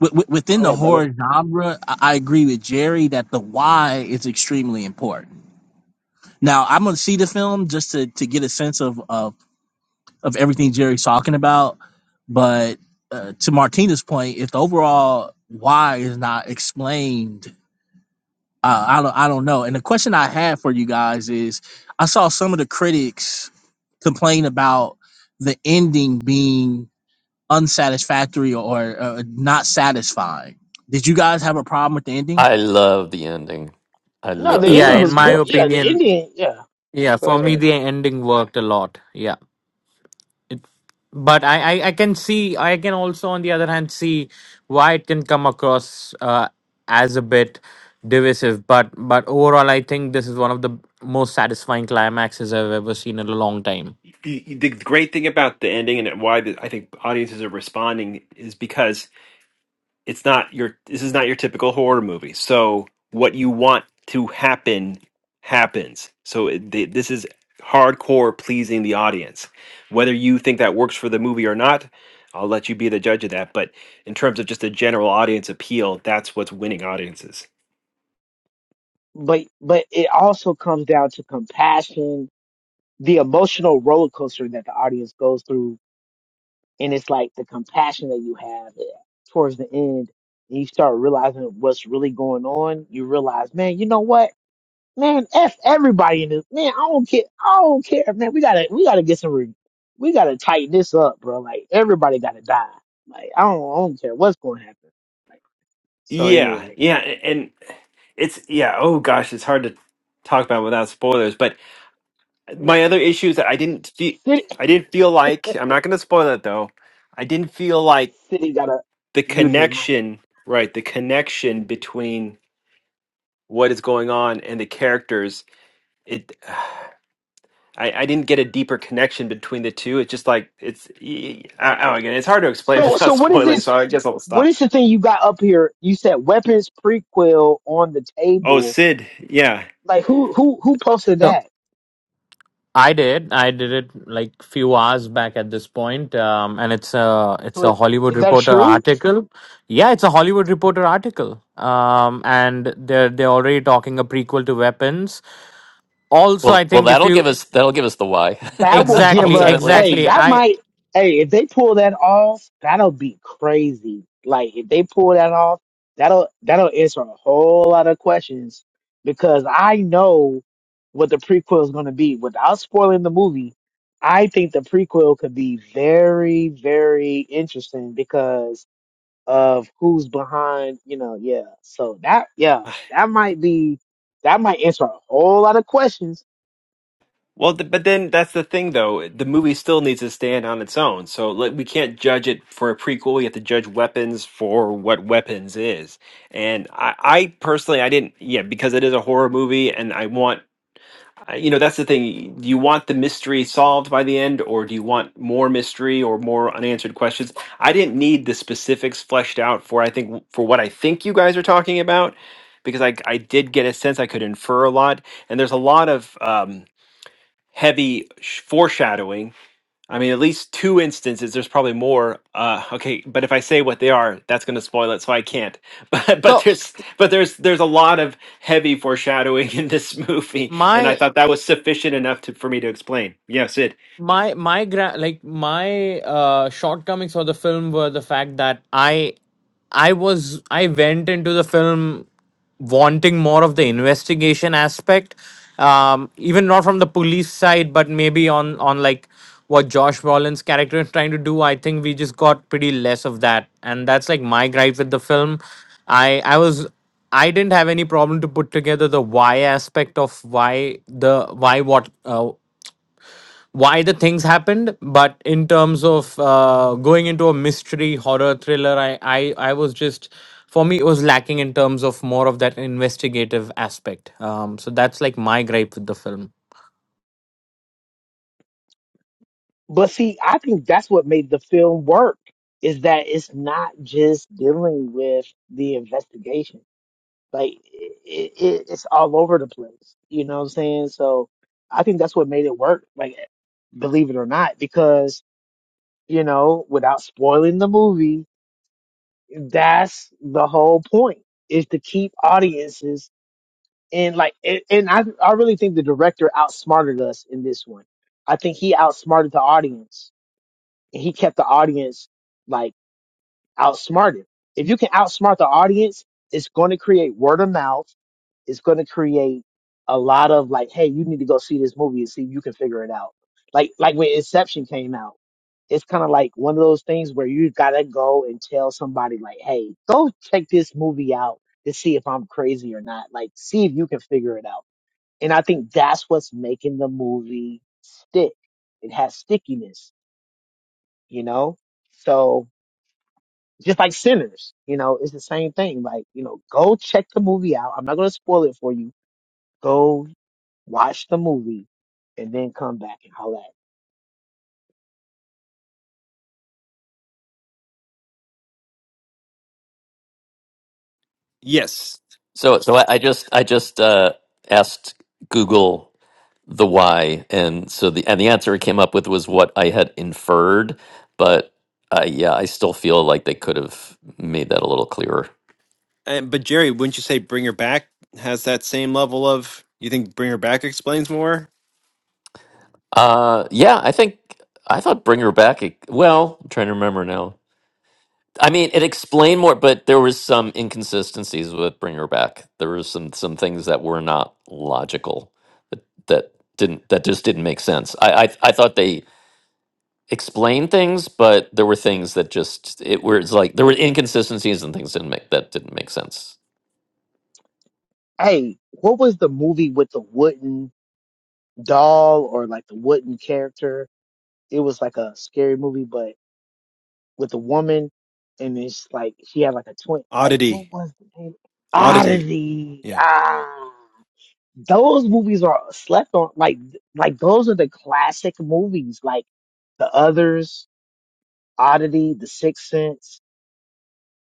Wi- wi-
Go
within the
ahead, brother.
horror genre, I I agree with Jerry that the why is extremely important Now I'm gonna see the film just to to get a sense of of, of everything Jerry's talking about. But uh, to Martina's point, if the overall why is not explained, uh, I don't I don't know. And the question I have for you guys is, I saw some of the critics complain about the ending being unsatisfactory or uh, not satisfying. Did you guys have a problem with the ending?
i love the ending i,
No,
lo-
the
I
Yeah,
ending
love
in
was
my
good.
love the
Yeah,
ending
the
opinion,
ending. Yeah,
Yeah,
go
for me
ahead.
the ending worked a lot. Yeah. It, but I, I I can see I can also on the other hand see why it can come across uh, as a bit divisive but but overall I think this is one of the most satisfying climaxes I've ever seen in a long time.
y- y- the great thing about the ending and why the, I think audiences are responding is because it's not your this is not your typical horror movie. So what you want to happen happens. So it, th- this is hardcore pleasing the audience. Whether you think that works for the movie or not, I'll let you be the judge of that. But in terms of just a general audience appeal, that's what's winning audiences.
But but it also comes down to compassion, the emotional roller coaster that the audience goes through and it's like the compassion that you have towards the end and you start realizing what's really going on you realize man you know what man f everybody in this man i don't care i don't care man we gotta we gotta get some re- we gotta tighten this up bro like everybody gotta die like i don't i don't care what's gonna happen so
Yeah,
anyway
yeah, a- and it's yeah. Oh gosh, it's hard to talk about without spoilers, but
when
my other issue is that I didn't feel
city
I didn't feel like I'm not going to spoil it though. I didn't feel like
city gotta
the
mute his mic
connection, right? The connection between what is going on and the characters. It, I, I didn't get a deeper connection between the two. It's just like it's. I, I do It's hard to explain
so so
without
what is
spoiling,
this
so I guess I'll
what
stop.
is the thing you got up here you said weapons prequel on the
Oh,
table
Sid, yeah.
Like who who who posted
So
that?
I did I did it like few hours back at this point um, and it's a
So
it's a
is,
Hollywood
is that
Reporter
true?
article. Yeah, it's a Hollywood Reporter article. Um, and they're they're already talking a prequel to Weapons also i
well, well,
think if
that'll
you
give us that'll give us the why
That will give
exactly
us.
ultimately.
Hey,
exactly
that
i
might. Hey, if they pull that off, that'll be crazy. Like if they pull that off, that'll that'll answer a whole lot of questions because I know what the prequel is going to be. Without spoiling the movie, I think the prequel could be very very interesting because of who's behind, you know, yeah. So that, yeah, that might be, that might answer a whole lot of questions.
Well, th- but then that's the thing, though. The movie still needs to stand on its own. So like, we can't judge it for a prequel. We have to judge weapons for what weapons is. And I, I personally, I didn't, yeah, because it is a horror movie, and I want, I- you know, that's the thing. Do you want the mystery solved by the end, or do you want more mystery or more unanswered questions? I didn't need the specifics fleshed out for. I think for what I think you guys are talking about, because I, I did get a sense I could infer a lot, and there's a lot of. um heavy sh- foreshadowing. I mean, at least two instances. There's probably more. Uh, okay, but if I say what they are, that's going to spoil it, so I can't. But but
so
there's but there's there's a lot of heavy foreshadowing in this movie, and I
my
thought that was sufficient enough to, for me to explain. Yes, it.
my my gra- like my uh shortcomings for the film were the fact that i I was I went into the film wanting more of the investigation aspect, um, even not from the police side, but maybe on on like what Josh Brolin's character is trying to do. I think we just got pretty less of that, and that's like my gripe with the film. I I was I didn't have any problem to put together the why aspect of why the why what uh, why the things happened but in terms of uh, going into a mystery horror thriller I, I i was just for me it was lacking in terms of more of that investigative aspect um, so that's like my gripe with the film
But see, I think that's what made the film work is that it's not just dealing with the investigation. Like it, it, it's all over the place. You know what I'm saying? So I think that's what made it work. Like, believe it or not, because, you know, without spoiling the movie, that's the whole point is to keep audiences and like and, and I I really think the director outsmarted us in this one. I think he outsmarted the audience and he kept the audience like outsmarted. If you can outsmart the audience, it's going to create word of mouth. It's going to create a lot of like, hey, you need to go see this movie and see if you can figure it out. Like like when Inception came out, it's kind of like one of those things where you gotta go and tell somebody like, hey, go check this movie out to see if I'm crazy or not. Like, see if you can figure it out and I think that's what's making the movie stick. It has stickiness, you know? So just like Sinners, you know, it's the same thing. Like, you know, go check the movie out. I'm not going to spoil it for you. Go watch the movie and then come back and holler at, me.
Yes,
So, so I, I just I just uh, asked Google the why and so the and the answer i came up with was what i had inferred but uh, yeah i still feel like they could have made that a little clearer
and, but Jerry, wouldn't you say Bring Her Back has that same level of? You think Bring Her Back explains more?
uh yeah i think i thought bring her back it, well i'm trying to remember now i mean it explained more but there was some inconsistencies with bring her back there was some some things that were not logical that, that didn't that just didn't make sense I, I i thought they explain things, but there were things that just it were it's like there were inconsistencies and things didn't make that didn't make sense.
hey, what was the movie with the wooden doll or like the wooden character? It was like a scary movie, but. with a woman, and it's like she had like a twin. Like what
Oddity,
was the name?
oddity.
Oddity.
Yeah.
Ah, those movies are slept on. Like like those are the classic movies. Like the others, Oddity, The Sixth Sense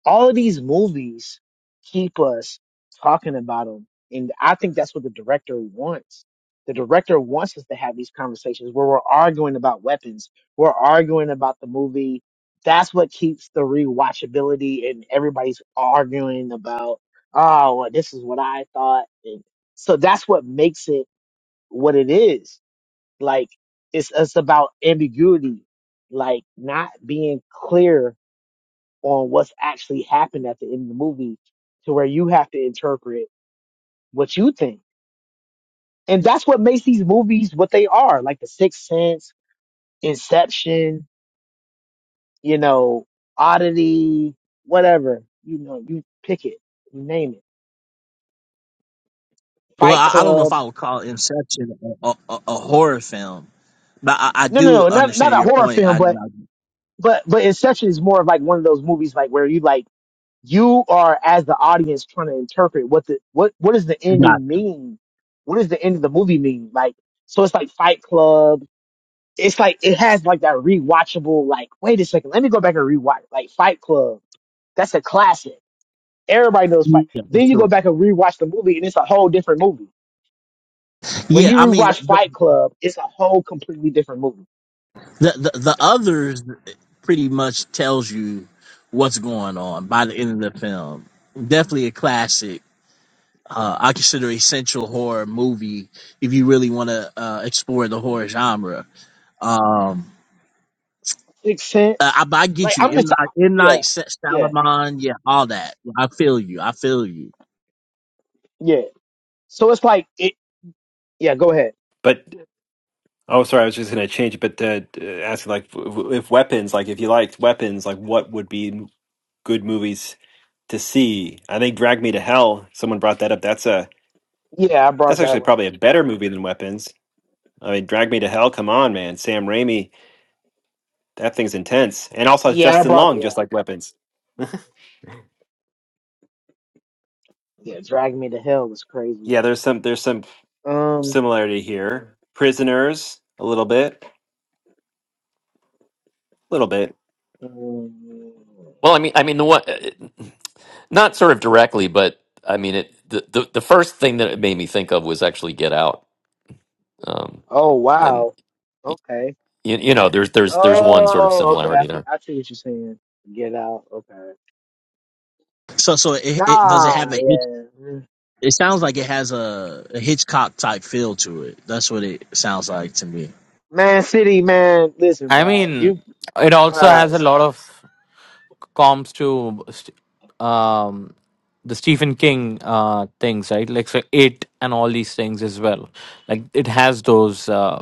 all of these movies keep us talking about them. And I think that's what the director wants. The director wants us to have these conversations where we're arguing about weapons. We're arguing about the movie. That's what keeps the rewatchability and everybody's arguing about, oh, well, this is what I thought. And so that's what makes it what it is. Like it's, it's about ambiguity, like not being clear on what's actually happened at the end of the movie to where you have to interpret what you think. And that's what makes these movies what they are, like The Sixth Sense, Inception, you know, Oddity, whatever. You know, you pick it, you name it.
Well,
Fight
I, I don't know if
Club.
I would call Inception a, a, a a horror film But I, I
No,
do
no, no, not not
understand
a
your
horror
point. I,
film, but
I
but but Inception is more of like one of those movies like where you like you are as the audience trying to interpret what the what what does the
got
ending mean? What does the end of the movie mean? Like so it's like Fight Club. It's like it has like that rewatchable like wait a second, let me go back and rewatch like Fight Club. That's a classic. Everybody knows
yeah,
Fight.
for
Then you go
sure.
back and rewatch the movie and it's a whole different movie. When
Yeah,
you
I mean
rewatch
the,
Fight Club, it's a whole completely different movie.
the the the others pretty much tells you what's going on by the end of the film. Definitely a classic. Uh, I consider essential horror movie if you really want to uh, explore the horror genre. Um,
Makes
I,
sense?
I but I
Like
get you.
I'm
M
just
Night, M
yeah,
Night Shy-
yeah,
Shyamalan, yeah, all that. I feel you. I feel you.
yeah. So it's like it yeah, go ahead.
But. Oh, sorry. I was just going to change it, but uh, uh, asking like w- if weapons, like if you liked weapons, like what would be m- good movies to see? I think Drag Me to Hell. Someone brought that up. That's a
Yeah, I brought
that's
that
actually
one
probably a better movie than Weapons. I mean, Drag Me to Hell. Come on, man. Sam Raimi. That thing's intense. And also it's
Yeah, I
Justin
brought
Long,
yeah,
just like Weapons.
yeah. Drag Me to Hell was crazy.
Yeah, there's some there's some
Um.
similarity here. Prisoners, a little bit, a little bit.
mm,
Well, I mean, I mean the one, uh, it- not sort of directly, but I mean it. The, the the first thing that it made me think of was actually Get Out, um,
Oh
and
wow.
y-
Okay.
you, you know, there's there's there's one sort of
Oh, okay. I
similarity
see.
there.
I see what you're saying. Get out. Okay.
So, so it, it does it have
Nah.
a history?
Yeah. mm.
It sounds like it has a, a Hitchcock type feel to it. That's what it sounds like to me.
Man City, man. Listen,
i
bro. You.
mean it also
Uh,
has a lot of comps to st- um, the stephen king uh, things right like so it and all these things as well like it has those uh,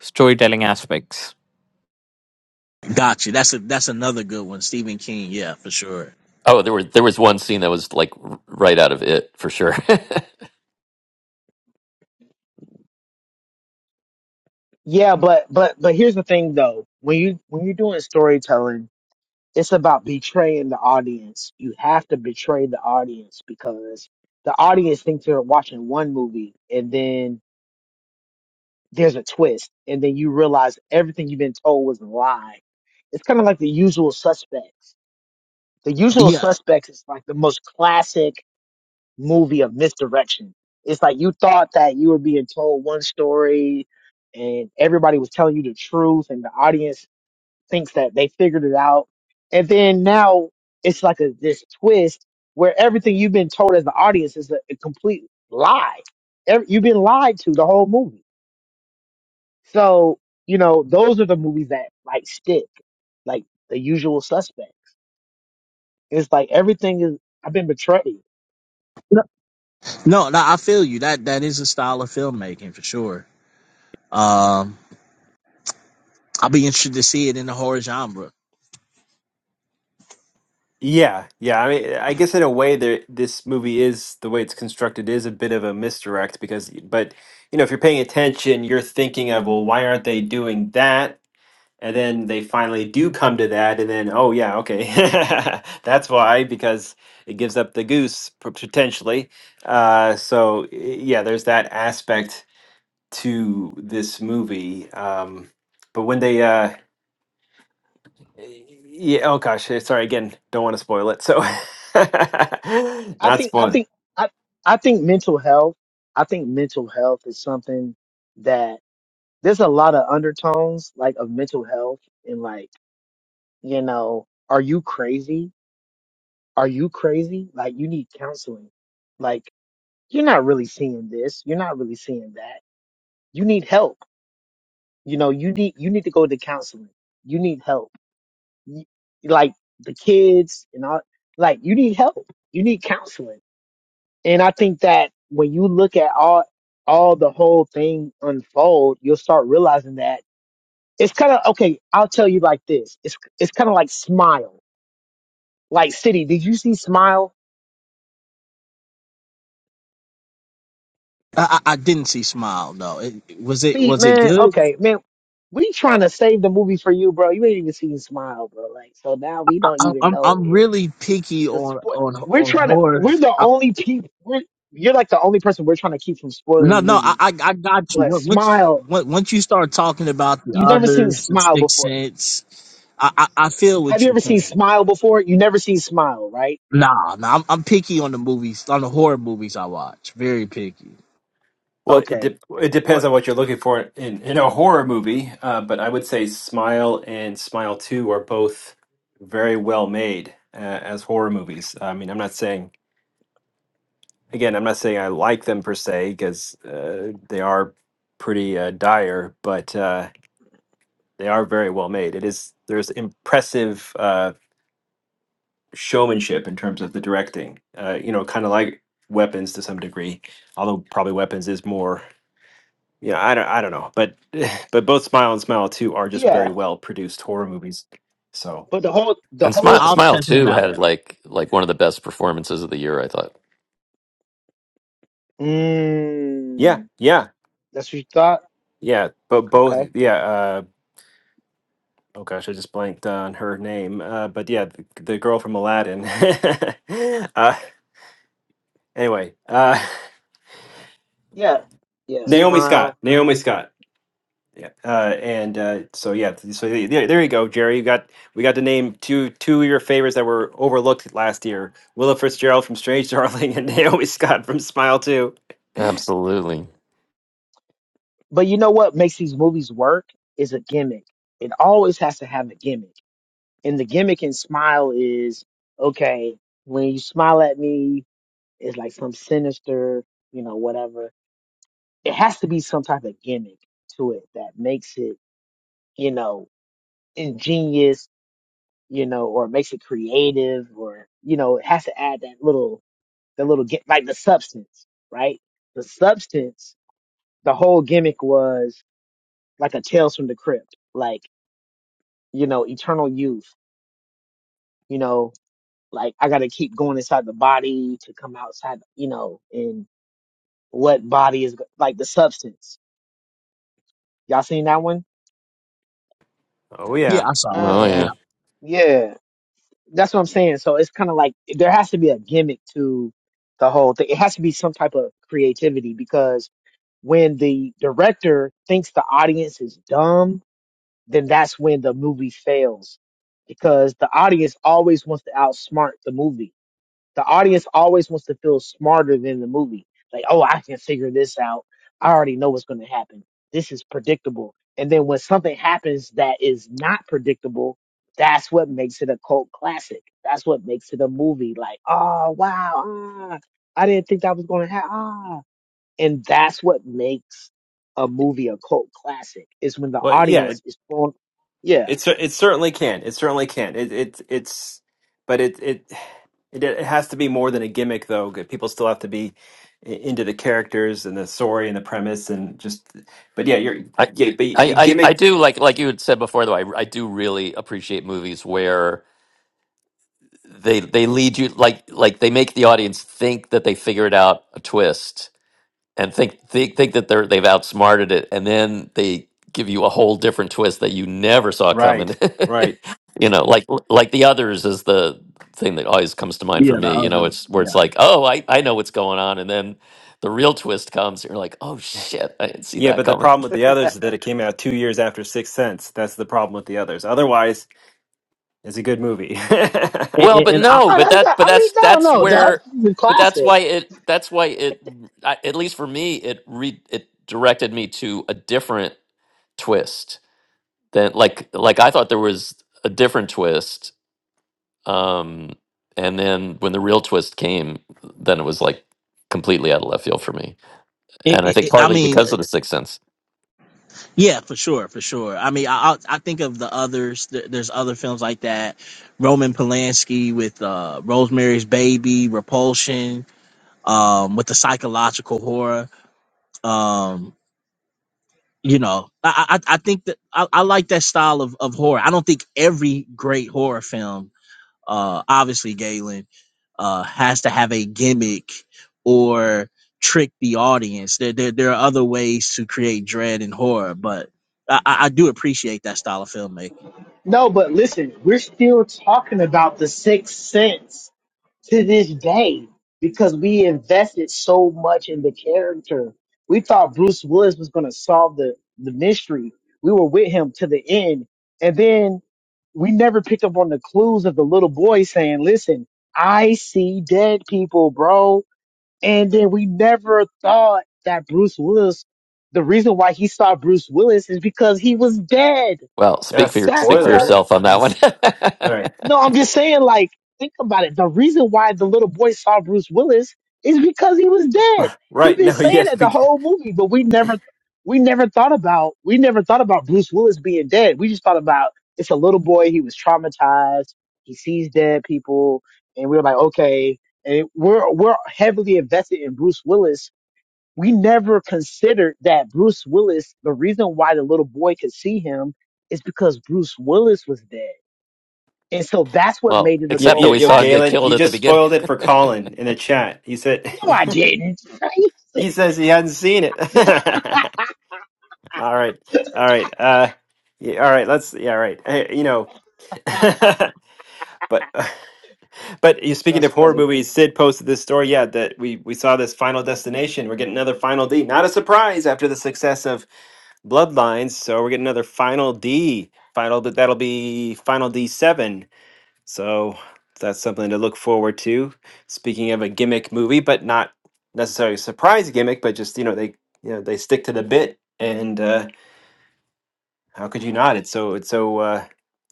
storytelling aspects
Gotcha. That's a that's another good one. Stephen King. Yeah, for sure.
Oh, there were there was one scene that was like r- right out of it for sure.
yeah, but but but here's the thing though. When you when you're doing storytelling. It's about betraying the audience. You have to betray the audience because the audience thinks they're watching one movie and then there's a twist and then you realize everything you've been told was a lie. It's kind of like the usual suspects. The usual
Yeah.
suspects is like the most classic movie of misdirection. It's like you thought that you were being told one story and everybody was telling you the truth and the audience thinks that they figured it out. And then now it's like a this twist where everything you've been told as the audience is a, a complete lie. Every, you've been lied to the whole movie. So, you know, those are the movies that like stick, like the usual suspect. It's like everything is, I've been betrayed.
No, no, no, I feel you. That that is a style of filmmaking for sure. Um, I'll be interested to see it in the horror genre.
Yeah, yeah. I mean, I guess in a way, there this movie is the way it's constructed is a bit of a misdirect because, but you know, if you're paying attention, you're thinking of, well, why aren't they doing that? And then they finally do come to that, and then, oh yeah, okay, that's why because it gives up the goose p- potentially. Uh, so y- yeah, there's that aspect to this movie. Um, but when they uh, yeah. Oh gosh. eh, Sorry again. Don't want to spoil it. So,
I
not
think, I
spoil.
think, I, I think mental health, I think mental health is something that there's a lot of undertones like of mental health and like you know, are you crazy? Are you crazy? Like, you need counseling. Like, you're not really seeing this. You're not really seeing that. You need help. You know, you need, you need to go to counseling. You need help. You, like, the kids and all, like, you need help. You need counseling. And I think that when you look at all, all the whole thing unfold, you'll start realizing that it's kind of, okay, I'll tell you like this. It's, it's kind of like smile. Like, City, did you see smile?
I, I, I didn't see Smile. No, it, was it
See,
was it
man,
good?
okay, man, we trying to save the movie for you, bro. You ain't even seen Smile, bro. Like, so now we don't
I,
even
I'm
know
I'm
if
really picky
the
on
spoil.
on
We're
on
trying to.
horror.
We're the
I,
only people. We're you're like the only person we're trying to keep from spoiling
no,
the
no, I
movie.
I I got you.
But
Once
Smile,
once once you start talking about the
you never seen
others, the
Smile
Sixth
before.
Sense, I, I, I feel
Have
what
you
you're
ever seen
saying.
Smile before? You never seen Smile, right?
Nah, nah, I'm, I'm picky on the movies, on the horror movies I watch. Very picky.
Well, it
Okay.
de- it depends
What?
on what you're looking for in in a horror movie. Uh, but I would say Smile and Smile Two are both very well made uh, as horror movies. I mean, I'm not saying again, I'm not saying I like them per se because uh, they are pretty uh, dire, but uh, they are very well made. It is there's impressive. Uh, showmanship in terms of the directing. Uh, you know, kind of like Weapons to some degree, although probably Weapons is more. You know, I don't, I don't know, but but both Smile and Smile Two are just very
Yeah.
well produced horror movies. So
But the whole the
and
I,
whole
Smile
I'll
thing.
Smile
check them
too
out.
Yeah.
had like like one of the best performances of the year, I thought.
yeah,
Mm,
yeah,
that's what you thought.
yeah. But both,
Okay.
yeah. Uh, oh gosh, I just blanked on her name. Uh, but yeah, the, the girl from Aladdin. uh, anyway, uh,
Yeah. Yeah.
Naomi Scott.
Smile.
Naomi Scott Yeah, uh, and uh, so yeah, th- so the- there, there you go, Jerry. You got we got to name two two of your favorites that were overlooked last year: Willa Fitzgerald from Strange Darling and Naomi Scott from Smile Two.
Absolutely.
But you know what makes these movies work is a gimmick. It always has to have a gimmick. And the gimmick in Smile is okay, when you smile at me, it's like some sinister, you know, whatever. It has to be some type of gimmick to it that makes it, you know, ingenious, you know, or makes it creative or, you know, it has to add that little, that little, gi- like the substance, right? The substance, the whole gimmick was like a Tales from the Crypt. like. you know, eternal youth, you know, like I got to keep going inside the body to come outside, you know, and what body is like the substance. Y'all seen that one?
Oh
Yeah,
yeah,
I saw
Oh
it.
Oh
yeah.
yeah.
Yeah,
Yeah. That's what I'm saying. So it's kind of like there has to be a gimmick to the whole thing. It has to be some type of creativity because when the director thinks the audience is dumb, then that's when the movie fails because the audience always wants to outsmart the movie The audience always wants to feel smarter than the movie. Like, oh, I can figure this out. I already know what's going to happen. This is predictable. And then when something happens that is not predictable, that's what makes it a cult classic. That's what makes it a movie. Like, oh, wow. Ah, I didn't think that was going to happen. Ah. And that's what makes a movie a cult classic is when the
well yeah,
audience
it,
is thrown. Yeah.
it's it cer- it certainly can. It certainly can. It, it it's but it it it it has to be more than a gimmick though. 'cause People still have to be i- into the characters and the story and the premise and just. But yeah, you're
I,
yeah, but
I,
y-
I I
gimmick.
do like like you had said before though. I, I do really appreciate movies where they they lead you like like they make the audience think that they figured out a twist and think think think that they're they've outsmarted it, and then they give you a whole different twist that you never saw
Right,
coming.
right.
you know, like like the others is the thing that always comes to mind
yeah,
for
the
me. You know,
other,
it's where
yeah.
it's like, oh, I I know what's going on, and then the real twist comes, and you're like, oh shit, I didn't see
Yeah,
that
but the
coming.
problem with the others is that it came out two years after Sixth Sense. That's the problem with the others. Otherwise, it's a good movie.
And,
Well,
and,
but
and I,
no,
I,
No,
but
that's
that,
not,
but
I mean,
that's
no,
that's
no. The,
where,
the
but that's
classic.
why it, that's why it, I, at least for me, it re it directed me to a different twist than like like I thought there was a different twist, um, and then when the real twist came, then it was like completely out of left field for me,
it,
and I
it,
think
it- I
partly
mean,
because of the Sixth Sense.
yeah, for sure, for sure. I mean, I, I I think of the others. There- There's other films like that. Roman Polanski with uh, Rosemary's Baby, Repulsion, um, with the psychological horror. Um, you know i i, I think that I, I like that style of, of horror i don't think every great horror film uh obviously galen uh has to have a gimmick or trick the audience there there, there are other ways to create dread and horror but I, I I do appreciate that style of filmmaking.
No, but listen, we're still talking about the sixth sense to this day because we invested so much in the character. We thought Bruce Willis was going to solve the, the mystery. We were with him to the end. And then we never picked up on the clues of the little boy saying, listen, I see dead people, bro. And then we never thought that Bruce Willis, the reason why he saw Bruce Willis is because he was dead.
Well, speak for
That's
your,
That's
speak
the
for
whole
spoiler.
yourself on that one.
Jeez. All right.
no, I'm just saying, like, think about it. The reason why the little boy saw Bruce Willis is because he was dead. He's
right?
been
No,
saying
yes,
that
we
the
can.
whole movie, but we never, we never thought about, we never thought about Bruce Willis being dead. We just thought about it's a little boy. He was traumatized. He sees dead people, and we were like, okay. And we're we're heavily invested in Bruce Willis. We never considered that Bruce Willis. The reason why the little boy could see him is because Bruce Willis was dead and so that's what
well,
made it a
Yo,
except that
yo,
cult
we
yo,
saw him
classic.
get
Galen,
killed
you
at the
just
beginning.
spoiled it for Colin in the chat. He said
No, I didn't.
he says he hadn't seen it. all right, all right, uh, yeah, all right. Let's yeah, all right. Hey, you know, but But you speaking
that's
of horror
funny.
movies, Sid posted this story. Yeah, that we we saw this Final Destination. We're getting another Final D. Not a surprise after the success of Bloodlines, so we're getting another Final D. Final that that'll be Final D seven. So that's something to look forward to. Speaking of a gimmick movie, but not necessarily a surprise gimmick, but just you know they you know they stick to the bit, and uh, how could you not? It's so it's so uh,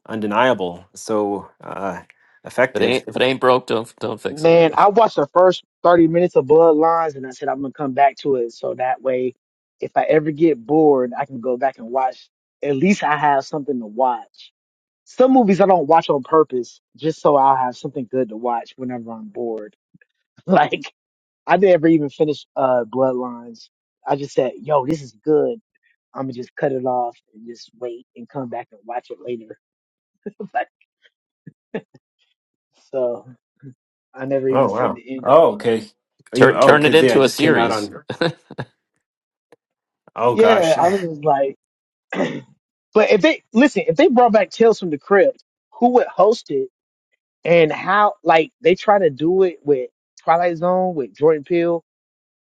undeniable, so uh,
If it
effective
ain't if it ain't broke, don't don't fix it. I
Man,
guess.
I watched the first 30 minutes of Bloodlines and I said I'm going to come back to it. So that way, if I ever get bored, I can go back and watch. At least I have something to watch. Some movies I don't watch on purpose just so I'll have something good to watch whenever I'm bored. Like, I never even finished uh, Bloodlines. I just said, yo, this is good. I'm going to just cut it off and just wait and come back and watch it later. So I never even
Oh
seen
wow.
the end of
Oh
Blood.
okay. You-
Turn
Oh,
turn it
cause yeah, it
into a
just came out
series.
on. Oh
Yeah,
gosh.
I was just like, but if they listen, if they brought back Tales from the Crypt, who would host it and how? Like they try to do it with Twilight Zone with Jordan Peele,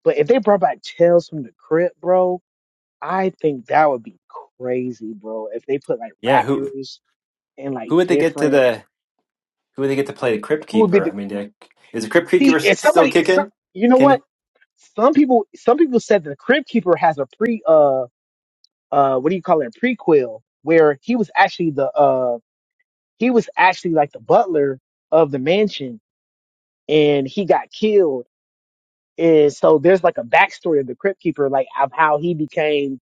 but if they brought back Tales from the Crypt, bro, I think that would be crazy, bro. If they put like
Yeah. Who
rappers and like
who would they get to
different,
the who would they get to play the Crypt
who would be
Keeper? I
the
mean, do- is the Crypt
see?
Keeper s-
If
still
somebody, some,
kicking?
you know
Can
what?
you?
Some people, some people said the Crypt Keeper has a pre, uh. uh what do you call it a prequel where he was actually the uh he was actually like the butler of the mansion and he got killed and so there's like a backstory of the crypt keeper like of how he became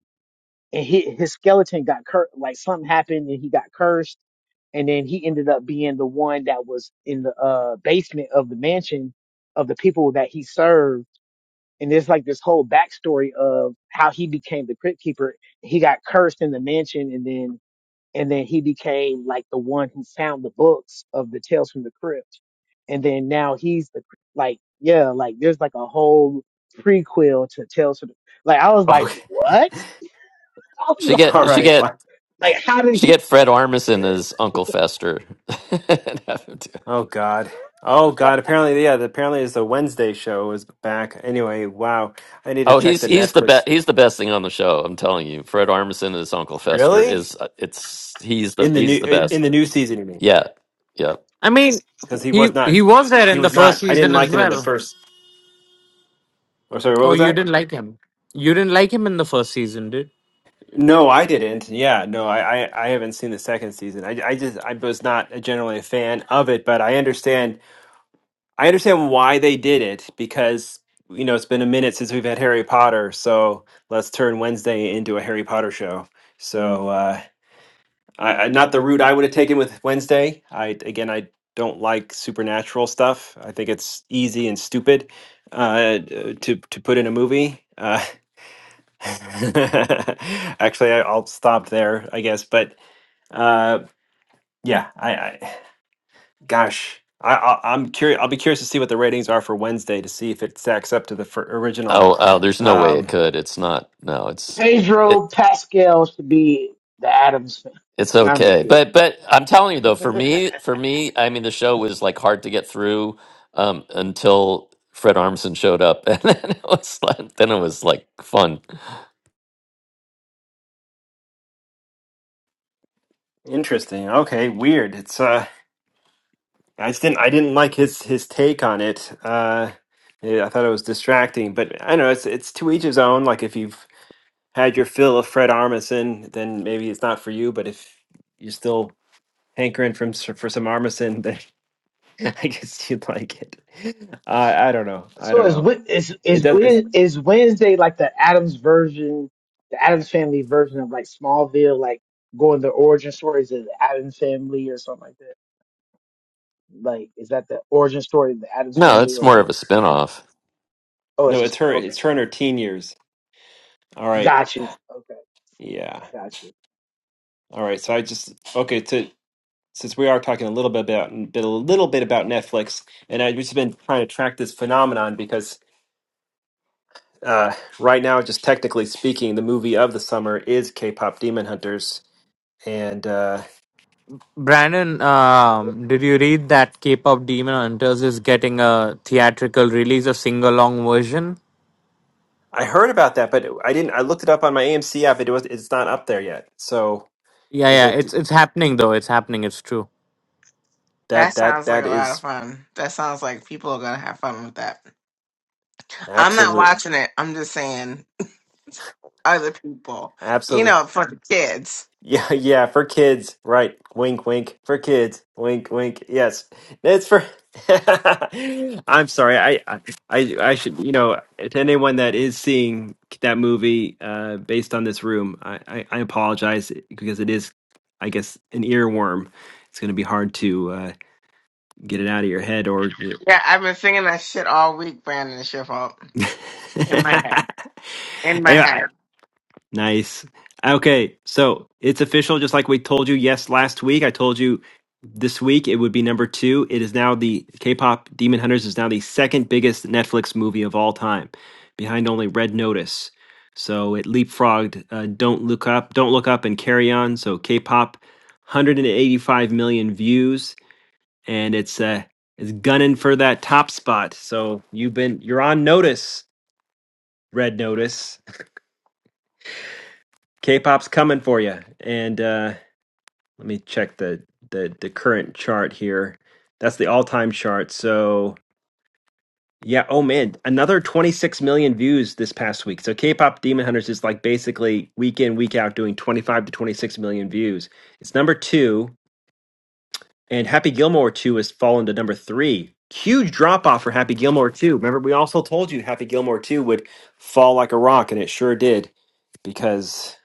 and he, his skeleton got cur like something happened and he got cursed and then he ended up being the one that was in the uh basement of the mansion of the people that he served and there's like this whole backstory of how he became the crypt keeper he got cursed in the mansion and then and then he became like the one who found the books of the Tales from the Crypt, and then now he's the like yeah like there's like a whole prequel to Tales from the like I was like
Okay.
what I was
She
like,
All
get she
right.
get
Wow.
like how did
she
he
get Fred Armisen as Uncle Fester. And have him do- it.
Oh god. Oh god. Apparently, yeah. the- Apparently, it's the Wednesday show is back. Anyway, wow. I need to
oh,
check
he's
the
he's the
Netflix.
best he's the best thing on the show. I'm telling you, Fred Armisen as Uncle Fester
Really?
is uh, it's he's the
In the
he's
new
the
eh,
best.
in the new season, you mean?
Yeah, yeah.
I mean,
Because he
he
was not.
he was there
He
in the
was
first
not. I didn't
season as
like him in the
well.
first. Or sorry, what
Oh,
was that?
you didn't like him. You didn't like him in the first season, did
No, I didn't. Yeah, no, I, I, I haven't seen the second season. I, I just I was not generally a fan of it, but I understand I understand why they did it because you know it's been a minute since we've had Harry Potter, so let's turn Wednesday into a Harry Potter show. So uh, I, I not the route I would have taken with Wednesday. I again I don't like supernatural stuff. I think it's easy and stupid uh, to to put in a movie. Uh, actually, I- I'll stop there, I guess. But uh, yeah. I, I gosh, I, I I'm curious. I'll be curious to see what the ratings are for Wednesday to see if it stacks up to the fir- original.
Oh, oh, there's no way it
Um,
could. It's not. No, it's it
Pedro Pascal should be the Adams family
it's
I'm just
okay. But
kidding
but I'm telling you though, for me for me, I mean, the show was like hard to get through um, until Fred Armisen showed up, and then it was like, then it was like fun.
interesting. Okay, weird. It's uh, I just didn't I didn't like his his take on it. Uh, yeah, I thought it was distracting, but I don't know it's it's to each his own. Like if you've had your fill of Fred Armisen, then maybe it's not for you. But if you're still hankering from s- for some Armisen, then I guess you'd like it. I I don't know. I
So
don't
is
know.
Wed- is
It
is
does.
Wed- is Wednesday like the Adams version, the Adams Family version of like Smallville, like going the origin stories of the Adams Family or something like that? Like, is that the origin story of the Adams
No,
Family
it's more
or
of
N-
a
n-
spin-off.
oh, it's
No,
a
it's
sp-
her.
okay,
It's her in her teen years. All right.
got you, okay,
Yeah.
got you.
All right. So I just okay. To since we are talking a little bit about bit a little bit about Netflix, and I've just been trying to track this phenomenon because uh, right now, just technically speaking, the movie of the summer is K-pop Demon Hunters, and uh,
Brandon? Um, did you read that K-pop Demon Hunters is getting a theatrical release, a sing-along version?
I heard about that, but I didn't. I looked it up on my AMC app. It was. It's not up there yet. So
Yeah,
is
yeah,
it
it's it's happening though. It's happening. It's true.
That
that that
sounds like
that
a lot of
is
fun. That sounds like people are gonna have fun with that. I'm not
absolutely
watching it. I'm just saying other people, you
absolutely.
know, for the kids.
Yeah, yeah, for kids, right? Wink, wink. For kids, wink, wink. Yes, it's for. I'm sorry. I, I, I I should. You know, to anyone that is seeing that movie uh, based on this room, I, I, I apologize because it is, I guess, an earworm. It's going to be hard to uh, get it out of your head, or.
Yeah, I've been singing that shit all week, Brandon. It's your fault. In my head. In my
anyway,
head.
Nice. Okay, so it's official. Just like we told you, yes, last week I told you this week it would be number two. It is now the K-pop Demon Hunters is now the second biggest Netflix movie of all time, behind only Red Notice. So it leapfrogged uh, Don't Look Up, Don't Look Up, and Carry On. So K-pop, 185 million views, and it's uh, it's gunning for that top spot. So you've been you're on notice, Red Notice. K-pop's coming for you, and. Uh, Let me check the the the current chart here. That's the all-time chart. So yeah, oh man, another 26 million views this past week. So K-pop Demon Hunters is like basically week in, week out doing 25 to 26 million views. It's number two, and Happy Gilmore 2 has fallen to number three. Huge drop off for Happy Gilmore 2. Remember, we also told you Happy Gilmore 2 would fall like a rock, and it sure did because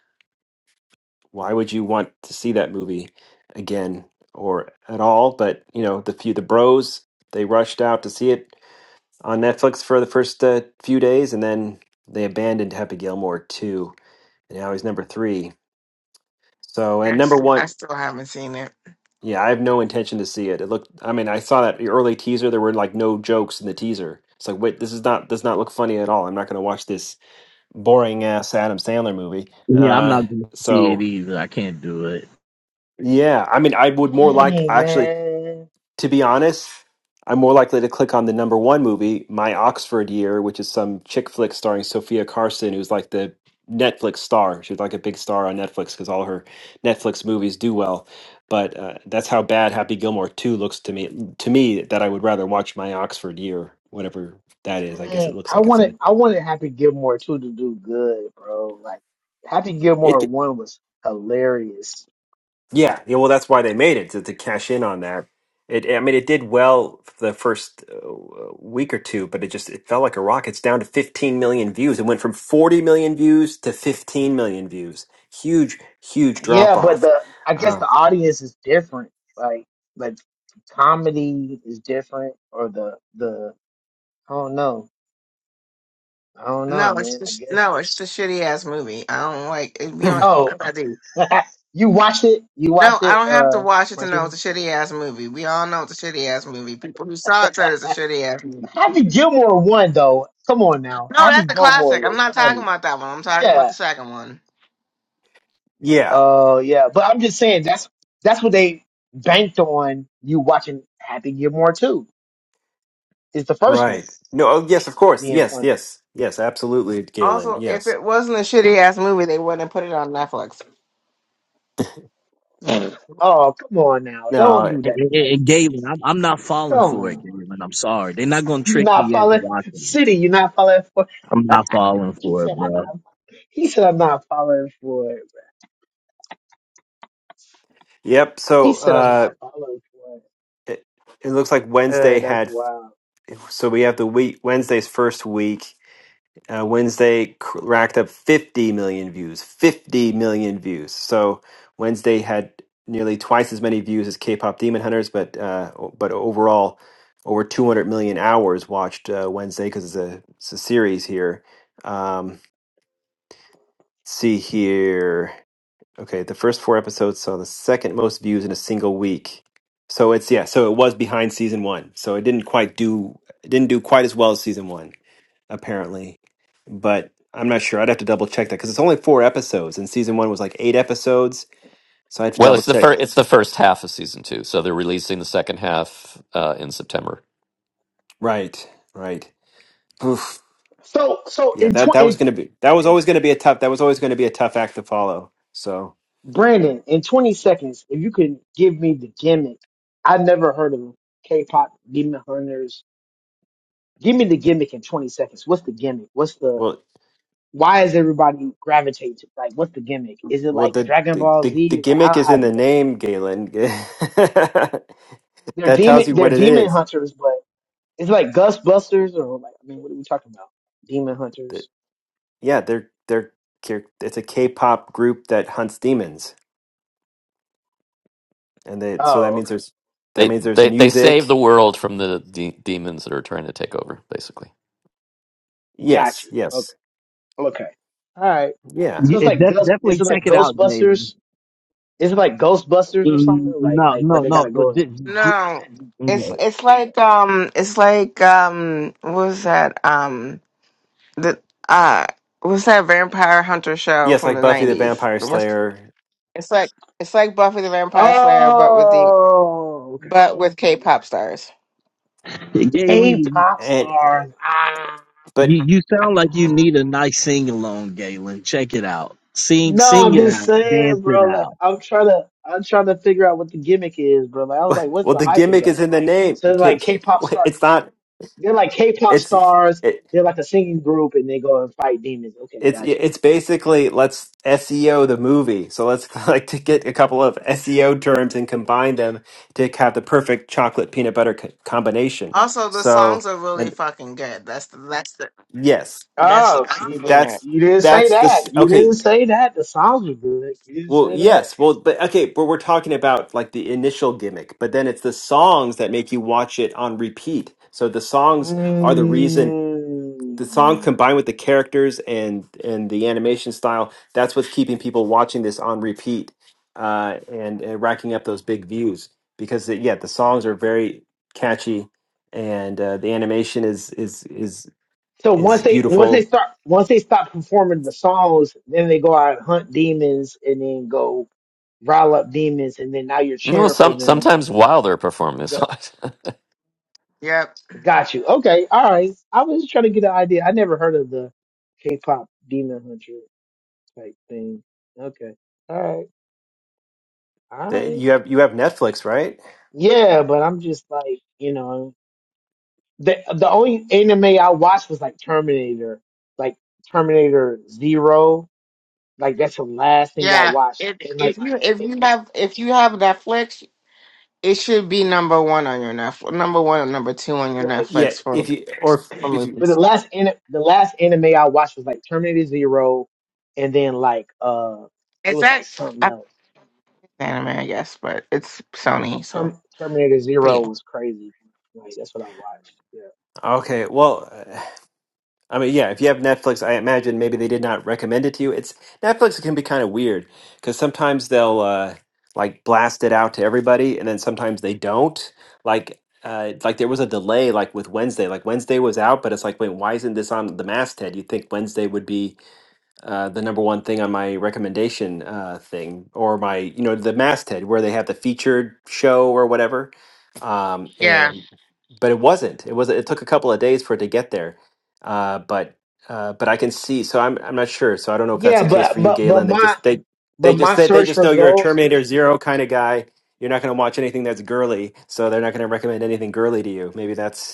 why would you want to see that movie again or at all? But you know, the few the bros they rushed out to see it on Netflix for the first uh, few days, and then they abandoned Happy Gilmore two, and now he's number three. So and
I s-
number one,
I still haven't seen it.
yeah, I have no intention to see it. It looked, I mean, I saw that early teaser. There were like no jokes in the teaser. It's like, wait, this is not does not look funny at all. I'm not going to watch this boring ass Adam Sandler movie.
Yeah, I'm
Uh,
not gonna see it.
so yeah, I mean, I would more like
Dang
actually.
man,
to be honest, I'm more likely to click on the number one movie, My Oxford Year, which is some chick flick starring Sophia Carson, who's like the Netflix star. She's like a big star on Netflix because all her Netflix movies do well. But uh, that's how bad Happy Gilmore 2 looks to me. To me, that I would rather watch My Oxford Year, whatever that is. I guess it
dang,
looks
I
like it's
wanted
a.
I wanted Happy Gilmore too to do good, bro. Like Happy
It,
Gilmore one was hilarious.
Yeah, yeah. Well, that's why they made it to, to cash in on that. It, I mean, it did well for the first uh, week or two, but it just it fell like a rock. It's down to 15 million views. It went from 40 million views to 15 million views. Huge, huge drop
Yeah, but
off.
the I guess
Uh,
the audience is different. Like like comedy is different or the the I don't know. I don't know,
No, it's
man. I
just
guess
no, it's the shitty ass movie. I don't like it. We don't
Oh
I do.
you watched it? You
No,
watched
I
it,
don't have to
uh
watch it to know
Martina?
it's a shitty ass movie. We all know it's a shitty ass movie. People who saw it said it's a shitty ass movie.
Happy Gilmore won though. Come on now.
No,
Happy
that's a
Gilmore
classic. I'm
was
not talking
funny.
about that one. I'm talking about
Yeah.
the second one.
yeah,
Oh yeah. But I'm just saying that's that's what they banked on you watching Happy Gilmore too. Is the first one
right. No, oh, yes, of course.
being
Yes,
funny.
yes, yes, absolutely, Galen.
Also, if
Yes.
it wasn't a shitty ass movie, they wouldn't have put it on Netflix.
Oh, come on now. Don't
No,
do
And,
that to
and- and
Netflix.
Galen, I'm, I'm not falling
Come
for it,
on.
Galen. I'm sorry. They're not gonna
You're
trick
not
me into
following
watching it.
City, you're not following for
I'm not falling
He
for it,
said I'm not
bro.
he said I'm not following for it.
yep.
He
So
said I'm
uh,
not following for
it, it looks like
it. Uh,
Wednesday
that's
had,
wild.
so we have the week, Wednesday's first week. Uh, Wednesday cr- racked up 50 million views. 50 million views. So Wednesday had nearly twice as many views as K-pop Demon Hunters, but uh, o- but overall, over 200 million hours watched uh, Wednesday because it's a it's a series here. Um, let's see here. Okay, the first four episodes saw the second most views in a single week. So it's yeah. So it was behind season one. So it didn't quite do. It didn't do quite as well as season one apparently. But I'm not sure. I'd have to double check that because it's only four episodes, and season one was like eight episodes. So I have to
Well,
double
it's the
check.
first it's the first half of season 2, so they're releasing the second half uh, in September.
Right, right. Oof.
So so
Yeah,
in
that
tw-
that was
in,
gonna be that was always gonna be a tough that was always gonna be a tough act to follow. So
Brandon, in twenty seconds, if you can give me the gimmick. I never heard of K pop demon hunters. Give me the gimmick in twenty seconds. What's the gimmick? What's the
well,
why is everybody gravitating to like what's the gimmick? Is it
well
like
the
Dragon
the
Ball
the, the
Z? Like I
gimmick
don't
is in
have
the name, Galen. that
they're
tells
demon
you
they're
what it
demon
is.
hunters, but it's like Gust Busters or like I mean what are we talking about? Demon
That-
hunters.
Yeah, they're they're they're- it's a K-pop group that hunts demons, and they so that
Oh,
means
okay.
there's that
They
means there's
they they save the
music.
world from the de- demons that are trying to take over basically.
Got
Yes,
you.
yes.
Okay. Okay. All right.
Yeah.
So
You-
it's
it
like
def-
Gust is
definitely
it
check
like
it out, Galen.
Ghostbusters? Is it like Ghostbusters or something?
Mm,
Like
No,
like where
no,
they
no.
gotta
Well,
go
di-
and
di-
No, it's
no.
it's like um, it's like um, what was that um, the uh, what's that vampire hunter show
Yes,
from
like
the
Buffy the
nineties?
Vampire
What's
Slayer.
it's like it's like Buffy the Vampire Slayer, but with the
Oh okay.
but with K-pop stars.
K
Galen,
pop
And
stars. Ah
but
you, you sound like you need a nice sing along, Galen. Check it out. Sing,
No,
sing
I'm
it
just
out, dance
saying,
it
bro. Like,
out.
I'm trying to, I'm trying to figure out what the gimmick is, bro. Like, I was like, what's
well
the
the
hype
gimmick is
about?
in the name.
So they're
K-
like
k-
K-pop
wait,
star,
It's not
they're like K-pop
it's
stars.
it,
They're like a singing group, and they go and fight demons. Okay,
it's
gotcha.
it's basically let's SEO the movie. So let's like to get a couple of SEO terms and combine them to have the perfect chocolate peanut butter co- combination.
Also, the songs
So
are really
and
fucking good. That's the that's the
yes,
that's the
Oh,
that's the
see,
gimmick.
that's
you didn't say
that's the s-
that. You
okay.
didn't say that. The songs were good. You didn't
Well,
say that.
yes. Well, but okay, but we're talking about like the initial gimmick, but then it's the songs that make you watch it on repeat. So the songs are the reason the song
Mm.
combined with the characters and and the animation style, that's what's keeping people watching this on repeat uh and, and racking up those big views because the, yeah, the songs are very catchy and uh, the animation is is is
So once
is
they, once they
beautiful.
start, once they stop performing the songs, then they go out and hunt demons, and then go rile up demons, and then now you're
No,
cheering for
some
them.
sometimes while they're performing
to
this.
go-
Yep.
Got you. Okay. All right. I was just trying to get an idea. I never heard of the K-pop demon hunter type thing. Okay. All right. All
The-
right.
You have you have Netflix, right?
Yeah, but I'm just like, you know, the the only anime I watched was like Terminator, like Terminator Zero. Like that's the last thing I
Yeah.
watched,
If
and like,
if you if you have if you have Netflix, it should be number one on your Netflix, number one or number two on your
right.
Yeah,
Netflix for
if you or if if you
But the
Is
last an- the last anime I watched was like Terminator Zero, and then like uh, it was like
that
something
I think
else.
anime? Yes, but it's Sony, so
Term- Terminator
but
Zero
yeah.
was crazy. Like that's what I watched. Yeah,
Okay, well, I mean, yeah, if you have Netflix, I imagine maybe they did not recommend it to you. It's Netflix can be kind of weird because sometimes they'll uh, like blast it out to everybody, and then sometimes they don't. Like, uh, like there was a delay, like with Wednesday. Like Wednesday was out, but it's like, wait, why isn't this on the masthead? You'd think Wednesday would be uh, the number one thing on my recommendation uh, thing or my you know the masthead where they have the featured show or whatever um,
Yeah.
and but it wasn't it was it took a couple of days for it to get there uh, but uh, but I can see so I'm I'm not sure so I don't know if that's the
yeah,
case for
but
you
but but
Galen they
my
just they
but
they just
my
they, they
search
just know you're a
results.
Terminator Zero kind of guy you're not going to watch anything that's girly so they're not going to recommend anything girly to you maybe that's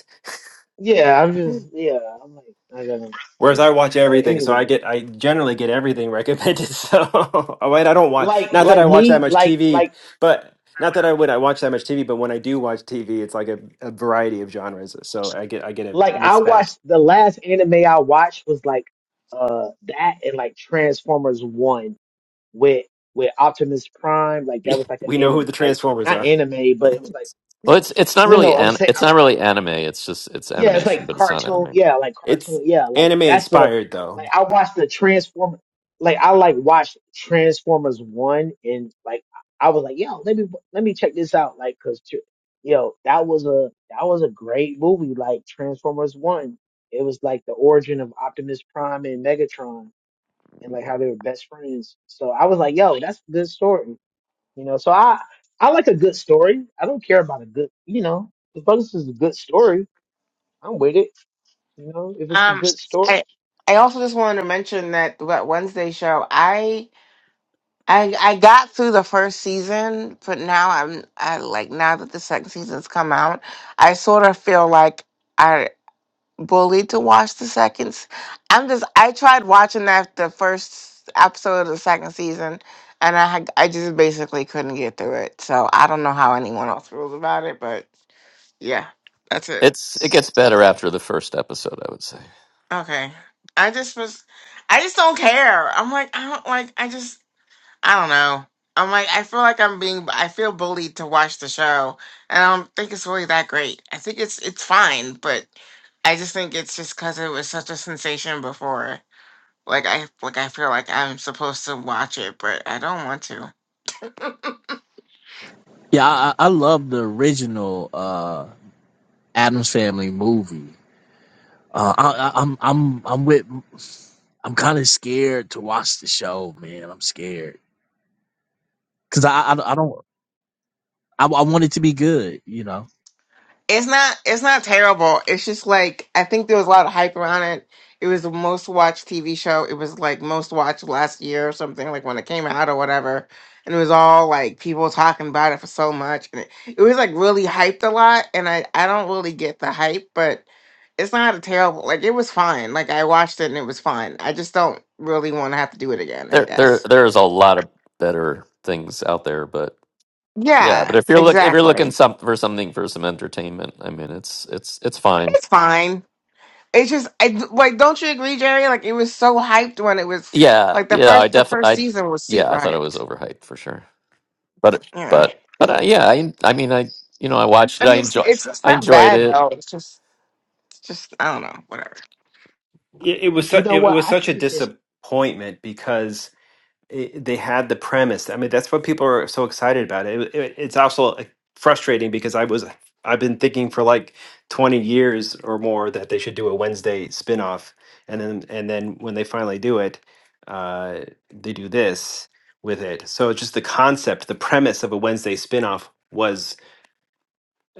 Yeah, I'm just yeah. I'm like I gotta
Whereas I
yeah.
watch
But
everything, so I
anyway,
get I generally get everything recommended. So I mean, I don't watch
like
not that
like
I watch that
me
much
like
TV,
like
but not that I would I watch that much TV, but when I do watch TV, it's like a, a variety of genres. So I get I get a
like I
mixed bag.
watched the last anime I watched was like uh that and like Transformers one. with with Optimus Prime. Like that was like an
we know who
anime,
the
like
Transformers
not
are.
anime, but it was like
well, it's it's not
no,
really
no. I'm
an
saying
it's
I-
not really anime, it's just it's
yeah, it's
animation,
like
but it's not
cartoon.
anime.
Yeah, like
It's
cartoon. Yeah, like
anime
that's the
inspired though.
like I watched the Transformer. Like I like watched Transformers one and like I was like yo, let me let me check this out. Like cause tr- yo, that was a that was a great movie. Like Transformers one. It was like the origin of Optimus Prime and Megatron and like how they were best friends. So I was like, yo, that's a good story. You know, so I I like a good story. I don't care about a good, you know, as long as it's a good story, I'm with it. You know, if it's a
Um.
good story,
I I also just wanted to mention that that Wednesday show. I I I got through the first season, but now I'm I like now that the second season's come out, I sort of feel like. bullied to watch the seconds. I'm just I tried watching that the first episode of the second season, and I had, I just basically couldn't get through it. So I don't know how anyone else feels about it, but yeah, that's it.
It's it gets better after the first episode, I would say.
Okay, I just was I just don't care. I'm like I don't like I just I don't know. I'm like I feel like I'm being I feel bullied to watch the show, and I don't think it's really that great. I think it's it's fine, but I just think it's just because it was such a sensation before Like I like I feel like I'm supposed to watch it, but I don't want to.
Yeah, I, I I love the original uh, Adams Family movie. Uh, I, I, I'm, I'm, I'm with. I'm kind of scared to watch the show, man. I'm scared because I, I, I don't. I, I want it to be good, you know.
It's not it's not terrible. It's just like I think there was a lot of hype around it. It was the most watched TV show. It was like most watched last year or something, like when it came out or whatever. And it was all like people talking about it for so much. And it, it was like really hyped a lot. And I, I don't really get the hype, but it's not a terrible like it was fine. Like I watched it and it was fine. I just don't really want to have to do it again, I
There there
guess.
there is a lot of better things out there, but yeah, but
Yeah,
if you're look if you're looking
exactly.
some for something for some entertainment, I mean, it's it's it's fine.
It's fine. It's just I, like, don't you agree, Jerry? Like, it was so hyped when it was
Yeah,
like the
yeah, I
first the
definitely
first
I
season was
yeah,
super
I thought it was
hyped.
overhyped for sure. but
Yeah,
but but uh, yeah, I I mean I you know I watched it.
I
I
mean, it's
enjoy
it's, it's
I
not
enjoyed
bad
it.
though. It's just it's just I don't know, whatever.
It, it was
you
su-
know
it, it
what?
was
I
such
think
a
it's just
disappointment because it, they had the premise. I mean, that's what people are so excited about. It, it, it's also like, frustrating because I was I've been thinking for like 20 years or more that they should do a Wednesday spin-off and then and then when they finally do it, uh, they do this with it. So it's just the concept, the premise of a Wednesday spin-off was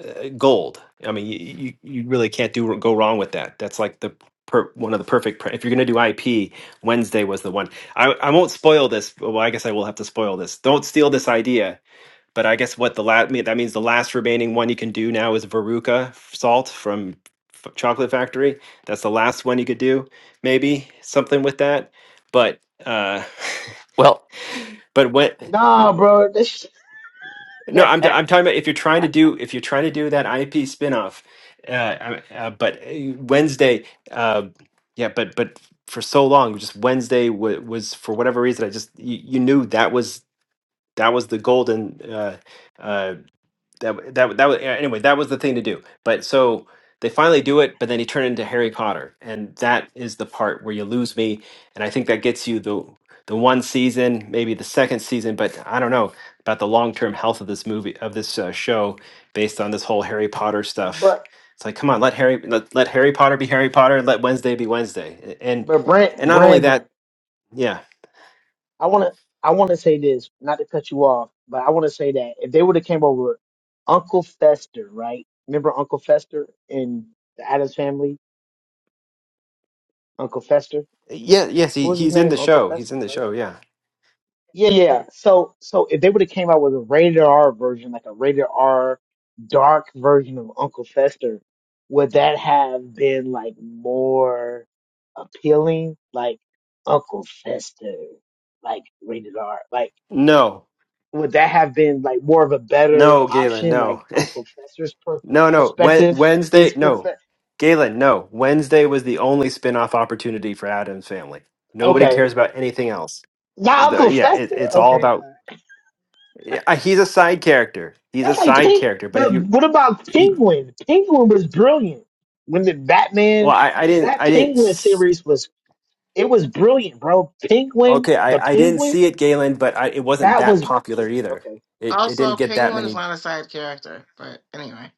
uh, gold. I mean, you, you you really can't do go wrong with that. That's like the per, one of the perfect. Pre- if you're going to do IP, Wednesday was the one. I I won't spoil this. Well, I guess I will have to spoil this. Don't steal this idea. But I guess what the last that means the last remaining one you can do now is Veruca salt from F- Chocolate Factory. That's the last one you could do. Maybe something with that. But uh,
Well,
but when
nah, bro. This,
No, I'm i I'm talking about if you're trying to do if you're trying to do that IP spinoff, uh, uh, uh, but uh, Wednesday, uh, yeah, but but for so long, just Wednesday w- was for whatever reason, I just you, you knew that was that was the golden. Uh, uh, that that that was anyway that was the thing to do but so they finally do it but then he turned into harry potter and that is the part where you lose me and i think that gets you the the one season maybe the second season but i don't know about the long-term health of this movie of this uh, show based on this whole harry potter stuff
but
it's like come on let harry let, let harry potter be harry potter and let wednesday be wednesday A- and
but
and
Brand,
not only
Brandon,
that yeah
I wanna I wanna say this, not to cut you off, but I wanna say that if they would have came over, Uncle Fester, right? Remember Uncle Fester in the Addams Family? Uncle Fester,
yeah yes he,
what was his
he's in
name?
the
Uncle
show he's
Fester,
in the
right?
show yeah
Yeah, yeah. So, so if they would have came out with a rated R version, like a rated R dark version of Uncle Fester, would that have been like more appealing? Like Uncle Fester, like rated R. Like
no
would that have been like more of a better
no galen
option? Like
no
Uncle Fester's per-
No, no. Wed-
perspective,
Wednesday,
his
no.
perspective.
Galen, no. Wednesday was the only spin-off opportunity for Adam's family. Nobody
Okay,
cares about anything else.
not Uncle
The- yeah, it,
Fester.
it's all
Okay,
about. Yeah, uh, he's a side character. He's a
That's like
side
Pink.
character. But if
But
you,
what about
you
Penguin? Penguin was brilliant. When the
well,
Batman,
I, I didn't,
that
I didn't.
Penguin
s-
series was, it was brilliant, bro. Penguin,
Okay,
the
I, I didn't
Penguin,
see it, Galen, but I, it wasn't
that
that
was
popular either.
okay.
It, it didn't
Also,
get that
Penguin is
many.
not a side character, but anyway.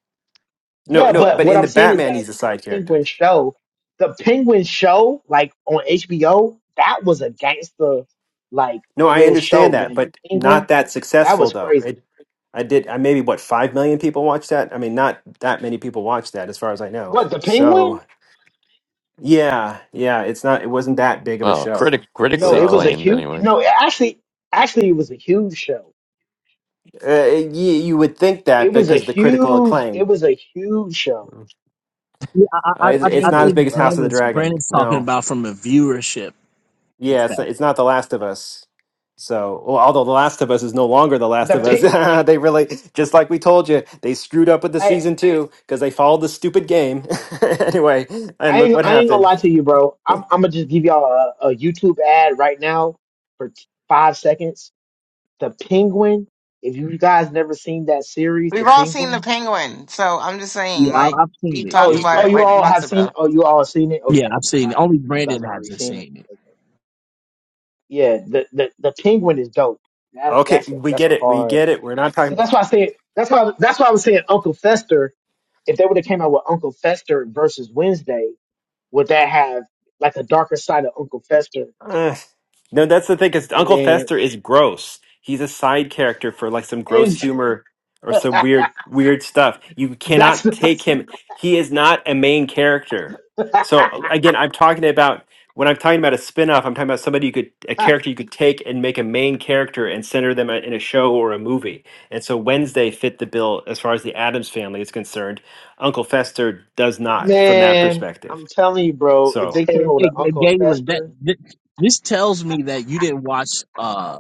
No,
Yeah,
no.
but
But
what
in
I'm
the
saying is
Batman,
that
he's a
the
side character.
Penguin show, the Penguin show, like on HBO, that was a gangster, like
No, I
real show,
understand that,
man.
but
The
not
Penguin,
that
that
successful
was
though.
crazy.
It, I did. I maybe what five million people watched that. I mean, not that many people watched that, as far as I know.
What the
So
Penguin?
yeah, yeah, it's not. It wasn't that big of a
well,
show.
critic
No,
critically
it was a
So
acclaimed
huge.
anyway.
No, it actually, actually, it was a huge show
uh, you, you would think
It
that
was a
because of the critical
huge. It
acclaim,
was a huge show.
uh,
Yeah, I, I,
The
it's,
I I
it's not as
think
Penguin,
big as House
bro.
of the
Brandon's
Dragon.
Brandon's talking
No.
about from a viewership perspective.
Yeah, it's it's not The Last of Us. So, well, although The Last of Us is no longer The Last
The
of Us,
pig.
they really, just like we told you, they screwed up with the
I
season two because they followed the stupid game anyway. And
I
look
ain't
what
I ain't gonna
happened.
lie to you, bro. I'm I'm gonna just give y'all a, a YouTube ad right now for t- five seconds. The Penguin. If you guys never seen that series, The
We've all seen the
Penguin.
penguin, so I'm just
Yeah,
saying, like,
I, I've seen
we
it.
Oh,
talked
It's
you,
about
oh,
it
great.
you
like
all
months
have seen.
ago.
Oh, you all have seen it.
Yeah,
Okay,
I've
all
seen it.
right.
Only
You guys
Brandon
already
hasn't
seen it.
seen it.
Okay. yeah, the, the the penguin is dope. That
Okay,
that's a,
we
that's a
get it. We
hard.
get it. We're not
So
talking.
that's why I said that's why that's why I was saying Uncle Fester. if they would have came out with Uncle Fester versus Wednesday, would that have like a darker side of Uncle Fester?
No, that's the thing, because
And
Uncle
then
Fester is gross. He's a side character for like some gross
is
humor or some weird, weird stuff. You
that's
cannot take him. He is not a main character.
not,
So again, I'm talking about when I'm talking about a spin-off, I'm talking about somebody you could a character you could take and make a main character and center them in a show or a movie. And so Wednesday fit the bill as far as the Adams family is concerned. Uncle Fester does not from that
man.
perspective.
I'm telling you, bro. If
So
they came
It,
out with an
it, it
Uncle
gave that.
Fester,
Th- this tells me that you didn't watch uh,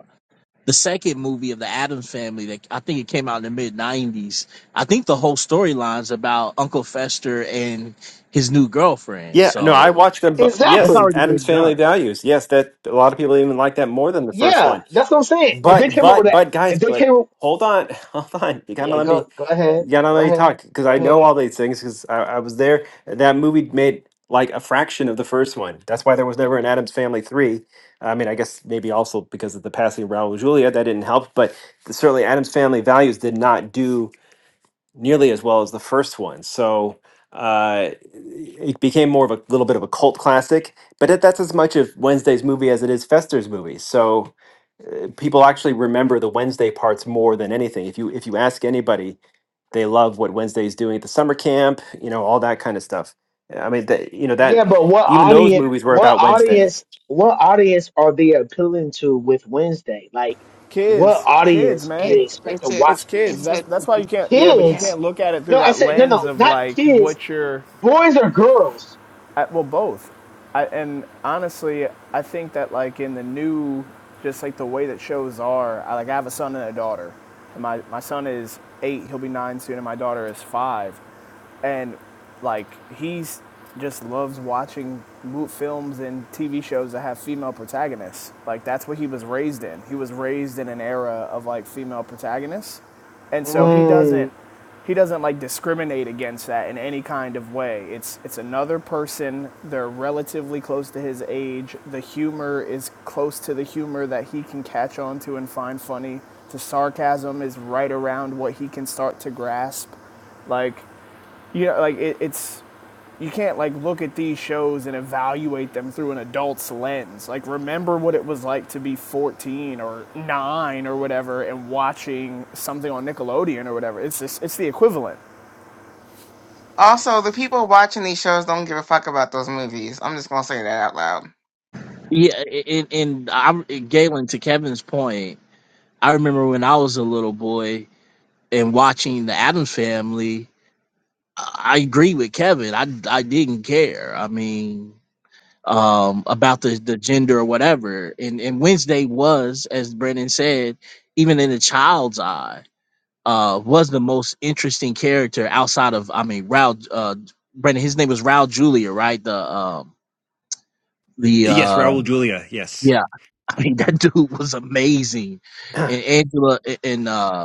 the second movie of the Adams Family. That I think it came out in the mid '90s. I think the whole storyline's about Uncle Fester and his new girlfriend.
yeah, no, I
So
watched them. But
that's
yes,
exactly.
already
Adam's
been done.
Family Values. Yes, that a lot of people even like that more than the first one.
Yeah, that's what I'm saying. If they
But
came out with
but
that,
but guys,
if they
but
came, up,
hold on, hold on. You gotta
yeah,
let
go
me,
go ahead,
you gotta
go
let me
ahead,
talk because
go
I
ahead.
know all these things because I, I was there. That movie made like a fraction of the first one. That's why there was never an Adams Family three. I mean, I guess maybe also because of the passing of Raul Julia that didn't help, but certainly Adams Family Values did not do nearly as well as the first one. So uh it became more of a little bit of a cult classic but it, that's as much of wednesday's movie as it is fester's movie so uh, people actually remember the Wednesday parts more than anything. If you if you ask anybody, they love what Wednesday is doing at the summer camp, you know, all that kind of stuff. I mean, that you know that
Yeah, but what
even those
audience?
movies were
What
about Wednesday.
audience? What audience are they appealing to with Wednesday? Like, what
Kids, kids,
audience do
man.
they
It's
expect
it's
to
a
It's
watch
kids.
this?
it's
That's
a
that's why you can't. Yeah, but you
yeah.
Kids?
can't look at it
No,
through
I
that
said no,
lens
no,
of
not
like
kids.
what you're.
Boys or girls?
well, both. I, and honestly, I think that like in the new, just like the way that shows are. I, like I have a son and a daughter. And my my son is eight. He'll be nine soon, and my daughter is five and like he's just loves watching films and TV shows that have female protagonists. Like that's what he was raised in. He was raised in an era of like female protagonists, and so he doesn't
Mm,
he doesn't like discriminate against that in any kind of way. It's it's another person. They're relatively close to his age. The humor is close to the humor that he can catch on to and find funny. The sarcasm is right around what he can start to grasp. Like you know, like it, it's you can't like look at these shows and evaluate them through an adult's lens. Like remember what it was like to be 14 or 9 or whatever and watching something on Nickelodeon or whatever. It's just it's the equivalent.
Also, the people watching these shows don't give a fuck about those movies. I'm just gonna say that out loud.
Yeah, and and I'm Galen to Kevin's point. I remember when I was a little boy and watching the Adams Family I agree with Kevin. I I didn't care. I mean, um, about the the gender or whatever. And and Wednesday was, as Brennan said, even in a child's eye, uh, was the most interesting character outside of I mean, Raul. Uh, Brennan, his name was Raul Julia, right? The um the
Yes,
uh
Raul Julia. Yes.
yeah i mean that dude was amazing
yeah,
and angela and uh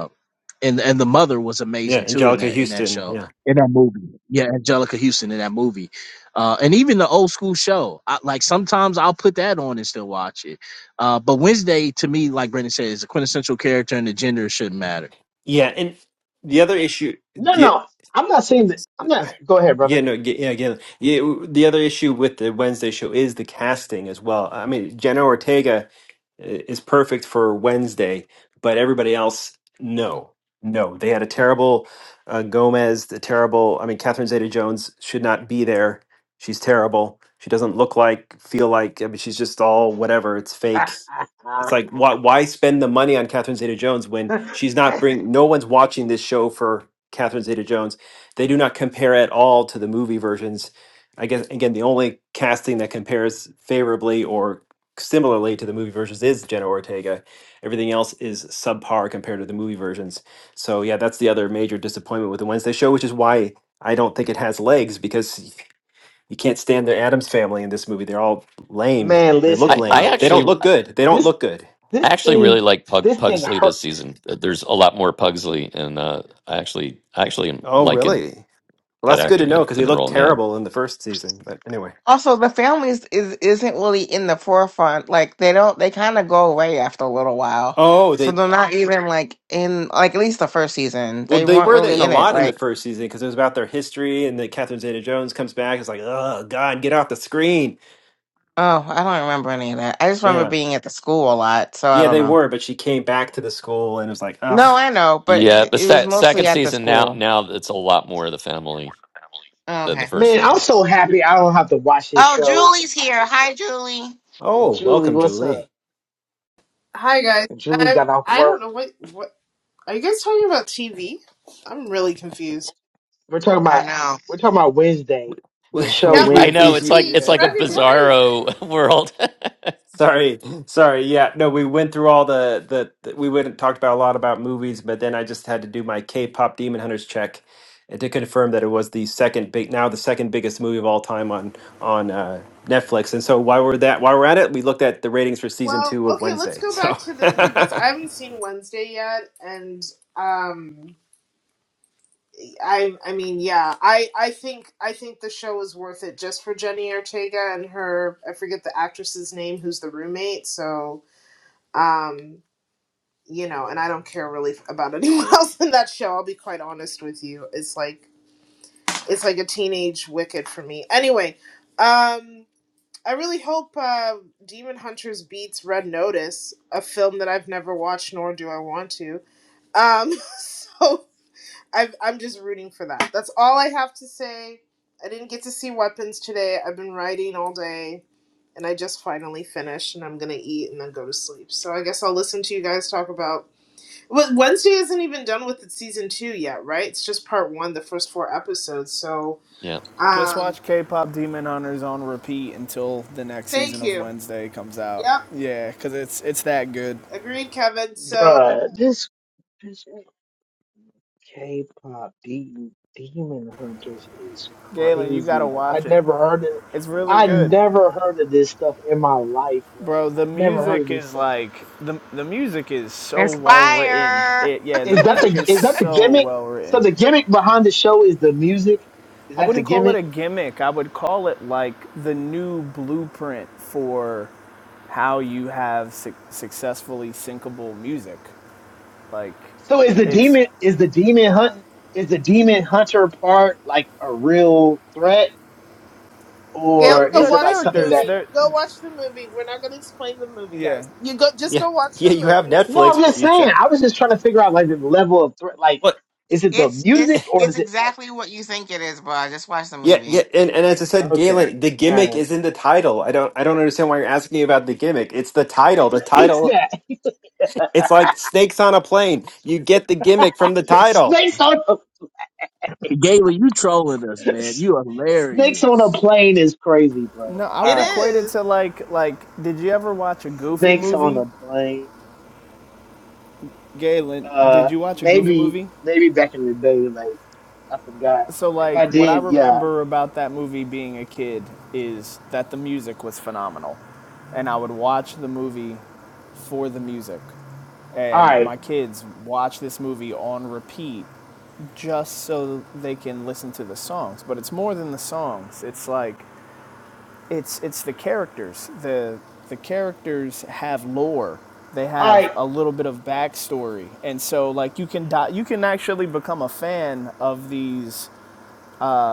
and and the mother was amazing too in
Angelica
that in that
Houston.
show
Yeah,
in that movie. Yeah, Angelica Houston in that movie, uh, and even the old school show. I, like sometimes I'll put that on and still watch it. Uh, but Wednesday to me, like Brendan said, is a quintessential character, and the gender shouldn't matter.
yeah, and the other issue.
no,
the
no. I'm not saying that. I'm not. Go ahead, brother.
Yeah, no, ge- yeah, again, yeah, w- the other issue with the Wednesday show is the casting as well. I mean, Jenna Ortega i- is perfect for Wednesday, but everybody else, no, no. They had a terrible uh, Gomez, the terrible. I mean, Catherine Zeta-Jones should not be there. She's terrible. She doesn't look like, feel like. I mean, she's just all whatever. It's fake. It's like why why spend the money on Catherine Zeta Jones when she's not bring no one's watching this show for Catherine Zeta Jones. They do not compare at all to the movie versions. I guess again the only casting that compares favorably or similarly to the movie versions is Jenna Ortega. Everything else is subpar compared to the movie versions. So yeah, that's the other major disappointment with the Wednesday show, which is why I don't think it has legs because you can't stand the Adams family in this movie. They're all lame.
Man,
They look
I,
listen,
I
lame.
bro.
They
actually
don't look good. They don't
This
look good.
I
this
actually really
thing
like Pug,
this thing
Pugsley
hurt.
this season. Uh, There's a lot more Pugsley, and uh, I actually I actually
Oh,
liking
really? Well,
that
that's good to
actor in the
know because
in
they
the
looked
role. Yeah,
terrible in the first season. But anyway.
Also, the families is isn't really in the forefront. Like they don't, they kind of go away after a little while.
Oh,
So
they
they're not even like in like at least the first season.
well
They
they
weren't
were in
really
a
in it.
lot in the
Like
first season because it was about their history and then Catherine Zeta-Jones comes back. It's like, oh God, get off the screen.
oh, I don't remember any of that. I just remember
Yeah,
being at the school a lot. So I
yeah,
don't
they
know.
were, but she came back to the school and it was like,
No,
ugh,
I know, but
yeah.
th-
But
it was
se- second
mostly at the
season now
school.
now it's a lot more of the family
Oh,
than the
Okay.
first
Man, I'm
season.
so happy I don't have to watch this
Oh,
show.
Julie's here. Hi, Julie.
And
oh,
Julie,
welcome,
what's up?
Julie.
Hi guys.
Julie
Um,
got off
I don't
work.
know what what are you guys talking about TV? I'm really confused.
We're talking
I
about
know.
we're talking about Wednesday,
We
the show
we
Yep,
we
I
that's
know
we,
Wednesday,
it's like
TV.
it's
Yeah.
like a
Brendan, what are
bizarro world.
Sorry, sorry. Yeah, no, we went through all the the the- we went and talked about a lot about movies, but then I just had to do my K-pop Demon Hunters check and to confirm that it was the second big now the second biggest movie of all time on on uh, Netflix. And so while we're that while we're at it, we looked at the ratings for season
well,
two of
okay, let's
Wednesday.
go back
So
to the
You
movies.
yeah,
I haven't seen Wednesday yet and um I I mean, yeah, I I think I think the show was worth it just for Jenny Ortega and her I forget the actress's name who's the roommate, so um you know, and I don't care really about anyone else in that show. I'll be quite honest with you. It's like it's like a teenage wicked for me. Anyway, um, I really hope uh, Demon Hunters beats Red Notice, a film that I've never watched, nor do I want to. Um, so I've, I'm just rooting for that. That's all I have to say. I didn't get to see Weapons today. I've been writing all day, and I just finally finished, and I'm gonna eat and then go to sleep. So I guess I'll listen to you guys talk about. Well, Wednesday isn't even done with its season two yet, right? It's just part one, the first four episodes. So.
yeah.
just
Um,
watch K-pop Demon Hunters on repeat until the next season
Thank
of
you.
Wednesday comes out.
Yep.
Yeah, cuz it's it's that good.
Agreed, Kevin. So
bruh. This, this K-pop de- demon hunters is
Galen, you got to
crazy, bro. I
watch it.
never heard of
It's really
I
good.
never heard of this stuff in my life, bro.
Bro,
I
the
never heard of
music
this
is
stuff.
like the the music is so
It's
well written.
fire.
It yeah, the
Is that
music
the
is
is that the
so
gimmick?
well
So
written.
the gimmick behind the show is the music. Is
I
that the
wouldn't call it
gimmick?
a gimmick. I would call it like the new blueprint for how you have su- successfully syncable music. Like
So is the
it's
demon is the demon hunt is the demon hunter part like a real threat?
yeah,
yeah,
or
go
is
they're
it like
watch the
something
characters.
that
movie.
They're
Go watch the movie. We're not gonna explain the movie,
yeah.
guys. You go just
yeah,
go watch the
you have
movie.
no
Netflix.
i'm just
You
saying
said
i was just trying to figure out like the level of threat like
what?
is it the
It's
music
it's
or
it's
is it like
exactly what you think it is, bro. Just watch the
Yeah, yeah,
movie.
and, and as I said,
okay
Galen, the
all
gimmick
right
is in the title. I don't I don't understand why you're asking me about the gimmick. It's the title. The
he's
title.
that
It's like snakes on a plane. You get the gimmick from the title.
snakes on a
Gayla, you trolling us, man. You are
snakes on a
hilarious.
plane is crazy
No,
bro
I
all
would
It
right
equate it
is.
to like like did you ever watch a goofy
snakes on
movie?
a plane
Galen,
uh
did you watch a goofy
maybe
movie?
maybe back in the day like i forgot
So,
if i
like, what I
did yeah
remember about that movie being a kid is that the music was phenomenal. And I would watch the movie for the music.
all
And
right
my kids watch this movie on repeat just so they can listen to the songs. But it's more than the songs. It's like it's it's the characters. The the characters have lore. They
all
have
right
a little bit of backstory, and so like you can di- you can actually become a fan of these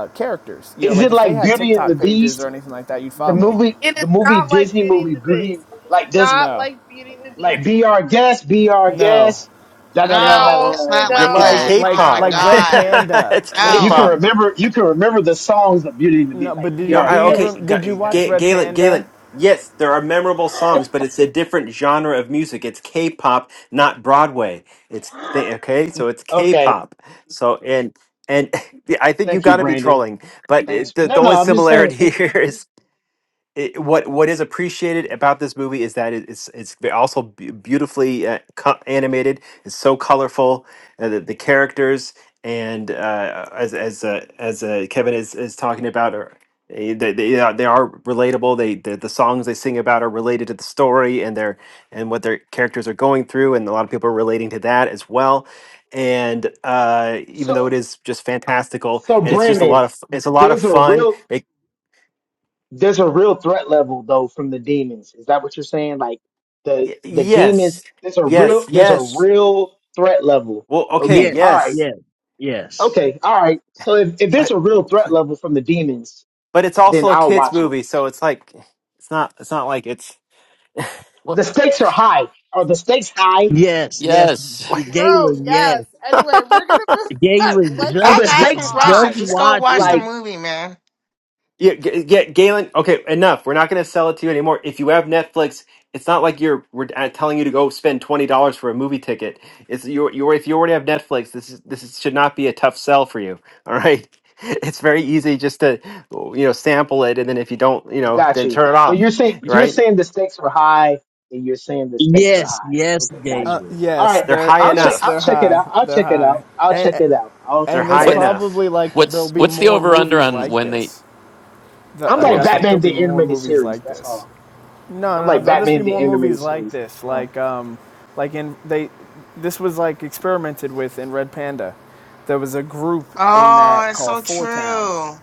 uh, characters. You know,
is
like
it
if they
like
had
beauty and the
TikTok pages or
beast
anything like that, you'd
the
follow them.
movie
It is
the movie
not like
disney
Beauty and
movie
the
beauty
Beast. It is
like does
not
No,
like Beauty and the Beast.
Like be our guest, be our
no,
guest. Da da da da da.
No,
No,
it's not
No,
like
it's
no,
Oh,
like
that.
okay,
like
Oh
not
my
K-pop.
at
like
all.
okay.
Red
god.
All right.
Panda.
it's
Like you can
No.
K-pop.
remember, you can remember the songs of Beauty and the
No,
Beast. Like
but did
be
No,
you,
our
do
I
you
okay,
guest.
rem- did
Like
you
Ga-
that.
watch
Ga-
Red
Galen,
Panda?
Galen. Yes, there are memorable songs, but it's a different genre of music. It's K-pop, not Broadway. It's th- okay, so it's
Okay,
K-pop. So and and I think you
thank you,
got to be
Brandon.
trolling, but
Thanks.
it, the,
No,
the
no,
only
I'm just saying.
similarity
Thank you.
here is it, what what is appreciated about this movie is that it, it's it's be- also be- beautifully uh, co- animated. It's so colorful. Uh, the, the characters and uh, as as uh, as uh, Kevin is, is talking about are eh, they, they are they are relatable. They the, the songs they sing about are related to the story and their and what their characters are going through, and a lot of people are relating to that as well. And uh, even
So,
though it is just fantastical,
so
and it's just a lot
Brandon,
of it's a lot of
there's a
fun
real, there's a real threat level though from the demons. Is that what you're saying? Like the
Y-
the demons.
yes,
There's a real,
yes,
there's a
yes.
real threat level.
Well, okay,
Okay.
Yes,
All right.
yes,
yes, yes,
Okay, all right. So if, if there's
but
a real threat level from the demons,
but it's
then
also a
I'll
kids
watch it.
movie, so it's like it's not it's not like it's.
What?
The stakes are high. Are the stakes high?
yes, yes.
Yes.
What?
Bro,
Galen, yes,
yes. Anyway, we're gonna move on.
Galen,
Let's
Are
just
Stop
the
move
go,
asking
stakes
on.
just
high?
questions. Just go
watch
watch the
it.
Like,
movie, man.
Yeah, G- G- Galen. Okay, enough. We're not going to sell it to you anymore. If you have Netflix, it's not like you're we're uh, telling you to go spend twenty dollars for a movie ticket. It's you. You if you already have Netflix, this is this is, should not be a tough sell for you. All right, it's very easy just to you know sample it, and then if you don't, you know,
got
then
you.
turn it
But
off.
you're saying you're
Right?
saying the stakes are high, and you're saying the stakes are
Yes,
high.
yes,
Okay, got you.
Uh,
Galen.
All
yes,
right,
They're
they're
high
I'll check.
yes
enough.
I'll
they're
check it
high,
out. I'll
they're
check it
high,
out. I'll check
and
it out. I'll
They're
and
check it
that's
high
What?
out.
enough.
probably like there'll
What's
be
what's the
more
over under
movies
on
like
when they
this. The,
I'm
oh,
like
what
like
I
was
think
Batman
there'll be
the
more
animated
movies
series.
like
That's
this.
all.
No,
I'm
no, no.
like
There'll just be
Batman the
more
animated
movies like
series. That's
this.
mine.
Like, um, like in they, this was like experimented with in Red Panda. There was a group in
Oh,
that
it's
called
so
Four Town,
true.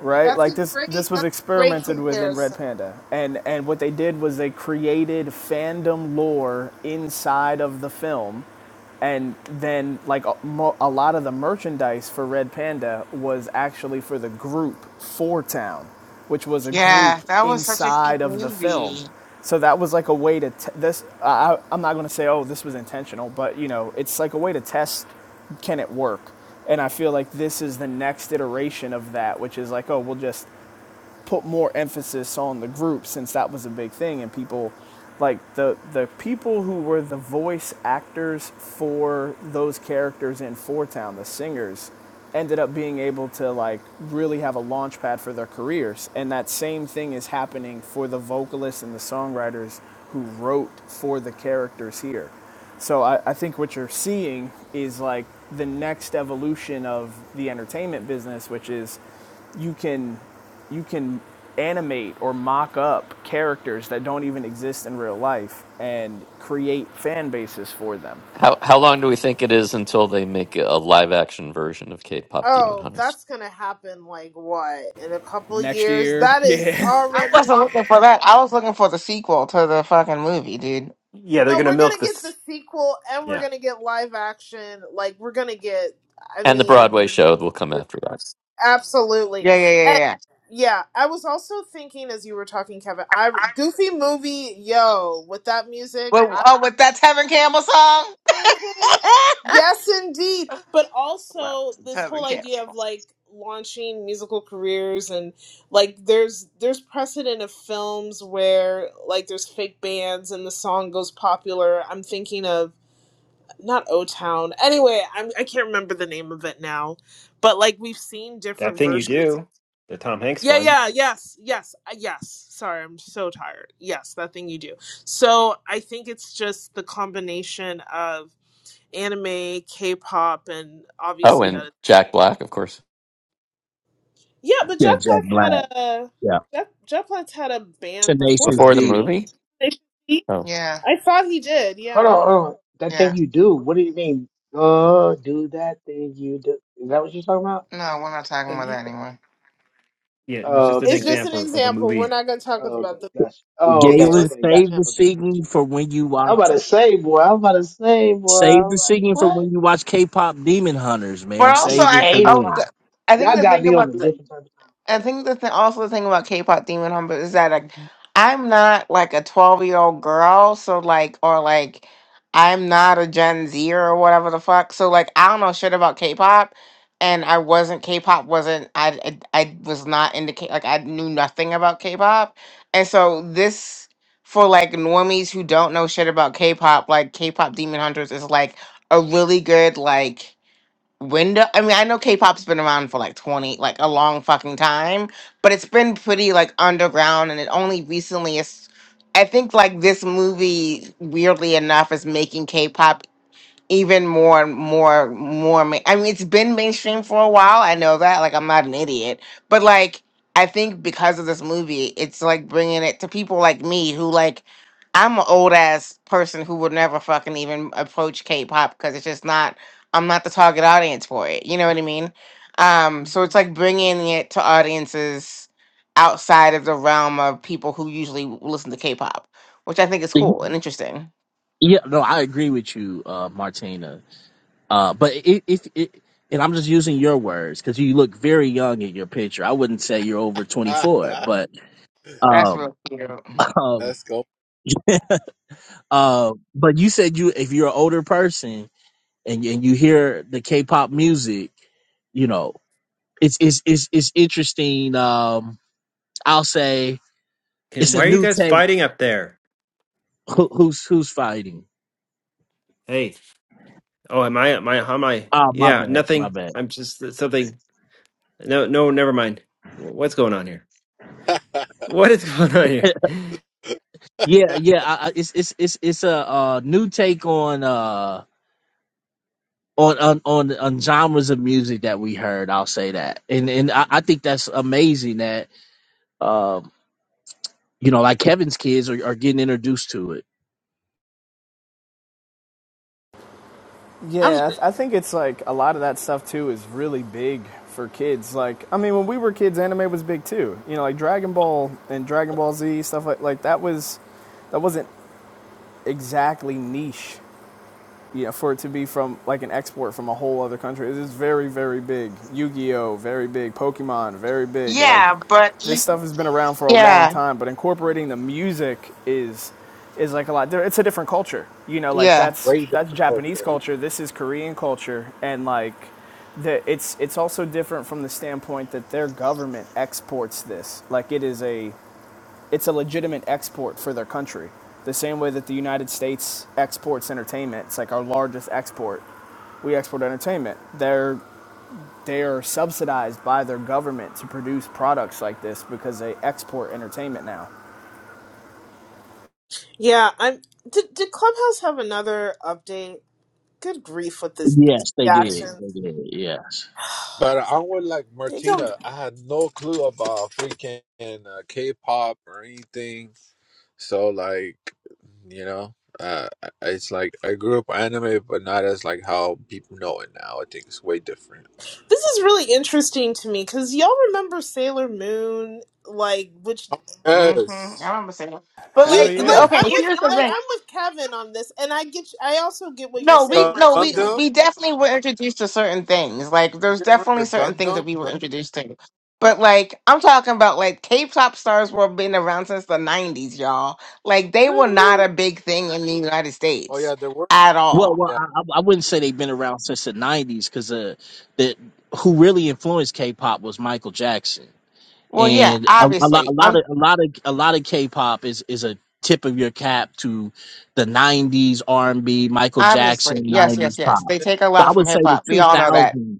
right?
That's
Like
a
this, this
great
was
that's a great
experimented with in Red
comparison.
Panda, and and what they did was they created fandom lore inside of the film and then like a, a lot of the merchandise for Red Panda was actually for the group for Town, which was a group
Yeah, that was such a
inside
cute
of the film.
movie.
So that was like a way to t- this. I- I'm not going to say oh this was intentional, but you know it's like a way to test can it work. And I feel like this is the next iteration of that, which is like oh we'll just put more emphasis on the group since that was a big thing and people like the the people who were the voice actors for those characters in Four Town, the singers, ended up being able to like really have a launch pad for their careers. And that same thing is happening for the vocalists and the songwriters who wrote for the characters here. So I, I think what you're seeing is like the next evolution of the entertainment business, which is you can you can animate or mock up characters that don't even exist in real life and create fan bases for them.
how how long do we think it is until they make a live action version of K-pop Demon
Oh,
Hunters
that's gonna happen like what? In a couple
Next
years?
year,
That is
yeah.
I wasn't
already
looking for that. I was looking for the sequel to the fucking movie, dude.
Yeah, they're
No,
gonna
we're
milk
gonna get the
this.
sequel and we're
Yeah,
gonna get live action. Like we're gonna get I
and the Broadway
mean
show will come
we're
after that?
absolutely.
Yeah, yeah, yeah,
And
yeah.
yeah, I was also thinking as you were talking, Kevin, I Goofy movie, yo, with that music,
With
I
oh, with that Tevin Campbell song?
Mhm. Yes indeed. But
Love
also
some
this whole
Tevin
idea of
Campbell.
like launching musical careers and like there's there's precedent of films where like there's fake bands and the song goes popular. I'm thinking of not O Town. Anyway, I'm I can't remember the name of it now, but like we've seen
that
different
thing you
versions.
do, the Tom Hanks
Yeah,
one.
yeah, yes, yes, uh, yes. Sorry, I'm so tired. Yes, that thing you do. So I think it's just the combination of anime, K-pop, and
Oh,
obviously that.
and
Is-
Jack Black, of course,
yeah, but
Yeah,
Jeff
Jack
Black
Black.
had a
yeah.
Jeff, Jeff Black had a band before
Tenacious
before
that,
the
didn't
D.
he?
movie.
Did he?
Oh,
Yeah,
I thought he did.
Hold on,
Yeah,
hold on. That
yeah.
thing you do. What do you mean? Uh, do that thing you do. Is that what you're talking about?
No, we're not talking
Uh,
about that
you-
anymore.
Yeah, it's
Oh,
just an
okay,
it's
okay.
just an
example of a
example. We're
movie.
not going to talk
Oh, okay,
about the.
gotcha. Oh,
It's
okay,
Galen,
just.
okay,
save
gotcha.
the
Okay,
singing
gotcha.
for when you
I'm
watch.
about to say, boy. I'm about to say, boy.
Save the
I'm like,
singing for
what?
when you watch K-pop Demon Hunters,
But
man.
also,
Save
I,
it
f-
for
DK
oh,
pop.
th-
then.
I think
Y'all
the
got
thing
me on a
about
different type of
I
time,
think the thing, also the thing about K-pop Demon Humble is that like, I'm not like a 12 year old girl, so like, or like, I'm not a Gen Z or whatever the fuck. So like, I don't know shit about K-pop, and I wasn't K-pop wasn't I I, I was not into K like I knew nothing about K-pop, and so this for like normies who don't know shit about K-pop, like K-pop Demon Hunters is like a really good like when do, I mean, I know K-pop's been around for like 20, like a long fucking time, but it's been pretty like underground and it only recently is I think like this movie weirdly enough is making K-pop even more more more ma- i mean it's been mainstream for a while i know that like i'm not an idiot but like i think because of this movie it's like bringing it to people like me who like i'm an old ass person who would never fucking even approach k-pop because it's just not i'm not the target audience for it you know what i mean um so it's like bringing it to audiences outside of the realm of people who usually listen to k-pop which i think is cool and interesting
Yeah, no, I agree with you, uh, Martina. Uh, but if, if it, and I'm just using your words because you look very young in your picture. I wouldn't say you're over 24, but
that's
um,
really cute
um,
Let's go.
uh, but you said you if you're an older person and and you hear the K-pop music, you know, it's it's it's it's interesting. Um, I'll say
Hey,
it's a
why are you
new
guys
take.
fighting up there?
Who, who's who's fighting?
Hey, oh, am I? Am I? How am I?
Oh, my
Yeah,
bad, my
nothing.
bad.
I'm just uh, something. No, no, never mind. Wh- What's going on here? What is going on
Yeah, yeah. I, I, it's it's it's it's a, uh new take on uh on, on on on genres of music that we heard. I'll say that, and and I, I think that's amazing that um you know like Kevin's kids are, are getting introduced to it.
Yeah, I, th- I think it's like a lot of that stuff too is really big for kids. Like, I mean, when we were kids, anime was big too. You know, like Dragon Ball and Dragon Ball Z stuff like like that was that wasn't exactly niche you know, for it to be from like an export from a whole other country, it is very, very big. Yu-Gi-Oh, very big. Pokemon, very big. Like
Yeah, but
this
e-
stuff has been around for a long
yeah,
time, but incorporating the music is is like a lot. it's a different culture, you know. Like
yeah.
that's
Way
that's
different
Japanese
culture.
culture. This is Korean culture, and like the, it's it's also different from the standpoint that their government exports this. Like it is a it's a legitimate export for their country. The same way that the United States exports entertainment, it's like our largest export. We export entertainment. They're they are subsidized by their government to produce products like this because they export entertainment now.
Yeah, I'm. Did, did Clubhouse have another update? Good grief with this, these
Yes, they did.
reactions.
They did. Yes.
But I'm onward like
They go.
Martina, I had no clue about freaking uh, K-pop or anything. So like, you know, uh, I- it's like I grew up anime, but not as like how people know it now. I think it's way different.
This is really interesting to me because y'all remember Sailor Moon, like which
Oh,
hmm I
Yes,
remember saying that. But
Hell
you
like, we,
like.
yeah.
okay,
I'm
You-
with
here's the
like
thing.
I'm with Kevin on this, and I get. I also get what you're
No, we
saying,
Gu-
no, we
Martina.
Gundam.
we definitely were introduced to certain things. Like, there's
You guys
definitely
remember
certain things
Gundam?
that we were
Gundam?
introduced to. But like, I'm talking about like K-pop stars were been around since the '90s, y'all. Like, they were not
Really?
a big thing in the United
Oh
States
yeah, there were.
at
Well,
all.
well,
Yeah.
I, I I wouldn't say they've been around since the '90s because uh, the who really influenced K-pop was Michael Jackson.
Well, yeah,
and a, a lot, a
obviously.
lot of, a lot of, a lot of K-pop is is a tip of your cap to the '90s R&B, Michael
Obviously,
Jackson
yes, yes,
'90s
yes.
pop.
They take a
So I
lot from
would say
hip
the
hop. We all know that.
2000s.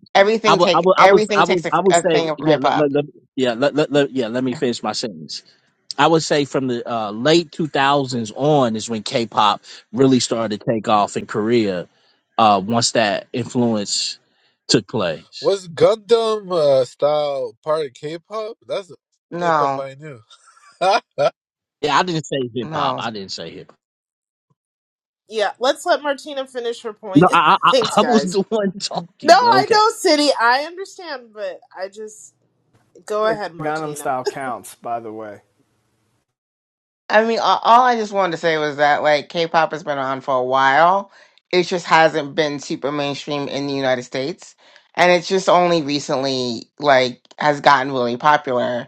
I
Everything
would, I
take
would, I would, I
everything takes
would,
a,
I would
a
say,
thing from
yeah,
hip
let, let,
hop.
let- yeah, let, let, let- yeah. Let me finish my sentence. I would say from the uh, late 2000s on is when K-pop really started to take off in Korea. Uh, once that influence took place,
What's Gundam uh, style part of K-pop? That's the K-pop
No,
I knew.
yeah, I didn't say hip hop.
no.
I didn't say hip hop.
Yeah, let's let Martina finish her point.
No, I, I, I
Thanks,
I was
guys.
the one
No,
talking, but
I
okay.
know, City. I understand, but I just go
The
ahead,
Gangnam
Martina.
Style counts, by the way.
I mean, all, all I just wanted to say was that like K-pop has been on for a while. It just hasn't been super mainstream in the United States, and it's just only recently like has gotten really popular.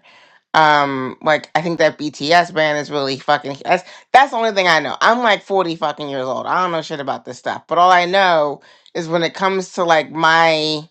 Um, like I think that BTS band is really fucking that's that's the only thing I know. I'm like 40 fucking years old. I don't know shit about this stuff. But all I know is when it comes to like my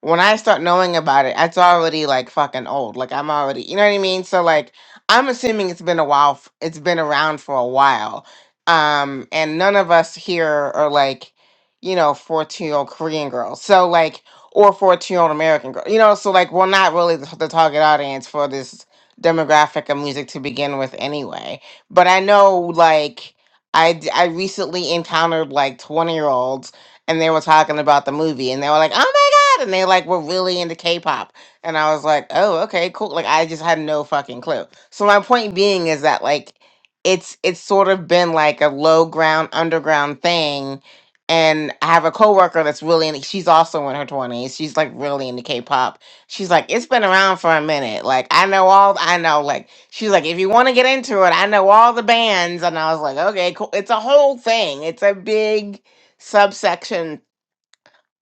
when I start knowing about it, it's already like fucking old. Like I'm already, you know what I mean? So like I'm assuming it's been a while f- it's been around for a while. Um, and none of us here are like, you know, 14-year-old Korean girls. So like or 14 year old American girl. You know, so like we're not really the, the target audience for this demographic of music to begin with anyway. But I know like I d- I recently encountered like 20 year olds and they were talking about the movie and they were like, "Oh my god." And they like were really into K-pop. And I was like, "Oh, okay, cool." Like I just had no fucking clue. So my point being is that like it's it's sort of been like a low ground underground thing and I have a coworker that's really in she's also in her 20s. She's like really into K-pop She's like, it's been around for a minute. Like, I know all, I know, like, she's like, if you want to get into it, I know all the bands. And I was like, okay, cool. It's a whole thing, it's a big subsection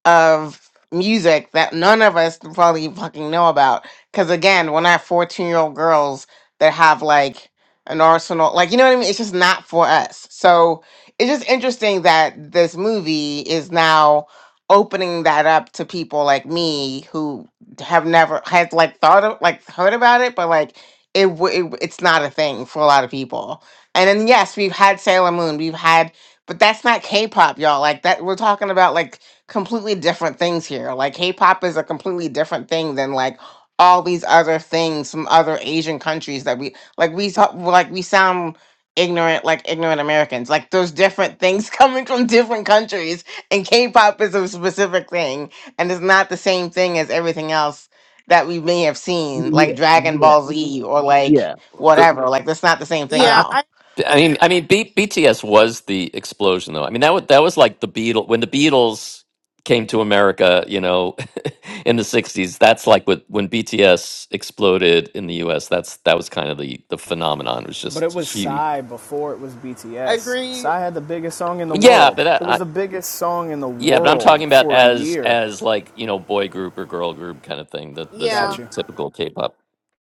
of music that none of us probably fucking know about. Because again, when I have 14 year old girls that have like an arsenal, like, you know what I mean? It's just not for us. So it's just interesting that this movie is now opening that up to people like me who have never had like thought of like heard about it, but like it, w- it it's not a thing for a lot of people. And then yes, we've had Sailor Moon, we've had, but that's not K-pop, y'all. Like that, we're talking about like completely different things here. Like K-pop is a completely different thing than like all these other things from other Asian countries that we like we talk, like we sound ignorant like ignorant Americans. Like there's different things coming from different countries and K-pop is a specific thing and it's not the same thing as everything else that we may have seen
Yeah,
like Dragon
yeah,
Ball Z or like
yeah.
but
whatever. Like that's not the same thing at
Yeah,
I, I
I
all.
I mean, I mean, B- BTS was the explosion, though. I mean, that was that was like the Beatles when the Beatles came to America, you know, in the '60s. That's like what when BTS exploded in the U.S. That's that was kind of the the phenomenon. It was
But it was
just huge.
Psy before it was BTS.
agree.
Psy had the biggest song in the
Yeah,
world.
but
It
I,
was the biggest song in the
Yeah, but I'm
world
talking about
for a
as
year.
as like you know boy group or girl group kind of thing. The the sort
Yeah.
of
Gotcha.
typical K-pop.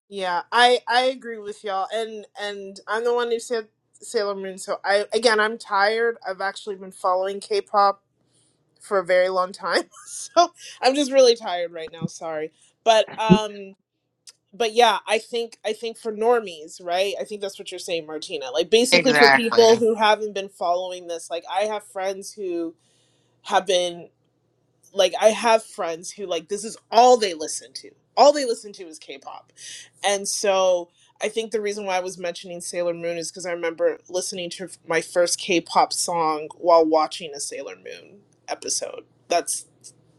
Yeah, I I agree with y'all, and and I'm the one who said Sailor Moon. So I again, I'm tired. I've actually been following K-pop for a very long time, so I'm just really tired right now. Sorry, but um, but yeah, I think I think for normies, right? I think that's what you're saying, Martina. Like basically for
Exactly.
people who haven't been following this, like I have friends who have been like I have friends who like this is all they listen to. All they listen to is K-pop. And so I think the reason why I was mentioning Sailor Moon is because I remember listening to my first K-pop song while watching a Sailor Moon episode. That's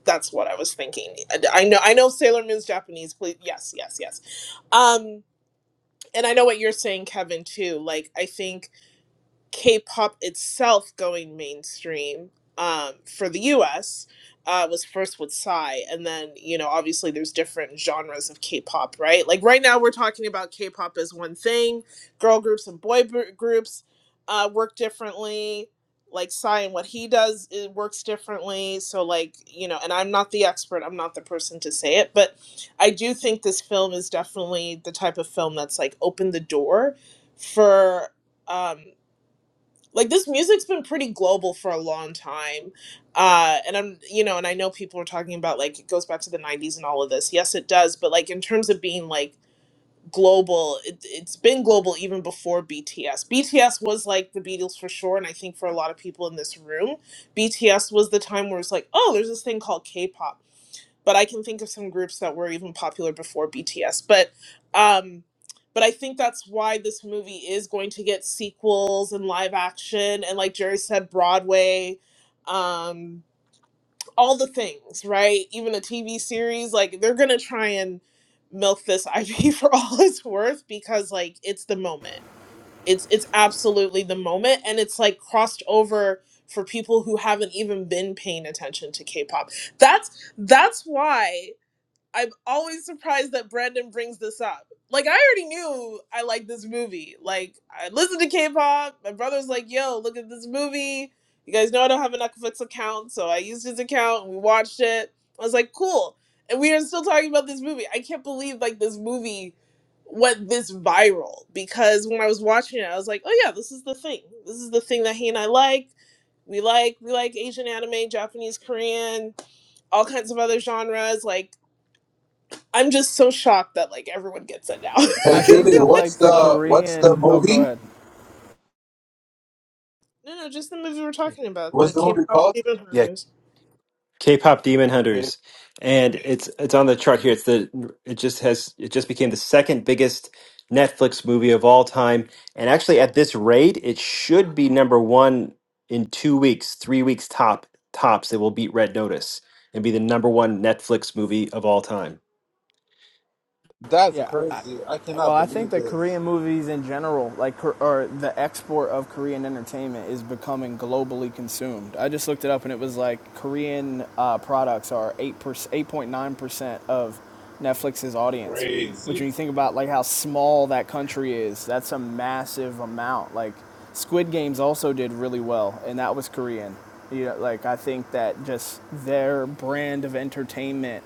that's what I was thinking. And I know I know Sailor Moon's Japanese. Please, yes, yes, yes. Um, and I know what you're saying, Kevin, too. Like I think K-pop itself going mainstream um, for the U.S. Uh, was first with Psy, and then you know obviously there's different genres of K-pop, right? Like right now we're talking about K-pop as one thing. Girl groups and boy br- groups uh, work differently. Like Psy and what he does it works differently. So like you know, and I'm not the expert. I'm not the person to say it, but I do think this film is definitely the type of film that's like opened the door for. um like this music's been pretty global for a long time uh and i'm you know and i know people are talking about like it goes back to the 90s and all of this yes it does but like in terms of being like global it, it's been global even before bts bts was like the beatles for sure and i think for a lot of people in this room bts was the time where it's like oh there's this thing called k-pop but I can think of some groups that were even popular before BTS. But um but I think that's why this movie is going to get sequels and live action and like Jerry said Broadway um all the things, right? Even a TV series like they're going to try and milk this IP for all it's worth because like it's the moment. It's it's absolutely the moment and it's like crossed over for people who haven't even been paying attention to K-pop. That's that's why I'm always surprised that Brandon brings this up. Like I already knew I liked this movie. Like I listened to K-pop. My brother's like, "Yo, look at this movie." You guys know I don't have a Netflix account, so I used his account and we watched it. I was like, "Cool." And we are still talking about this movie. I can't believe like this movie went this viral because when I was watching it, I was like, "Oh yeah, this is the thing. This is the thing that he and I like. We like we like Asian anime, Japanese, Korean, all kinds of other genres. Like I'm just so shocked that like everyone gets it now.
Hey
I think
Julie,
that
what's
like the
the
so
what's the
Korean. Oh, go
movie?
ahead.
no, no, just the movie we're talking about,
What's
the
the movie
K-pop
called?
Demon
here?
Harvest.
K-pop Demon
Okay.
Hunters, and it's it's on the chart here. It's the it just has it just became the second biggest Netflix movie of all time, and actually at this rate, it should be number one in two weeks, three weeks top tops. It will beat Red Notice and be the number one Netflix movie of all time.
That's
Yeah, I
crazy. I cannot
well, I think
believe
that
this.
Korean movies in general, like or the export of Korean entertainment, is becoming globally consumed. I just looked it up, and it was like Korean uh, products are eight eight point nine percent of Netflix's audience. Which, when
Crazy.
you think about like how small that country is, that's a massive amount. Like Squid Games also did really well, and that was Korean. You know, like I think that just their brand of entertainment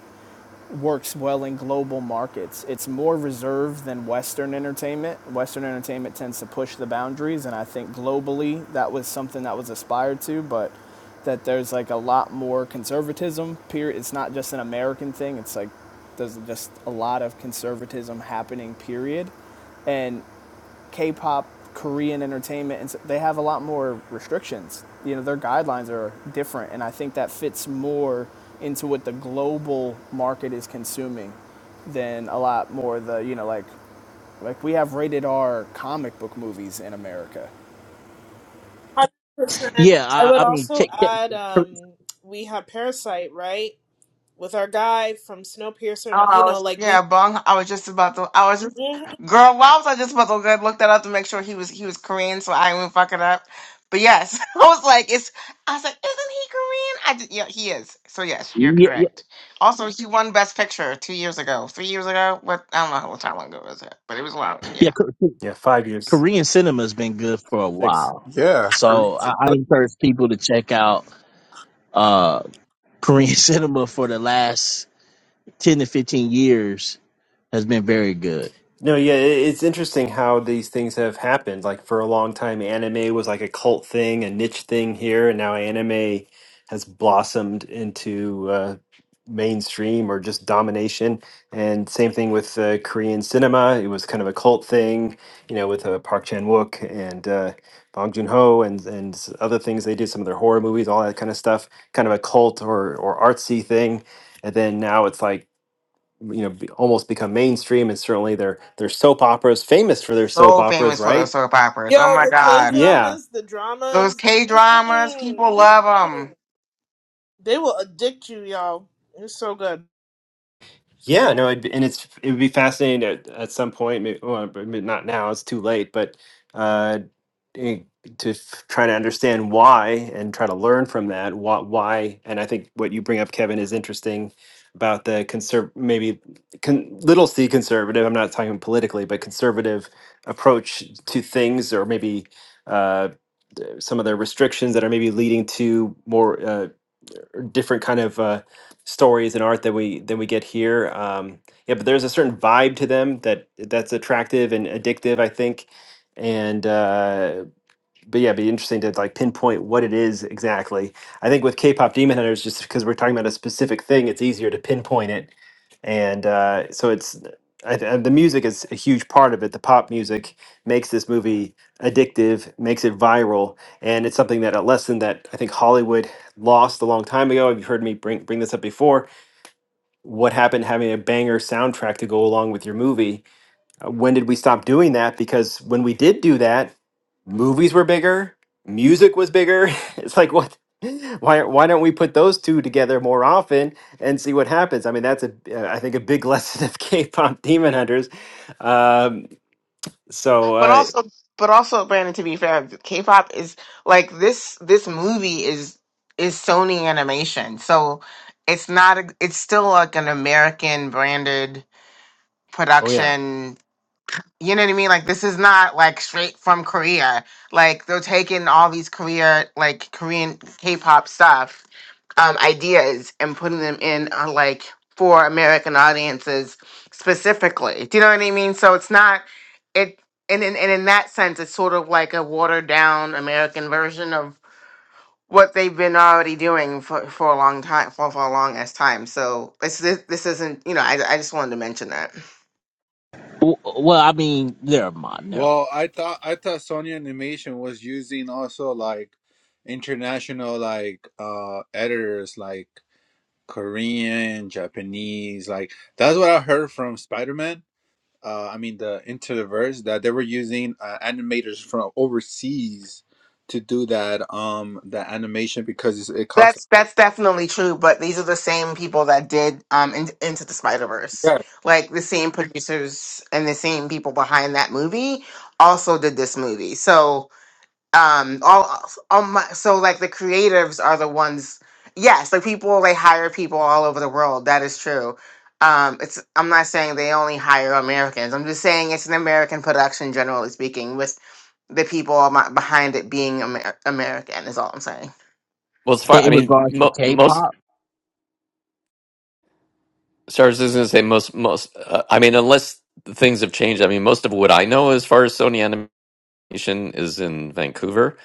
works well in global markets. It's more reserved than Western entertainment. Western entertainment tends to push the boundaries, and I think globally that was something that was aspired to, but that there's like a lot more conservatism. Period. It's not just an American thing. It's like there's just a lot of conservatism happening. Period. And K-pop, Korean entertainment, and so they have a lot more restrictions. You know, their guidelines are different, and I think that fits more into what the global market is consuming than a lot more the you know like like we have rated R comic book movies in America.
Hundred percent.
yeah,
I
I,
would
I mean,
also
K, K,
add,
K-
um, we have Parasite, right, with our guy from Snowpiercer, and
Oh,
all-
I
you know,
was,
like we,
yeah, Bong. I was just about to. I was just,
Mhm.
girl. Why was I just about to go look that up to make sure he was he was Korean, so I wouldn't fuck it up. But yes, I was like, it's. I was like, isn't he Korean? I did, yeah, he is. So yes, you're
yeah, yeah,
correct. Also, he won Best Picture two years ago, three years ago. What I don't know how what time ago was it, but it was long.
yeah.
Yeah,
K-
Yeah, five years,
Korean cinema has been good for a
six.
while,
Yeah.
so I,
Crazy.
I encourage people to check out uh Korean cinema for the last ten to fifteen years has been very good.
No, yeah, i- it's interesting how these things have happened. Like for a long time, anime was like a cult thing, a niche thing here, and now anime has blossomed into uh, mainstream or just domination. And same thing with uh, Korean cinema; it was kind of a cult thing, you know, with uh, Park Chan Wook and uh, Bong Joon Ho and and s- other things they did, some of their horror movies, all that kind of stuff, kind of a cult or or artsy thing. And then now it's like you know be, almost become mainstream and certainly their their soap operas famous for their soap
so
operas
famous for those
right
soap operas. Oh
yo,
my
the K
god,
yeah
dramas, the
those
dramas,
K
mm,
dramas, people
mm,
love them.
mm. they will addict you, y'all. It's so good.
yeah no it'd, be- and it's it would be fascinating at, at some point maybe, well, but maybe not now it's too late but uh eh, to f- try to understand why and try to learn from that what why and i think what you bring up kevin is interesting about the conserv maybe con- little c conservative i'm not talking politically but conservative approach to things or maybe uh, some of the restrictions that are maybe leading to more uh, different kind of uh, stories and art that we than we get here. Um, yeah, but there's a certain vibe to them that that's attractive and addictive, I think. And uh, but yeah, it'd be interesting to like pinpoint what it is exactly. I think with K-pop Demon Hunters, just because we're talking about a specific thing, it's easier to pinpoint it, and uh, so it's I, th- the music is a huge part of it. The pop music makes this movie addictive, makes it viral, and it's something that a lesson that I think Hollywood lost a long time ago. You've heard me bring bring this up before. What happened having a banger soundtrack to go along with your movie? Uh, When did we stop doing that? Because when we did do that, movies were bigger, music was bigger. It's like what? Why why don't we put those two together more often and see what happens? I mean, that's a uh, I think a big lesson of K-pop Demon Hunters. Um, so
But
uh,
also, but also, Brandon. To be fair, K-pop is like this. This movie is is Sony Animation, so it's not. A, it's still like an American branded
oh yeah.
production. You know what I mean? Like this is not like straight from Korea. Like they're taking all these Korea, like Korean K-pop stuff um, ideas and putting them in uh, like for American audiences specifically. Do you know what I mean? So it's not it and in and in that sense it's sort of like a watered down American version of what they've been already doing for, for a long time for, for a long as time. So this this, this isn't you know, I, I just wanted to mention that.
W- Well, I mean, never mind, never mind.
Well, I thought I thought Sony Animation was using also like international like uh editors like Korean, Japanese, like that's what I heard from Spider-Man. uh, I mean the into the verse that they were using uh, animators from overseas to do that um that animation because it's, it cost.
That's that's definitely true, but these are the same people that did um in, Into the Spider Verse,
Yeah,
like the same producers and the same people behind that movie also did this movie. So um all all my so like the creatives are the ones. Yes, like people they hire people all over the world. That is true. Um, it's I'm not saying they only hire Americans. I'm just saying it's an American production, generally speaking, with the people am- behind it being Amer- American. Is all I'm saying.
Well, as far
In,
I
in
mean,
regards to
mo- most
K-pop,
stars is going to say most most. Uh, I mean, unless things have changed. I mean, most of what I know as far as Sony Animation is in Vancouver.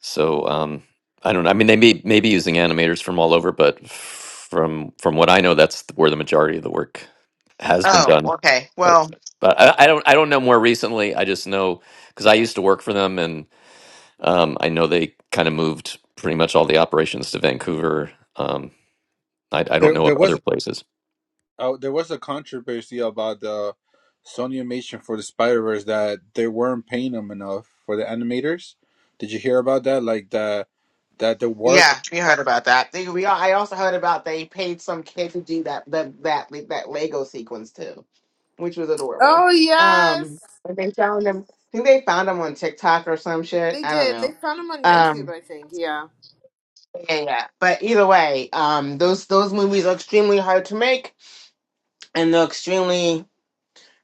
So um, I don't know. I mean, they may may be using animators from all over, but from from what I know, that's where the majority of the work has been
Oh,
done.
okay.
But
Well,
but I, I don't I don't know more recently. I just know because I used to work for them and. Um, I know they kind of moved pretty much all the operations to Vancouver. Um, I, I don't
there
know of
there
other
was
places.
uh, there was a controversy about the Sony animation for the Spider Verse that they weren't paying them enough for the animators. Did you hear about that? Like the that the work.
yeah, you heard about that. They- We I also heard about they paid some kid to do that that that that Lego sequence too, which was adorable.
Oh yes,
Um, and they found them. I think they found them on TikTok or some shit.
they
I don't
did. They
know.
found him on YouTube,
Um,
I think. Yeah.
yeah, yeah. But either way, um, those those movies are extremely hard to make, and they're extremely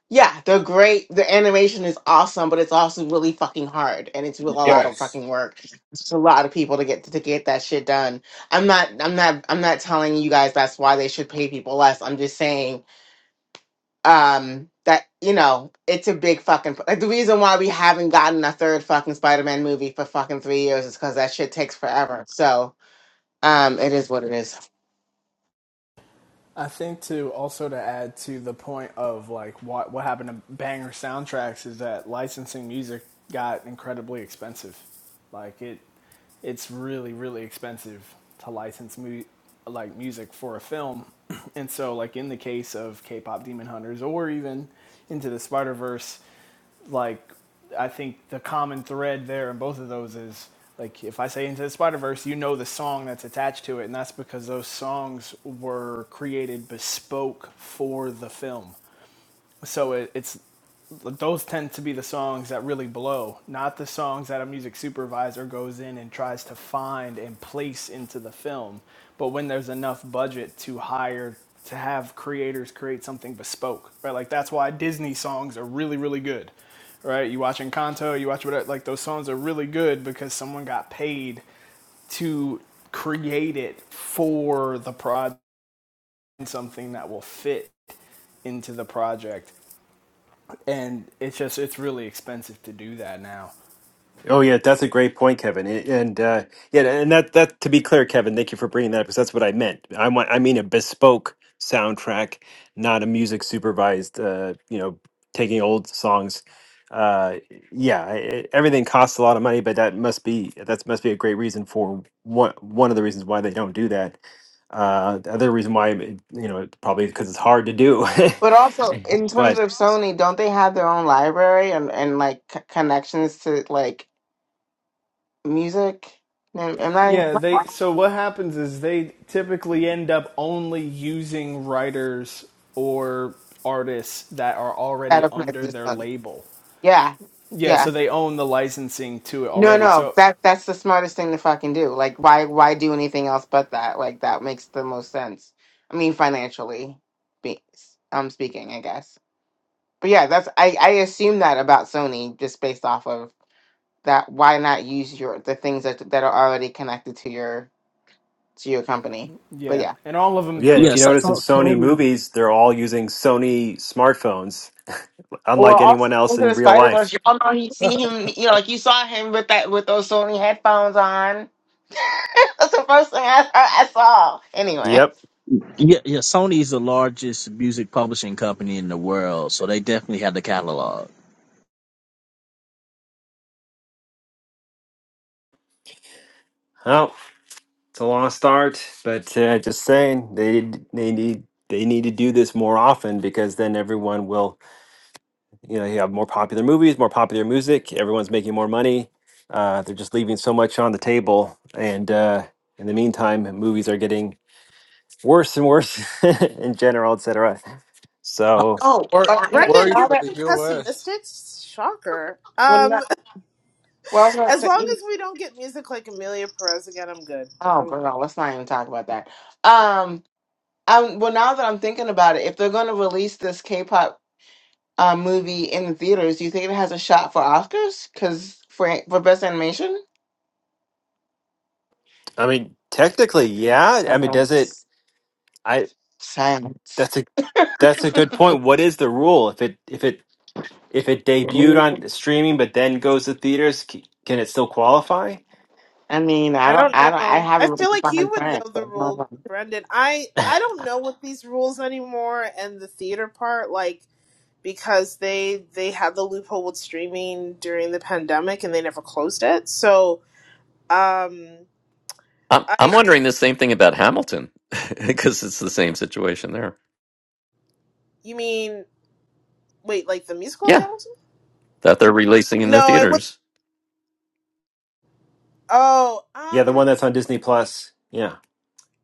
Yeah, they're great. The animation is awesome, but it's also really fucking hard, and it's real, a lot of
Yes,
fucking work. It's a lot of people to get to get that shit done. I'm not, I'm not, I'm not telling you guys that's why they should pay people less. I'm just saying um, that you know it's a big fucking like the reason why we haven't gotten a third fucking Spider-Man movie for fucking three years is because that shit takes forever. So um, it is what it is.
I think to also to add to the point of like what what happened to banger soundtracks is that licensing music got incredibly expensive. Like it, it's really really expensive to license mu- like music for a film, and so like in the case of K-pop Demon Hunters or even into the Spider Verse, like I think the common thread there in both of those is like if I say Into the Spider Verse, you know the song that's attached to it, and that's because those songs were created bespoke for the film. So it, it's those tend to be the songs that really blow, not the songs that a music supervisor goes in and tries to find and place into the film. But when there's enough budget to hire to have creators create something bespoke, right? Like that's why Disney songs are really, really good, right? You watch Encanto, you watch whatever, like those songs are really good because someone got paid to create it for the project, something that will fit into the project and it's just it's really expensive to do that now.
Oh yeah, that's a great point, Kevin. And and, uh, yeah, and that that to be clear, Kevin, thank you for bringing that up because that's what I meant. I want I mean a bespoke soundtrack, not a music supervised. Uh, you know, taking old songs. Uh, yeah, I- I- everything costs a lot of money, but that must be that must be a great reason for one one of the reasons why they don't do that. Uh, the other reason why, you know, probably because it's hard to do.
But also, in terms of Sony, don't they have their own library and, and like c- connections to like music. No, am I
Yeah, they so what happens is they typically end up only using writers or artists that are already
out of
under
practice
their
on?
label.
Yeah,
Yeah,
yeah.
so they own the licensing to it
No,
already.
no,
So
that that's the smartest thing to fucking do. Like, why why do anything else but that? Like, that makes the most sense. I mean, financially, be, um, speaking, I guess. But yeah, that's I I assume that about Sony just based off of that. Why not use your the things that that are already connected to your to your company? But yeah.
yeah, and all of them
Yeah, and
do
if
yeah,
you
it.
so,
notice in
so,
Sony
Sony.
movies, they're all using Sony smartphones,
Well,
unlike
also
anyone else
into
in
the
real
Spider
life.
Verse, y'all know he see him. You know, like you saw him with that with those Sony headphones on. That's the first thing I, I, saw. Anyway.
Yep.
Yeah, yeah. Sony is the largest music publishing company in the world, so they definitely have the catalog.
Well, it's a lost art, but uh, just saying they they need they need to do this more often because then everyone will you know you have more popular movies, more popular music. Everyone's making more money. Uh, they're just leaving so much on the table, and uh, in the meantime, movies are getting worse and worse in general, et cetera.
I'm
So.
kinda
Oh,
wor-
uh, no,
I'm
no,
Brendan,
worried
you're
for the
being
U.S.
pessimistic. Shocker.
well, no,
Um,
well, I was gonna
as
say,
long as we don't get music like Amelia Perez again, I'm good.
oh,
I'm.
girl, let's not even talk about that. Um, um, well, now that I'm thinking about it, if they're going to release this K-pop uh, movie in the theaters, do you think it has a shot for Oscars? Because for for best animation,
I mean, technically, yeah. I mean, does it?
science,
I
science.
that's a that's a good point. What is the rule if it if it if it debuted on streaming but then goes to theaters? c- Can it still qualify?
I mean, I
I
don't,
don't
I don't, I
know. I
haven't really
feel like you
defined
would know
France. but
the rule, Brendan. I I don't know what these rules anymore, and the theater part, like because they they had the loophole with streaming during the pandemic, and they never closed it. So, um,
I'm, I'm
I
wondering the same thing about Hamilton because it's the same situation there.
you mean wait, like the musical
Yeah,
Hamilton?
that they're releasing in the
No, it was.
theaters.
Oh,
Yeah, the
um.
one that's on Disney Plus. Yeah,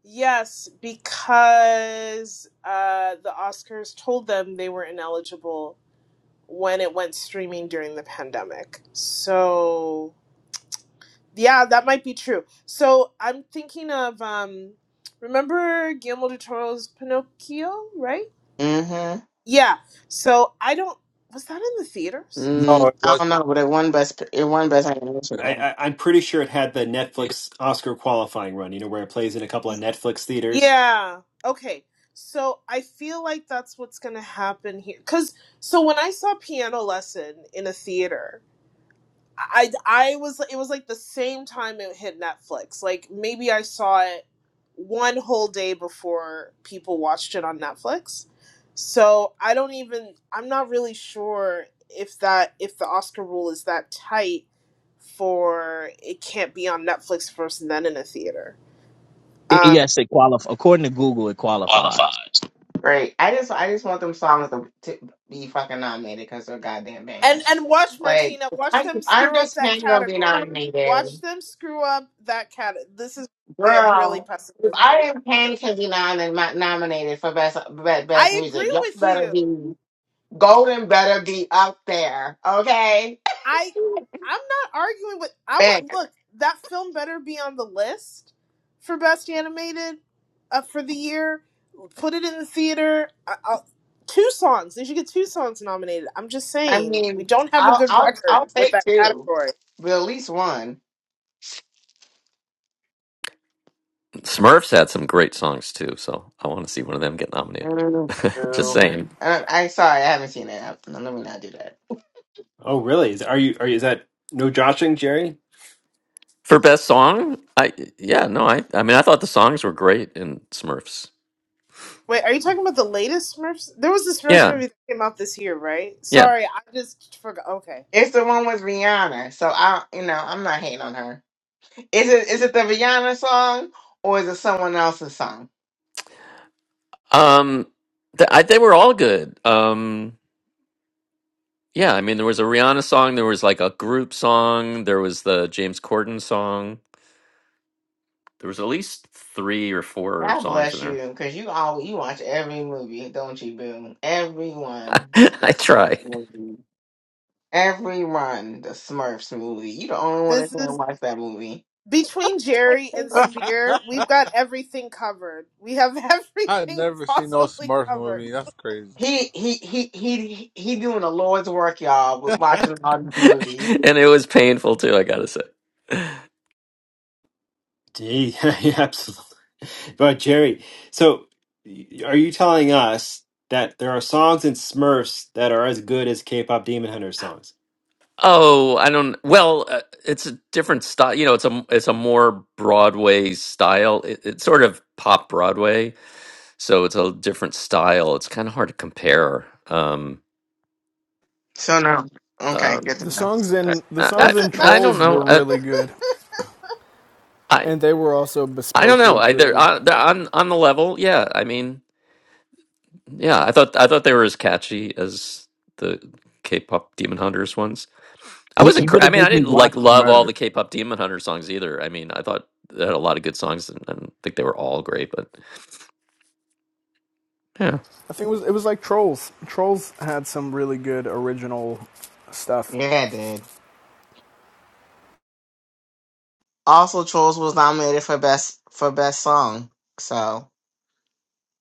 Yes, because uh, the Oscars told them they were ineligible when it went streaming during the pandemic. So, yeah, that might be true. So, I'm thinking of um, remember Guillermo del Toro's Pinocchio, right?
Mm-hmm.
Yeah. So, I don't, was that in the theaters?
No,
Mm,
it
I
wasn't.
don't know, but it won best, it won best animation.
I,
Man.
I I'm pretty sure it had the
Yeah.
Netflix Oscar qualifying run. You know where it plays in a couple of Netflix theaters.
Yeah. Okay. So, I feel like that's what's going to happen here. Because, so when I saw Piano Lesson in a theater, I I was it was like the same time it hit Netflix. Like maybe I saw it one whole day before people watched it on Netflix. So I don't even I'm not really sure if that if the Oscar rule is that tight for it can't be on Netflix first and then in a theater.
I-
Um
yes, it qualifies. According to Google, it qualifies.
Great. I just, I just want them songs to, to be fucking nominated because they're goddamn
and
bangers.
and watch
Like,
Martina,
if
watch
I,
them
if
screw up
Andres
that
Payne gonna be
category. Watch
nominated,
them screw up that cat. This is get really
girl. If
pessimistic.
I am Payne can be nom- nominated for best, best best
I
music,
agree
y'all
with you.
better be golden. Better be up there, okay?
I I'm not arguing with I would look that film better be on the list for best animated uh, for the year. Put it in the theater. I, I'll, two songs. They should get two songs nominated. I'm just
I
saying we
mean,
don't have a
I'll
good
I'll I'll
record with
take
that
two,
category.
but at least one.
Smurfs had some great songs too, so I want to see one of them get nominated.
Mm,
Just
no.
saying.
I, I sorry, I haven't seen it. I- Let me not do that.
Oh, really? Is are you are you, is that no joshing, Jerry?
For best song, I yeah, no, I I mean I thought the songs were great in Smurfs.
Wait, are you talking about the latest Smurfs? There was this Smurfs
Yeah,
movie that came out this year, right?
yeah.
Sorry, I just forgot. Okay,
It's the one with Rihanna, so I you know I'm not hating on her. Is it is it the Rihanna song or is it someone else's song?
Um th- I, they were all good. Um yeah, I mean there was a Rihanna song, there was like a group song, there was the James Corden song. There was at least 3 or 4
God
songs in
bless you,
there.
because you all you watch every movie, don't you, Boo? Everyone, the
I try.
Smurfs movie. Everyone, the Smurfs movie. You the only one that
this is
didn't watch that movie.
between Jerry and Spear. We've got everything covered. We have
I
everything
never seen no
possibly
Smurf
covered.
movie. That's crazy.
He he he he he doing the Lord's work, y'all, with watching all these movies.
and it was painful too, I got to say.
Gee, yeah, absolutely. But Jerry, so y- are you telling us that there are songs in Smurfs that are as good as K-pop Demon Hunters songs?
Oh, I don't. Well, uh, it's a different style. You know, it's a it's a more Broadway style. It, it's sort of pop Broadway, so it's a different style. It's kind of hard to compare. Um,
So no, okay,
um,
good
The
to know.
songs
I,
in the
I I
songs
That's a
in
I
that's a
don't
Trolls
know.
were
no.
I
really good,
I,
and they were also
I don't know.
bespokely
I, they're,
created.
on, they're on on the level. Yeah, I mean, yeah. I thought I thought they were as catchy as the K-pop Demon Hunters I
You,
wasn't.
you're
cra-
gonna
I mean, I
make me
didn't like
watch
love all
Smurf.
the K-pop Demon Hunter songs either. I mean, I thought they had a lot of good songs, and and I think they were all great. But yeah,
I think it was it was like Trolls. Trolls had some really good original stuff.
Yeah, dude. Also, Trolls was nominated for best for best song. So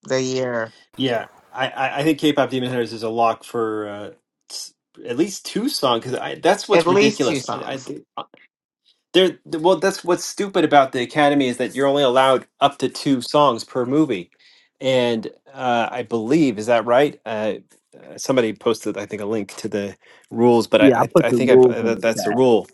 the year,
Yeah, I, I I think K-pop Demon Hunters is a lock for uh, s- at least two songs because that's what's
at least two
ridiculous. I, I
songs.
think. There, well, that's what's stupid about the Academy is that you're only allowed up to two songs per movie, and uh, I believe is that right? Uh, uh, somebody posted, I think, a link to the rules, but I,
Yeah, I
I,
put
I
the
think I,
rules
uh,
in
that
the
that's the
chat.
rule.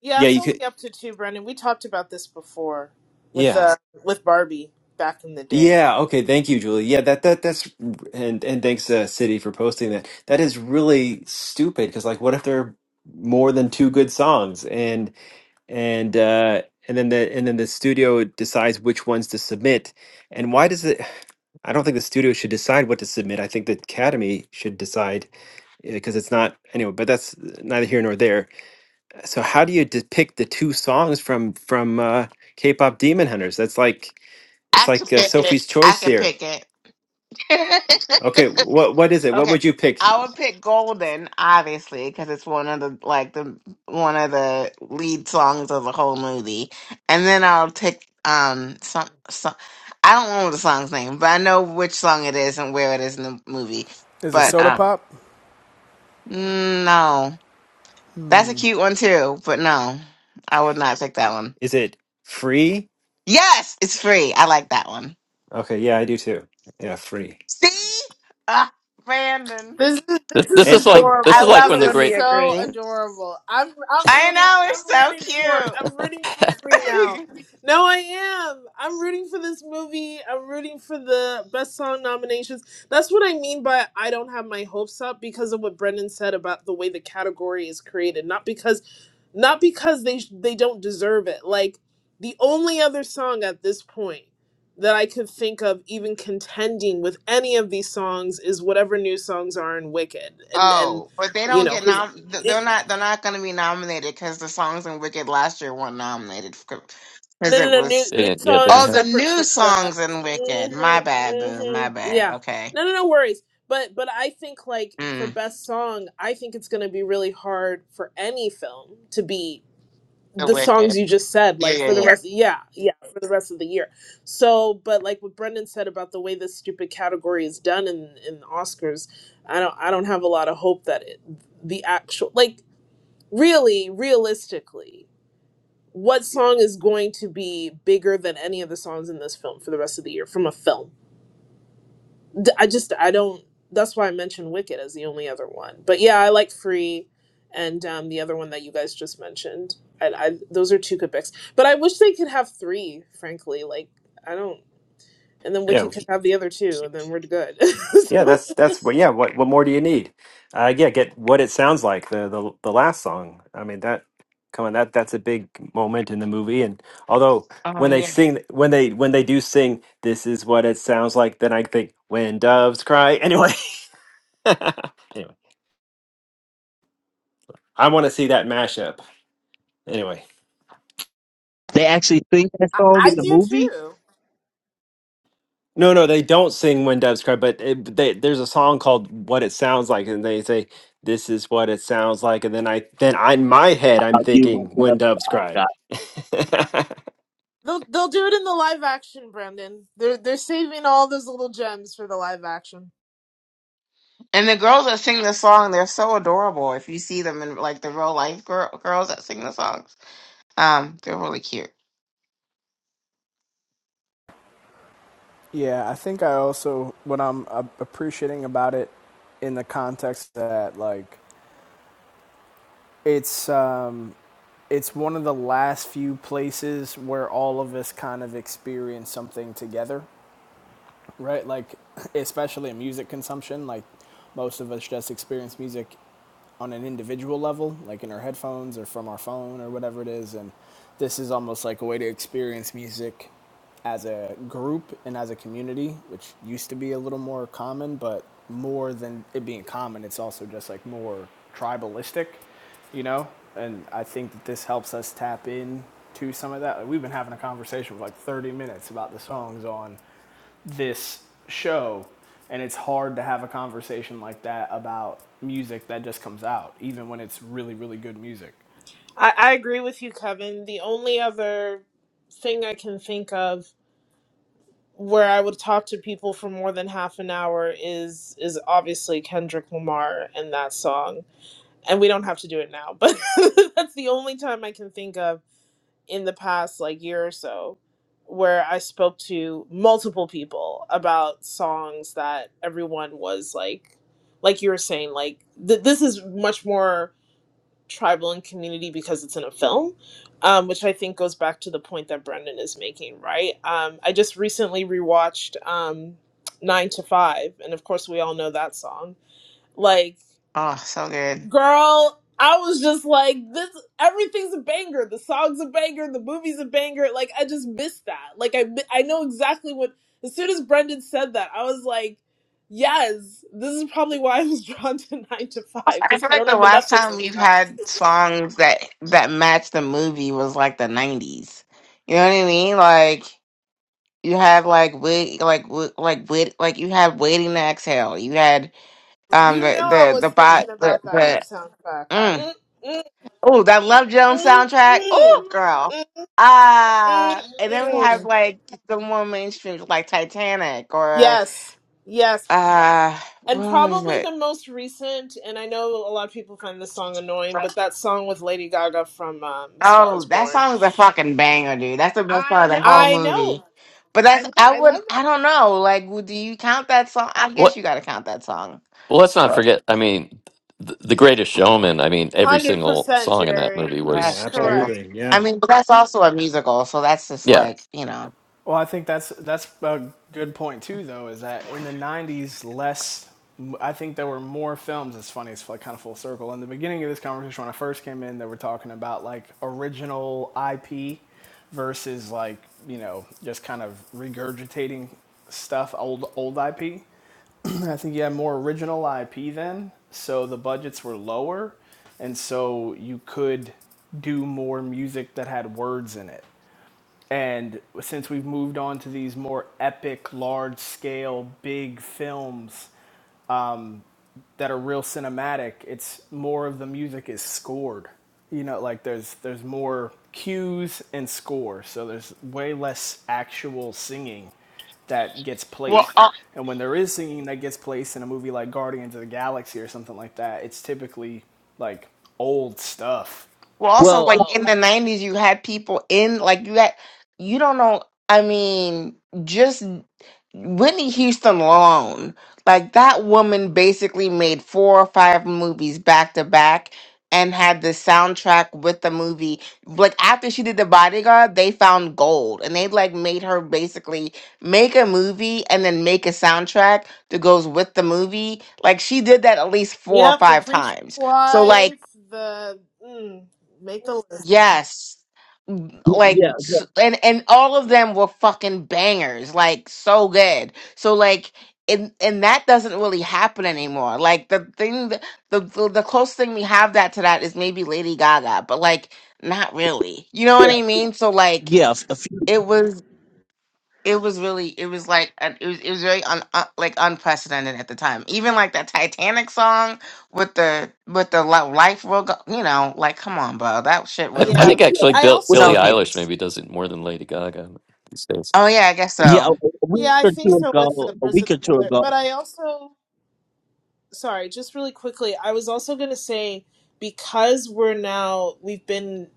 Yeah,
Yeah,
it's
you
only
could.
up to two, Brendan. We talked about this before with
Yeah,
uh with Barbie back in the day.
yeah. Okay, thank you, Julie. Yeah, that that that's and and thanks, uh, City, for posting that. That is really stupid because, like, what if there are more than two good songs and and uh, and then the and then the studio decides which ones to submit. And why does it? I don't think the studio should decide what to submit. I think the academy should decide because it's not anyway. But that's neither here nor there. So how do you depict the two songs from from uh, K-pop Demon Hunters? That's like it's
I
like
could
uh,
pick it.
Sophie's
I
Choice
could
here.
pick it.
Okay, what what is it? What
Okay.
would you pick?
I would pick Golden, obviously, because it's one of the like the one of the lead songs of the whole movie. And then I'll pick um some some I don't know the song's name, but I know which song it is and where it is in the movie.
Is it
But
Soda
uh,
Pop?
no, that's a cute one too. But no, I would not pick that one.
Is it free?
Yes, it's free. I like that one.
Okay, yeah, I do too. Yeah, free.
See, ah, Brandon,
This is
this,
this
this
is
is
And
like
but
this
I
is
adorable.
like
love
This
when
it
the
when
is
we
great
so
agree.
adorable. I'm I'm
I
rooting
know
I'm
it's
rooting for it.
so
I'm rooting for free
cute.
now. No, I am. I'm rooting for this movie. I'm rooting for the best song nominations. That's what I mean by I don't have my hopes up because of what Brendan said about the way the category is created. Not because not because they they don't deserve it. Like the only other song at this point that I could think of even contending with any of these songs is whatever new songs are in Wicked, and and
Oh, but they
you
don't
know,
get
'cause
nom. th- They're
it,
not. They're not going to be nominated because the songs in Wicked last year weren't nominated because
no, no,
it
no,
was.
new
they
new
didn't. Yeah, they
songs
didn't
Oh, the
have
separate
new
from the.
songs in Wicked. My
hmm
bad, boo.
hmm
My bad.
yeah,
Okay.
no, no, no worries. But but I think like for
Mm,
best song, I think it's gonna be really hard for any film to beat
the
the songs
Wicked.
you just said
Yeah,
like
yeah,
for the
yeah.
rest yeah yeah for the rest of the year so but like what brendan said about the way this stupid category is done in in the oscars i don't i don't have a lot of hope that it, the actual like really realistically what song is going to be bigger than any of the songs in this film for the rest of the year from a film d- I just I don't. That's why I mentioned Wicked as the only other one. But yeah, I like Free, and um, the other one that you guys just mentioned. I, I those are two good picks. But I wish they could have three. Frankly, like I don't. And then
yeah.
Wicked could have the other two, and then we're good.
Yeah,
so,
that's that's what. Yeah, what what more do you need? Uh, yeah, get what it sounds like the the the last song. I mean that, come on, that that's a big moment in the movie. And although
Oh
when they
yeah.
sing, when they when they do sing, this is what it sounds like. Then I think when doves cry. Anyway, anyway, I want to see that mashup. Anyway.
They actually sing that
I,
song in
I
the
do
movie.
too.
No, no, they don't sing "When Doves Cry," but it, but they, there's a song called "What It Sounds Like," and they say, "This is what it sounds like," and then I, then I, in my head, I'm
I'll give my
thinking
God.
"When Doves Cry."
God.
They'll they'll do it in the live action, Brendan. They're they're saving all those little gems for the live action.
And the girls that sing the song, they're so adorable. If you see them in like the real life girl, girls that sing the songs, um, they're really cute.
Yeah, I think I also what I'm uh, appreciating about it in the context that like it's um it's one of the last few places where all of us kind of experience something together right? Like, especially in music consumption, like most of us just experience music on an individual level, like in our headphones or from our phone or whatever it is. And this is almost like a way to experience music as a group and as a community, which used to be a little more common, but more than it being common, it's also just like more tribalistic, you know? And I think that this helps us tap in to some of that. Like we've been having a conversation for like 30 minutes about the songs on this show, and it's hard to have a conversation like that about music that just comes out, even when it's really, really good music.
I, I agree with you, Kevin. The only other thing I can think of where I would talk to people for more than half an hour is is obviously Kendrick Lamar and that song. And we don't have to do it now, but that's the only time I can think of in the past like year or so where I spoke to multiple people about songs that everyone was like like you were saying like th- this is much more tribal and community because it's in a film, um, which I think goes back to the point that Brendan is making, right? Um, I just recently rewatched um, Nine to Five, and of course, we all know that song. Like,
Oh, so good.
girl, I was just like, this, everything's a banger. The song's a banger, the movie's a banger. Like, I just missed that. Like, I, mi- I know exactly what, as soon as Brendan said that, I was like, Yes, this is probably why I was drawn to nine to
Also,
five
I
because
feel
I
like
don't
the
have a
last
Netflix
time we've
account.
had songs that that matched the movie was like the nineties. You know what I mean? Like you had like wait, like Wait- like wait, like you had waiting to exhale. You had um
You
the
know I
the the
was
bot
thinking
the,
about that
the
soundtrack.
mm.
Mm, mm,
oh that Love Jones
mm,
soundtrack.
mm.
Oh girl.
Mm,
Uh
mm,
and then we had
mm.
like the more mainstream like Titanic or
Yes, yes.
uh what
And
was
probably
it?
the most recent, and I know a lot of people find this song annoying, but that song with Lady Gaga from um, A Star
Oh,
Is
that
Born.
song is a fucking banger, dude. That's the best I part of the whole know.
I
movie.
know.
But I that's know. I
I
would
love
I don't know. Like, would- do you count that song? I guess
what.
you got to count that song.
Well, let's not forget. I mean, the, the Greatest Showman. I mean, every
that.
single
100%
song in that
Jerry.
movie
oh,
That's
was.
true.
Correct.
absolutely,
I
yeah,
mean, but that's also a musical, so that's just
Yeah,
like you know.
Well, I think that's that's a good point too, though, is that in the '90s, less. I think there were more films. It's funny, it's like kind of full circle. In the beginning of this conversation, when I first came in, they were talking about like original IP versus like you know just kind of regurgitating stuff, old old IP. I think you had more original IP then, so the budgets were lower, and so you could do more music that had words in it. And since we've moved on to these more epic, large scale, big films, that are real cinematic, it's more of the music is scored. You know, like there's there's more cues and score, so there's way less actual singing that gets placed. And when there is singing that gets placed in a movie like Guardians of the Galaxy or something like that, it's typically like old stuff.
Well, also
Well,
like in the nineties, you had people in like you had you don't know. I mean, just Whitney Houston alone, like that woman basically made four or five movies back to back and had the soundtrack with the movie. Like after she did The Bodyguard, they found gold and they like made her basically make a movie and then make a soundtrack that goes with the movie. Like she did that at least four or
Yep, the
five
preacher's
times. So like
wife, the. Mm, make the list.
Yes.
y-
Like
yeah,
s- and and all of them were fucking bangers, like so good. So like and and that doesn't really happen anymore. Like the thing that, the, the the closest thing we have that to that is maybe Lady Gaga, but like not really. You know what
yeah,
I mean? So like
yeah. A few,
it was it was really it was like an- it was it was very un, uh, like unprecedented at the time. Even like that Titanic song with the with the li- life will go, you know, like come on, bro. That shit
I,
was
I
Yeah.
yeah.
like
think actually
I
Bill,
also
w-
Billie
so cute.
Eilish maybe does it more than Lady Gaga these days.
Oh yeah, I guess
Yeah,
so.
a week
Yeah, I
or
think
two
so with
ago,
the
a
birds of
week or two ago.
But I also, sorry, just really quickly, I was also going to say because we're now, we've been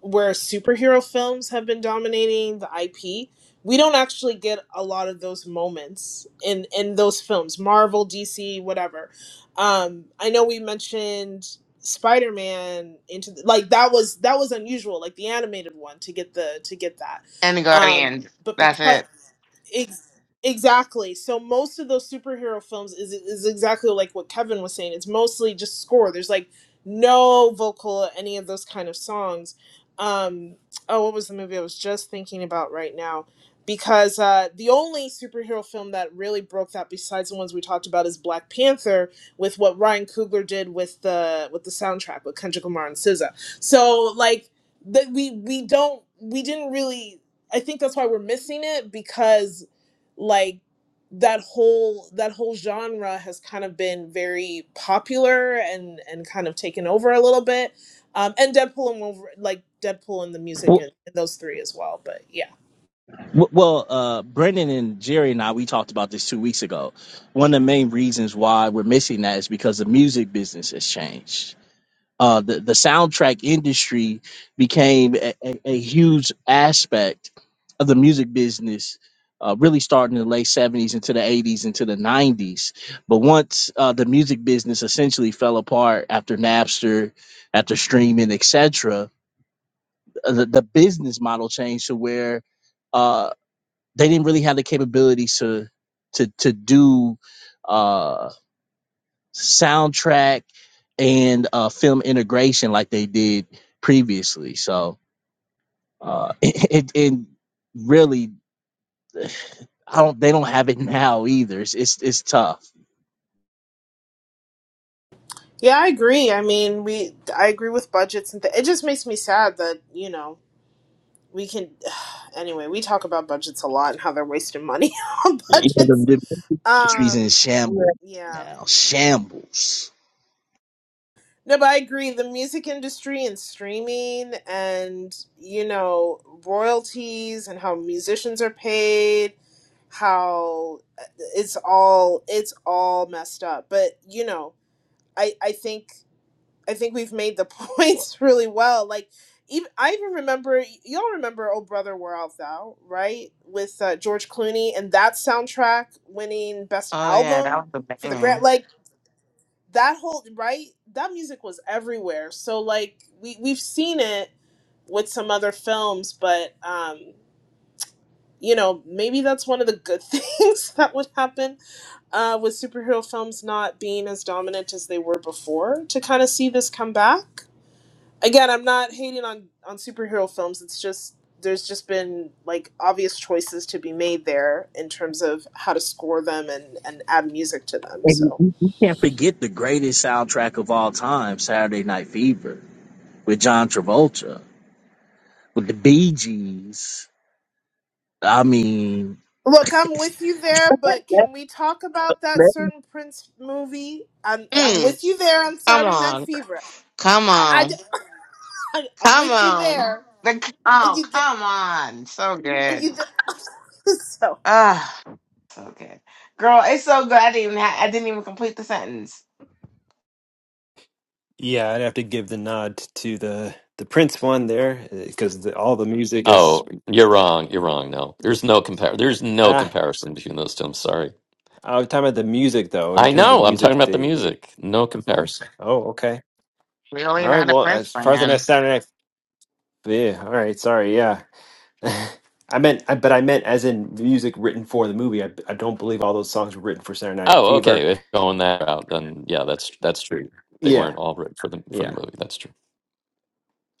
where superhero films have been dominating the IP, we don't actually get a lot of those moments in in those films, Marvel, DC, whatever. Um, I know we mentioned Spider-Man into the, like that was that was unusual, like the animated one to get the to get that.
And the
Um,
guardians.
but
That's
because
it.
Ex- exactly. So most of those superhero films is is exactly like what Kevin was saying. It's mostly just score. There's like no vocal, any of those kind of songs um oh what was the movie i was just thinking about right now because uh the only superhero film that really broke that besides the ones we talked about is black panther with what ryan coogler did with the with the soundtrack with kendrick lamar and SZA. so like that we we don't we didn't really i think that's why we're missing it because like that whole that whole genre has kind of been very popular and and kind of taken over a little bit um, and Deadpool and Wolverine, like Deadpool and the music and, and those three as well. But yeah,
W- Well, uh, Brendan and Jerry and I, we talked about this two weeks ago. One of the main reasons why we're missing that is because the music business has changed. Uh, the, the soundtrack industry became a, a, a huge aspect of the music business, uh, really starting in the late 70s into the 80s into the 90s. But once uh, the music business essentially fell apart after Napster, after streaming, etc., the, the business model changed to where uh, they didn't really have the capability to to to do uh soundtrack and uh film integration like they did previously so uh it, it, it really i don't they don't have it now either it's it's, it's tough
Yeah, I agree. I mean, we I agree with budgets and th- it just makes me sad that, you know, we can anyway, we talk about budgets a lot and how they're wasting money on
yeah,
budgets.
the, the industry's in
Um,
shambles
yeah.
Yeah. now shambles
No, but I agree the music industry and streaming and, you know, royalties and how musicians are paid, how uh, it's all it's all messed up. But, you know, I I think I think we've made the points really well. Like even I even remember y'all remember Oh Brother Where Art Thou, right? With uh, George Clooney and that soundtrack winning best
Oh yeah, that
album
was the
for the grant
banger.
like that whole right that music was everywhere. So like we we've seen it with some other films, but um you know, maybe that's one of the good things that would happen uh, with superhero films not being as dominant as they were before to kind of see this come back again i'm not hating on on superhero films it's just there's just been like obvious choices to be made there in terms of how to score them and and add music to them
And
so
you, you can't forget the greatest soundtrack of all time, Saturday Night Fever, with John Travolta, with the Bee Gees. I mean,
look i'm with you there but
that,
can we talk about that
that-
certain prince movie i'm i'm
Mm,
with you there on
come
saturday night
on,
fever
come
i d-
on,
I- i'm
come
with you
on.
there
The,
And
oh
you d-
come on, so
and
good.
you d- so
Ah, so good, girl. It's so good. I didn't even ha- I didn't even complete the sentence.
yeah. I'd have to give the nod to the the Prince one there because the, all the music is
Oh, you're wrong. You're wrong. No, there's no compar. There's no
ah.
comparison between those two. I'm sorry.
I'm talking about the music though. In
I
terms of
know. I'm talking
music,
about the
the
music. No comparison.
oh, okay, all
Really
right.
not a
Well,
Prince
as far as the next
fan.
Saturday, night, yeah, all right. Sorry, yeah. I meant, I, but I meant as in music written for the movie. I, I don't believe all those songs were written for Saturday Night
Oh,
Fever.
okay. If going that route, then yeah, that's that's true. They
Yeah,
weren't all written for the for the
yeah.
movie. That's true.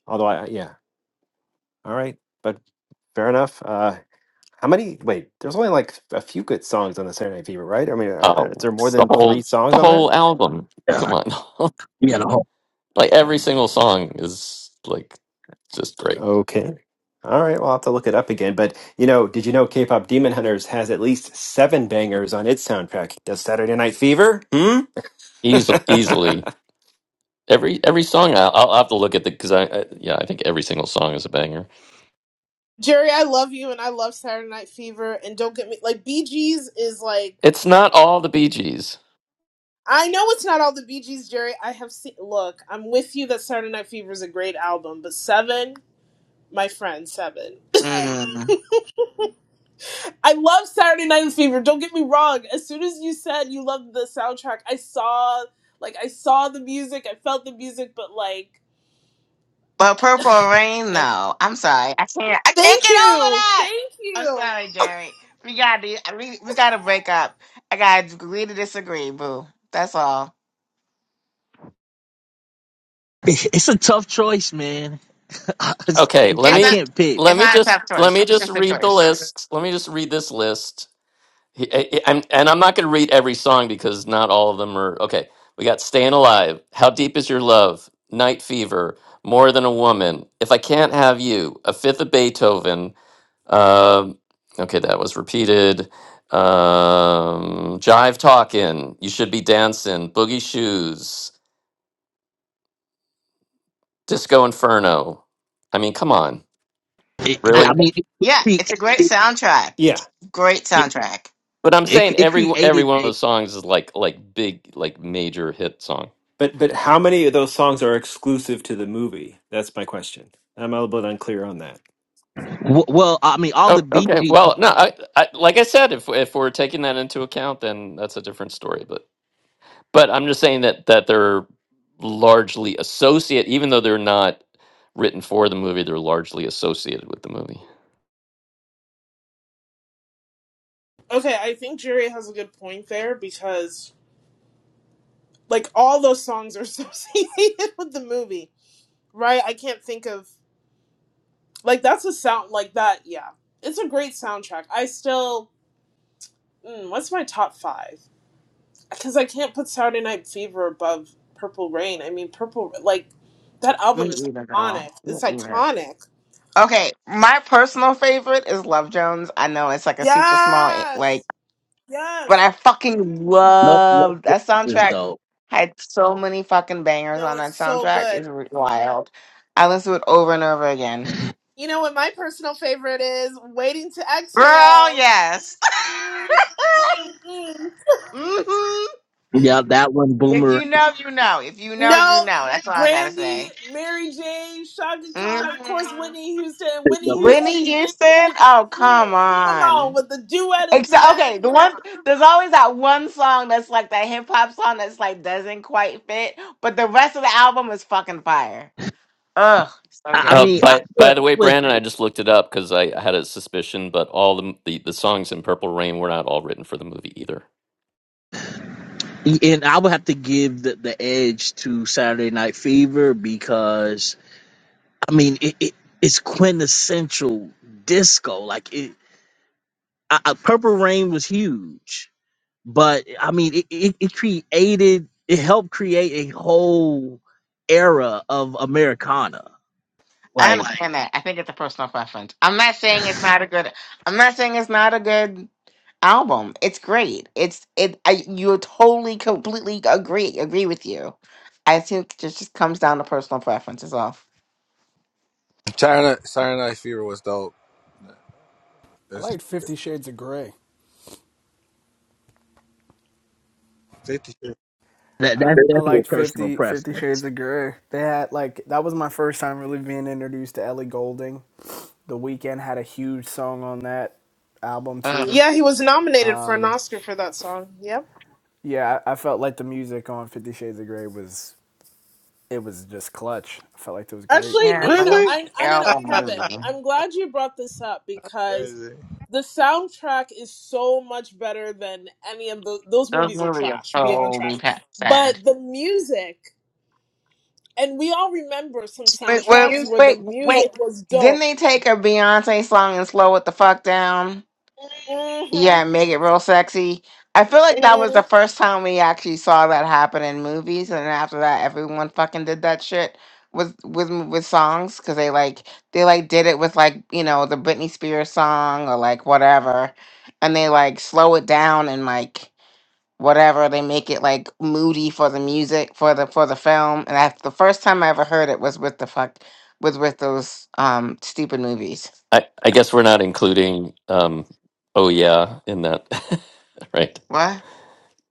Although I, yeah, all right, but fair enough. Uh, how many? Wait, there's only like a few good songs on the Saturday Night Fever, right? I mean, uh, uh,
Oh,
is there more
the
than three
whole the
songs on that?
whole album. Come on,
you know,
like every single song is like just great.
Okay. All right, well, I'll have to look it up again. But, you know, did you know K pop Demon Hunters has at least seven bangers on its soundtrack? Does Saturday Night Fever? Hmm?
Easily, easily every every song. I'll, I'll have to look at the because I, I yeah I think every single song is a banger.
jerry i love you and i love saturday night fever and don't get me like bg's is like
It's not all the Bee Gees.
I know it's not all the Bee Gees, Jerry. I have seen. Look, I'm with you that Saturday Night Fever is a great album, but Seven, my friend, Seven.
Mm.
I love Saturday Night Fever. Don't get me wrong. As soon as you said you loved the soundtrack, I saw, like, I saw the music. I felt the music, but like,
But Purple Rain,
and
though, I'm sorry, I can't, I can't
thank
get over
you.
that. I'm sorry, Jerry. We got to, we, we got to break up. I got to agree to disagree, boo. That's all.
it's a tough choice, man. I,
Okay, let
I
It's
me
not,
can't pick.
it's
let me
not a
just
tough
let
choice.
me
It's
just
just a
read the
choice.
list. Let me just read this list. He, I, I'm, and I'm not going to read every song because not all of them are okay. We got "Staying Alive," "How Deep Is Your Love," "Night Fever," "More Than a Woman," "If I Can't Have You," "A Fifth of Beethoven." Um, okay, that was repeated. Um, "Jive Talkin'," "You Should Be Dancin'," "Boogie Shoes," "Disco Inferno." I mean, come on,
It,
I,
but,
I
really?
mean, it,
yeah, it's
cre-
a great
it,
soundtrack.
yeah.
It's a great
it,
soundtrack.
But I'm saying
it it
every every
created
one of the
a
songs is like like big like major hit song.
But but how many of those songs are exclusive to the movie? That's my question. I'm a little bit unclear on that.
w- well. I mean, all the
Oh,
Bee
okay.
Gees
Well, no, I, I like I said, if if we're taking that into account, then that's a different story. But but I'm just saying that that they're largely associate, even though they're not written for the movie, they're largely associated with the movie.
Okay, I think Jerry has a good point there because, like, all those songs are associated with the movie, right? I can't think of like that's a sound like that. Yeah, it's a great soundtrack. I still. Mm, what's my top five? Because I can't put Saturday Night Fever above Purple Rain. I mean, Purple, like, that album
Me
is
either,
iconic.
girl. Me
It's
either.
iconic.
Okay, my personal favorite is Love Jones. I know it's like a super small, eh, like
Yes!
But
Yes!
I fucking
love love
loved that
is
soundtrack.
dope.
Had so many fucking bangers
No,
on
it's
that
so
soundtrack. It's
good.
r- wild. I listened to it over and over again.
You know what my personal favorite is? Waiting to
Girl,
Exhale.
yes.
Mm, mm-mm.
hmm
Yeah, that one,
If
Boomerang.
you know, you know. If you know, you
No,
know. That's all I gotta
Brandy,
say.
Mary J, Shaka Khan, of course,
Mhm.
Whitney Houston.
I
Whitney Houston
Whitney
singing
Houston.
with,
Oh,
Mm.
come
come on,
on.
with the duet at the
Except,
end.
okay, the
Come on.
one there's always that one song that's like that hip hop song that's like doesn't quite fit, but the rest of the album is fucking fire. Ugh, so
I
Uh,
good.
mean, I
by by the way,
would,
Brandon, I just looked it up because I, had a suspicion, but all the, the the songs in Purple Rain were not all written for the movie either.
And I would have to give the, the edge to Saturday Night Fever because I mean it, it it's quintessential disco. Like it, I, I, Purple Rain was huge, but I mean it, it, it created it helped create a whole era of Americana.
I
Like
understand that. I think it's a personal preference. I'm not saying it's not a good. I'm not saying it's not a good album. It's great. It's it. I you totally completely agree agree with you. I think it just just comes down to personal preference. Is all.
Saturday, Saturday Night Fever was dope.
I
It's
liked Fifty Shades of Grey.
50
that that's
I, I
definitely
liked
personal
50 50 Shades
preference.
of Grey. They had like that was my first time really being introduced to Ellie Goulding. The weekend had a huge song on that album
Ugh.
too.
Yeah, he was nominated for an
Um,
Oscar for that song. Yep.
yeah, I, I felt like the music on Fifty Shades of Grey was it was just clutch. I felt like it was great.
Actually,
Yeah,
no, no,
but it
no.
was
Really?
I,
a
I don't know,
terrible
Kevin.
movie.
I'm glad you brought this up because
Crazy.
the soundtrack is so much better than any of those. Those
Those
movies are
movies are
trash, beyond trash.
totally pa- sad.
But the music, and we all remember some
Wait, wait,
soundtracks where the
wait, wait.
music was
Didn't
dope.
they take a Beyonce song and slow it the fuck down?
Mm-hmm.
Yeah, make it real sexy. I feel like that was
Mm.
the first time we actually saw that happen in movies, and then after that, everyone fucking did that shit with with m- with songs because they like they like did it with like you know the Britney Spears song or like whatever, and they like slow it down and like whatever they make it like moody for the music for the for the film. And that's the first time I ever heard it was with the fuck was with those um stupid movies.
I I guess we're not including um, oh yeah in that, right?
What?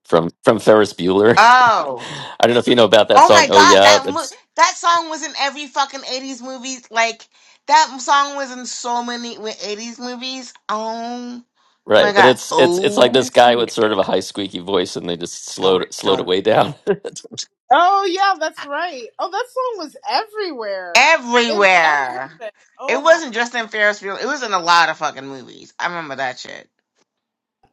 from from Ferris Bueller.
Oh.
I don't know if you know about that
Oh
song.
my
Oh
god,
yeah,
that mo-
that's
that song was in every fucking eighties movie. Like that song was in so many wi- eighties movies. Oh
right.
my
But
god.
it's it's it's like
Oh,
this guy with sort of a high squeaky voice, and they just slowed
don't
it- slowed it
don't
way down.
Oh yeah, that's right. Oh, that song was everywhere in
everywhere.
everything.
It
Oh my.
wasn't just in Ferris Bueller. It was in a lot of fucking movies. I remember that shit.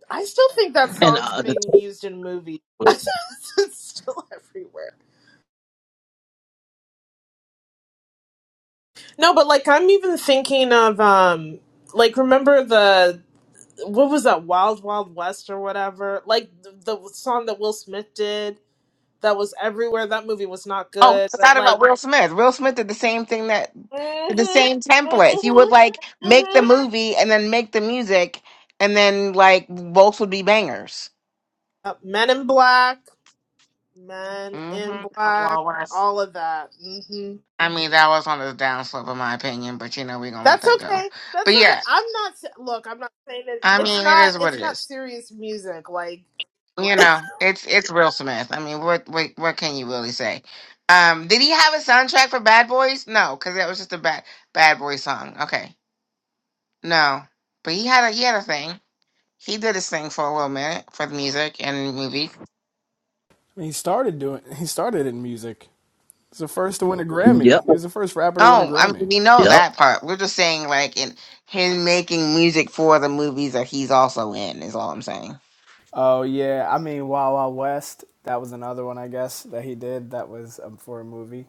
I still think that
And
song's
uh,
being
the,
used in movies. it's still everywhere. No, but like I'm even thinking of um like remember the what was that Wild Wild West or whatever? Like the, the song that Will Smith did that was everywhere. That movie was not
Oh, we
good, but
forgot
like
about Will Smith. Will Smith did the same thing that did the
mhm
same template. He
mhm
would like make the
mhm
movie and then make the music, and then like both would be bangers.
uh, Men in Black, Men in Black,
Mm-hmm.
all of that. Mhm.
I mean, that was on the downslope, in my opinion, but you know, we're gonna let
That's
that go.
okay. That's
But
okay.
yeah,
I'm not s- look. I'm not saying it.
I
It's
mean, it
not.
is what
It's
it
not
is.
serious music. Like
You know, it's it's real Smith. I mean, what what what can you really say? Um, did he have a soundtrack for Bad Boys? No, because that was just a bad Bad Boy song. Okay, no, but he had a he had a thing. He did his thing for a little minute for the music and movies.
I mean, he started doing. He started in music. He's the first to win a
yep,
Grammy. He was the first rapper to win a
Oh, I mean,
Grammy.
we know
yep.
that part. We're just saying like in him making music for the movies that he's also in is all I'm saying.
Oh yeah, I mean Wild Wild West. That was another one I guess that he did. That was um, for a movie.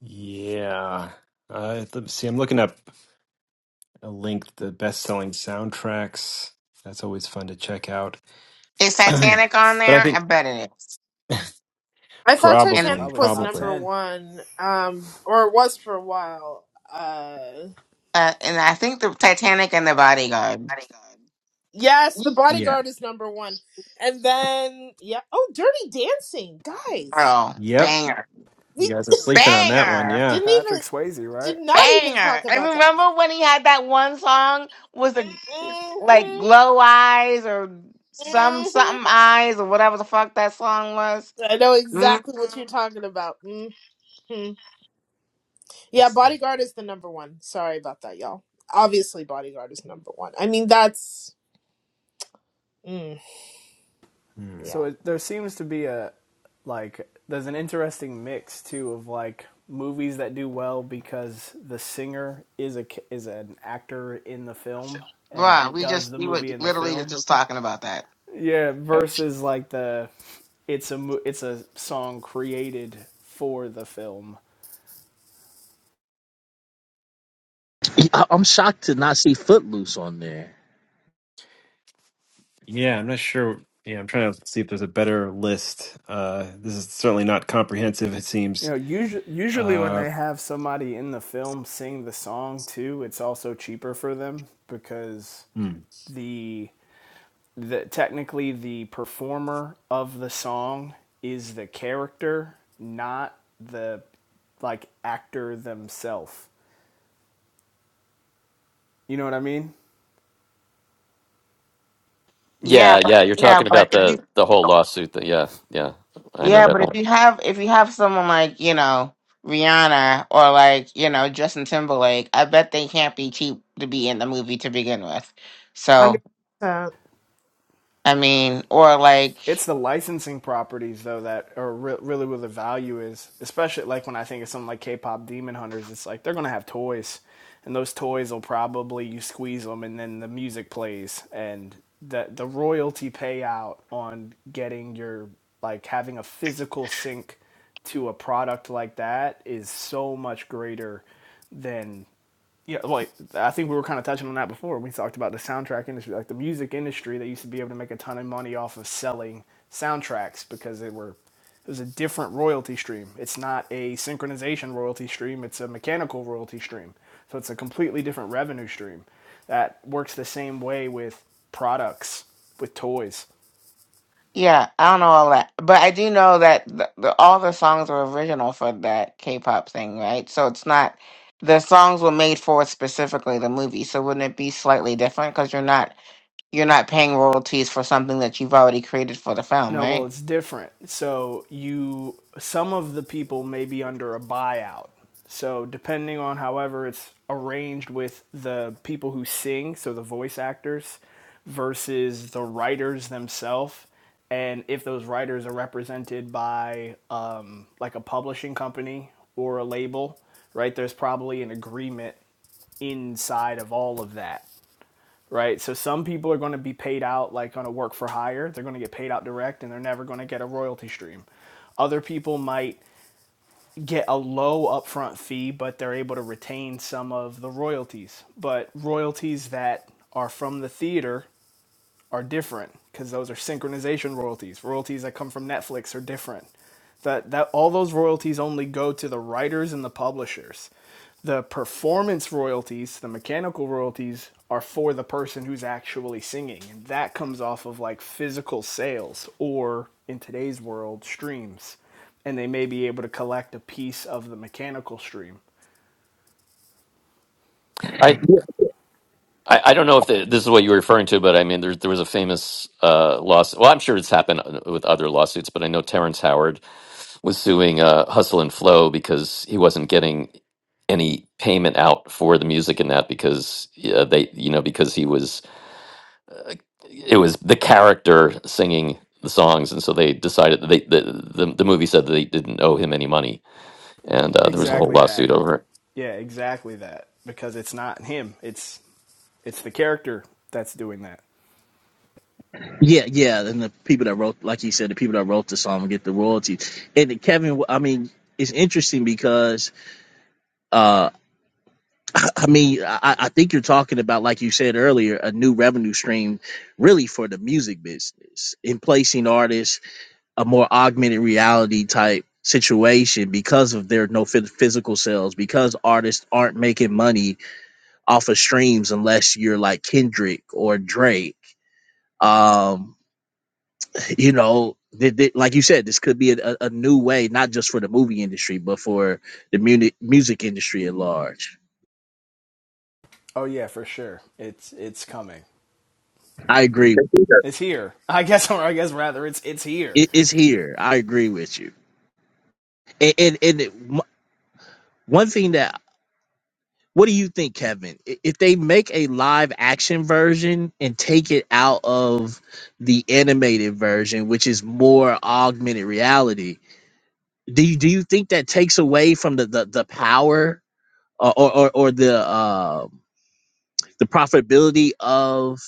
Yeah. Uh, let's see. I'm looking up a link the best-selling soundtracks. That's always fun to check out.
Is
but
Titanic on
I
there? I
think
bet it is.
I thought
And
Titanic
probably,
Probably
was
top
probably.
number
ten.
one, um, or it was for a while. Uh,
uh, and I think the Titanic and the Bodyguard.
yes, The
Yeah.
Bodyguard is number one, and then yeah. Oh, Dirty Dancing, guys.
Girl,
Yep.
banger,
We
You guys are sleeping on that
Yeah,
one.
banger,
Yeah.
didn't even
Patrick Swayze, right?
did not even
banger.
talk
And
about that.
remember when he had that one song was the
hmm
like
hmm
glow eyes or some something eyes or whatever the fuck that song was.
I know
Mm,
exactly what you're talking about. hmm Yeah, Bodyguard is the number one. Sorry about that, y'all. Obviously, Bodyguard is number one. I mean, that's mm,
Hmm.
yeah,
so it, there seems to be a like there's an interesting mix too of like movies that do well because the singer is a is an actor in the film and
bruh, we
does
just
the
we were
movie in the
literally
film.
just talking about that.
Yeah, versus like the it's a it's a song created for the film.
I, I'm shocked to not see Footloose on there.
Yeah, I'm not sure. Yeah, I'm trying to see if there's a better list. Uh, this is certainly not comprehensive, it
You
seems.
know, usually usually when
Uh,
they have somebody in the film sing the song too, it's also cheaper for them because
hmm.
the that technically the performer of the song is the character, not the like actor themselves. You know what I mean?
Yeah,
yeah,
but
yeah. You're
yeah,
talking
but
about
if you
the the whole lawsuit. That, yeah, yeah. I know
yeah,
that
but if
one.
you have if you have someone like you know Rihanna or like you know Justin Timberlake, I bet they can't be cheap to be in the movie to begin with.
hundred
So
percent.
I mean, or
it's
like
the licensing properties though that are re- really where the value is. Especially like when I think of something like K-pop Demon Hunters, it's like they're gonna have toys, and those toys will probably you squeeze them, and then the music plays, and the the royalty payout on getting your like having a physical sync to a product like that is so much greater than yeah, like I think we were kind of touching on that before. We talked about the soundtrack industry, like the music industry. They used to be able to make a ton of money off of selling soundtracks because they were it was a different royalty stream. It's not a synchronization royalty stream. It's a mechanical royalty stream. So it's a completely different revenue stream that works the same way with products, with toys.
yeah, I don't know all that, but I do know that the, the, all the songs were original for that K-pop thing, right? So it's not the songs were made for specifically the movie. So wouldn't it be slightly different because you're not you're not paying royalties for something that you've already created for the film,
No,
right?
well, it's different. So you, some of the people may be under a buyout. So depending on however it's arranged with the people who sing, so the voice actors versus the writers themselves, and if those writers are represented by um, like a publishing company or a label, right? There's probably an agreement inside of all of that right? So some people are going to be paid out like on a work for hire. They're going to get paid out direct and they're never going to get a royalty stream. Other people might get a low upfront fee, but they're able to retain some of the royalties. But royalties that are from the theater are different because those are synchronization royalties. Royalties that come from Netflix are different. That that all those royalties only go to the writers and the publishers. The performance royalties, the mechanical royalties are for the person who's actually singing and that comes off of like physical sales or in today's world streams and they may be able to collect a piece of the mechanical stream.
I. I, I don't know if the, this is what you were referring to, but I mean, there, there was a famous uh, lawsuit. Well, I'm sure it's happened with other lawsuits, but I know Terrence Howard was suing uh, Hustle and Flow because he wasn't getting any payment out for the music in that because uh, they, you know, because he was, it was the character singing the songs, and so they decided that they the the, the movie said that they didn't owe him any money, and uh, there was a Mm. whole
Exactly that.
lawsuit over it.
Yeah, exactly that because it's not him. It's It's the character that's doing that.
Yeah, yeah, and the people that wrote, like you said, the people that wrote the song get the royalties. And then Kevin, I mean, it's interesting because, uh, I mean, I, I think you're talking about, like you said earlier, a new revenue stream, really for the music business, in placing artists a more augmented reality type situation because of their no phys- physical sales, because artists aren't making money off of streams unless you're like Kendrick or Drake. Um, you know, th- th- like you said, this could be a, a new way, not just for the movie industry, but for the muni- music industry at large.
Oh yeah, for sure. It's it's coming.
I agree.
It's here. I guess or I guess rather it's it's here.
it's here. I agree with you. And, and, and it- m- one thing that, what do you think, Kevin? I- If they make a live action version and take it out of the animated version, which is more augmented reality, do you, do you think that takes away from the, the, the power or, or, or or the, uh, the profitability of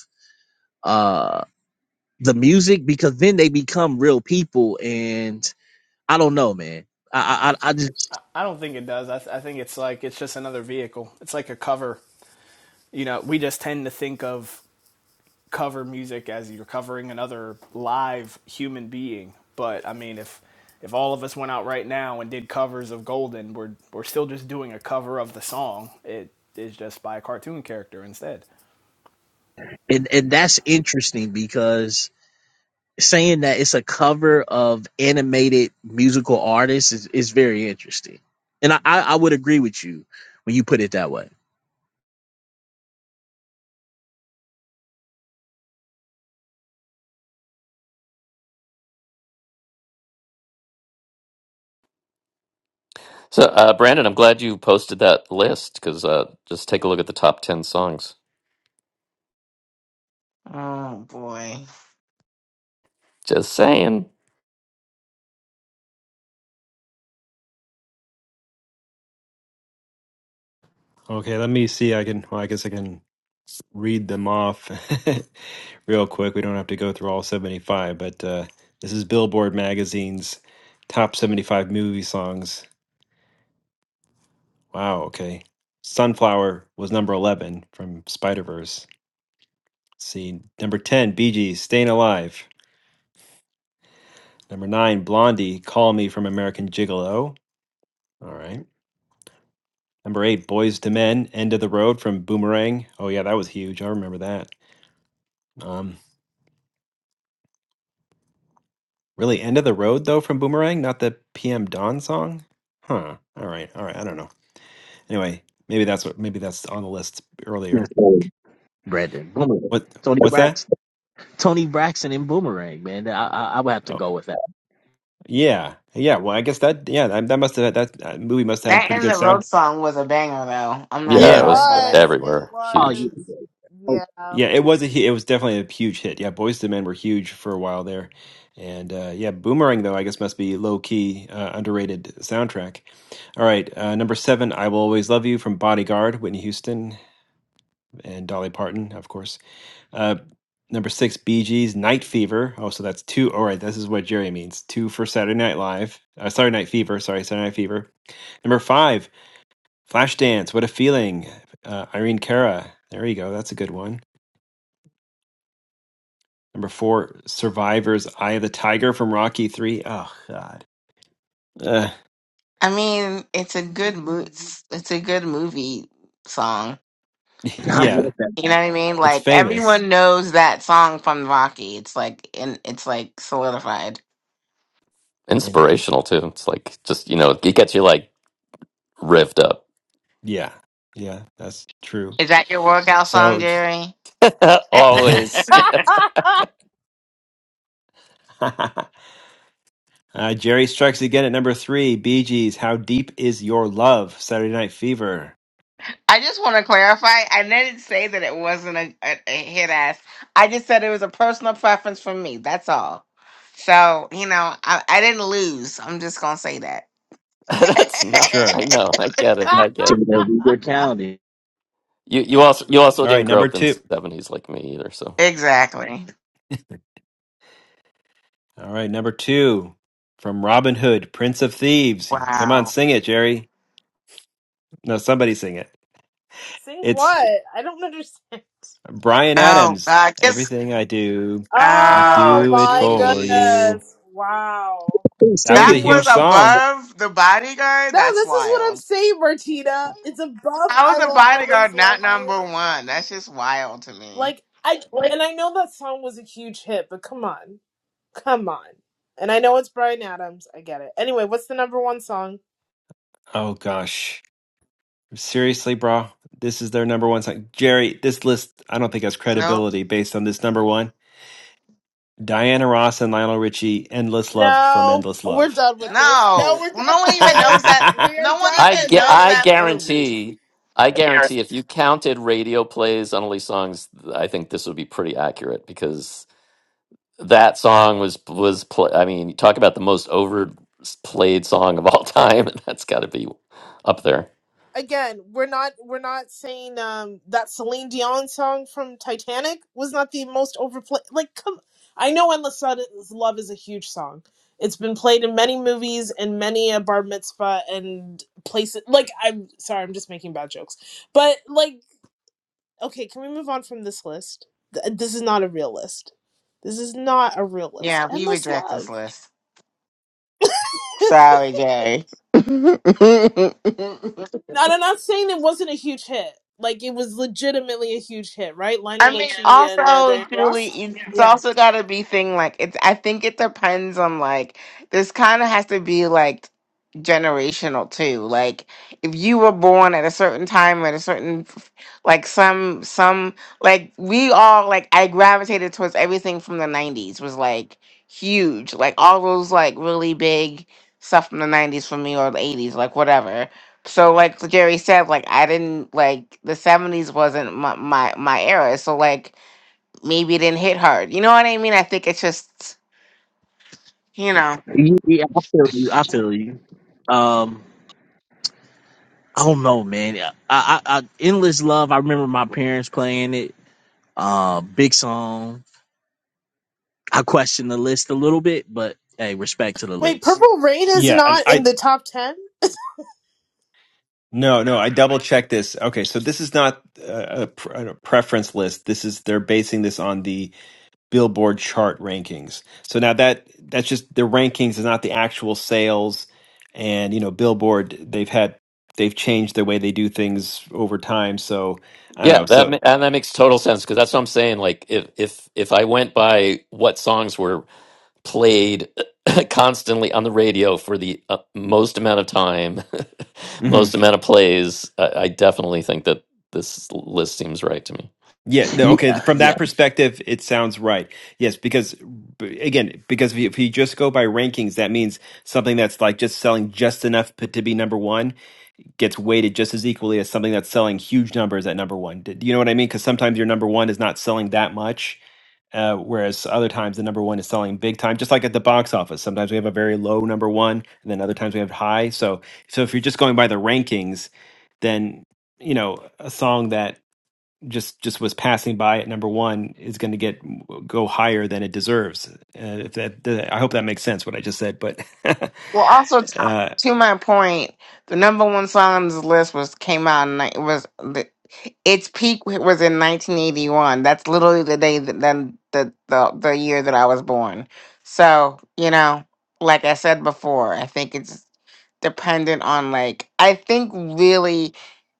uh the music because then they become real people and I don't know, man. I I, I just
I, I don't think it does. I, th- I think it's like it's just another vehicle. It's like a cover. You know, we just tend to think of cover music as you're covering another live human being. But I mean, if if all of us went out right now and did covers of Golden, we're we're still just doing a cover of the song. It is just by a cartoon character instead.
and and that's interesting because saying that it's a cover of animated musical artists is, is very interesting. And I, I I would agree with you when you put it that way.
So, uh, Brandon, I'm glad you posted that list because uh, just take a look at the top ten songs.
Oh boy.
Just saying.
Okay, let me see. I can, well, I guess I can read them off real quick. We don't have to go through all 75, but uh, this is Billboard Magazine's top 75 movie songs. Wow, okay. Sunflower was number 11 from Spider Verse. See, number 10, Bee Gees, Staying Alive. Number 9, Blondie, Call Me from American Gigolo. All right. Number 8, Boys to Men, End of the Road from Boomerang. Oh, yeah, that was huge. I remember that. Um. Really, end of the road though from Boomerang, not the PM Dawn song. Huh. All right. All right. I don't know. Anyway, maybe that's what. Maybe that's on the list
Yes,
earlier.
sir. Brandon Boomerang.
What?
Tony
What's that?
Braxton. Tony Braxton and Boomerang, man. I, I I would have to
Oh,
go with that.
yeah, yeah. Well, I guess that. Yeah, that, that must have that, that movie must have had a
That
pretty
in
good
the road
sound.
song was a banger though. I'm not
It
Yeah, it
Yeah,
surprised
was uh,
by that.
was. It
everywhere,
Oh,
huge,
was.
you, oh
Yeah.
yeah. It was a. hu- It was definitely a huge hit. Yeah, Boys to Men were huge for a while there, and uh, yeah, Boomerang though I guess must be low key uh, underrated soundtrack. All right, uh, number seven, I Will Always Love You from Bodyguard, Whitney Houston and Dolly Parton, of course. Uh, number six, Bee Gees, Night Fever. Oh, so that's two. All right, this is what Jerry means. Two for Saturday Night Live. Uh, sorry, Night Fever. Sorry, Saturday Night Fever. Number five, Flashdance. What a feeling. Uh, Irene Cara. There you go. That's a good one. Number four, Survivors, Eye of the Tiger from Rocky Three. Oh God. Uh,
I mean, it's a good mo- it's a good movie song.
I
yeah,
love that
You know what I mean?
it's
Like
famous,
everyone knows that song from Rocky. It's like in it's like solidified.
and
inspirational too. It's like just you know, it gets you like revved up.
yeah, yeah, that's true.
Is that your workout song,
So, just-
Jerry?
Always. Yeah,
Uh, Jerry Strikes Again at number three. Bee Gees, How Deep Is Your Love? Saturday Night Fever.
I just want to clarify. I didn't say that it wasn't a, a, a hit ass. I just said it was a personal preference for me. That's all. So, you know, I, I didn't lose. I'm just going to say that.
that's no. I
Sure.
know. I get it. I get it.
We were counting.
You you also you also
All
didn't
right,
grow
number
up in
two.
the seventies like me either. So
Exactly.
All right, number two. From Robin Hood, Prince of Thieves. Come on,
Wow.
sing it, Jerry. No, somebody sing it.
Sing
It's
what? I don't understand.
Brian
Oh
Adams.
God. Kiss.
Everything I do, I
Oh
Oh
do it
my
for
jeez.
you.
goodness! Wow.
That
Sing
was
it
a
That
for
was
huge song.
above the bodyguard.
No,
That's
this is what I'm
wild.
saying, Martina. It's above.
How is
I
the
will always
bodyguard not
love you.
number one? That's just wild to me.
Like I and I know that song was a huge hit, but come on. Come on. And I know it's Brian Adams. I get it. Anyway, what's the number one song?
Oh, gosh. Seriously, bro. This is their number one song. Jerry, this list, I don't think has
Nope.
credibility based on this number one. Diana Ross and Lionel Richie, "Endless Love" from
No,
"Endless
we're
Love."
done with this. No,
No.
we're
Well, no
done
one
with
even
this.
knows that.
yeah,
We are
No one
done
I
with
even
get.
knows
this.
I
that movie.
guarantee. I
Yeah.
guarantee if you counted radio plays on Elise songs, I think this would be pretty accurate because that song was was. Play, I mean, you talk about the most overplayed song of all time, and that's got to be up there.
Again, we're not we're not saying um that Celine Dion song from Titanic was not the most overplayed. Like, come, I know "Endless Sun is- Love" is a huge song. It's been played in many movies and many a bar mitzvah and places. Like, I'm sorry, I'm just making bad jokes, but like Okay, can we move on from this list? Th- uh, this is not a real list. This is not a real list.
Yeah. We
Endless
reject this
Love.
list. Sorry, Jay.
Now, I'm not saying it wasn't a huge hit. Like it was legitimately a huge hit, right? Lionel
I mean,
Richie and uh,
also,
Diana
Julie,
Ross.
it's it's
Yeah.
also got to be thing like it's. I think it depends on like this. Kind of has to be like generational too. Like if you were born at a certain time at a certain f- like some some like we all like I gravitated towards everything from the '90s was like huge. Like all those like really big stuff from the '90s for me or the '80s, like whatever. So like Jerry said, like I didn't like the seventies wasn't my, my my era. So like maybe it didn't hit hard. You know what I mean? I think it's just you know.
Yeah, yeah, I feel you. I feel you. Um, I don't know, man. I, I, I, endless love. I remember my parents playing it. Uh, big song. I question the list a little bit, but hey, respect to the
Wait,
list.
Purple Rain is
I,
not in
I
the top ten.
no no I double checked this. Okay, so this is not a, a, pr- a preference list. This is they're basing this on the Billboard chart rankings. So now that that's just the rankings is not the actual sales, and you know Billboard they've had they've changed the way they do things over time. So I don't
Yeah,
know
that
so.
ma- and that makes total sense because that's what I'm saying. Like, if if if I went by what songs were played constantly on the radio for the uh, most amount of time,
mhm.
most amount of plays, I, I definitely think that this list seems right to me.
Yeah, no, okay.
Yeah,
From
yeah.
that perspective, it sounds right. Yes, because b- again, because if you, if you just go by rankings, that means something that's like just selling just enough p- to be number one gets weighted just as equally as something that's selling huge numbers at number one. Do do you know what I mean? Because sometimes your number one is not selling that much, uh, whereas other times the number one is selling big time. Just like at the box office, sometimes we have a very low number one, and then other times we have high. So, so if you're just going by the rankings, then you know a song that just just was passing by at number one is going to get go higher than it deserves. Uh, if that, that- I hope that makes sense what I just said, but
Well, also t-
uh,
to my point, the number one song on this list was came out. In, ni- was the, its peak was in 1981. That's literally the day that then the, the the year that I was born. So you know, like I said before, I think it's dependent on like I think really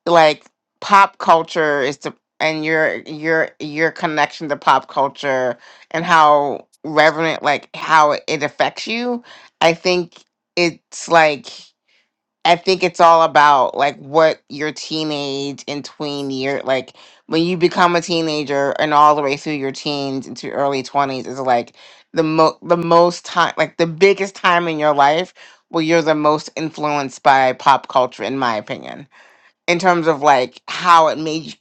like pop culture is to and your your your connection to pop culture and how reverent like how it affects you. I think it's like I think it's all about like what your teenage and tween year like when you become a teenager and all the way through your teens into early twenties is like the mo the most time like the biggest time in your life where you're the most influenced by pop culture in my opinion in terms of like how it made you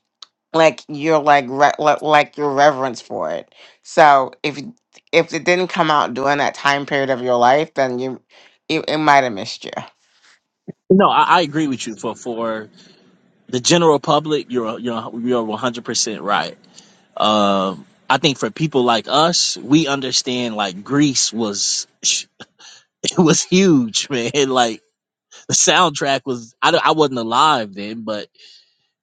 like your like re- li- like your reverence for it so if if it didn't come out during that time period of your life then you it, it might have missed you
No, I, I agree with you. For for the general public, you're you're you're 100 percent right. Um, I think for people like us, we understand like Greece was it was huge, man. Like the soundtrack was. I don't- I wasn't alive then, but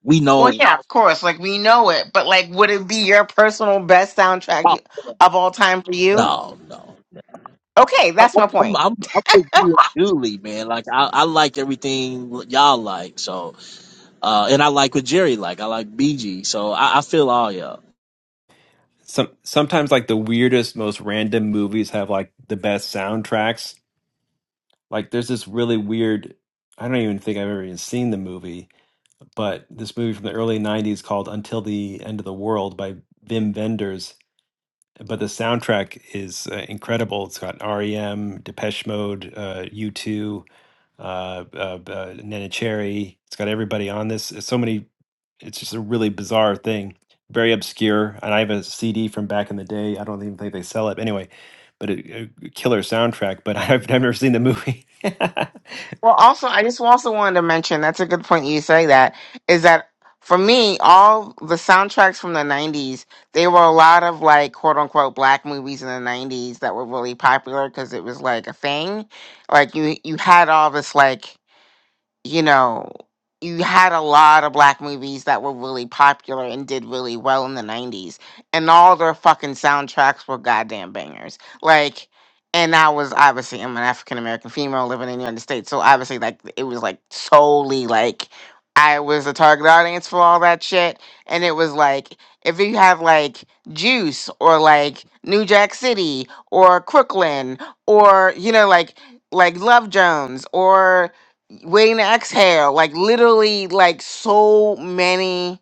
we
Well,
know.
yeah, of course. Like we know it, but like, would it be your personal best soundtrack
Oh,
you- of all time for you?
no, no.
Okay, that's
I-
my
I'm,
point.
I'm, I'm just being Julie, man. Like I, I like everything y'all like, so uh, and I like what Jerry like. I like BG, so I, I feel all y'all.
some sometimes like the weirdest, most random movies have like the best soundtracks. Like there's this really weird. I don't even think I've ever even seen the movie, but this movie from the early '90s called "Until the End of the World" by Vim Vendors but the soundtrack is uh, incredible. It's got REM, Depeche Mode, uh, U2, uh, uh, uh, Nana Cherry. It's got everybody on this. It's so many. It's just a really bizarre thing. Very obscure. And I have a CD from back in the day. I don't even think they sell it anyway. But a, a killer soundtrack. But I've never seen the movie. yeah,
Well, also, I just also wanted to mention that's a good point you say that is that for me, all the soundtracks from the 90s, they were a lot of like quote unquote black movies in the 90s that were really popular because it was like a thing. Like you, you had all this like you know, you had a lot of black movies that were really popular and did really well in the 90s, and all their fucking soundtracks were goddamn bangers. Like, and I was obviously, I'm an African American female living in the United States, so obviously, like, it was like solely like I was the target audience for all that shit. And it was like, if you have like Juice or like New Jack City or Crooklyn or, you know, like, like Love Jones or waiting to exhale like literally like so many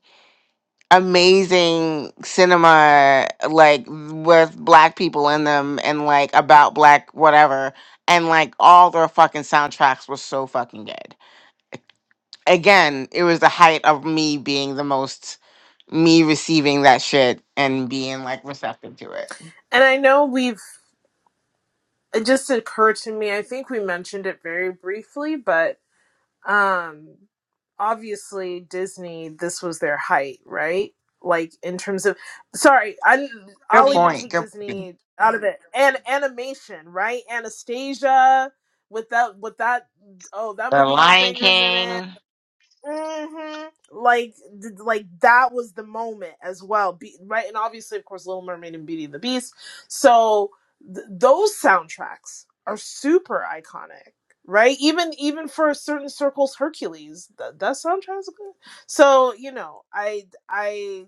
amazing cinema like with black people in them and like about black whatever and like all their fucking soundtracks were so fucking good again it was the height of me being the most me receiving that shit and being like receptive to it
And I know we've it just occurred to me. I think we mentioned it very briefly, but um obviously disney this was their height right like in terms of sorry I,
good
i'll even
point
take
good point.
disney out of it and animation right anastasia with that with that oh that
the
movie has
lion
bangers in it
king
hmm Like, th- like that was the moment as well, Be- right? And obviously, of course, Little Mermaid and Beauty and the Beast. So th- those soundtracks are super iconic, right? Even even for certain circles, Hercules th- that soundtrack's good. So you know, I I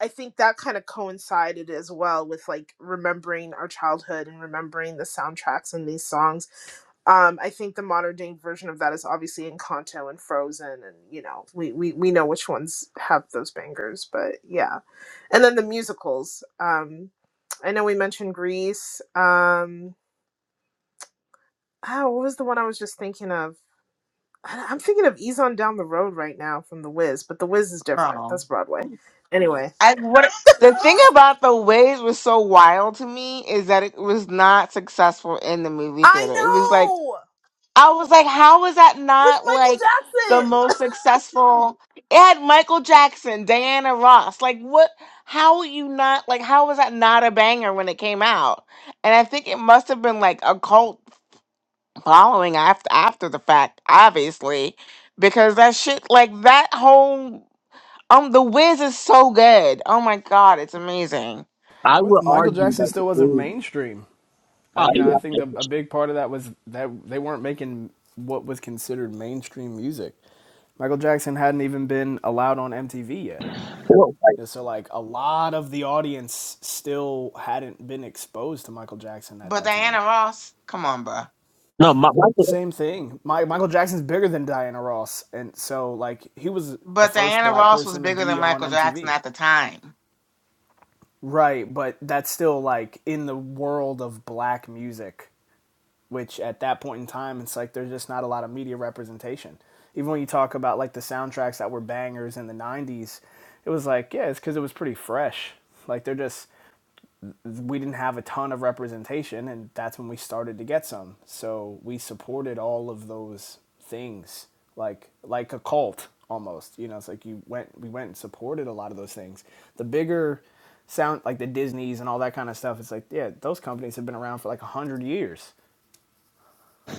I think that kind of coincided as well with like remembering our childhood and remembering the soundtracks and these songs um, I think the modern day version of that is obviously Encanto and Frozen, and you know we, we we know which ones have those bangers, but yeah. And then the musicals. Um, I know we mentioned Grease. Um, oh, what was the one I was just thinking of? I- I'm thinking of Ease on Down the Road right now from The Wiz, but The Wiz is different.
bro
That's Broadway. Anyway,
I The thing about the waves was so wild to me is that it was not successful in the movie
I
theater. It was like
know
I was like, how was that
with
not
Michael
like the
Jackson.
most successful? It had Michael Jackson, Diana Ross. Like what? How would you not like? How was that not a banger when it came out? And I think it must have been like a cult following after after the fact, obviously, because that shit like that whole um the Wiz is so good. Oh my god, it's amazing.
I
I
was,
would
Michael
argue
Jackson
that the
still wasn't
Blues.
mainstream I,
Oh,
you know, I think a, a
yeah.
big part of that was that they weren't making what was considered mainstream music. Michael Jackson hadn't even been allowed on MTV yet.
Well,
so, like, a lot of the audience still hadn't been exposed to Michael Jackson at
But
that time.
Diana Ross, come on, bro.
no, my, my
Same thing. My, Michael Jackson's bigger than Diana Ross. And so, like, he was the
But
first
Diana
black
Ross was
person to
bigger
be
than
on
Michael Jackson
MTV.
at the time.
Right, but that's still, like, in the world of black music which at that point in time, it's like there's just not a lot of media representation. Even when you talk about like the soundtracks that were bangers in the 90s, it was like, yeah, it's because it was pretty fresh. Like they're just, we didn't have a ton of representation, and that's when we started to get some. So we supported all of those things, like like a cult almost. You know, it's like you went, we went and supported a lot of those things. The bigger sound, like the Disneys and all that kind of stuff, it's like, yeah, those companies have been around for like a hundred years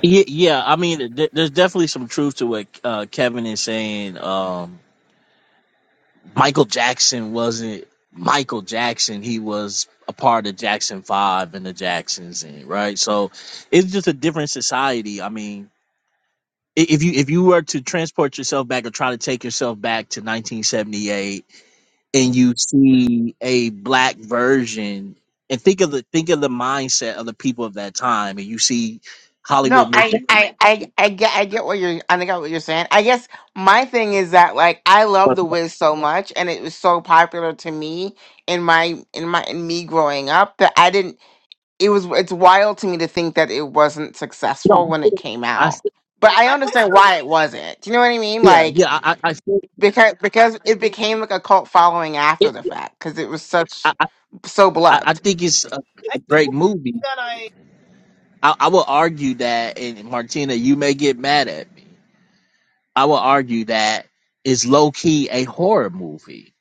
yeah, yeah. I mean, there- there's definitely some truth to what uh, Kevin is saying. Um, Michael Jackson wasn't Michael Jackson. He was a part of Jackson Five and the Jacksons, and right. So it's just a different society. I mean, i- if you if you were to transport yourself back or try to take yourself back to 1978, and you see a black version, and think of the think of the mindset of the people of that time, and you see
No,
Hollywood making.
I, I, I, I get, I get what you're, I get what you're saying. I guess my thing is that like I love The Wiz so much, and it was so popular to me in my, in my, in me growing up that I didn't. It was, it's wild to me to think that it wasn't successful
No,
when it came
I
out. But I
I
understand
also
why it
think
wasn't. Do you know what I mean?
yeah yeah
Like.
I I, I, feel-
because because it became like a cult following
yeah,
after the fact because it was such
I
so
I I
beloved.
think it's a
I
a
think
great movie.
that I
I, I will argue that, and Martina, you may get mad at me. I will argue that is low key a horror movie,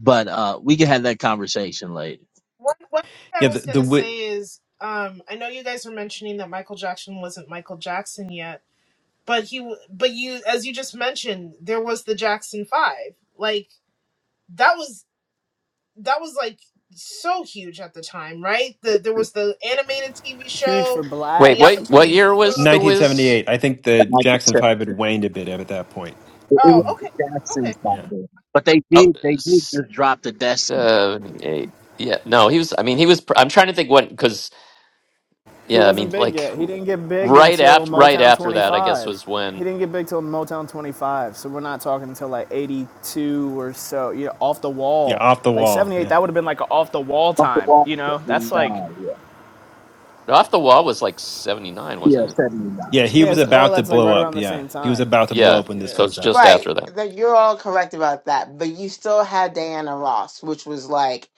but uh, we can have that conversation later.
One, one thing I
the,
was
the
gonna
wi-
say is, um, I know you guys were mentioning that Michael Jackson wasn't Michael Jackson yet, but he, w- but you, as you just mentioned, there was the Jackson Five. Like that was that was like so huge at the time, right? The there was the animated TV
huge
show,
for
Wait,
the other
blacks.
what what
TV.
year was the Wiz?
1978. I think the
Like I
Jackson
said,
Five had waned a bit at that point.
it, it
Oh,
was
Yeah.
the
okay, okay.
Jacksons by
Yeah.
then, but they
Oh,
did they did just drop the Destiny
seventy-eight. Yeah, no, he was. I mean, he was. pr- I'm trying to think when because
He
yeah, I
wasn't
mean,
big
like
yet. He didn't get big
right
until
after right
Motown
after that, I guess
25.
was
He
when
didn't get big till Motown 25. So we're not talking until like 82 or so. You know, off the
Yeah.
wall.
Off the
Like
wall.
78,
Yeah.
that would have been like an off the wall
off the
time.
wall
You know,
seventy
that's like,
nine, yeah,
off the wall was like 79,
yeah,
wasn't it?
seventy nine.
Yeah, he
something
yeah,
was
it's
like that.
all
about to
that's like
blow
right
up.
around the
Yeah,
same
he was
time.
about to blow
Yeah.
up when this
Yeah.
So
comes
it's just
out.
Right,
after that.
that you're all correct about that, but you still had Diana Ross, which was like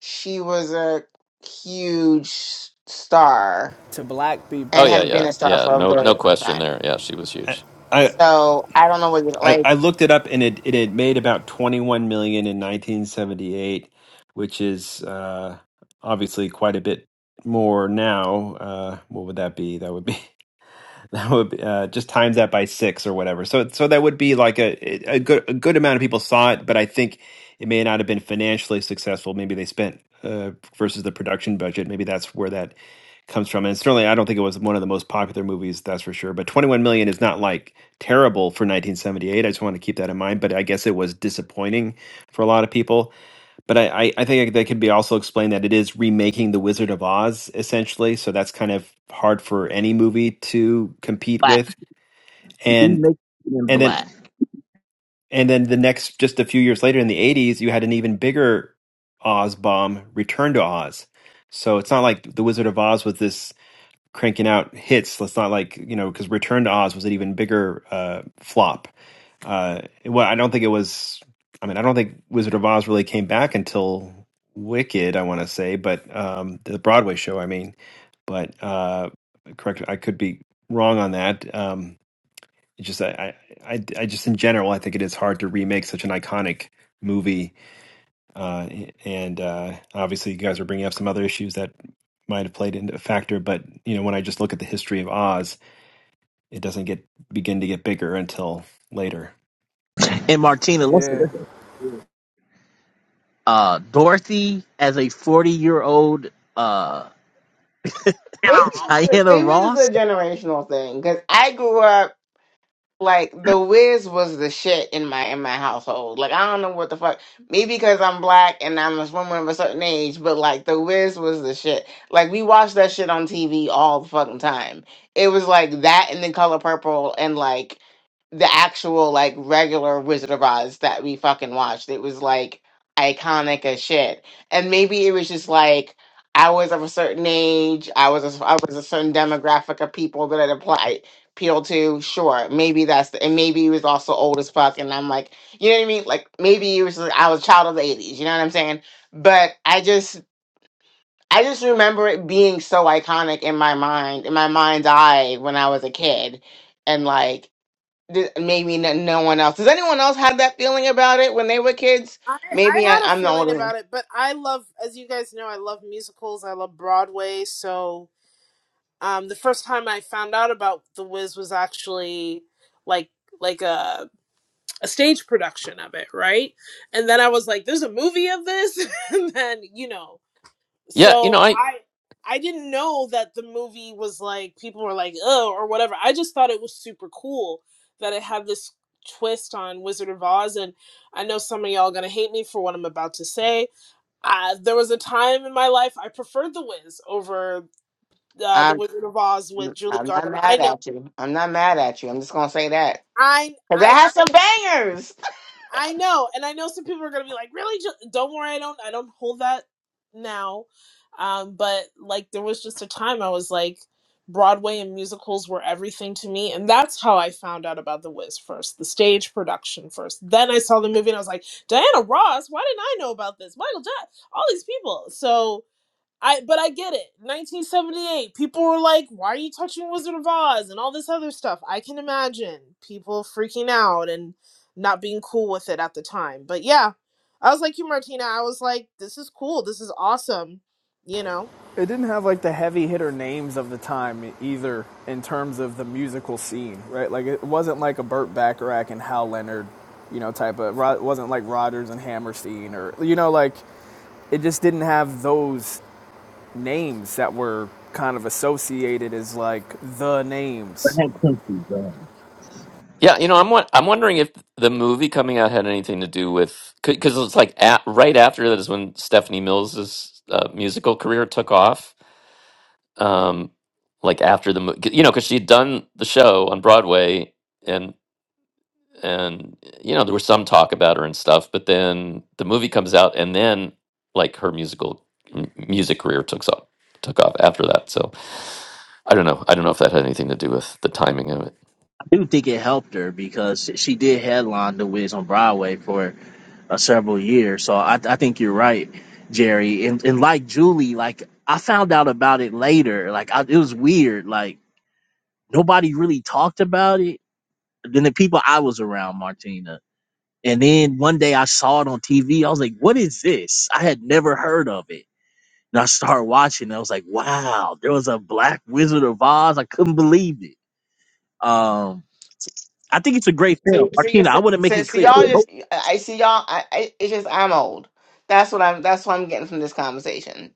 she was a huge star
To black
Oh
and
people.
yeah,
had been
yeah,
a star
yeah.
for a
No,
very
no
long
question
time.
there. Yeah, she was
I
huge.
I,
So I don't know what you
I
like.
I looked it up, and it it had made about twenty one million in nineteen seventy eight, which is uh, obviously quite a bit more now. Uh, what would that be? That would be that would be, uh, just times that by six or whatever. So so that would be like a a good a good amount of people saw it, but I think it may not have been financially successful. Maybe they spent uh, versus the production budget. Maybe that's where that comes from. And certainly, I don't think it was one of the most popular movies, that's for sure. But 21 Million is not like terrible for 1978. I just want to keep that in mind. But I guess it was disappointing for a lot of people. But I, I, I think that could be also explained that it is remaking The Wizard of Oz, essentially. So that's kind of hard for any movie to compete
Black,
with.
we
And
make it in
and then
black.
and then the next just a few years later in the 80s you had an even bigger oz bomb return to oz so it's not like the wizard of oz was this cranking out hits. Let's not like you know because Return to Oz was an even bigger uh, flop. Uh, well, I don't think it was. I mean, I don't think Wizard of Oz really came back until Wicked. I want to say, but um, the Broadway show. I mean, but uh, correct. I could be wrong on that. Um, it's just I, I, I I just in general, I think it is hard to remake such an iconic movie uh, and uh, obviously, you guys are bringing up some other issues that might have played into a factor. But you know, when I just look at the history of Oz, it doesn't get begin to get bigger until later.
And Martina, listen,
Yeah.
listen. Uh, Dorothy as a forty year old uh
Maybe,
Diana
maybe this is
Ross.
a generational thing because I grew up. like the Wiz was the shit in my in my household. Like I don't know what the fuck. Maybe because I'm black and I'm a woman of a certain age, but like the Wiz was the shit. Like we watched that shit on TV all the fucking time. It was like that and the color purple and like the actual like regular Wizard of Oz that we fucking watched. It was like iconic as shit. And maybe it was just like I was of a certain age. I was a, I was a certain demographic of people that it applied appeal to, sure, maybe that's the, and maybe he was also old as fuck. And I'm like, you know what I mean? Like maybe he was, I was a child of the 80s, you know what I'm saying? But I just, I just remember it being so iconic in my mind, in my mind's eye when I was a kid. And like, th- maybe no, no one else. Does anyone else have that feeling about it when they were kids?
I, I
Maybe I,
had a
I'm the
feeling
older one.
about it, but I love, as you guys know, I love musicals. I love Broadway, so um the first time i found out about the wiz was actually like like a, a stage production of it right and then i was like there's a movie of this and then you know
Yeah, you
so
know, I
i i didn't know that the movie was like people were like oh or whatever i just thought it was super cool that it had this twist on wizard of oz and i know some of y'all are gonna hate me for what i'm about to say uh, there was a time in my life i preferred the wiz over uh, the
I'm,
Wizard of Oz with Julie
I'm not
Garland. I
mad
know,
at you. I'm not mad at you. I'm just going to say that.
I
Because it
I
has some bangers.
I know, and I know some people are gonna be like, really? Ju- Don't worry, I don't I don't hold that now, um, but like there was just a time I was like. Broadway and musicals were everything to me, and that's how I found out about The Wiz first, the stage production first. Then I saw the movie, and I was like, Diana Ross, why didn't I know about this? Michael Jackson, all these people. So I but I get it. 1978, people were like, "Why are you touching Wizard of Oz?" and all this other stuff. I can imagine people freaking out and not being cool with it at the time. But yeah, I was like you, Martina. I was like, "This is cool. This is awesome." You know.
It didn't have like the heavy hitter names of the time either in terms of the musical scene, right? Like it wasn't like a Burt Bacharach and Hal Leonard, you know, type of. It wasn't like Rodgers and Hammerstein or you know, like it just didn't have those names that were kind of associated as like the names.
yeah, you know, I'm won- I'm wondering if the movie coming out had anything to do with because it's like at, right after that is when Stephanie Mills's uh, musical career took off. Um, like after the mo- you know, because she'd done the show on Broadway and you know there was some talk about her and stuff but then the movie comes out and then like her musical m- music career took off took off after that so i don't know i don't know if that had anything to do with the timing of it
I do think it helped her because she did headline the Wiz on Broadway for uh, several years. So I, I think you're right, Jerry. And and like Julie, like I found out about it later. Like I, it was weird. Like nobody really talked about it. Then the people I was around, Martina. And then one day I saw it on TV. I was like, "What is this?" I had never heard of it. And I started watching. And I was like, "Wow, there was a Black Wizard of Oz." I couldn't believe it. Um, I think it's a great film,
See, see,
Martina. I
see,
want to make
see
it
see,
clear.
y'all
Oh,
just, I see y'all, I, I, it's just, I'm old. That's what I'm, that's what I'm getting from this conversation.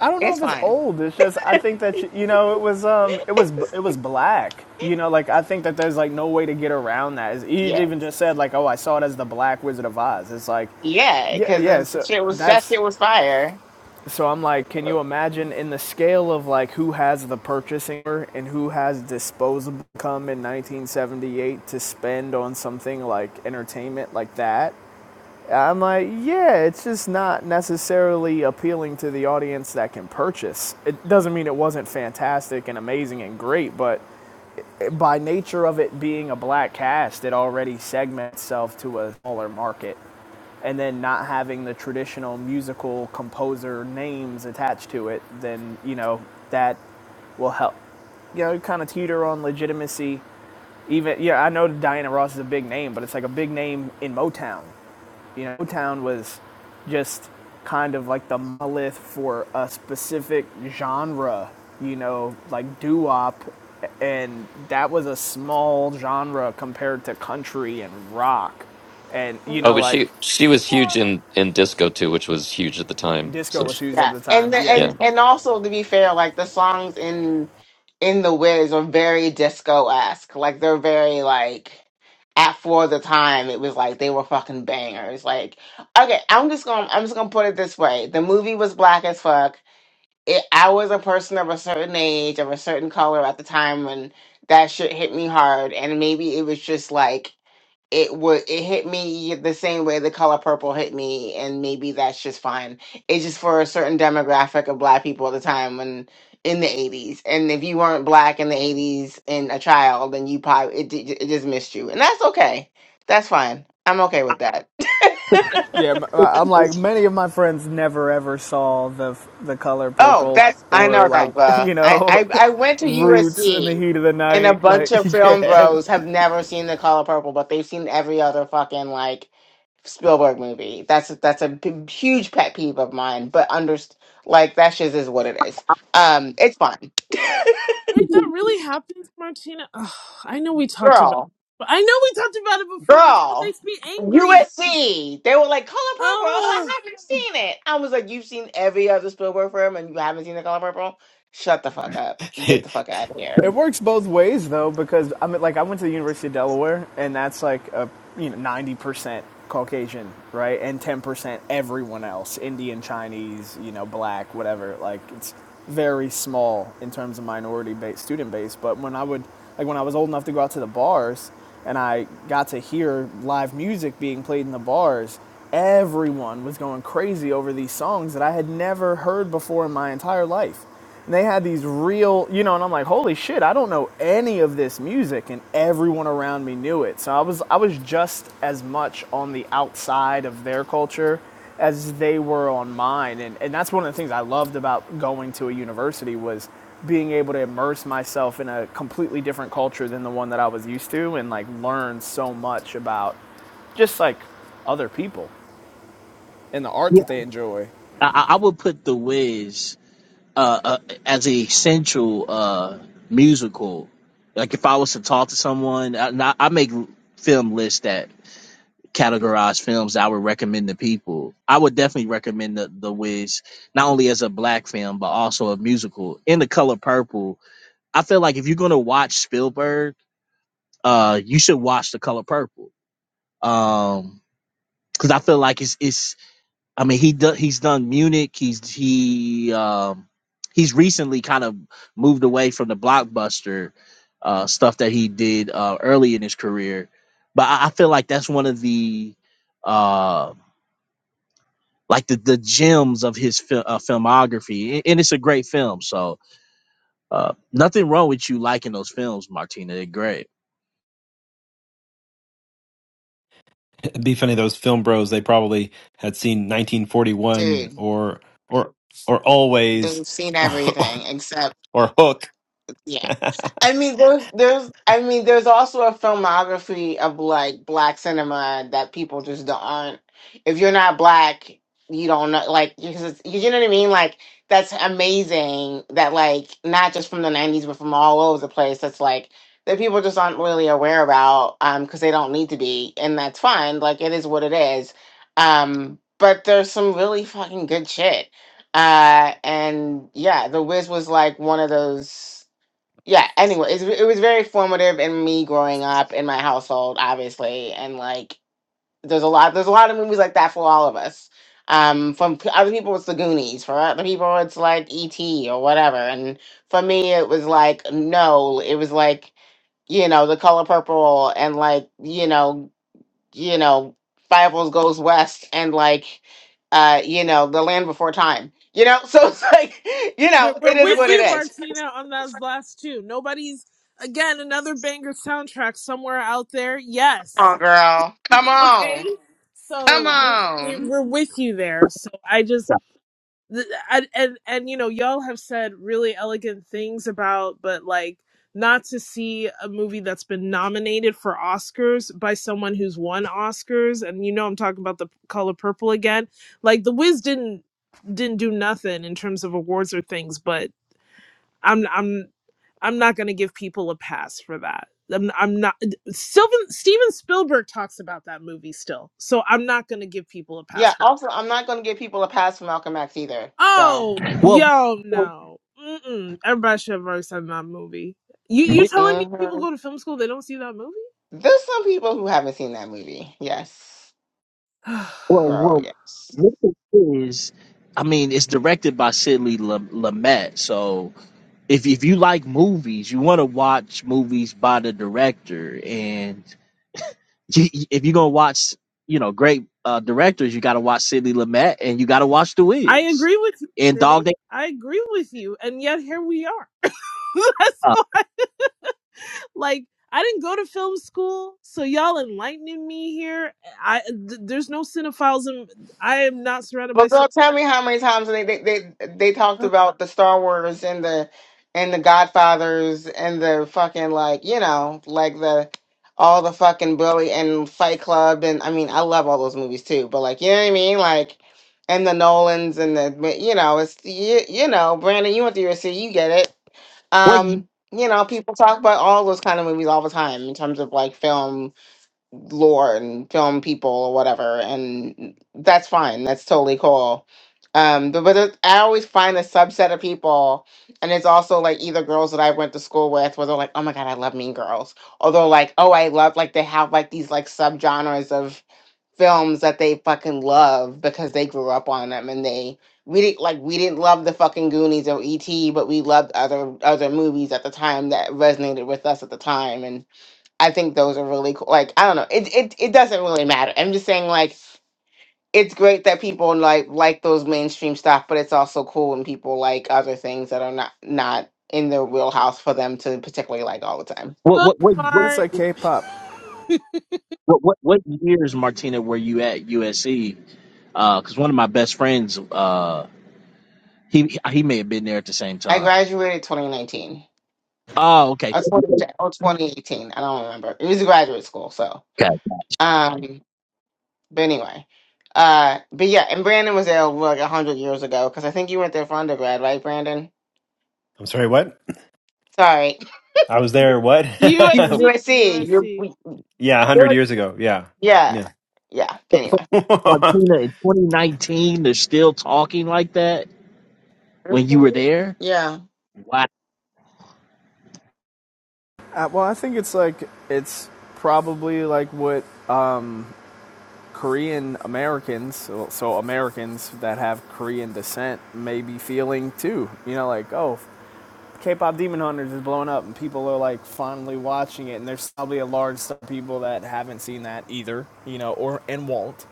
I don't know
It's
if it's
fine.
old. It's just I think that you know it was um it was it was black. You know, like I think that there's like no way to get around that. It's, he
Yeah.
even just said like, oh, I saw it as the Black Wizard of Oz. It's like
Yeah,
Yeah,
because
yeah.
this
So
shit was, that
that's
shit was fire.
so I'm like, can you imagine in the scale of like who has the purchasing power and who has disposable income in 1978 to spend on something like entertainment like that? I'm like, yeah, it's just not necessarily appealing to the audience that can purchase. It doesn't mean it wasn't fantastic and amazing and great, but by nature of it being a black cast, it already segments itself to a smaller market and then not having the traditional musical composer names attached to it, then you know that will help. You know, kind of teeter on legitimacy. Even yeah, I know Diana Ross is a big name, but it's like a big name in Motown. You know, Motown was just kind of like the monolith for a specific genre. You know, like doo wop, and that was a small genre compared to country and rock, and you
oh
know
but
Mhm.
like
she she was huge in in disco too which was huge at the time
Disco
so
was
sh-
huge at
Yeah.
the
And,
time.
the,
Yeah,
yeah
and, and also to be fair, like the songs in, in The Wiz are very disco-esque. Like they're very like, at for the time, it was like they were fucking bangers. Like, okay, I'm just gonna, I'm just gonna put it this way. The movie was black as fuck it, I was a person of a certain age, of a certain color at the time when that shit hit me hard, and maybe it was just like it would it hit me the same way the color purple hit me, and maybe that's just fine. It's just for a certain demographic of black people at the time when in the eighties, and if you weren't black in the eighties and a child, then you probably it, it just missed you, and that's okay. That's fine. I'm okay with that.
yeah. i I'm like many of my friends never ever saw the the color
Oh,
purple
that's I
or
know
like
that, bro.
you
I,
know
I I went to
roots in the
USC,
heat of the
and a
night. Like
bunch of film
yeah,
bros have never seen The Color Purple, but they've seen every other fucking like Spielberg movie. That's that's a p- huge pet peeve of mine. But under like that shit is what it is. Um, it's fine,
Wait, that really happens, Martina. Ugh, I know we talked about,
girl,
but I know we talked about it before, but it still
girl.
makes me angry.
USC. They were like Color Purple. Oh,
Ugh.
I haven't seen it. I was like, you've seen every other Spielberg film, and you haven't seen The Color Purple. Shut the fuck up. Get the
It'd
fuck out of here,
It works both ways though, because I mean, like I went to the University of Delaware, and that's like a you know ninety percent Caucasian, right, and ten percent everyone else, Indian, Chinese, you know, black, whatever. Like it's very small in terms of minority base, student base. But when I would like when I was old enough to go out to the bars, and I got to hear live music being played in the bars. Everyone was going crazy over these songs that I had never heard before in my entire life and they had these real, you know, and I'm like, holy shit, I don't know any of this music, and everyone around me knew it. So I was, I was just as much on the outside of their culture as they were on mine, and and that's one of the things I loved about going to a university was being able to immerse myself in a completely different culture than the one that I was used to, and like learn so much about just like other people and the art
yeah,
that they enjoy.
I, I I would put The Wiz uh, uh, as a central uh, musical. Like if I was to talk to someone, I, and I I make film lists that categorize films that I would recommend to people. I would definitely recommend The, the Wiz not only as a black film but also a musical. In The Color Purple, I feel like if you're gonna watch Spielberg, uh, you should watch The Color Purple. Um, because I feel like it's it's I mean, he do, he's done Munich. He's he um, he's recently kind of moved away from the blockbuster uh, stuff that he did uh, early in his career. But I, I feel like that's one of the uh, like the, the gems of his fil- uh, filmography, and, and it's a great film. So uh, nothing wrong with you liking those films, Martina. They're great.
be funny those film bros; they probably had seen 1941
dude.
or or or Always
They've seen
or
everything
or,
except,
or Hook.
yeah.
I'm
I mean, there's, there's, I mean, there's also a filmography of like black cinema that people just don't aren't. If you're not black, you don't know, like, because it's, you know what I mean. Like, that's amazing that like not just from the '90s, but from all over the place. That's like that people just aren't really aware about, um, because they don't need to be, and that's fine. Like, it is what it is. Um, but there's some really fucking good shit. Uh, and yeah, The Wiz was like one of those yeah anyway it's, it was very formative in me growing up in my household obviously and like there's a lot there's a lot of movies like that for all of us um from p- other people it's the goonies for other people it's like et or whatever and for me it was like no it was like you know the color purple and like you know you know Fireballs goes west and like uh you know the land before time you know so it's like you
We're,
know it
we're
is
with
what it
you,
is
Martina, on those last two. Nobody's, again, another banger soundtrack somewhere out there.
oh
Yes.
girl come on
Okay.
Come
So we're, we're
on.
with you there. So I just, th- and, and, and, you know, y'all have said really elegant things about, but like, not to see a movie that's been nominated for Oscars by someone who's won Oscars, and you know I'm talking about the color purple again. Like the Wiz didn't didn't do nothing in terms of awards or things, but I'm I'm I'm not going to give people a pass for that. I'm I'm not Sylvan Steven Spielberg talks about that movie still. So I'm not going to give people a pass
Yeah,
for.
also, I'm not going to give people a pass for Malcolm X either. So,
Oh,
Well,
yo, no. Mm-mm. Everybody should have already seen that movie. You you
with,
telling me people
mhm.
go to film school they don't see that movie?
there's some people who haven't seen that movie. Yes,
well,
girl,
well,
yes.
with the is, I mean, it's directed by Sidley Lumet, so if if you like movies, you want to watch movies by the director, and you- if you're gonna watch, you know, great uh, directors, you got to watch Sidney Lumet, and you got to watch The
I
Wiz
agree with you,
and
City.
Dog Day.
I agree with you. And yet here we are. That's
Uh,
all Like I didn't go to film school, so y'all enlightening me here. I th- there's no cinephiles. In, I am not surrounded by
But girl,
cinephiles.
tell me how many times they they they, they talked about the Star Wars and the and the Godfathers and the fucking like you know like the all the fucking bully and Fight Club and I mean I love all those movies too. But like you know what I mean like. And the Nolans and the you know it's you, you know Brandon you went to USC you get it
what, ye-
Um, you know, people talk about all those kind of movies all the time in terms of like film lore and film people or whatever, and that's fine. That's totally cool. Um, but, but it, I always find a subset of people, and it's also like either girls that I went to school with, where they're like, "Oh my god, I love Mean Girls," or they're like, "Oh, I love like they have like these like subgenres of." films that they fucking love because they grew up on them and they we didn't like we didn't love the fucking Goonies or E.T., but we loved other other movies at the time that resonated with us at the time. And I think those are really cool. Like I don't know, it it it doesn't really matter. I'm just saying like it's great that people like like those mainstream stuff, but it's also cool when people like other things that are not not in their wheelhouse for them to particularly like all the time.
what
Book
what what
And
what
it's
smart.
like K-pop.
what what what years, Martina, were you at USC? Because one of my best friends, uh, he he may have been there at the same
I
time.
graduated 2019.
Oh, okay.
or 2010 or 2018 i don't remember it was a graduate school so
Okay.
um but anyway uh but yeah and brandon was there like 100 years ago because i think you went there for undergrad right brandon
sorry, what?
sorry
I was there. What?
you,
USC,
usc you're,
USC.
we-
yeah, a hundred
you're
years ago. Yeah,
yeah
yeah,
yeah anyway
Martina, in 2019, they're still talking like that when you were there.
yeah
Wow.
Uh, well, I think it's like it's probably like what uh, Korean Americans, so, so Americans that have Korean descent, may be feeling too. You know, like oh, K-pop Demon Hunters is blowing up, and people are like fondly watching it, and there's probably a large set of people that haven't seen that either. You know, or and won't.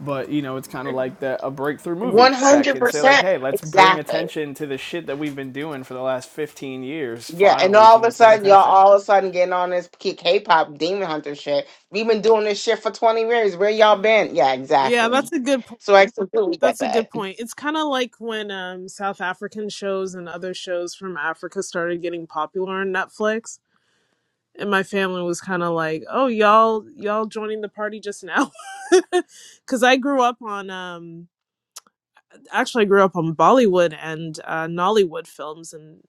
But you know, it's kind of like the, a breakthrough movie that can say like,
100%
"Hey, let's bring
exactly
attention to the shit that we've been doing for the last 15 years.
Yeah, and
Finally,
all of a
someone's paying
sudden, y'all
attention."
all of a sudden getting on this K- K-pop demon hunter shit. We've been doing this shit for twenty years. Where y'all been? Yeah,
Yeah, that's
exactly.
a good point.
So I completely get
That's a good
that.
point. It's kind of like when um South African shows and other shows from Africa started getting popular on Netflix, and my family was kind of like, "Oh, y'all, y'all joining the party just now," because I grew up on um actually I grew up on Bollywood and uh, Nollywood films and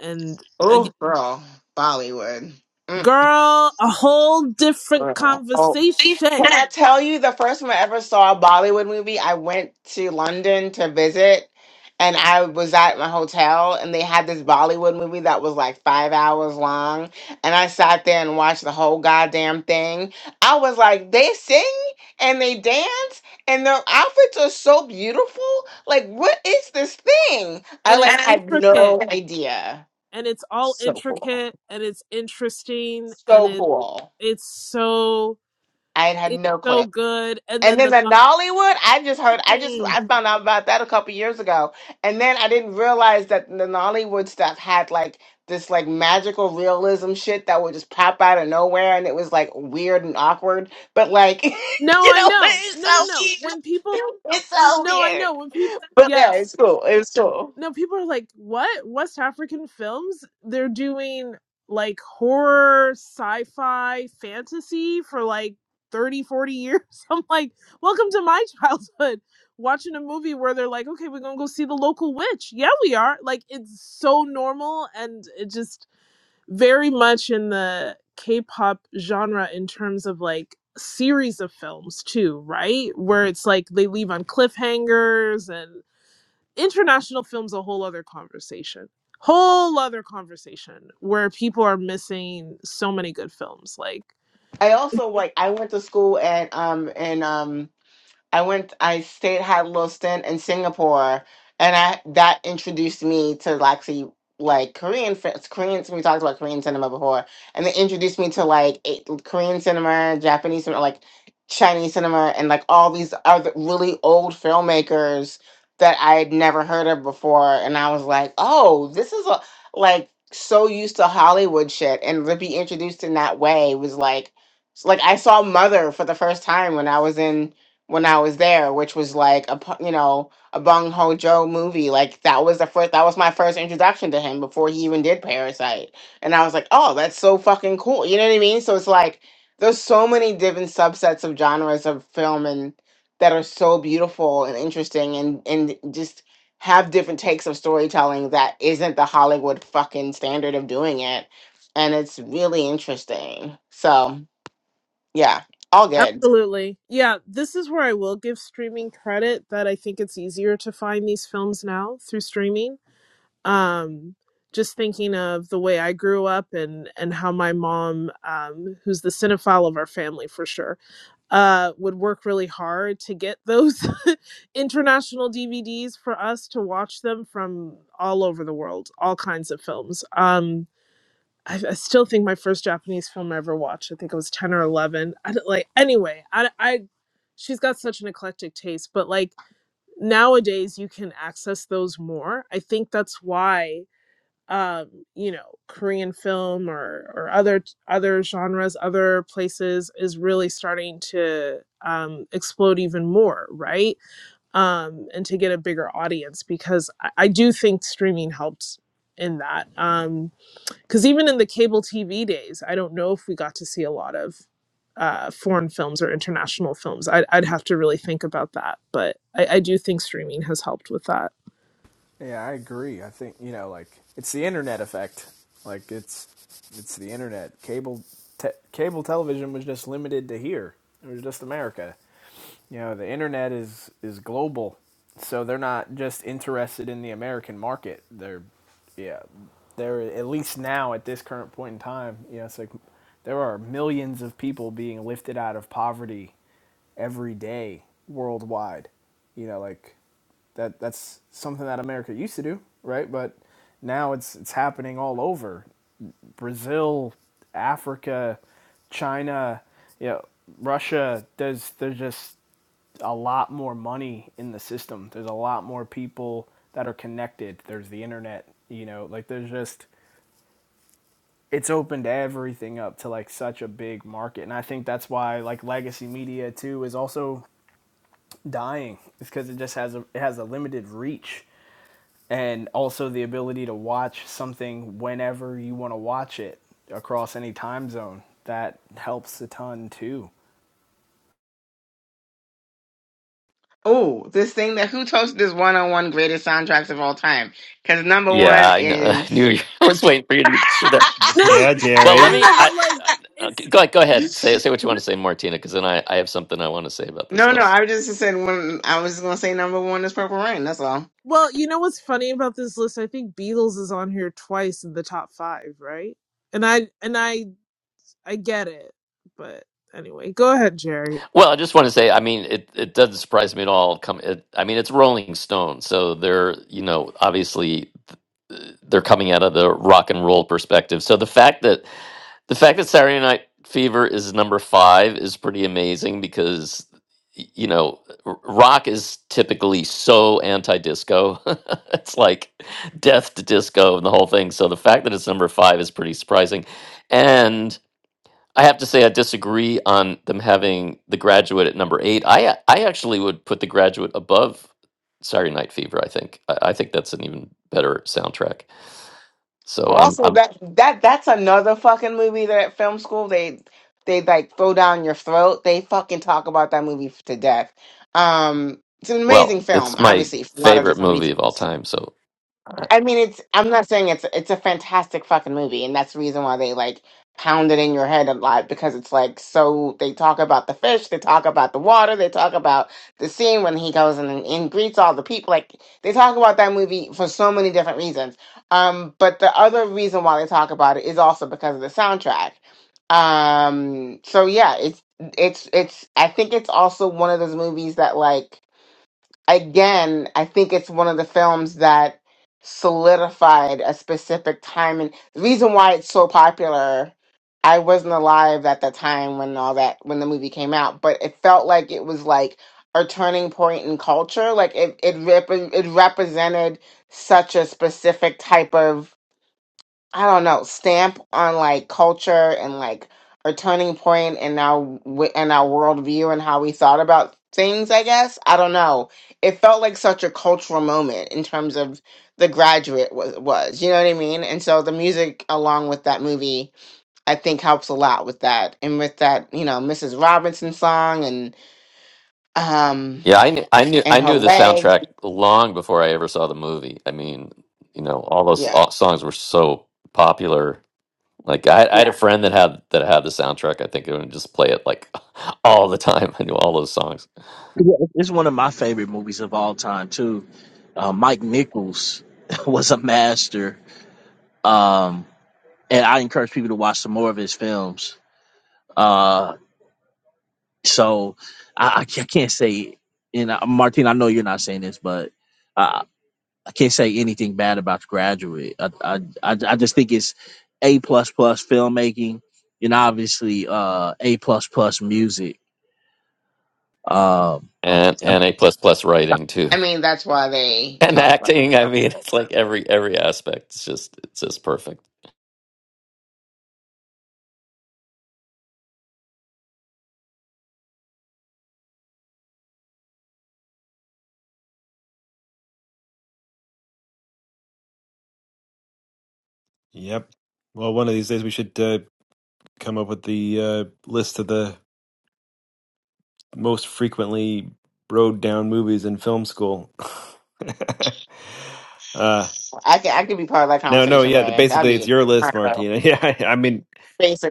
and uh,
Oh, girl, Bollywood. Mm,
girl, a whole different
girl. Can
conversation,
I tell you the first time I ever saw a Bollywood movie? I went to London to visit, and I was at my hotel, and they had this Bollywood movie that was like five hours long, and I sat there and watched the whole goddamn thing. I was like, they sing and they dance, and their outfits are so beautiful. Like, what is this thing? I
and it's
like had
intricate,
no idea.
and it's all
So cool.
intricate, and it's interesting, and
So
it
cool.
it's so
I had
it's
no
so
clue.
good, and
And
then
then
the
the Nollywood, I just heard, I just,
Mm.
I found out about that a couple years ago. And then I didn't realize that the Nollywood stuff had like this like magical realism shit that would just pop out of nowhere and it was like weird and awkward. But like,
no,
you
I
know,
know,
it's
no, no,
so
no,
weird.
when people,
It's so
no, I
weird.
know when people,
But yeah,
yes,
it's cool. It's cool.
no, people are like, what? West African films? They're doing like horror, sci fi, fantasy for like 30, 40 years. I'm like, welcome to my childhood. Watching a movie where they're like, okay, we're going to go see the local witch. Yeah, we are. Like, it's so normal and it just very much in the K pop genre in terms of like series of films, too, right? Where it's like they leave on cliffhangers and international film's a whole other conversation whole other conversation where people are missing so many good films like
I also like, I went to school and, um, and um, I went. I stayed had a little stint in Singapore, and I that introduced me to actually like Korean fi- Koreans. We talked about Korean cinema before, and they introduced me to like a- Korean cinema, Japanese cinema, like Chinese cinema, and like all these other really old filmmakers that I had never heard of before. And I was like, oh, this is a like so used to Hollywood shit, and to be introduced in that way was like. Like I saw Mother for the first time when I was in when I was there, which was like a pu- you know a Bong Ho Joe movie. Like that was the first that was my first introduction to him before he even did Parasite, and I was like, oh, that's so fucking cool. You know what I mean? So it's like there's so many different subsets of genres of film and that are so beautiful and interesting and and just have different takes of storytelling that isn't the Hollywood fucking standard of doing it, and it's really interesting. So yeah, all good.
absolutely yeah this is where i will give streaming credit that i think it's easier to find these films now through streaming um just thinking of the way i grew up and and how my mom um who's the cinephile of our family for sure uh, would work really hard to get those international DVDs for us to watch them from all over the world, all kinds of films. Um, I, I still think my first Japanese film I ever watched, I think it was 10 or 11. I don't, like, anyway, I, I, she's got such an eclectic taste, but like nowadays you can access those more. I think that's why um you know korean film or or other other genres other places is really starting to um explode even more right um and to get a bigger audience because i, I do think streaming helped in that um because even in the cable tv days i don't know if we got to see a lot of uh foreign films or international films i'd, I'd have to really think about that but I, I do think streaming has helped with that
Yeah, I agree. I think you know, like it's the internet effect. Like it's it's the internet. Cable te- cable television was just limited to here. It was just America. You know, the internet is is global, so they're not just interested in the American market. They're yeah, they're at least now at this current point in time. You know, it's like there are millions of people being lifted out of poverty every day worldwide. You know, like that that's something that America used to do, right? But now it's it's happening all over. Brazil, Africa, China, you know, Russia, there's there's just a lot more money in the system. There's a lot more people that are connected. There's the internet, you know, like there's just it's opened everything up to like such a big market. And I think that's why like legacy media too is also dying. It's because it just has a it has a limited reach and also the ability to watch something whenever you want to watch it across any time zone. That helps a ton too.
Oh, this thing that who toasted this one on one greatest soundtracks of all time? Because number one
yeah i know i
is
knew you- i was waiting for you to see that
yeah,
well let
Jerry.
me i, I okay, go, go ahead say say what you want to say martina because then i i have something i want to say about this
no, no.
list
I just said when I was gonna say number one is Purple Rain. That's all.
Well, you know what's funny about this list? I think Beatles is on here twice in the top five, right? And I and I I get it, but anyway, go ahead, Jerry.
Well, I just want to say, I mean, it, it doesn't surprise me at all. Come, it, I mean, it's Rolling Stone, so they're you know obviously uh, they're coming out of the rock and roll perspective. So the fact that the fact that Saturday Night Fever is number five is pretty amazing because y- you know r- rock is typically so anti-disco. it's like death to disco and the whole thing. So the fact that it's number five is pretty surprising, I have to say I disagree on them having the graduate at number eight. I a- I actually would put the graduate above Saturday Night Fever. I think I, I think that's an even better soundtrack. So
Well,
I'm
also
I'm
that that that's another fucking movie that at film school they they like throw down your throat. They fucking talk about that movie to death. Um, it's an amazing
well,
film,
it's my
obviously for a lot of
favorite
different
movie of all
reasons.
time. So
I mean, it's. I'm not saying it's. It's a fantastic fucking movie, and that's the reason why they like pound it in your head a lot because it's like so. They talk about the fish, they talk about the water, they talk about the scene when he goes and, and greets all the people. Like they talk about that movie for so many different reasons. Um, but the other reason why they talk about it is also because of the soundtrack. Um, so yeah, it's it's it's. I think it's also one of those movies that like again, I think it's one of the films that solidified a specific time and the reason why it's so popular. I wasn't alive at the time when all that when the movie came out, but it felt like it was like a turning point in culture. Like it it rep- it represented such a specific type of I don't know, stamp on like culture and like our turning point and our w- and our worldview and how we thought about things. I guess I don't know. It felt like such a cultural moment in terms of the graduate was was. You know what I mean? And so the music along with that movie, I think, helps a lot with that and with that you know Mrs. Robinson song and um
yeah, I knew I knew
and
I
her
knew the
legs.
soundtrack long before I ever saw the movie. I mean, you know, all those
Yeah,
all, songs were so popular. Like I, I had a
yeah.
friend that had that had the soundtrack. I think and would just play it like all the time. I knew all those songs.
Yeah, it's one of my favorite movies of all time too. Uh, Mike Nichols was a master, um, and I encourage people to watch some more of his films. Uh, so I, I ca- I can't say, and uh, Martin, I know you're not saying this, but uh, I can't say anything bad about The Graduate. I I, I, I just think it's a plus plus filmmaking, and obviously uh, a plus plus music. Um,
and and A plus plus writing too,
I mean that's why they
and
talk about.
acting. I mean,
it.
it's
so
like every every aspect. It's just it's just perfect.
Yep. Well, one of these days we should. Uh, come up with the uh, list of the most frequently rode down movies in film school. uh,
I can I could be part of that
no, no,
conversation,
yeah. The,
Brandon. That'd
basically, it's
be
your list,
incredible,
Martina. Yeah, I, I mean,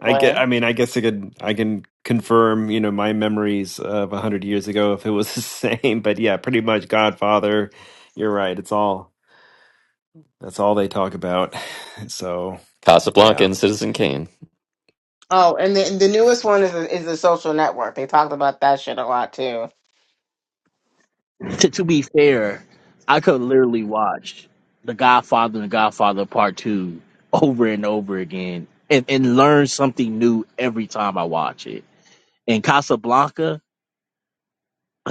I get. I mean, I guess I could. I can confirm, you know, my memories of a hundred years ago if it was the same. But yeah, pretty much Godfather. You're right. It's all. That's all they talk about. So
Casablanca
yeah,
and Citizen Kane,
Oh, and the the newest one is is the Social Network. They talked about that shit a lot too.
to, to be fair, I could literally watch The Godfather and The Godfather Part Two over and over again, and, and learn something new every time I watch it. And Casablanca,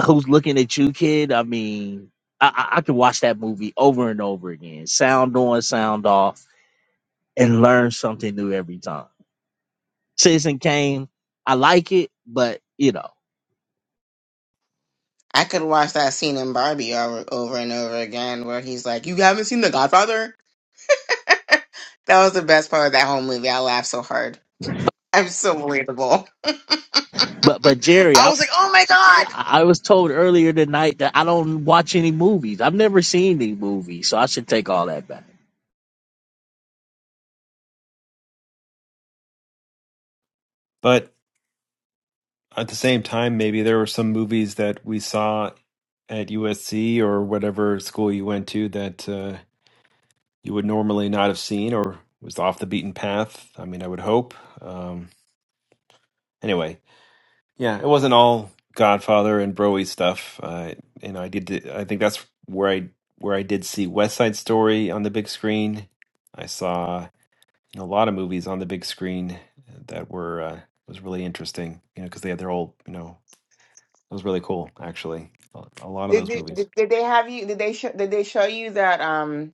who's looking at you, kid? I mean, I, I, I could watch that movie over and over again, sound on, sound off, and learn something new every time. Citizen Kane, I like it, but you know,
I could watch that scene in Barbie over, over and over again, where he's like, "You haven't seen The Godfather." That was the best part of that whole movie. I laughed so hard. I'm so relatable.
but but Jerry,
I
I.
was like, "Oh my god!"
I I was told earlier tonight that I don't watch any movies. I've never seen any movies, so I should take all that back.
but. at the same time, maybe there were some movies that we saw at USC or whatever school you went to that uh, you would normally not have seen or was off the beaten path. I mean, I would hope. Um, anyway, yeah, it wasn't all Godfather and Broy stuff. Uh, you know, I did. I think that's where I where I did see West Side Story on the big screen. I saw you know, a lot of movies on the big screen that were uh, was really interesting. You know, because they had their old you know It was really cool, actually. A a lot of
Did,
those
did,
movies.
did did they have you? Did they show? Did they show you that? Um,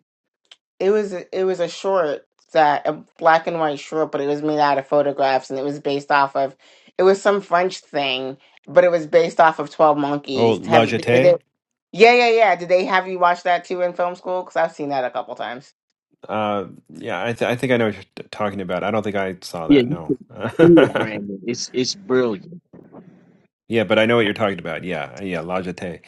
it was a- it was a short that a black and white short, but it was made out of photographs and it was based off of it was some French thing, but it was based off of Twelve
Oh,
Monkeys.
La
Have did they?
Jetée?
Yeah, yeah, yeah. Did they have you watch that too in film school? Because I've seen that a couple times.
Uh, yeah, I, th- I think I know what you're t- talking about. I don't think I saw
Yeah,
that.
you
No.
see it, Brandon. It's it's brilliant.
yeah, but I know what you're talking about. Yeah, yeah, La Jetée.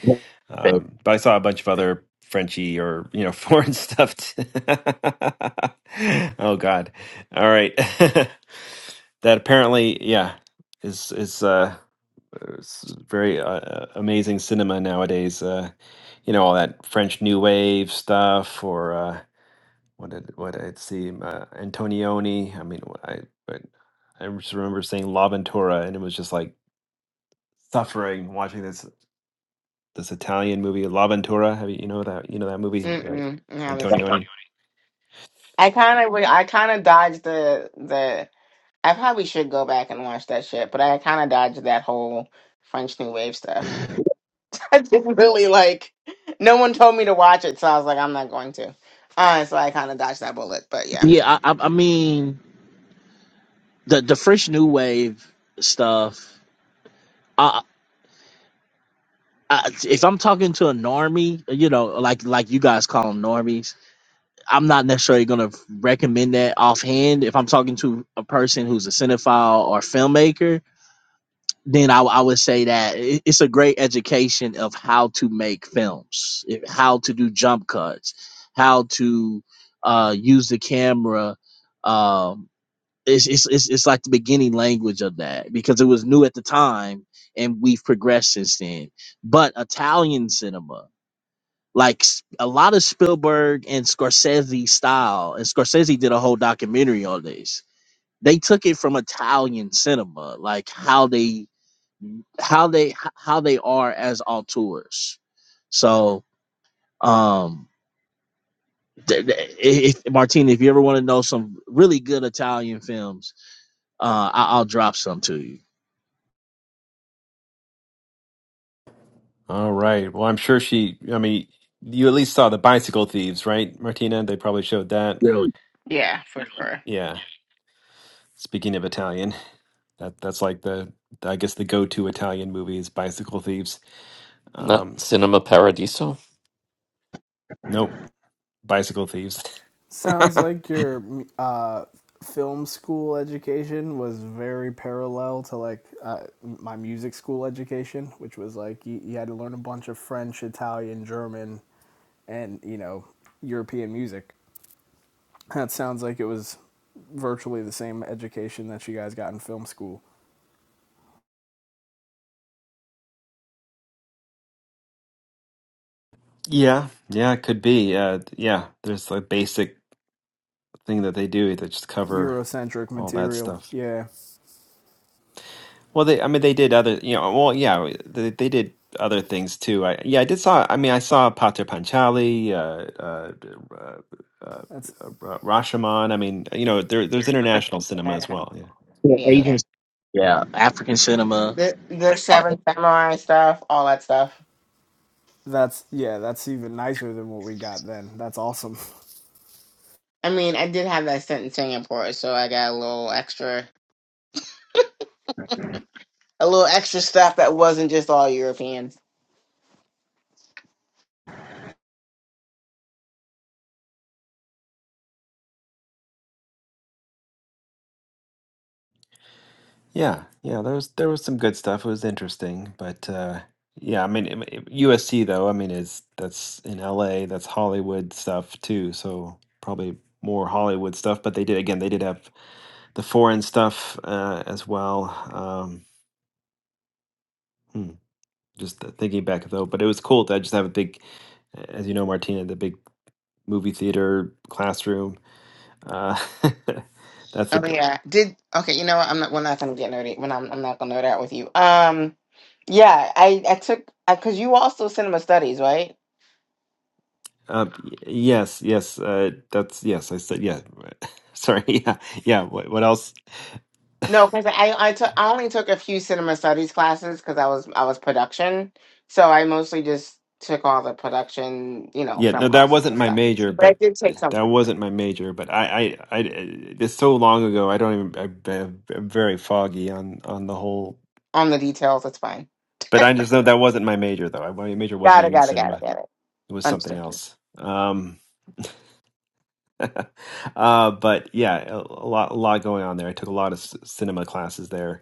Um, but I saw a bunch of other Frenchy or you know foreign stuff. t- oh God! All right, that apparently yeah is is uh It's very uh, uh, amazing cinema nowadays. Uh, you know all that French New Wave stuff, or uh, what did what I'd see uh, Antonioni. I mean, I but I just remember seeing La Ventura, and it was just like suffering watching this this Italian movie La Ventura. Have you, you know that you know that movie uh,
Mm-mm, I haven't seen that.
Antonioni?
I kind of I kind of dodged the the. I probably should go back and watch that shit, but I kind of dodged that whole French New Wave stuff. I didn't really like. No one told me to watch it, so I was like, I'm not going to. Uh, so I kind of dodged that bullet, but yeah,
Yeah, I, I, I mean the the fresh new wave stuff. I, I, if I'm talking to a normie, you know, like like you guys call them normies, I'm not necessarily gonna recommend that offhand. If I'm talking to a person who's a cinephile or filmmaker, then I, I would say that it- it's a great education of how to make films, it- how to do jump cuts, how to uh, use the camera. Um, it's, it's, it's, it's like the beginning language of that because it was new at the time and we've progressed since then. But Italian cinema, like s- a lot of Spielberg and Scorsese style, and Scorsese did a whole documentary on this. They took it from Italian cinema, like how they how they how they are as auteurs. So, um, th- th- if, if- Martina, if you ever want to know some really good Italian films, uh, I, I'll drop some to you.
All right. Well, I'm sure she. I mean, you at least saw the bicycle thieves, right, Martina? They probably showed that.
Really,
yeah, for sure.
Yeah. Speaking of Italian, that that's like the I guess the go-to Italian movie is Bicycle Thieves.
not
Um,
Cinema Paradiso.
nope. Bicycle thieves.
Sounds like your uh, film school education was very parallel to like uh, my music school education, which was like you, you had to learn a bunch of French, Italian, German, and you know European music. That sounds like it was virtually the same education that you guys got in film school.
Yeah, yeah, it could be. Uh, yeah, there's a basic thing that they do that just cover
Eurocentric
all that
material,
stuff.
yeah.
Well, they, I mean, they did other, you know, well, yeah, they, they did other things too. I, yeah, I did saw, I mean, I saw Pater Panchali, uh, uh, uh, uh,
That's
uh, Ra- Rashomon. I mean, you know, there, there's international cinema as well. Yeah,
Yeah,
Yeah, yeah.
yeah.
Asian,
yeah.
yeah, African cinema.
The the
all that.
Seven Samurai stuff, all that stuff.
that's yeah, that's even nicer than what we got then. That's awesome.
I mean, I did have that sentence in Singapore, so I got a little extra, a little extra stuff that wasn't just all Europeans.
Yeah, yeah, there was there was some good stuff. It was interesting, but uh, yeah, I mean it- it- USC though. I mean is that's in LA. That's Hollywood stuff too. So probably more Hollywood stuff. But they did again. They did have the foreign stuff uh, as well. Um, hmm, just th- thinking back though, but it was cool to just have a big, as you know, Martina, the big movie theater classroom. Uh, that's
Oh
the
yeah, did okay. You know what? I'm not. We're not gonna get nerdy. When I'm, I'm not gonna nerd out with you. Um, yeah, I I took because you also cinema studies, right?
Uh, y- yes, yes, uh, that's yes. I said yeah. Sorry, yeah, yeah. What, what else?
No, because I I took I only took a few cinema studies classes because I was I was production, so I mostly just took all the production, you know,
Yeah, no,
film
that
classes
wasn't
and
my
stuff.
major,
But I
but
did take some
that wasn't my major. But I, I, I, uh, it's so long ago. I don't even. I, I'm I'm very foggy on on the whole.
on the details. That's fine.
But I just know that wasn't my major, though. I- My major wasn't
Got it.
even
Got it. Got it.
cinema.
Got it.
It was something
Understood.
else. Um, uh, but yeah, a, a lot, a lot going on there. I took a lot of c cinema classes there.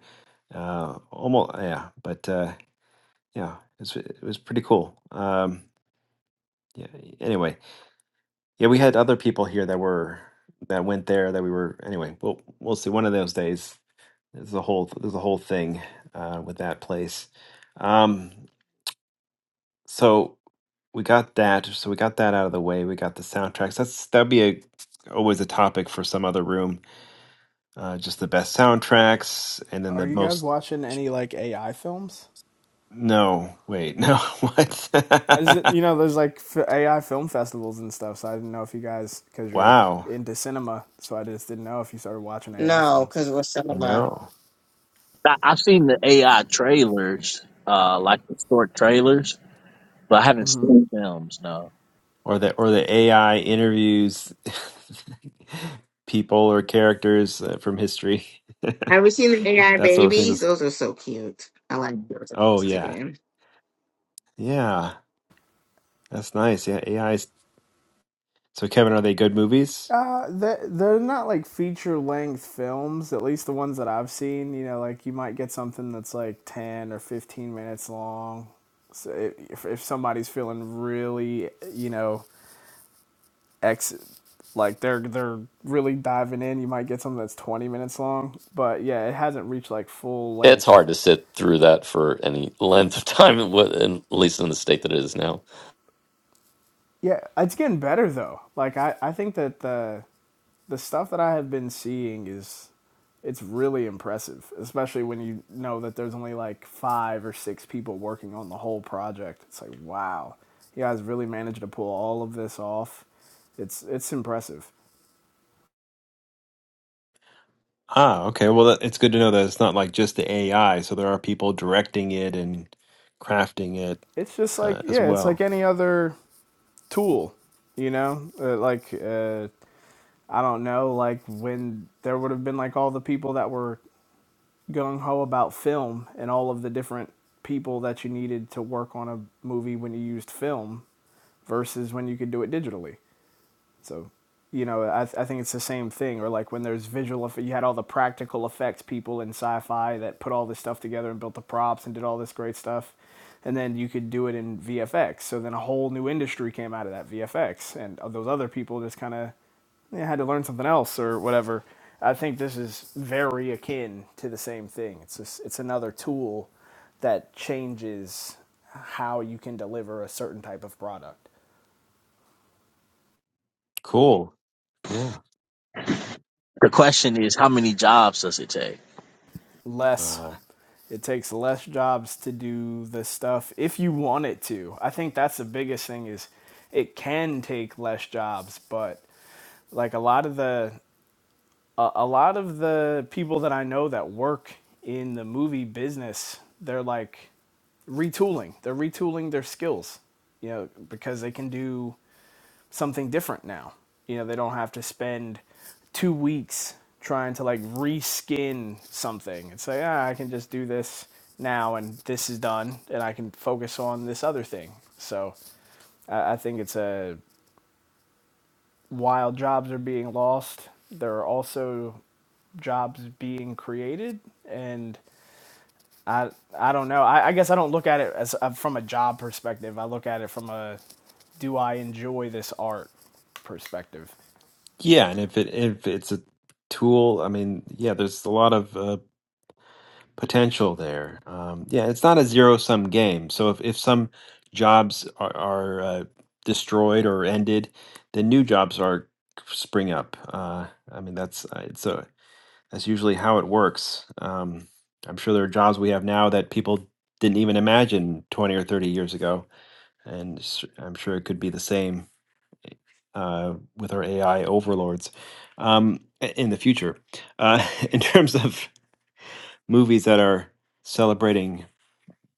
Uh, almost, yeah. But uh, Yeah, it's it was pretty cool. Um, yeah. Anyway, yeah, we had other people here that were that went there that we were. Anyway, we'll we'll see. One of those days, there's a whole there's a whole thing uh, with that place. Um, so we got that. So we got that out of the way. We got the soundtracks. That's that'd be a always a topic for some other room. Uh, just the best soundtracks, and then the
Are you guys
most.
watching any like AI films?
No, wait, no,
I just
what?
you know there's like AI film festivals and stuff, so I didn't know if you guys because you're
Wow,
into cinema, so I just didn't know if you started watching AI
No,
films.
because it was cinema.
no.
I, I've seen the AI trailers, uh, like the short trailers, but I haven't
Mm-hmm.
seen films. No.
or the or the AI interviews people or characters uh, from history,
Have we seen the AI
that sort of thing.
babies?
That's-
Those are so cute. I like those on
Oh yeah,
Instagram.
yeah, that's nice. Yeah, AI. 's- So Kevin, are they good movies?
Uh, they're, they're not like feature length films, at least the ones that I've seen. You know, like you might get something that's like 10 or 15 minutes long. So if, if somebody's feeling really, you know, ex like they're they're really diving in. You might get something that's 20 minutes long, but yeah, it hasn't reached like full
It's
length.
hard to sit through that for any length of time, in what- in- at least in the state that it is now.
Yeah, it's getting better though. Like I I think that the the stuff that I have been seeing is it's really impressive, especially when you know that there's only like 5 or 6 people working on the whole project. It's like, wow. You guys really managed to pull all of this off. It's it's impressive.
Ah, okay. Well, that, it's good to know that it's not like just the AI. So there are people directing it and crafting it
It's just
uh,
like,
as
yeah, it's like
well.
any other Tool, you know, uh, like uh, I don't know, like when there would have been like all the people that were gung ho about film and all of the different people that you needed to work on a movie when you used film versus when you could do it digitally. So, you know, I, I think it's the same thing. Or like when there's visual, you had all the practical effects people in sci-fi that put all this stuff together and built the props and did all this great stuff, and then you could do it in VFX. So then a whole new industry came out of that VFX, and uh, those other people just kind of you know, had to learn something else or whatever. I think this is very akin to the same thing. It's just, it's another tool that changes how you can deliver a certain type of product.
Cool. Yeah.
The question is, how many jobs does it take?
less
Uh,
it takes less jobs to do the stuff if you want it to i think that's the biggest thing is it can take less jobs but like a lot of the a, a lot of the people that i know that work in the movie business they're like retooling they're retooling their skills you know because they can do something different now. You know, they don't have to spend two weeks trying to like reskin something. It's like, ah, I can just do this now and this is done and I can focus on this other thing. So I, I think it's a while jobs are being lost, there are also jobs being created and I, I don't know. I, I guess I don't look at it as uh, from a job perspective. I look at it from a do I enjoy this art perspective.
yeah, and if it if it's a tool, I mean, yeah, there's a lot of uh, potential there. Um, yeah, it's not a zero sum game. So if, if some jobs are, are uh, destroyed or ended, then new jobs are spring up. Uh, I mean, that's uh, it's a that's usually how it works. Um, I'm sure there are jobs we have now that people didn't even imagine 20 or 30 years ago, and s- I'm sure it could be the same uh, with our AI overlords um, i- in the future. Uh, in terms of movies that are celebrating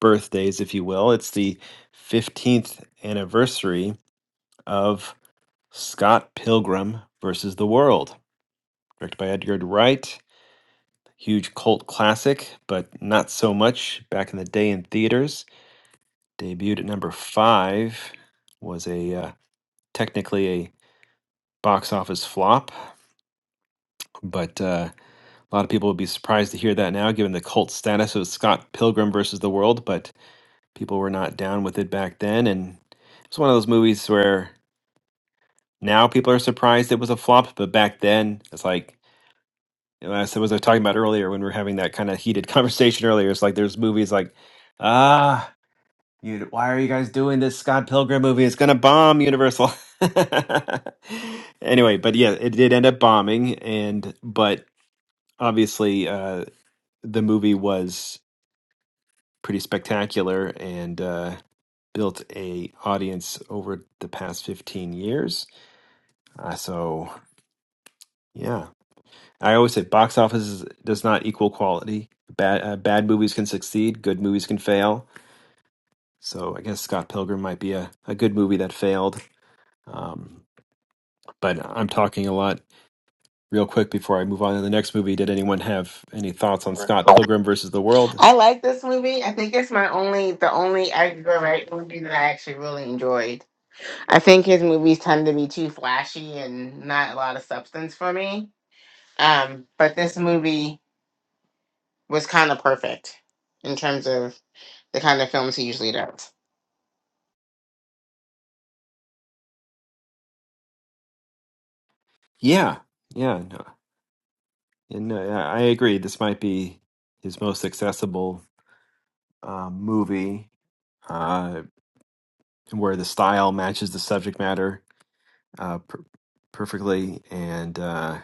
birthdays, if you will. It's the 15th anniversary of Scott Pilgrim versus the World, directed by Edgar Wright. Huge cult classic, but not so much back in the day in theaters. Debuted at number five, was a uh, technically a box office flop, but uh, a lot of people would be surprised to hear that now, given the cult status of Scott Pilgrim versus the World. But people were not down with it back then, and it's one of those movies where Now people are surprised it was a flop, but back then it's like you know, as I was talking about earlier when we were having that kind of heated conversation earlier. It's like there's movies like ah, you, why are you guys doing this Scott Pilgrim movie? It's gonna bomb Universal. anyway, but yeah, it did end up bombing, and but obviously uh, the movie was pretty spectacular and uh, built a audience over the past 15 years. Uh, so yeah, I always say box office does not equal quality. Bad uh, bad movies can succeed, good movies can fail. So I guess Scott Pilgrim might be a, a good movie that failed. Um, but I'm talking a lot. Real quick before I move on to the next movie, did anyone have any thoughts on Scott Pilgrim versus the World?
I like this movie. I think it's my only, the only Edgar Wright movie that I actually really enjoyed. I think his movies tend to be too flashy and not a lot of substance for me. Um, but this movie was kind of perfect in terms of the kind of films he usually does.
Yeah, yeah, no, and uh, yeah, I agree. This might be his most accessible uh, movie, uh, where the style matches the subject matter uh, per- perfectly, and. uh,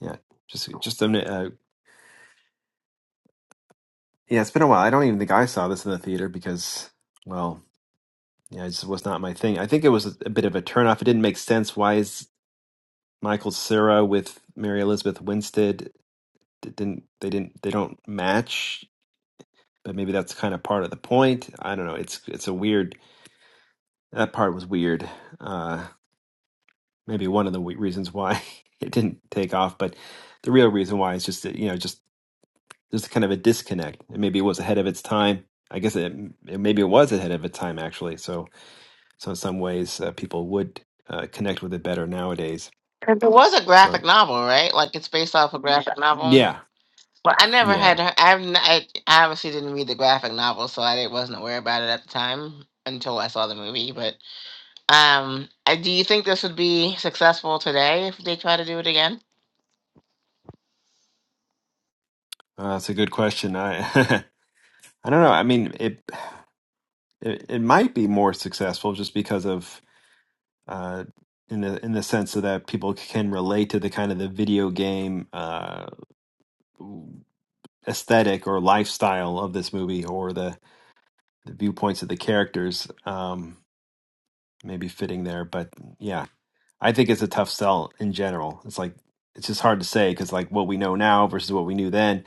Yeah, just just a minute. Uh, yeah, it's been a while. I don't even think I saw this in the theater because, well, yeah, it just was not my thing. I think it was a, a bit of a turnoff. It didn't make sense. Why is Michael Cera with Mary Elizabeth Winstead? It didn't they didn't they don't match? But maybe that's kind of part of the point. I don't know. It's it's a weird. That part was weird. Uh, maybe one of the we- reasons why it didn't take off, but the real reason why is just that, you know just there's kind of a disconnect. And maybe it was ahead of its time. I guess it, it maybe it was ahead of its time actually. So so in some ways uh, people would uh, connect with it better nowadays.
'Cause It was a
So
graphic novel, right? Like it's based off a graphic Yeah. novel.
yeah,
Well, I never
yeah,
had. he- I've n- I, I obviously didn't read the graphic novel, so I didn't- wasn't aware about it at the time until I saw the movie. But um, I- do you think this would be successful today if they try to do it again?
uh, that's a good question. I I don't know. I mean, it, it it might be more successful just because of uh, in the in the sense so that people can relate to the kind of the video game uh, aesthetic or lifestyle of this movie or the, the viewpoints of the characters. Um, maybe fitting there. But yeah, I think it's a tough sell in general. It's like it's just hard to say because like what we know now versus what we knew then.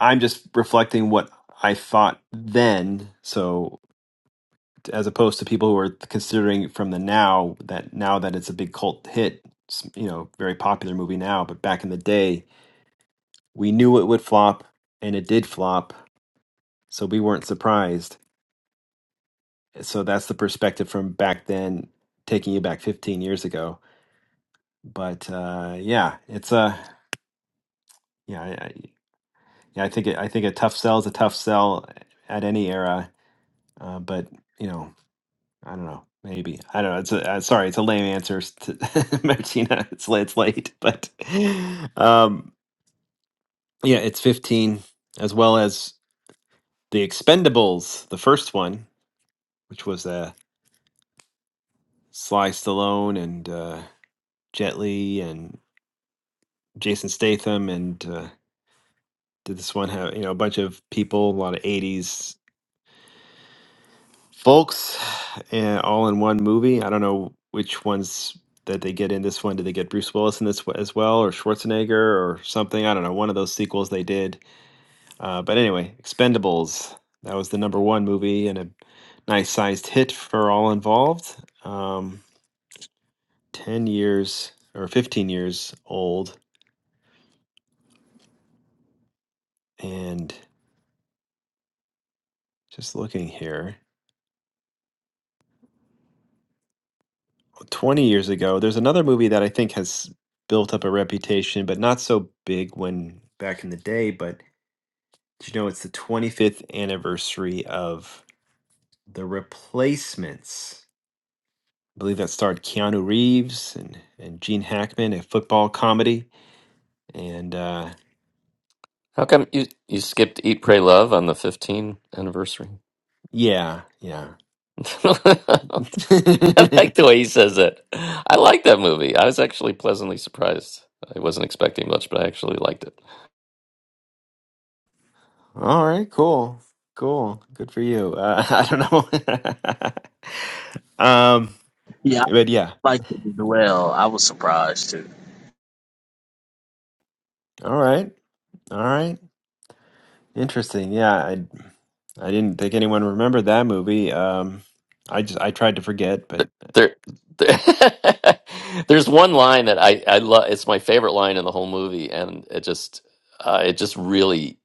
I'm just reflecting what I thought then. So as opposed to people who are considering from the now that now that it's a big cult hit, s- you know, very popular movie now, but back in the day, we knew it would flop and it did flop, so we weren't surprised. So that's the perspective from back then, taking you back 15 years ago but uh, yeah, it's a yeah, I, I, yeah. I think it, I think a tough sell is a tough sell at any era. Uh, but you know, I don't know. Maybe I don't know. It's a, uh, sorry, it's a lame answer s- to Martina. It's la- it's late, but um, yeah, it's fifteen as well as the Expendables, the first one, which was uh, Sly Stallone and uh, Jet Li and Jason Statham and. Uh, did this one have you know a bunch of people a lot of 80s folks and all in one movie. I don't know which ones that they get in this one. Did they get Bruce Willis in this w- as well, or Schwarzenegger, or something? I don't know. One of those sequels they did. Uh, but anyway, Expendables. That was the number one movie and a nice sized hit for all involved. Um, Ten years or fifteen years old, and just looking here, twenty years ago. There's another movie that I think has built up a reputation, but not so big when back in the day. But Do you know it's the 25th anniversary of The Replacements? I believe that starred Keanu Reeves and, and Gene Hackman, a football comedy. And uh,
How come you you skipped Eat, Pray, Love on the 15th anniversary?
yeah, yeah.
I like the way he says it. I like that movie. I was actually pleasantly surprised. I wasn't expecting much, but I actually liked it.
All right, cool. Cool. Good for you. Uh, I don't know. um,
Yeah,
but yeah.
I liked it as well. I was surprised too.
All right. All right. Interesting. Yeah, I I didn't think anyone remembered that movie. Um, I just I tried to forget, but.
there, there- there's one line that I I love. It's my favorite line in the whole movie, and it just uh, it just really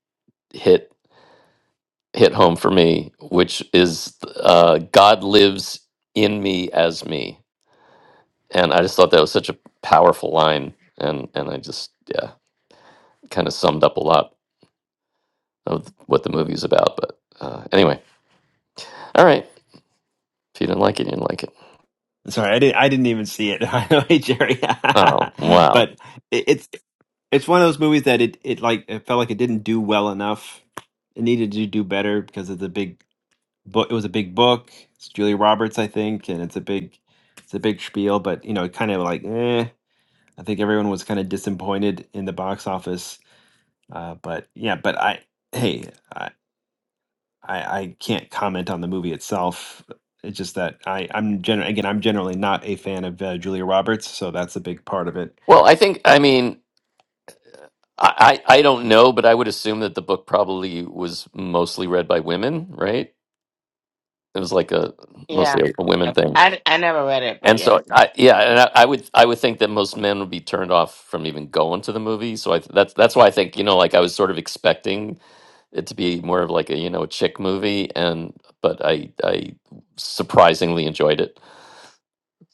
hit hit home for me, which is uh, God lives in me as me, and I just thought that was such a powerful line, and and I just yeah kind of summed up a lot of what the movie's about. But uh, anyway, all right. If you didn't like it, you didn't like it.
Sorry, I didn't. I didn't even see it. By the way, Jerry,
Oh wow.
but it, it's it's one of those movies that it it like it felt like it didn't do well enough. It needed to do better because it's a big book. It was a big book. It's Julia Roberts, I think, and it's a big it's a big spiel. But you know, it kind of like eh. I think everyone was kind of disappointed in the box office. Uh, but yeah, but I hey. I, I can't comment on the movie itself. It's just that I I'm generally, again I'm generally not a fan of uh, Julia Roberts, so that's a big part of it.
Well, I think I mean I, I I don't know, but I would assume that the book probably was mostly read by women, right? It was like a
Yeah,
mostly a women thing,
I, I never read it, but
and
yes,
so I, yeah, and I, I would I would think that most men would be turned off from even going to the movie. So I, that's that's why I think you know, like I was sort of expecting it to be more of like a you know a chick movie, and but I I surprisingly enjoyed it.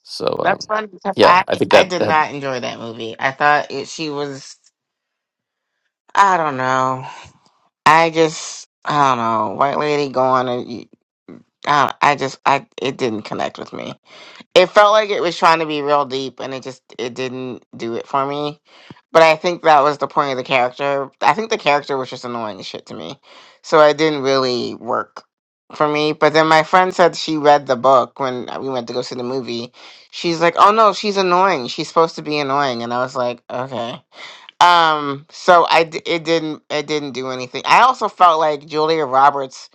So
that's
um,
fun because
yeah,
I
I think
I
that
did
that,
not enjoy that movie. I thought it, she was I don't know. I just, I don't know, white lady going and you, I, I just, I, it didn't connect with me. It felt like it was trying to be real deep, and it just, it didn't do it for me. But I think that was the point of the character. I think the character was just annoying as shit to me, so it didn't really work for me. But then my friend said she read the book when we went to go see the movie. She's like, "Oh no, she's annoying. She's supposed to be annoying," and I was like, "Okay." Um, so I d- it didn't it didn't do anything. I also felt like Julia Roberts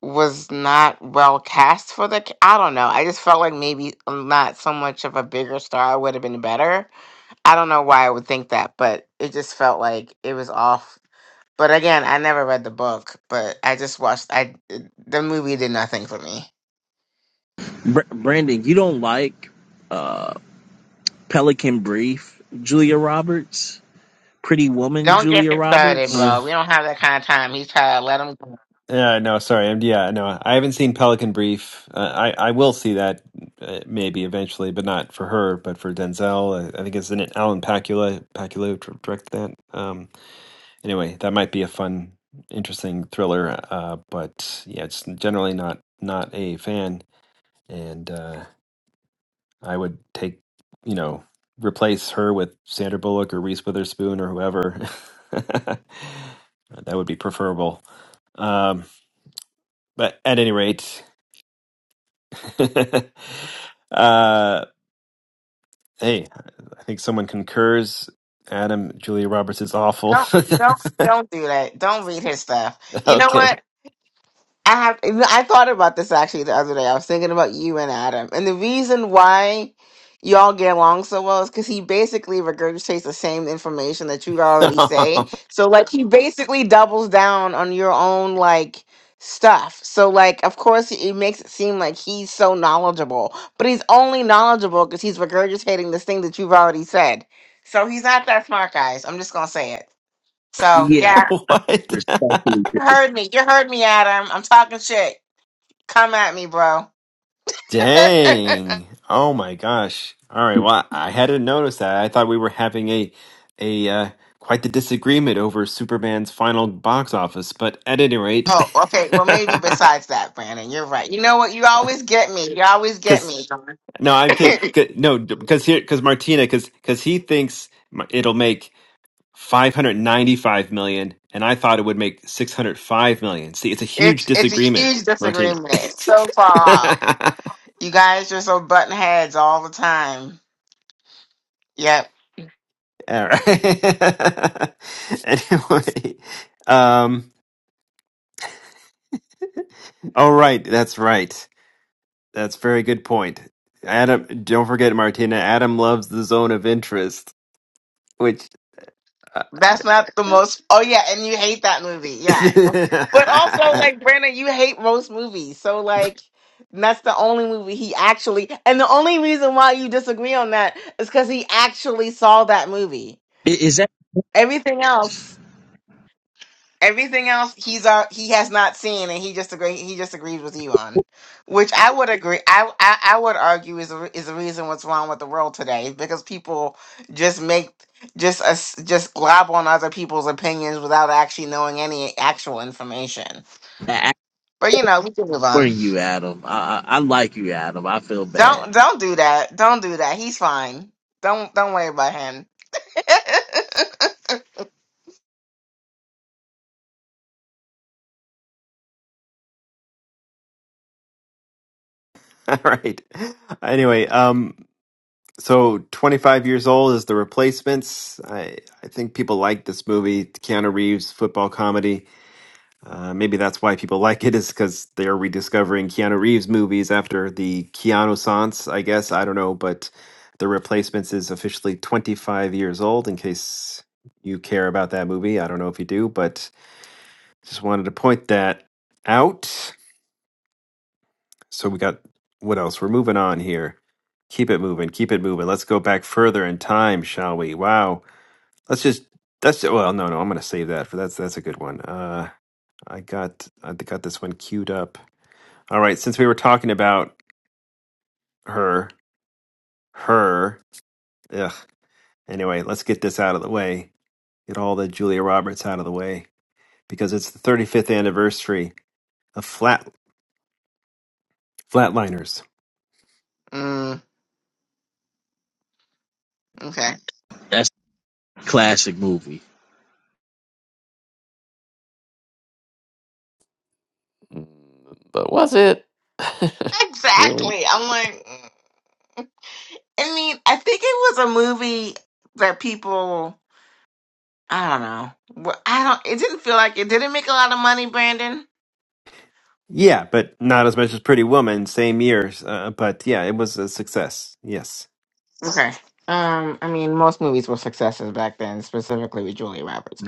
was not well cast for the. ca- I don't know. I just felt like maybe um, not so much of a bigger star would have been better. I don't know why I would think that, but it just felt like it was off. But again, I never read the book, but I just watched. I the movie did nothing for me.
Br- Brandon, you don't like. uh. Pelican Brief, Julia Roberts, Pretty Woman,
Don't get
Julia
me started,
Roberts.
Mm,
bro. We don't have that kind of time. He's trying to let him go.
Yeah, no, sorry. I'm, yeah, no, I haven't seen Pelican Brief. Uh, I I will see that uh, maybe eventually, but not for her, but for Denzel. I, I think it's in it Alan Pacula Pacula who directed that. Um, anyway, that might be a fun, interesting thriller. Uh, but yeah, it's generally not not a fan. And uh, I would take, you know, replace her with Sandra Bullock or Reese Witherspoon or whoever. that would be preferable. Um, but at any rate, uh, hey, I think someone concurs. Adam, Julia Roberts is awful.
Don't don't don't do that. Don't read his stuff. You know
okay.
what? I have. I thought about this actually the other day. I was thinking about you and Adam, and the reason why y'all get along so well is because he basically regurgitates the same information that you already say. So like he basically doubles down on your own like stuff. So like of course it makes it seem like he's so knowledgeable, but he's only knowledgeable because he's regurgitating this thing that you've already said. So he's not that smart, guys. I'm just gonna say it. So
Yeah,
yeah,
I
what?
respectfully.
you
disagree.
heard me. You heard me, Adam. I'm talking shit. Come at me, bro.
Dang. Oh my gosh. All right. Well, I hadn't noticed that. I thought we were having a a uh, quite the disagreement over Superman's final box office, but at any rate,
oh, okay. Well,
because
maybe besides that, Brandon, you're right. You know what? You always get me. You always get me.
no, I'm kidding. No, because here, because Martina, because because he thinks m- it'll make 595 million, and I thought it would make 605 million. See, it's a huge
it's it's a
disagreement,
huge
Martina.
disagreement. It's so far off. You guys are so button heads all the time. Yep.
All right. anyway, um, all right. That's right. That's a very good point. Adam, don't forget, Martina. Adam loves the zone of interest, which. Uh,
That's not the most. Oh yeah, and you hate that movie. Yeah. But also, like Brandon, you hate most movies. So like. That's the only movie he actually, and the only reason why you disagree on that is because he actually saw that movie.
I- Is that
Everything else Everything else he's uh, he has not seen and he just agree he just agrees with you on, which I would agree I I, I would argue is a, re- is the reason what's wrong with the world today because people just make just us just glob on other people's opinions without actually knowing any actual information.
act
But you know we can move
for
on.
you, Adam? I, I I like you, Adam. I feel bad.
Don't don't do that. Don't do that. He's fine. Don't don't worry about him.
all right. Anyway, um, so 25 years old is the replacements. I I think people like this movie, Keanu Reeves football comedy. Uh, maybe that's why people like it is because they're rediscovering Keanu Reeves movies after the Keanu Sans, I guess. I don't know, but the replacements is officially 25 years old in case you care about that movie. I don't know if you do, but just wanted to point that out. So we got what else? We're moving on here. Keep it moving, keep it moving. Let's go back further in time, shall we? Wow. Let's just that's well, no, no, I'm gonna save that for that's that's a good one. Uh I got I got this one queued up. All right, since we were talking about her, her, ugh. Anyway, let's get this out of the way. Get all the Julia Roberts out of the way because it's the 35th anniversary of Flat Flatliners.
mm, okay.
That's a classic movie.
but was it really?
Exactly. I'm like. I mean, I think it was a movie that people, I don't know. Well, I don't, it didn't feel like it didn't make a lot of money, Brandon.
Yeah, but not as much as Pretty Woman, same year. Uh, but yeah, it was a success. Yes.
Okay. Um, I mean, most movies were successes back then, specifically with Julia Roberts.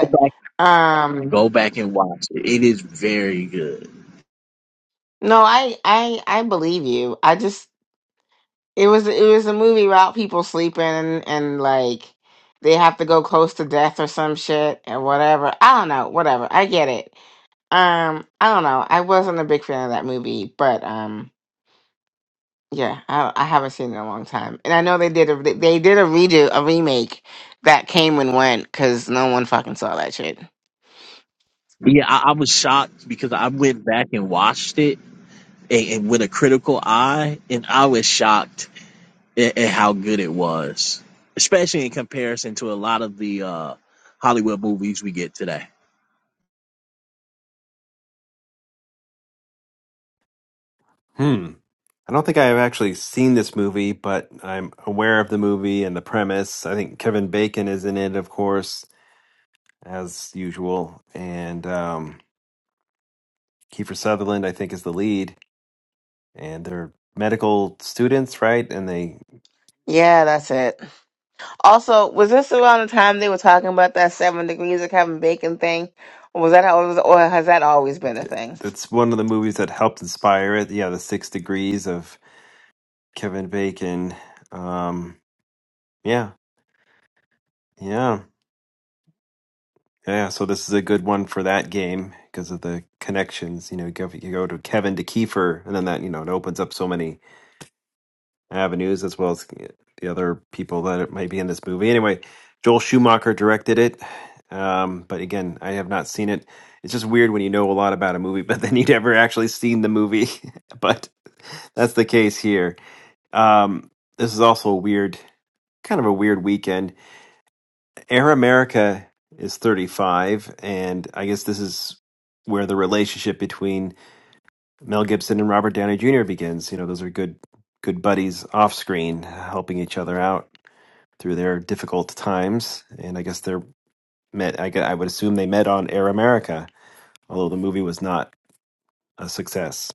Go back,
um,
go back and watch it. It is very good.
no, I, I, I believe you. I just, it was, it was a movie about people sleeping and, and like, they have to go close to death or some shit and whatever. I don't know, whatever. I get it. Um, I don't know. I wasn't a big fan of that movie, but um Yeah, I, I haven't seen it in a long time, and I know they did a they they did a redo a remake that came and went because no one fucking saw that shit.
Yeah, I, I was shocked because I went back and watched it and, and with a critical eye, and I was shocked and, and how good it was, especially in comparison to a lot of the uh, Hollywood movies we get today.
Hmm. I don't think I have actually seen this movie, but I'm aware of the movie and the premise. I think Kevin Bacon is in it, of course. as usual. And um, Kiefer Sutherland, I think, is the lead, and they're medical students, right? And they
Yeah, that's it. Also, was this around the time they were talking about that seven degrees of Kevin Bacon thing? Or was that how it was, or has that always been a thing?
that's one of the movies that helped inspire it. Yeah, The Six Degrees of Kevin Bacon. Um, yeah, yeah, yeah. So this is a good one for that game because of the connections. You know, you go, you go to Kevin to Kiefer, and then that you know it opens up so many avenues as well as the other people that might be in this movie. Anyway, Joel Schumacher directed it. Um, but again, I have not seen it. It's just weird when you know a lot about a movie, but then you never actually seen the movie. but that's the case here. Um, this is also a weird, kind of a weird weekend. Air America is 35, and I guess this is where the relationship between Mel Gibson and Robert Downey Jr. begins. You know, those are good good buddies off screen, helping each other out through their difficult times. And I guess they're met. I, gue- I would assume they met on Air America, although the movie was not a success.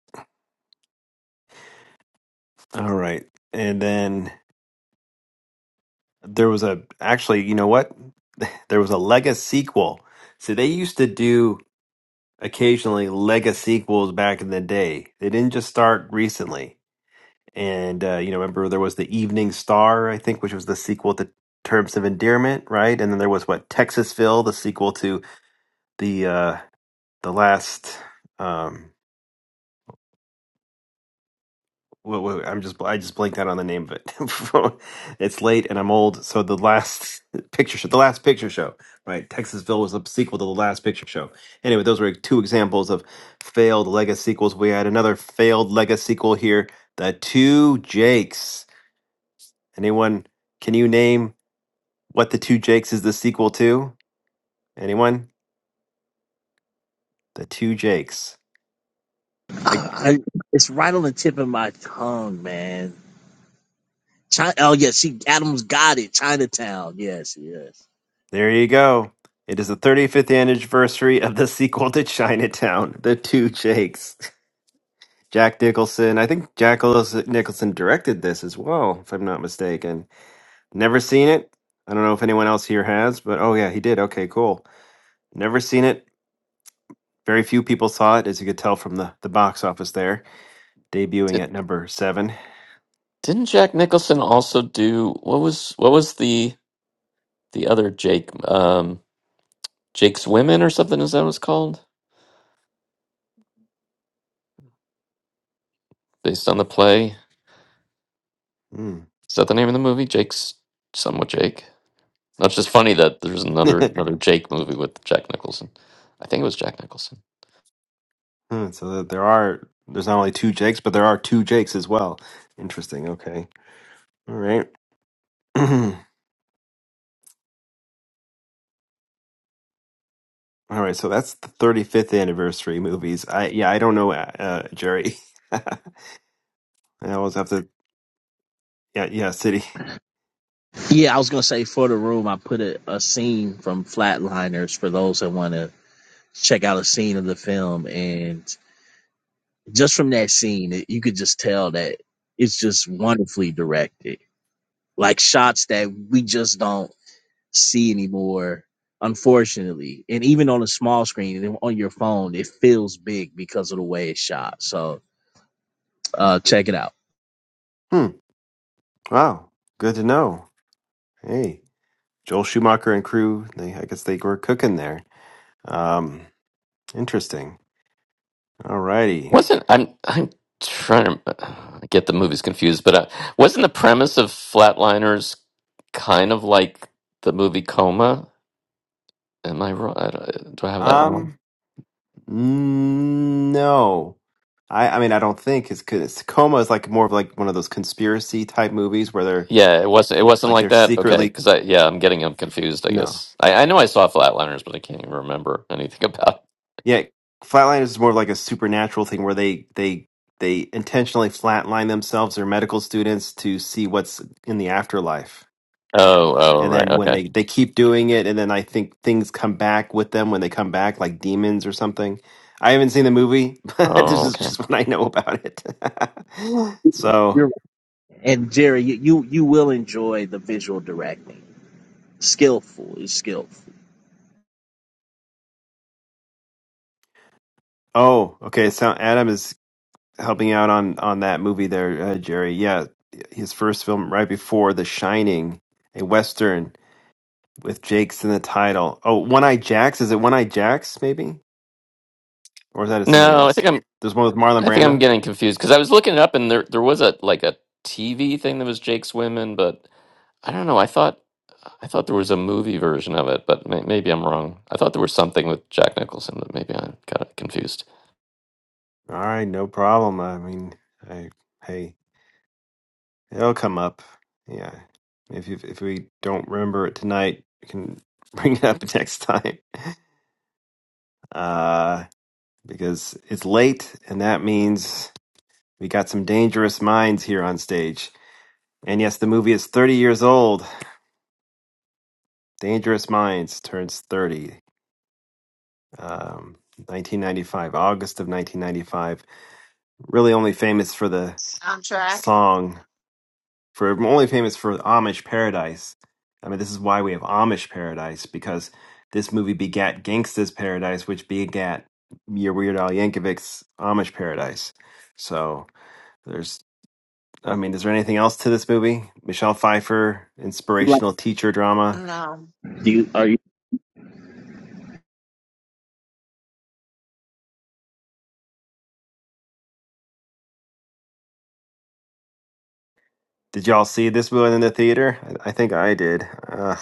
All right, and then there was a actually, you know what? There was a Lega sequel. So they used to do occasionally Lega sequels back in the day. They didn't just start recently and uh, you know remember there was the evening star i think which was the sequel to terms of endearment right and then there was what texasville the sequel to the uh the last um wha- wha- i'm just i just blanked out on the name of it it's late and i'm old so the last picture show the last picture show right texasville was a sequel to the last picture show anyway those were two examples of failed Lego sequels we had another failed Lego sequel here the two jakes anyone can you name What the Two Jakes is the sequel to? Anyone? The Two Jakes. I,
I, I, it's right on the tip of my tongue, man. China, oh yeah, she Adams got it. Chinatown, yes, yes.
there you go. It is the 35th anniversary of the sequel to Chinatown, The Two Jakes. Jack Nicholson. I think Jack Nicholson directed this as well, if I'm not mistaken. Never seen it. I don't know if anyone else here has, but oh yeah, he did. Okay, cool. Never seen it. Very few people saw it, as you could tell from the, the box office there, debuting at number seven.
Didn't Jack Nicholson also do what was what was the the other Jake um Jake's Women or something is that what it's called? Based on the play.
Hmm.
Is that the name of the movie? Jake's somewhat Jake. That's just funny that there's another another Jake movie with Jack Nicholson. I think it was Jack Nicholson.
Hmm, so that there are there's not only two Jakes, but there are two Jakes as well. Interesting. Okay. All right. All right. So that's the 35th anniversary movies. I yeah, I don't know, uh, uh, Jerry. I always have to. Yeah, yeah, City.
Yeah, I was gonna say for the room, I put a, a scene from Flatliners for those that want to check out a scene of the film, and just from that scene, it, you could just tell that it's just wonderfully directed. Like shots that we just don't see anymore, unfortunately. And even on a small screen and on your phone, it feels big because of the way it's shot. So uh, check it out.
Hmm. Wow. Good to know. Hey, Joel Schumacher and crew. They I guess they were cooking there. Um. Interesting. All righty.
Wasn't I'm I'm trying to I get the movies confused, but uh, wasn't the premise of Flatliners kind of like the movie Coma? Am I wrong? I don't- do I have that wrong?
Um. Mm, No, I I mean I don't think it's because Tacoma is like more of like one of those conspiracy type movies where they're
Yeah, it wasn't. It wasn't
like
like
they're
that. Okay,
secretly
because I yeah, I'm getting them confused. I
no
guess I, I know I saw Flatliners, but I can't even remember anything about.
yeah Flatliners is more of like a supernatural thing where they they they intentionally flatline themselves or medical students to see what's in the afterlife
Oh, oh,
and
right.
then when
Okay.
they they keep doing it and then I think things come back with them when they come back like demons or something. I haven't seen the movie, but this
Oh,
is
okay.
just what I know about it. so.
You're right. And Jerry, you, you you will enjoy the visual directing. Skillful is skillful.
Oh, okay. So Adam is helping out on on that movie there, uh, Jerry. Yeah, his first film right before The Shining, a western with Jake's in the title. Oh, One Eye Jacks. Is it One Eye Jacks? Maybe, or is that something
No, I
else?
think I'm.
There's one with Marlon
I think I'm
Brando.
getting confused because I was looking it up and there there was a like a TV thing that was Jake's Women, but I don't know. I thought I thought there was a movie version of it, but may, maybe I'm wrong. I thought there was something with Jack Nicholson, but maybe I got it confused.
All right, no problem. I mean, I hey, it'll come up. Yeah, if you if we don't remember it tonight, we can bring it up next time. uh, because it's late, and that means we got some dangerous minds here on stage. And yes, the movie is 30 years old. Dangerous Minds turns 30. Um, 1995, August of 1995. Really only famous for the
Soundtrack?
song, for only famous for Amish Paradise. I mean, this is why we have Amish Paradise, because this movie begat Gangsta's Paradise, which begat your Weird Al Yankovic's Amish Paradise. So, there's I mean, is there anything else to this movie? Michelle Pfeiffer,
Like,
inspirational teacher drama.
No.
Do you are you?
Did y'all see this one in the theater? I, I think I did. Uh,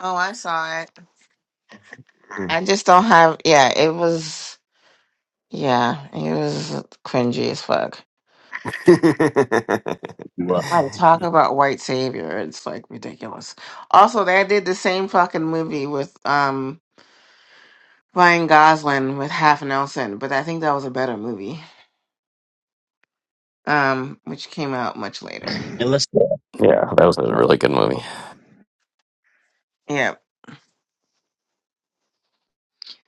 Oh, I saw it.
mm.
I just don't have. Yeah, it was. Yeah, it was cringy as fuck. Like talk about white savior. It's like ridiculous. Also, they did the same fucking movie with um Ryan Gosling with Half Nelson, but I think that was a better movie. Um, which came out much later.
Unless
Yeah, that was a really good movie.
Yeah.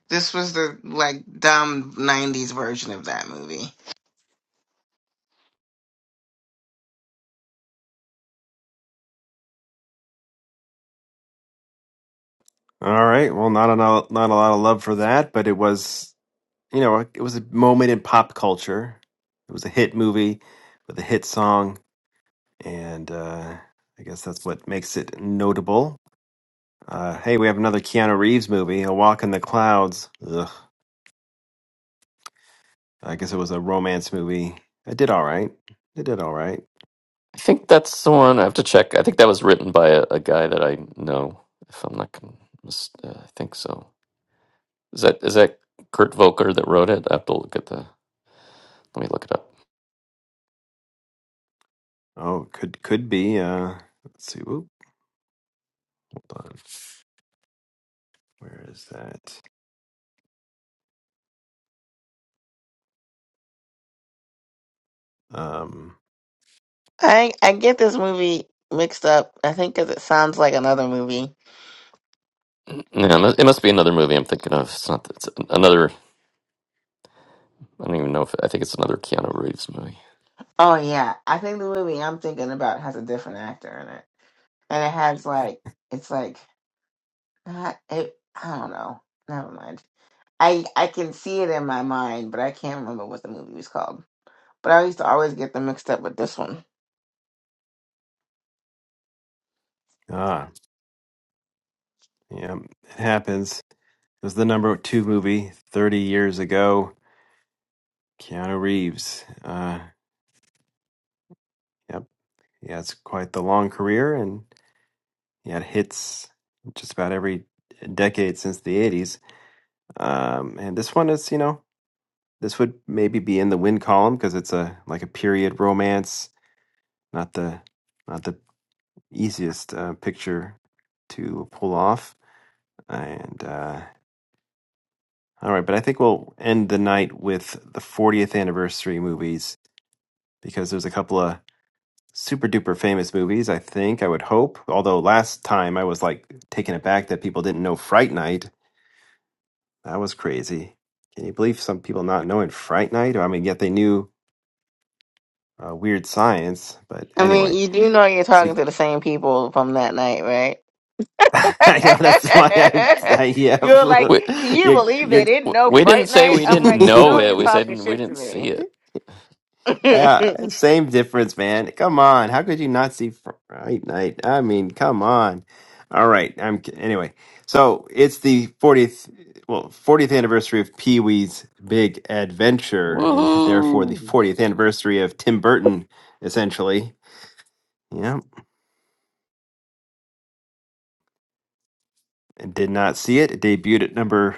This was the like dumb nineties version of that movie.
All right. Well, not a not a lot of love for that, but it was you know it was a moment in pop culture. It was a hit movie with a hit song, and uh, I guess that's what makes it notable. Uh, hey, we have another Keanu Reeves movie, A Walk in the Clouds. Ugh. I guess it was a romance movie. It did all right. It did all right.
I think that's the one. I have to check. I think that was written by a, a guy that I know. If I'm not, con- mis- uh, I think so. Is that is that Kurt Volker that wrote it? I have to look at the. Let me look it up.
Oh, could could be. Uh, let's see. Oop, hold on. Where is that? Um.
I I get this movie mixed up, I think because it sounds like another movie.
Mm, Yeah, it mu- it must be another movie I'm thinking of. It's not. It's another. I don't even know if I think it's another Keanu Reeves movie.
Oh yeah. I think the movie I'm thinking about has a different actor in it. And it has like it's like uh, it I don't know. Never mind. I I can see it in my mind, but I can't remember what the movie was called. But I used to always get them mixed up with this one.
Ah, yeah. It happens. It was the number two movie thirty years ago. Keanu Reeves. Uh. Yep. He has quite the long career, and he had hits just about every decade since the eighties. Um. And this one is, you know. this would maybe be in the win column because it's a like a period romance, not the not the easiest uh, picture to pull off. And uh, all right, but I think we'll end the night with the 40th anniversary movies because there's a couple of super duper famous movies. I think I would hope. Although last time I was like taken aback that people didn't know Fright Night. That was crazy. Can you believe some people not knowing Fright Night? I mean, yet they knew uh, Weird Science. But
I mean,
anyway,
you do know you're
so you,
talking to the same people from that night, right?
I know that's why I, I yeah,
You're like,
We
can you
you're,
believe they
you're,
didn't know
we didn't
Fright
say
Night?
we
I'm
didn't
like, you
know
know,
it.
you're
We said
talking
we
shit to
didn't see
me.
it.
yeah, same difference, man. Come on, how could you not see Fright Night? I mean, come on. All right, I'm ki- anyway. So it's the 40th, well, 40th anniversary of Pee Wee's Big Adventure, and therefore the
Woohoo!
40th anniversary of Tim Burton, essentially. Yeah, and did not see it. It debuted at number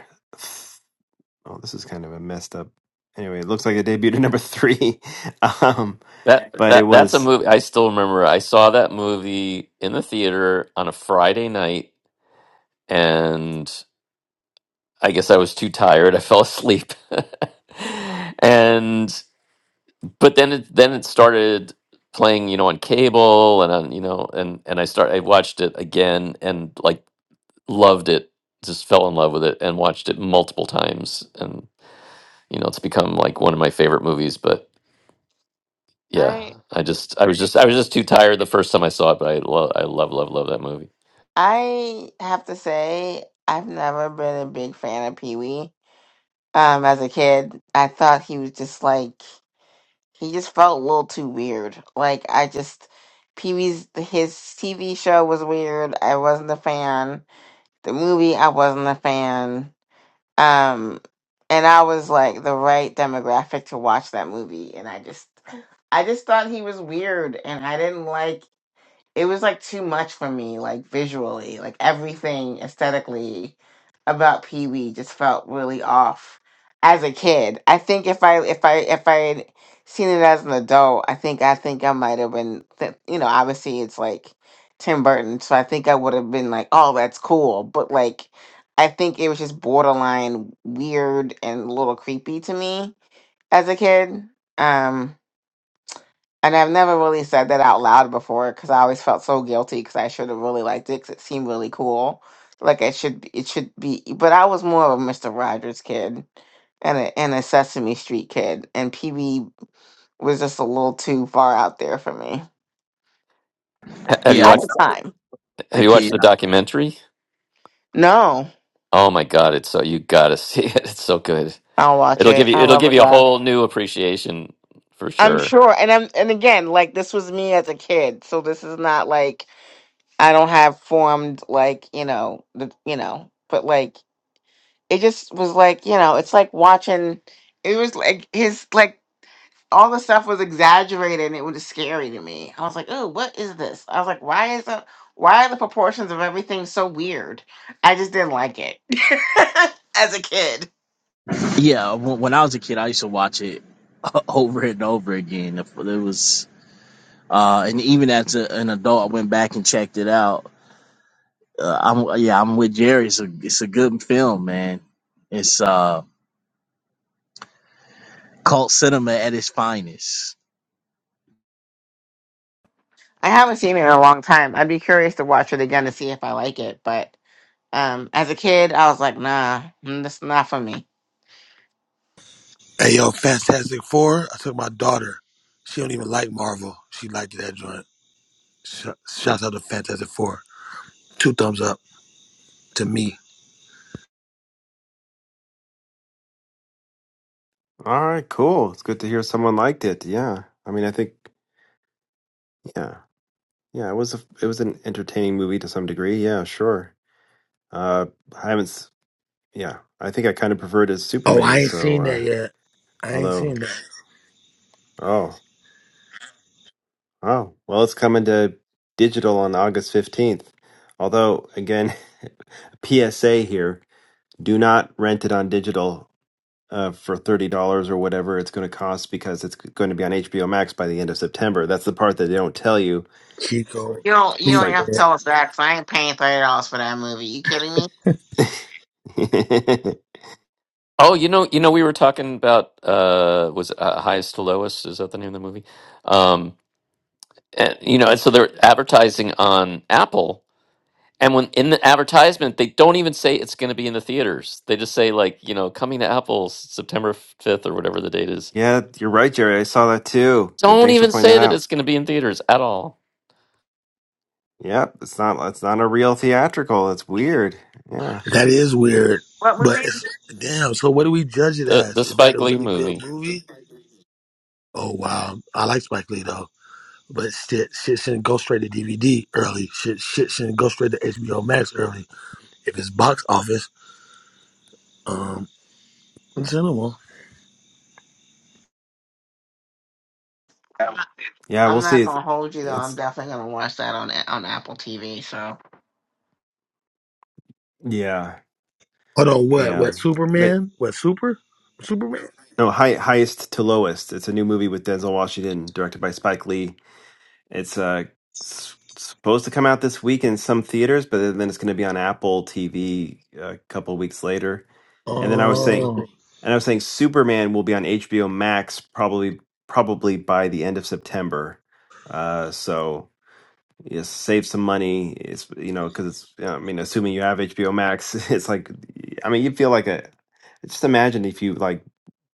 oh, this is kind of a messed up. Anyway, it looks like it debuted at number three. um,
That
but it
that that's a
was
movie. I still remember. I saw that movie in the theater on a Friday night, and I guess I was too tired. I fell asleep. and but then it then it started playing, you know, on cable and on, you know, and and I start I watched it again and like loved it. Just fell in love with it and watched it multiple times and you know, it's become like one of my favorite movies, but yeah,
I
I just I was just I was just too tired the first time I saw it, but I love I love love love that movie.
I have to say, I've never been a big fan of Pee Wee. Um, as a kid, I thought he was just like he just felt a little too weird. Like I just Pee Wee's his TV show was weird. I wasn't a fan. The movie I wasn't a fan. Um, and I was like the right demographic to watch that movie, and I just I just thought he was weird, and I didn't like it was like too much for me, like visually, like everything aesthetically about Pee Wee just felt really off as a kid. I think if I if I if I had seen it as an adult, I think I think I might have been, th- you know, obviously it's like Tim Burton, so I think I would have been like, oh, that's cool, but like. I think it was just borderline weird and a little creepy to me as a kid. Um, and I've never really said that out loud before because I always felt so guilty because I should have really liked it, because it seemed really cool. Like it should, be- it should be. But I was more of a Mister Rogers kid and a and a Sesame Street kid, and PB was just a little too far out there for me
Ha- Have you
yeah,
at
when
watched
the time.
I was a
have you watched
kid,
the documentary?
No,
Oh my god, it's so you got to see it. It's so good.
I'll watch
It'll give
it.
you
I
it'll
love
give
it.
you a
though.
whole new appreciation for
I'm
sure.
sure, and I'm and again, like this was me as a kid, so this is not like I don't have formed like you know the you know, but like. it just was like you know it's like watching it was like his like all the stuff was exaggerated and it was scary to me i was like oh what is this i was like why is the why are the proportions of everything so weird i just didn't like it as a kid
yeah, when, when I was a kid, I used to watch it over and over again. It was uh, and even as a, an adult, I went back and checked it out uh, I'm yeah, I'm with Jerry. It's a it's a good film, man. It's uh cult cinema at its finest.
i haven't seen it in a long time i'd be curious to watch it again to see if i like it but um as a kid i was like nah mm, that's not for me
Hey yo, Fantastic Four. I took my daughter. She don't even like Marvel. She liked that joint. Sh- Shouts out to Fantastic Four. Two thumbs up to me.
all right. Cool. It's good to hear someone liked it. Yeah. I mean, I think yeah, yeah. It was a, it was an entertaining movie to some degree. Yeah, sure. Uh, I haven't. s- Yeah, I think I kind of preferred it as
Oh,
Superman.
I ain't
So,
seen
uh,
that yet. I ain't
although
seen that.
oh oh well, it's coming to digital on August fifteenth. Although again, PSA here: do not rent it on digital uh, for thirty dollars or whatever it's going to cost because it's going to be on HBO Max by the end of September. That's the part that they don't tell you.
Chico.
you don't you
It's
don't
like,
have to tell us that 'cause i ain't paying $30 for that movie you kidding me
Oh, you know, you know, we were talking about uh, was it, uh, highest to lowest? Is that the name of the movie? Um, and, you know, and so they're advertising on Apple, and when in the advertisement, they don't even say it's going to be in the theaters. They just say like, you know, coming to Apple s- September fifth or whatever the date is.
yeah, you're right, Jerry. I saw that too. Good,
Don't
thanks for
even
pointing
say
that
that
out.
it's going to be in theaters at all.
Yep, it's not it's not a real theatrical. It's weird. Yeah,
That is weird,
what
but
movie
it's damn. So what do we judge it
The the
as? Is that
Spike
a
Lee
really good
movie.
movie? Oh wow, I like Spike Lee though. But shit, shit shouldn't go straight to DVD early. Shit, shit shouldn't go straight to HBO Max early. If it's box office, um, it's cinema.
yeah, we'll
I'm
see.
not
It's,
gonna hold you though. I'm
it's
definitely gonna watch that on on Apple TV. So,
yeah,
Hold on, what?
yeah.
What
They,
Superman? What Super? Superman?
no, high, highest to lowest. It's a new movie with Denzel Washington, directed by Spike Lee. It's uh s- supposed to come out this week in some theaters, but then it's going to be on Apple TV a couple weeks later. And then I was saying,
Oh
and I was saying Superman will be on HBO Max probably probably by the end of September. Uh, so you save some money. It's you know because it's you know, I mean assuming you have HBO Max, it's like I mean you feel like a just imagine if you like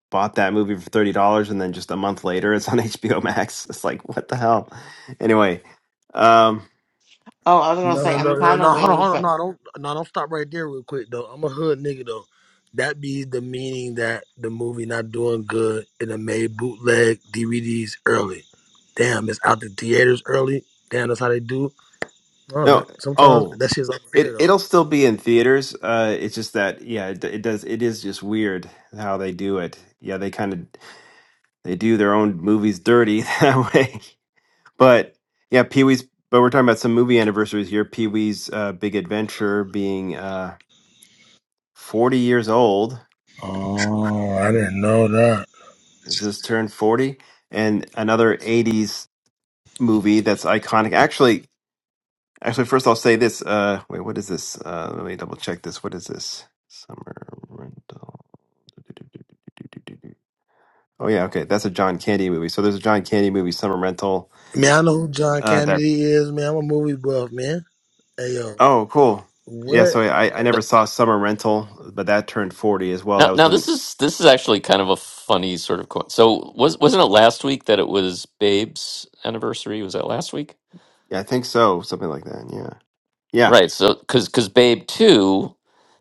bought that movie for thirty dollars, and then just a month later, it's on HBO Max. It's like, what the hell? Anyway, um,
oh, I was gonna
no
say
no
I'm
no no
kind of
no hold on
waiting
hold on
for
no don't no don't stop right there real quick though. I'm a hood nigga though. That be the meaning that the movie not doing good and it made bootleg DVDs early. Damn, it's out the theaters early. Damn, that's how they do. All right.
no,
Sometimes
oh,
that shit's unfair
it
though.
it'll still be in theaters. Uh, it's just that, yeah, it, it does. It is just weird how they do it. Yeah, they kind of they do their own movies dirty that way. But yeah, Pee Wee's. But we're talking about some movie anniversaries here. Pee Wee's uh, Big Adventure being uh, forty years old.
Oh, I didn't know that.
It just turned forty and another 80s movie that's iconic. Actually, actually, first I'll say this. Uh, wait, what is this? Uh, let me double check this. What is this? Summer rental. Oh yeah, okay, that's a John Candy movie. So there's a John Candy movie, Summer Rental.
Man, I know who John
Uh, that.
Kennedy is, man. I'm a movie buff, man. Hey yo.
Oh, cool. Yeah,
What?
so I I never saw Summer Rental, but that turned forty as well. That
Now,
was
now
the
this is this is actually kind of a funny sort of coin. So was wasn't it last week that it was Babe's anniversary? Was that last week?
yeah, I think so, something like that. Yeah, yeah.
Right. So because because Babe two,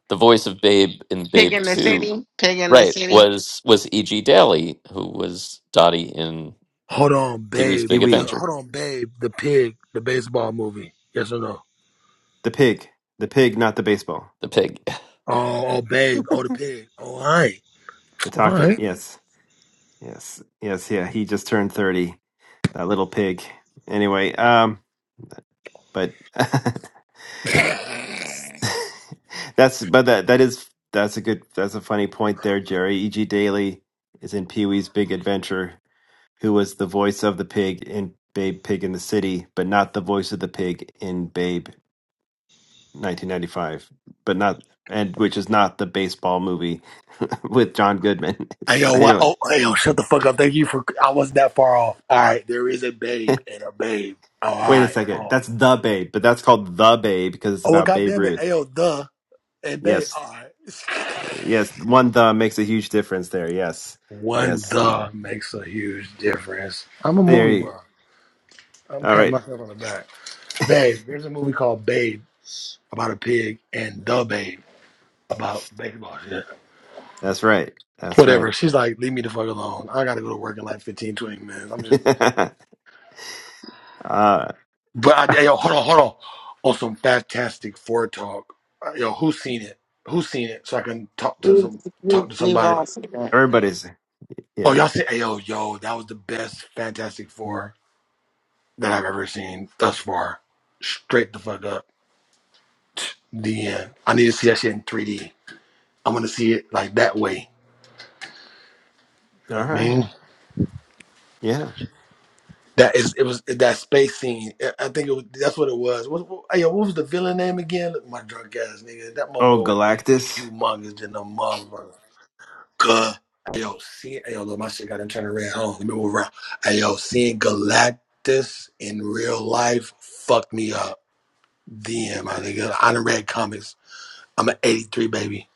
the voice of Babe in
Pig
Babe
in the
two,
City. Pig in the
right,
City.
was was E. G. Daly, who was Dottie in
Hold on,
Pee Wee's
babe.
Pee
Big
The,
Wee,
Adventure,
hold on, babe. The pig, the baseball movie. Yes or no?
the pig, the pig, not the baseball,
the pig.
Oh, oh, babe. Oh, the pig. Oh, all right,
the
all
talking.
right.
Yes. Yes, yes, yeah. He just turned thirty. That little pig. Anyway, um, but that's but that that is that's a good that's a funny point there, Jerry. E.G. Daily is in Pee Wee's Big Adventure, who was the voice of the pig in Babe Pig in the City, but not the voice of the pig in Babe 1995, but not and which is not the baseball movie with John Goodman.
Hey
It's,
yo, what?
anyway.
Oh, hey yo, shut the fuck up. Thank you for. I wasn't that far off. All right, there is a babe and a babe. All
Wait a
right.
second.
Oh,
That's the Babe, but that's called the Babe because it's
oh, well,
about Babe
goddamn it.
Ruth.
Hey yo, the and babe.
Yes,
All right.
yes. One the makes a huge difference there. Yes,
One
yes.
the makes a huge difference. I'm a
There
movie
you.
bro. I'm
All
patting
right.
myself on the back. Babe, there's a movie called Babe about a pig and the babe. about baby boss. Yeah.
That's right. That's
Whatever.
right.
She's like, leave me the fuck alone. I gotta go to work in like 15, 20 minutes. I'm just.
uh,
But I, hey, yo, hold on, hold on. On some fantastic Ford talk. Uh, Yo, who's seen it? Who's seen it? So I can talk to
We
some,
we
talk to
we've
somebody.
all seen it.
everybody's
Oh,
yeah.
y'all see? Hey, yo, yo, that was the best Fantastic Four that I've ever seen thus far. Straight the fuck up. The end. I need to see that shit in 3D. I'm gonna see it like that way. You
All
know what I
right.
mean.
Yeah.
That is, it was that space scene. I I think it was, that's what it was. What, what, hey, yo, what was the villain name again? Look, my drunk ass nigga. That
Oh,
motherfucker was
Galactus.
humongous than a motherfucker. Good. Hey, yo, see, hey, yo, look, my shit got to turn around. Hold on, let me move around. Hey, yo, seeing Galactus in real life fucked me up. Damn, my nigga. I done read comics. I'm an 83 baby.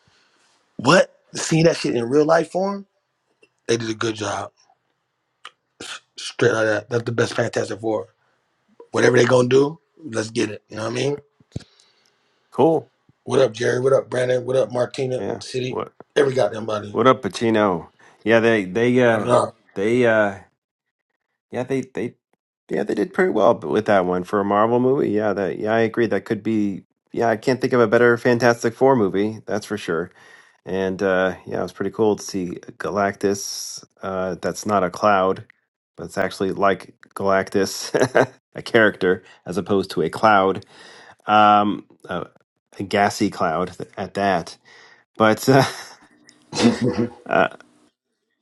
What? Seeing that shit in real life form? They did a good job. Straight out of that. That's the best Fantastic Four. Whatever they gonna do, let's get it. You know what I mean?
Cool.
What up, Jerry? What up, Brandon? What up, Martina?
Yeah.
City?
What
Every goddamn body.
What up, Pacino? Yeah. They They
What
uh
up?
They uh Yeah, they they yeah, they did pretty well b- with that one for a Marvel movie. Yeah, that yeah, I agree. That could be yeah, I can't think of a better Fantastic Four movie, that's for sure. And uh yeah, it was pretty cool to see Galactus. Uh that's not a cloud, but it's actually like Galactus, a character as opposed to a cloud. Um a, a gassy cloud th- at that. But uh, uh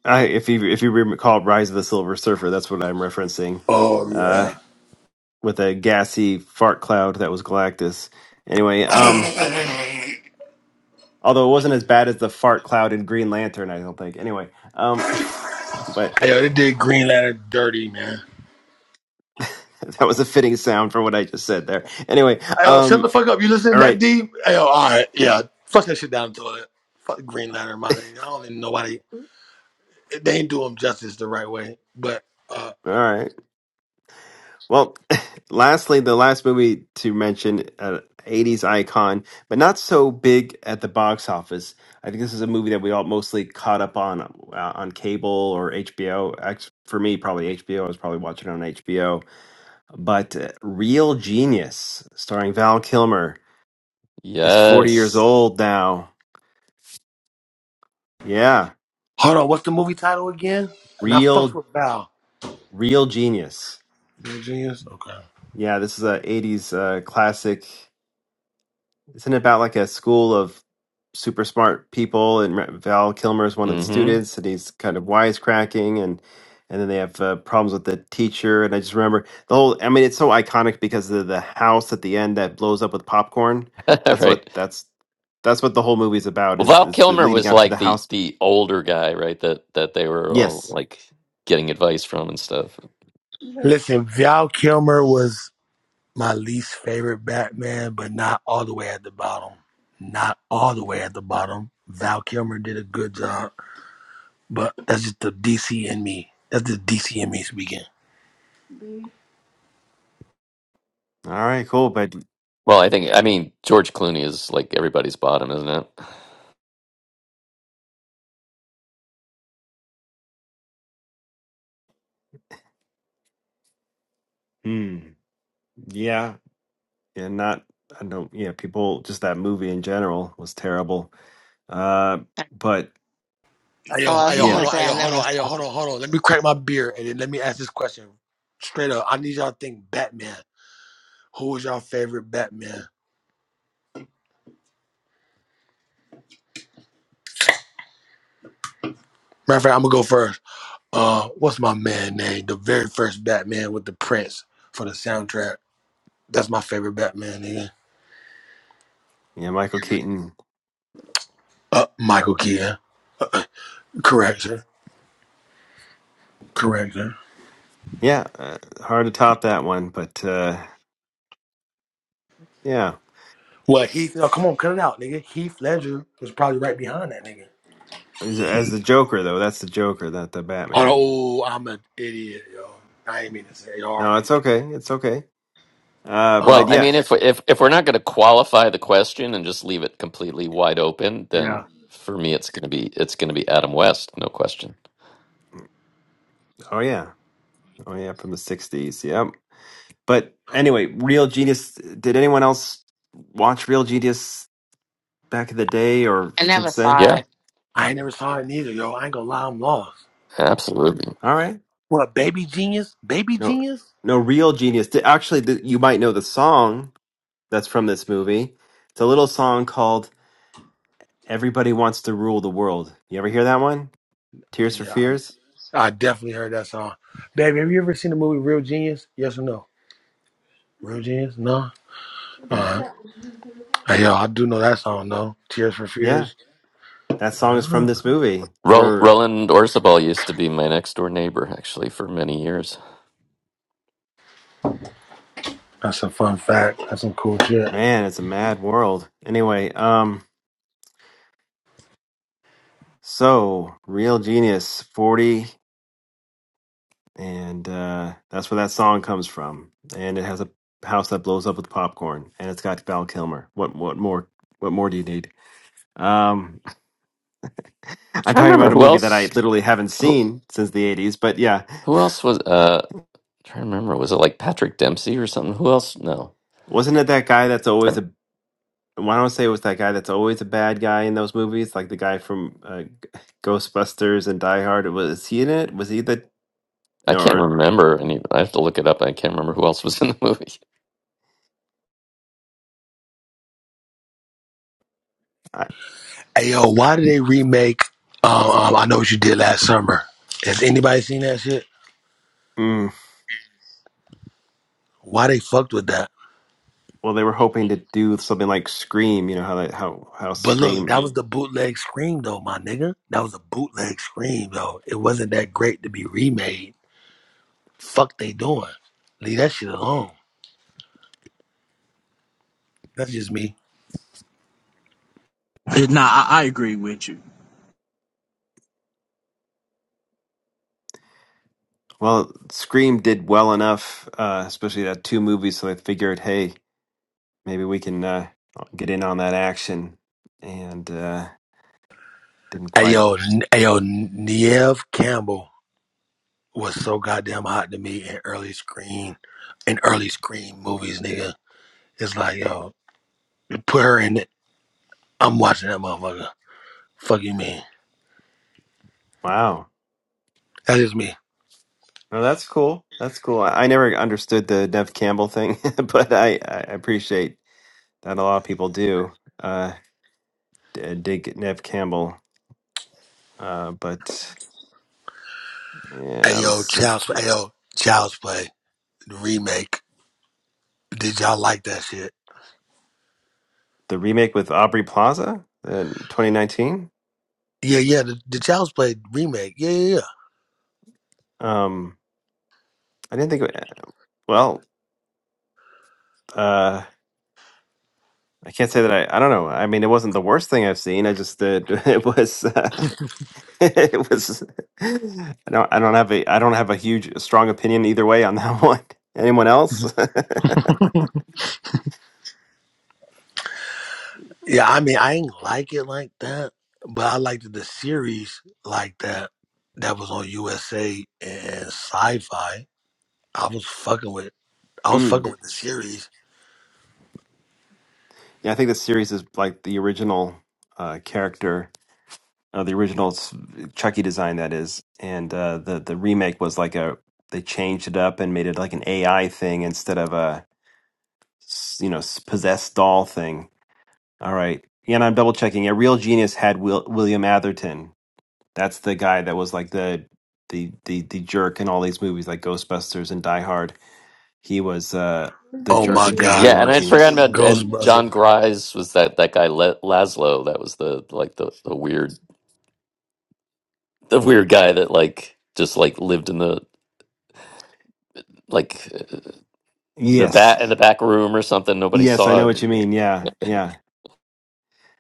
I if you if you recall Rise of the Silver Surfer, that's what I'm referencing
oh
Uh,
yeah.
with a gassy fart cloud that was Galactus. Anyway, um, although it wasn't as bad as the fart cloud in Green Lantern, I don't think. Anyway, um, but
Hey, yo, they did Green Lantern dirty, man.
that was a fitting sound for what I just said there. Anyway,
Hey, yo, shut
um,
the fuck up. You listening
all
that
right,
deep? Hey, yo, all right, yeah. Flush that shit down the toilet. Fuck Green Lantern, my nigga. I don't even know why they they ain't do him justice the right way. But uh
all right. Well, lastly, the last movie to mention, uh, 80s icon, but not so big at the box office. I think this is a movie that we all mostly caught up on uh, on cable or HBO. Act- For me, probably HBO. I was probably watching it on HBO But uh, Real Genius, starring Val Kilmer, is 40 years
Yes.
old now. Yeah,
hold on, what's the movie title again? And I fucked
Real
with Val.
Real Genius.
You're a genius. Okay.
Yeah, this is a 80s uh, classic Isn't it about like a school of super smart people and Val Kilmer is one of the
Mm-hmm.
students and he's kind of wisecracking and and then they have uh, problems with the teacher and I just remember the whole I mean it's so iconic because of the house at the end that blows up with popcorn. That's what
right.
that's that's what the whole movie's about
Well,
is
Val
is the
Kilmer
leading
was
up to the
like the
house.
the older guy, right? That that they were all
Yes.
like getting advice from and stuff.
Listen, Val Kilmer was. my least favorite Batman, but not all the way at the bottom. Not all the way at the bottom. Val Kilmer did a good job, but that's just the DC in me. That's the DC in me speaking.
All right, cool, but
Well, I think I mean George Clooney is like everybody's bottom, isn't it?
hmm, yeah, yeah, not I don't yeah, people just that movie in general was terrible. Uh but
Oh,
Ayo,
I was
ayo,
just
yeah,
hold
gonna
on,
say
ayo,
I
hold
never
on, ayo,
saw.
hold on,
This.
hold on. Let me crack my beer and then let me ask this question straight up. I need y'all to think Batman. Who was y'all favorite Batman? Matter of fact, I'm gonna go first. Uh, what's my man name? The very first Batman with the Prince for the soundtrack. That's my favorite Batman, nigga.
Yeah, Michael Keaton.
Uh, Michael Keaton. Correct, sir. Correct, sir.
Yeah, uh, hard to top that one, but uh, yeah,
Well, Heath, oh, come on, cut it out, nigga. Heath Ledger was probably right behind that nigga.
as, as the Joker though, that's the Joker, not the Batman.
Oh, I'm an idiot, yo. I ain't mean to say
No,
R.P.
it's okay, it's okay. Uh,
Well,
but
Um,
I
yeah,
mean if if if we're not going to qualify the question and just leave it completely wide open, then
yeah.
for me it's going to be it's going to be Adam West, no question.
oh yeah, oh yeah, from the '60s. Yep. But anyway, Real Genius. Did anyone else watch Real Genius back in the day or
I never
since
saw
then?
it.
Yeah,
I ain't never saw it neither, yo. I ain't gonna lie, I'm lost.
absolutely.
All right,
What, Baby Genius? Baby
no,
Genius?
no, Real Genius. Th- Actually, th- you might know the song that's from this movie. It's a little song called Everybody wants to rule the world. You ever hear that one? Tears for
Yeah,
Fears?
I, I definitely heard that song. Baby, have you ever seen the movie Real Genius? Yes or no? Real Genius? No?
Yeah.
Alright. Hey, yo, I do know that song, though. Tears for
Yeah.
Fears?
That song is from
Uh,
this movie.
Ro-
Or
Roland Orzabal used to be my next door neighbor actually for many years.
that's a fun fact. That's some cool shit.
man, it's a mad world. Anyway, um so Real Genius 40 and uh that's where that song comes from. And it has a house that blows up with popcorn and it's got Val Kilmer. What what more what more do you need? Um I'm
Trying to
talking
remember
about a
who
movie that I
else
literally haven't
who,
seen since the 80s, but yeah,
who else was uh trying to remember was it like Patrick Dempsey or something? Who else? No.
wasn't it that guy that's always a Why don't I say it was that guy that's always a bad guy in those movies, like the guy from uh, G- Ghostbusters and Die Hard? Was he in it? Was he the
I
no?
can't
Or,
remember any. I have to look it up. I can't remember who else was in the movie.
I,
Hey yo, why did they remake? Um, um, I know what you did last summer. Has anybody seen that shit?
mm,
Why they fucked with that?
well, they were hoping to do something like Scream. You know how that how how
But look,
Scream.
that was the bootleg scream though, my nigga. That was a bootleg scream though. It wasn't that great to be remade. Fuck they doing? Leave that shit alone. That's just me.
Nah, I, I agree with you.
Well, Scream did well enough, uh, especially that two movies. So they figured, hey, maybe we can uh, get in on that action, and uh, didn't
Hey
quite.
yo, N- hey yo, Neve Campbell was so goddamn hot to me in early scream, in early scream movies, nigga. It's like yo, put her in it. I'm watching that motherfucker. Fuck you, man.
Wow.
That is me.
No, that's cool. That's cool. I, I never understood the Nev Campbell thing, but I, I appreciate that a lot of people do. Uh, d- uh, dig Nev Campbell. Uh, but yeah,
Ayo,
let's
yo,
see
Child's Play. Ayo, Child's Play the remake. Did y'all like that shit?
the remake with Aubrey Plaza in 2019.
Yeah, yeah. The, the Child's Play remake. Yeah, yeah,
Um, I didn't think. it- Well, uh, I can't say that I. I don't know. I mean, it wasn't the worst thing I've seen. I just uh, it was. Uh, it was. I don't. I don't have a. I don't have a huge, strong opinion either way on that one. Anyone else?
yeah. Yeah, I mean, I ain't like it like that, but I liked the series like that. That was on USA and Sci-Fi. I was fucking with. I was
Mm.
fucking with the series.
Yeah, I think the series is like the original uh, character uh, the original s- Chucky design that is, and uh, the the remake was like a they changed it up and made it like an AI thing instead of a s- you know s- possessed doll thing. All right, yeah, and I'm double checking. A real genius had Will, William Atherton. That's the guy that was like the the the the jerk in all these movies like Ghostbusters and Die Hard. He was uh, the
Oh
jerk
my
again in
Yeah,
god,
and
Real
I had forgotten
Genius.
about and
Ghostbusters.
John Grise was that that guy Le- Laszlo that was the like the, the weird the weird guy that like just like lived in the like uh, the
Yes,
back in the back room or something nobody
yes, I
saw
know
it.
what you
Maybe.
mean. Yeah, yeah.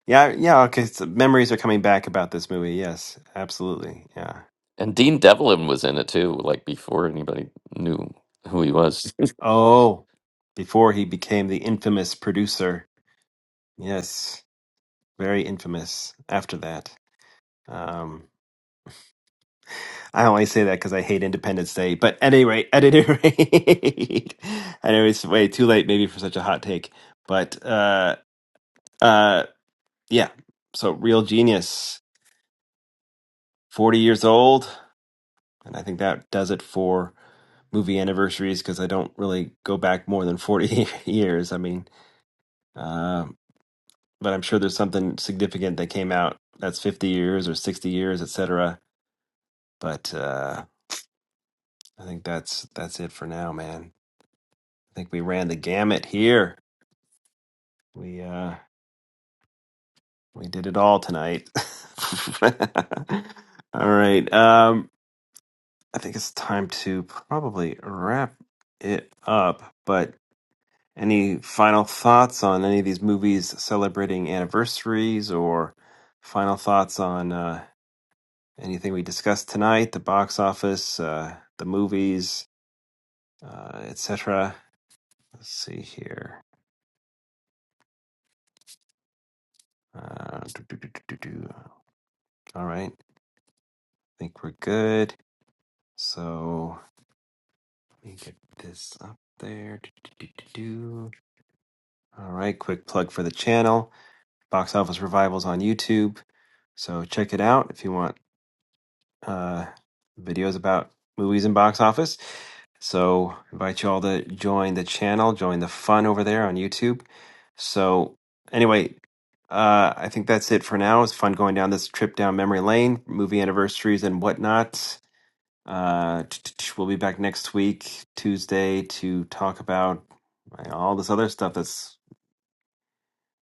Yeah, yeah, okay. So memories are coming back about this movie. Yes, absolutely. Yeah.
And Dean Devlin was in it too, like before anybody knew who he was.
Oh, before he became the infamous producer. Yes, very infamous after that. Um, I only say that because I hate Independence Day, but at any rate, at any rate, I know it's way too late maybe for such a hot take, but uh, uh, yeah. So, real genius, 40 years old. And I think that does it for movie anniversaries because I don't really go back more than 40 years. I mean, uh, but I'm sure there's something significant that came out that's 50 years or 60 years, et cetera. But uh, I think that's that's it for now, man. I think we ran the gamut here. We uh, we did it all tonight. all right. Um, I think it's time to probably wrap it up. But Any final thoughts on any of these movies celebrating anniversaries or final thoughts on uh, anything we discussed tonight, the box office, uh, the movies, uh, etc.? Let's see here. Uh, do, do, do, do, do, do. All right. I think we're good. So let me get this up there. Do, do, do, do, do. All right. Quick plug for the channel Box Office Revivals on YouTube. So check it out if you want uh, videos about movies and box office. So invite you all to join the channel, join the fun over there on YouTube. So anyway, uh, I think that's it for now. It's fun going down this trip down memory lane, movie anniversaries and whatnot. Uh, t- t- t- we'll be back next week, Tuesday, to talk about uh, all this other stuff that's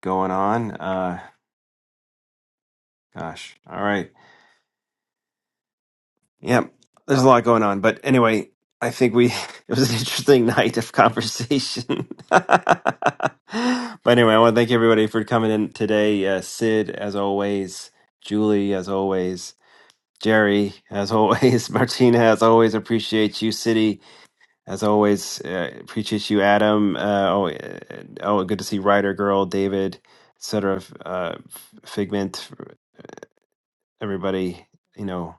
going on. Uh, gosh, all right. Yeah, there's a lot going on, but anyway, I think we it was an interesting night of conversation. but anyway, I want to thank everybody for coming in today. Uh, Sid, as always, Julie, as always, Jerry, as always, Martina, as always, appreciate you, City, as always, uh, appreciate you, Adam. Uh, oh, uh, oh, good to see Ryder Girl, David, etc. Uh, Figment, everybody, you know.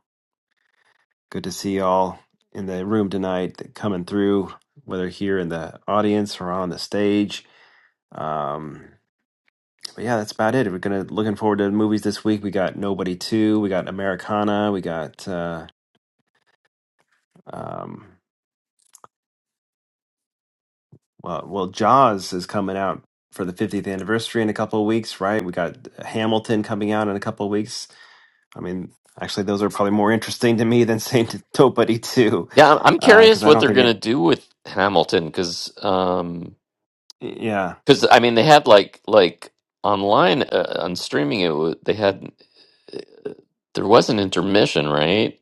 Good to see y'all in the room tonight, that coming through, whether here in the audience or on the stage. Um, but yeah, that's about it. We're gonna looking forward to the movies this week. We got Nobody Two, we got Americana, we got uh, um, well, well, Jaws is coming out for the 50th anniversary in a couple of weeks, right? We got Hamilton coming out in a couple of weeks. I mean, actually, those are probably more interesting to me than saying to Nobody Two,
Yeah, I'm I'm
because
curious
I
what
don't
they're
think
gonna
it.
do with Hamilton because um
Yeah,
'cause, I mean they had like like online uh, on streaming it wa- they had there was an intermission right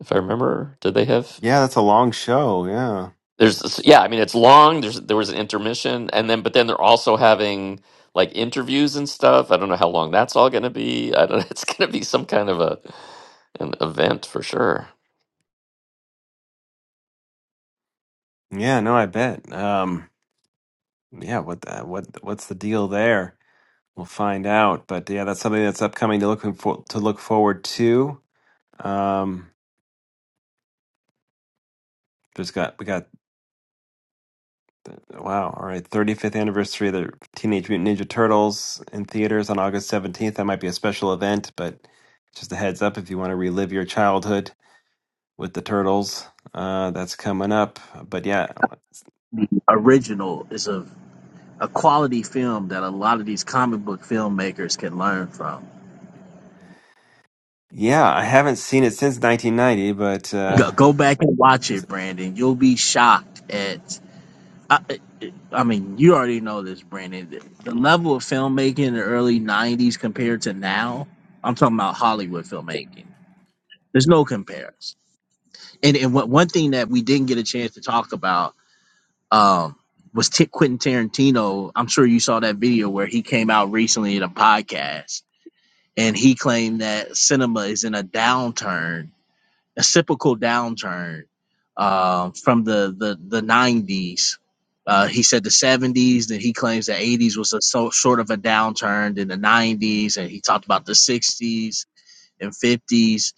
if I remember did they have
yeah, that's a long show. Yeah.
There's this, yeah, I mean it's long. There's there was an intermission, and then but then they're also having like interviews and stuff. I don't know how long that's all going to be. I don't. It's going to be some kind of a an event for sure.
Yeah, no, I bet. Um, yeah, what the, what what's the deal there? We'll find out. But yeah, that's something that's upcoming to looking for to look forward to. Um, there's got we got wow, all right, 35th anniversary of the Teenage Mutant Ninja Turtles in theaters on August 17th. That might be a special event, but just a heads up if you want to relive your childhood with the turtles, uh, that's coming up. But yeah,
Original is a a quality film that a lot of these comic book filmmakers can learn from.
yeah, I haven't seen it since 1990, but
Go,
uh.
go back and watch it, Brandon. You'll be shocked at. I, I mean, you already know this, Brandon. The the level of filmmaking in the early '90s compared to now. I'm talking about Hollywood filmmaking. There's no comparison. and and one one thing that we didn't get a chance to talk about um, was T- Quentin Tarantino. I'm sure you saw that video where he came out recently in a podcast and he claimed that cinema is in a downturn, a cyclical downturn uh, from the the the 90s. Uh, he said the 70s, then he claims the 80s was a so, sort of a downturn, then the 90s, and he talked about the 60s and 50s.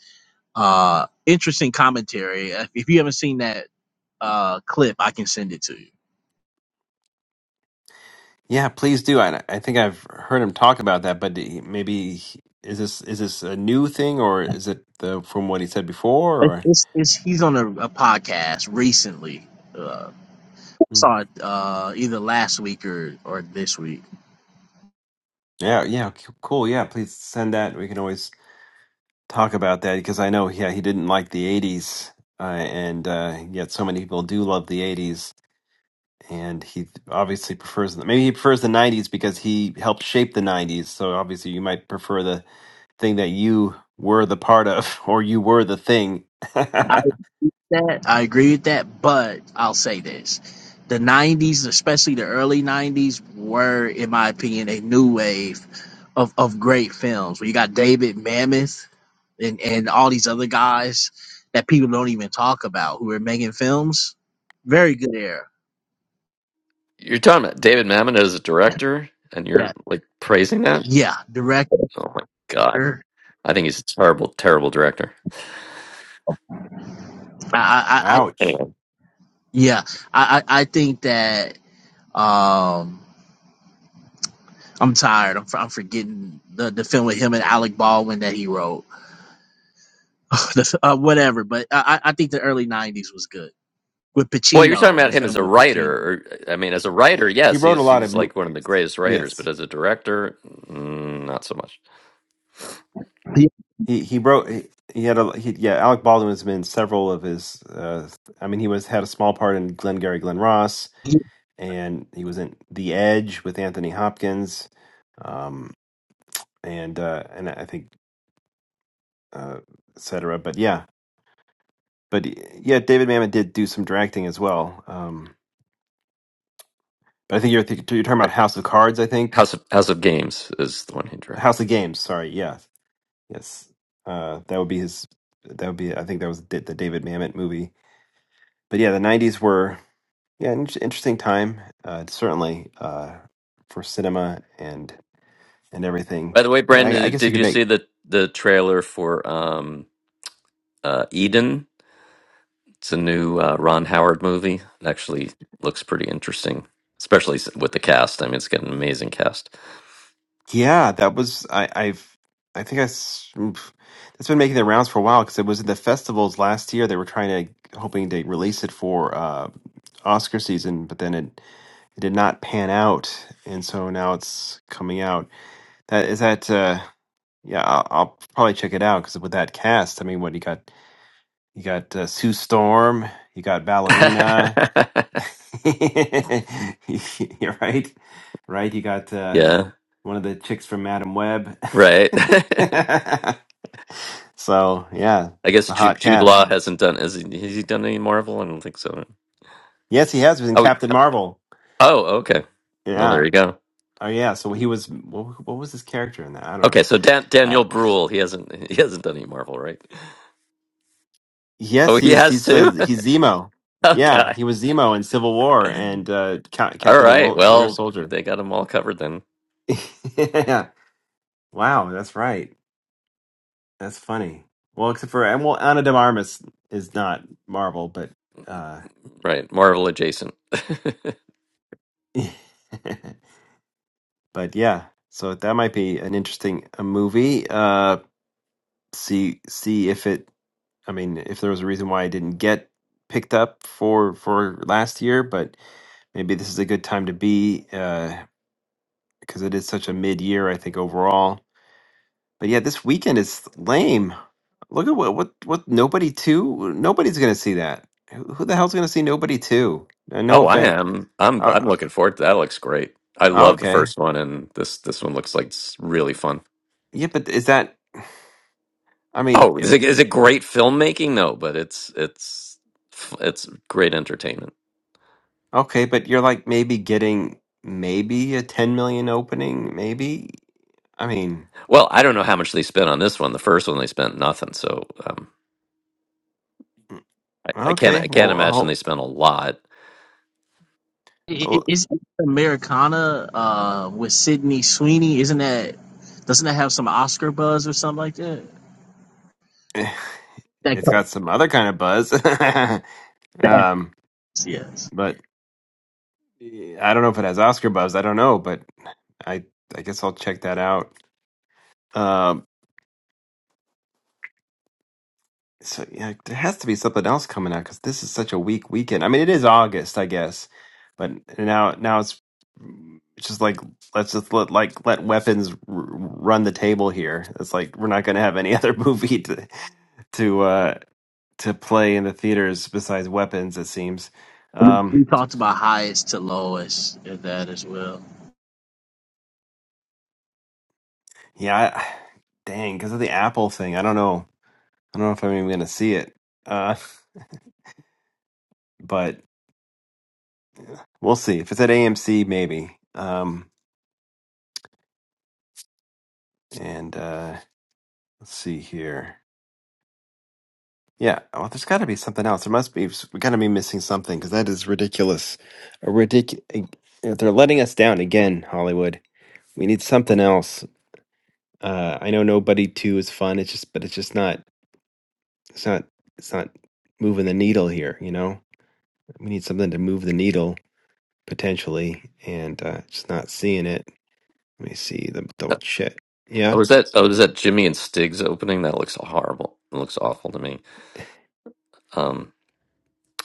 Uh, interesting commentary. If if you haven't seen that uh clip, I can send it to you.
Yeah, please do. I I think I've heard him talk about that, but he- maybe he- is this is this a new thing or is it the from what he said before
It's,
or
it's, it's he's on a, a podcast recently. Uh,
Hmm.
saw it uh, either last week or or this week.
Yeah, yeah, c- cool. Yeah, please send that. We can always talk about that because I know yeah, he didn't like the 80s uh, and uh yet so many people do love the 80s and he obviously prefers the, maybe he prefers the 90s because he helped shape the 90s. So obviously you might prefer the thing that you were the part of or you were the thing.
I like that I agree with that, but I'll say this: the '90s, especially the early '90s, were, in my opinion, a new wave of of great films. Where you got David Mamet and and all these other guys that people don't even talk about who are making films. Very good era.
You're talking about David Mamet as a director, and you're
Yeah,
like praising that.
yeah, director.
Oh my god, I think he's a terrible, terrible director.
I, I, I
Ouch.
Anyway,
yeah, I, I I think that um, I'm tired. I'm, I'm forgetting the, the film with him and Alec Baldwin that he wrote, The- uh, whatever. But I, I I think the early '90s was good with
well, you're talking
Pacino. The
about him as
film
a
with Pacino.
writer. Or, I mean, as a writer,
he
yes,
wrote a
he's
lot of
he's
mo-
like one of the greatest writers, but
yes
as a director, mm, not so much.
Yeah,
he he wrote he, he had a he, yeah alec baldwin has been in several of his uh i mean he was had a small part in glengarry glen ross
yeah,
and he was in the edge with anthony hopkins um and uh and i think uh etc but yeah but yeah david mamet did do some directing as well um but i think you're th- you're talking about house of cards i think
House of House of Games is the one he directed.
house of games sorry yeah yes uh that would be his that would be i think that was the the david mamet movie but yeah, the '90s were yeah an inter- interesting time. Uh, certainly uh, for cinema and and everything.
By the way,
Yeah, I, I
Brandon,
guess you
did
could
you
make.
see the the trailer for um, uh, Eden? It's a new uh, Ron Howard movie. It actually looks pretty interesting, especially s- with the cast. I mean, it's got an amazing cast.
Yeah, that was I, I've I think I s- oof. that's been making the rounds for a while because it was at the festivals last year. They were trying to hoping to release it for uh, Oscar season, but then it, it did not pan out, and so now it's coming out. That is that. Uh, yeah, I'll, I'll probably check it out because with that cast, I mean, what you got? You got uh, Sue Storm. You got Ballerina. You're right, right. You got uh,
yeah,
one of the chicks from Madam Web.
right.
so yeah,
I
it's
guess
a
Jude,
hot
Jude
cast.
Law hasn't done. Has he, has he done any Marvel? I don't think so.
Yes, he has been
Oh, he-
Captain Marvel.
oh, okay. No,
Yeah.
there you go.
Oh yeah. So he was. What, what was his character in that? I don't know.
Okay, so Dan,
I,
Daniel Bruhl, he hasn't he hasn't done any Marvel, right? Oh,
yes,
he
he's
has
he's
too.
the he's Zemo.
Okay.
Yeah, he was Zemo in Civil War and
All
uh, Ca- Captain and
right.
Winter
Well,
Soldier.
they got them all covered then.
yeah. Wow, that's right. That's funny. Well, except for and well, Anna de Armas is not Marvel, but uh,
Right. Marvel adjacent.
but yeah. So that might be an interesting uh movie. Uh, see see if it. I mean, if there was a reason why I didn't get picked up for for last year, but maybe this is a good time to be uh, because it is such a mid year. I think overall. But yeah, this weekend is lame. Look at what what what nobody two. Nobody's gonna see that. Who who the hell's gonna see nobody two? Uh, No
oh, I
offense.
am. I'm
Oh,
I'm looking forward to that. Looks great. I love the
okay.
first one and this this one looks like it's really fun.
Yeah, but is that? I mean,
Oh, is
it-
it, is it great filmmaking? No, but it's it's f- it's great entertainment.
okay, but you're like maybe getting maybe a ten million opening. Maybe. I mean,
Well, I don't know how much they spent on this one. The first one they spent nothing, so um I, I can't
okay.
I can't
Well,
imagine they
I'll,
spent a lot.
it- it-
well,
It's Americana uh, with Sidney Sweeney. Isn't that doesn't that have some Oscar buzz or something like that? That,
it's got some other kind of buzz.
that
um,
yes.
but eh, I don't know if it has Oscar buzz. I don't know, but I I guess I'll check that out. Um, so yeah, there has to be something else coming out because this is such a weak weekend. I mean, it is August, I guess, but now now it's it's just like let's just let like let weapons r- run the table here. It's like we're not going to have any other movie to to uh to play in the theaters besides weapons. It seems.
We,
Um,
we talked about highest to lowest in that as well.
yeah, I, dang, because of the Apple thing, I don't know. I don't know if I'm even going to see it. Uh, but we'll see if it's at AMC, maybe. Um. And uh, let's see here. Yeah, well, there's got to be something else. There must be. We got to be missing something because that is ridiculous. A ridic- They're letting us down again, Hollywood. We need something else. Uh, I know nobody two is fun. It's just, but it's just not. It's not. It's not moving the needle here. You know, we need something to move the needle potentially, and uh, just not seeing it. Let me see. The double check. Yeah.
Oh, is that oh is that Jimmy and Stig's opening? That looks horrible. It looks awful to me. Um,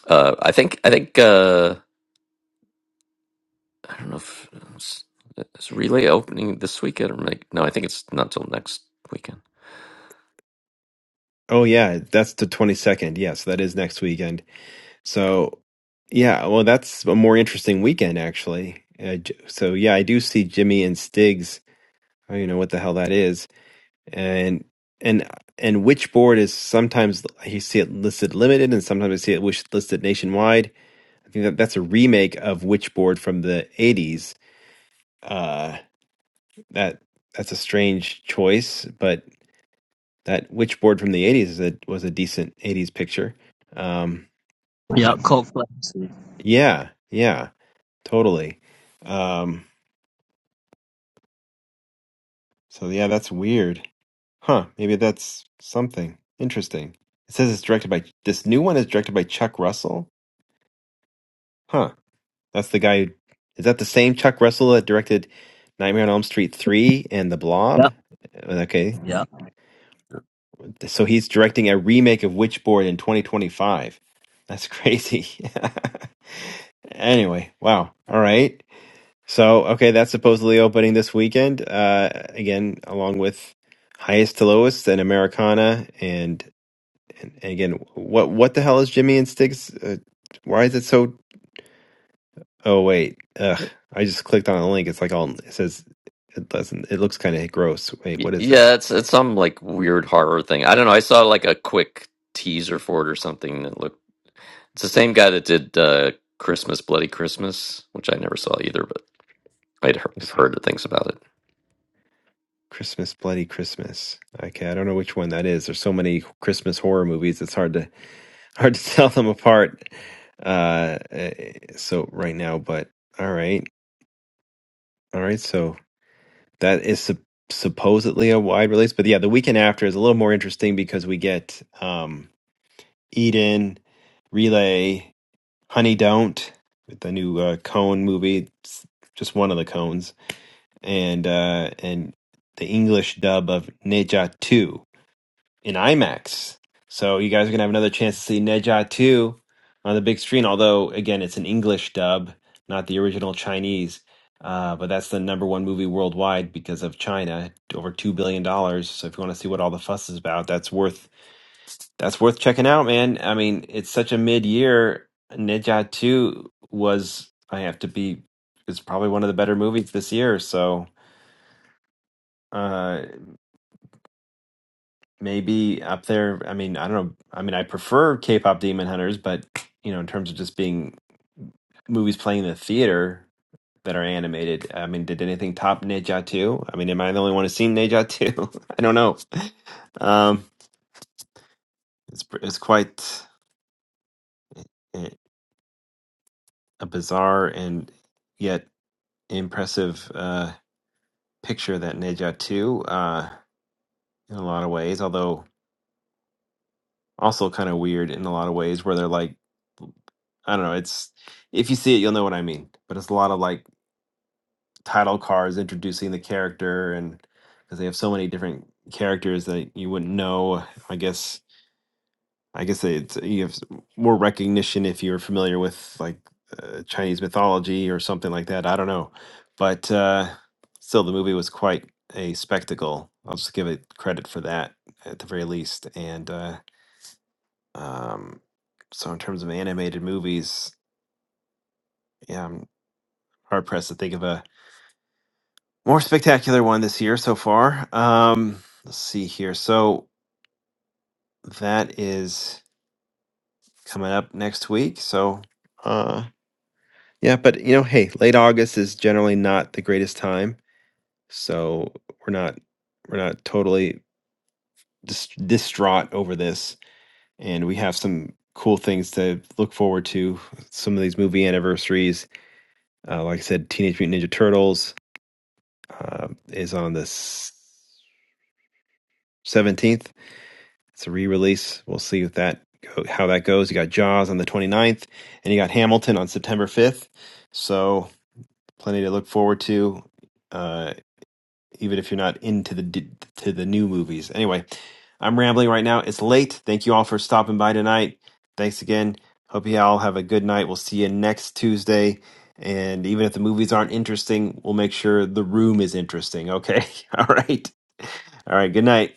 Uh, I think I think uh, I don't know if it's, it's relay opening this weekend or like no, I think it's not till next weekend.
Oh yeah, that's the twenty second. Yes, that is next weekend. So, yeah, well, that's a more interesting weekend, actually. Uh, J- so, yeah, I do see Jimmy and Stiggs. I don't know what the hell that is, and and uh, and Witchboard is sometimes you see it listed limited, and sometimes I see it wish listed nationwide. I think that that's a remake of Witchboard from the '80s. Uh, that that's a strange choice, but that Witchboard from the '80s is a, was a decent '80s picture. Um, but
Yep, cult classic.
yeah, yeah. Totally. Um, so yeah, that's weird. Huh, maybe that's something interesting. It says it's directed by this new one is directed by Chuck Russell. Huh. That's the guy who, is that the same Chuck Russell that directed Nightmare on Elm Street 3 and The Blob?
Yep.
Uh, Okay.
Yep.
So he's directing a remake of Witchboard in 2025. That's crazy. anyway, wow. All right. So, okay, that's supposedly opening this weekend. Uh, again, along with Highest to Lowest and Americana, and, and, and again, what what the hell is Jimmy and Sticks? Uh, why is it so? Oh wait, ugh! I just clicked on a link. It's like all it says. It doesn't. It looks kind of gross. Wait,
Y-
what is
Yeah,
this?
it's it's some like weird horror thing. I don't know. I saw like a quick teaser for it or something that looked. It's the same guy that did uh, Christmas Bloody Christmas, which I never saw either. I'd heard, I've
It's
heard things about it.
Christmas, bloody Christmas. Okay, I don't know which one that is. There's so many Christmas horror movies. It's hard to Hard to tell them apart. Uh, eh, so right now, but all right, all right. So that is sup- supposedly a wide release, but yeah, the weekend after is a little more interesting because we get um Eden, Relay, Honey Don't, with the new uh, Cone movie. It's just one of the cones, and uh and the English dub of Neja Two. in IMAX. So you guys are gonna have another chance to see Neja 2 on the big screen. Although again, it's an English dub, not the original Chinese. Uh, but that's the number one movie worldwide because of China, over two billion dollars. So if you want to see what all the fuss is about, that's worth that's worth checking out, man. I mean, it's such a mid year. Neja 2 was I have to be it's probably one of the better movies this year. So Uh, maybe up there. I mean, I don't know. I mean, I prefer K-pop Demon Hunters, but you know, in terms of just being movies playing in the theater that are animated, I mean, did anything top Ne 2? I mean, am I the only one who's seen Ne 2? I don't know. Um, it's pr- it's quite a a bizarre and yet impressive uh, picture that Ne 2 uh, in a lot of ways, although. also kind of weird in a lot of ways where they're like I don't know, it's if you see it you'll know what I mean. But it's a lot of like title cards introducing the character and because they have so many different characters that you wouldn't know. I guess I guess they- it's you have s- more recognition if you're familiar with like uh, Chinese mythology or something like that. I don't know. But uh still the movie was quite a spectacle. I'll just give it credit for that at the very least and uh um, so in terms of animated movies, yeah, I'm hard pressed to think of a more spectacular one this year so far. Um, let's see here. So that is coming up next week. So uh, yeah, but you know, hey, late August is generally not the greatest time, so we're not we're not totally dis- distraught over this, and we have some cool things to look forward to. Some of these movie anniversaries, uh, like I said, Teenage Mutant Ninja Turtles uh, is on the seventeenth. It's a re-release. We'll see if that go, how that goes. You got Jaws on the twenty-ninth, and you got Hamilton on September fifth. So plenty to look forward to. Uh, even if you're not into the d- to the new movies. Anyway, I'm rambling right now. It's late. Thank you all for stopping by tonight. Thanks again. Hope you all have a good night. We'll see you next Tuesday. And even if the movies aren't interesting, we'll make sure the room is interesting. Okay. All right. All right. Good night.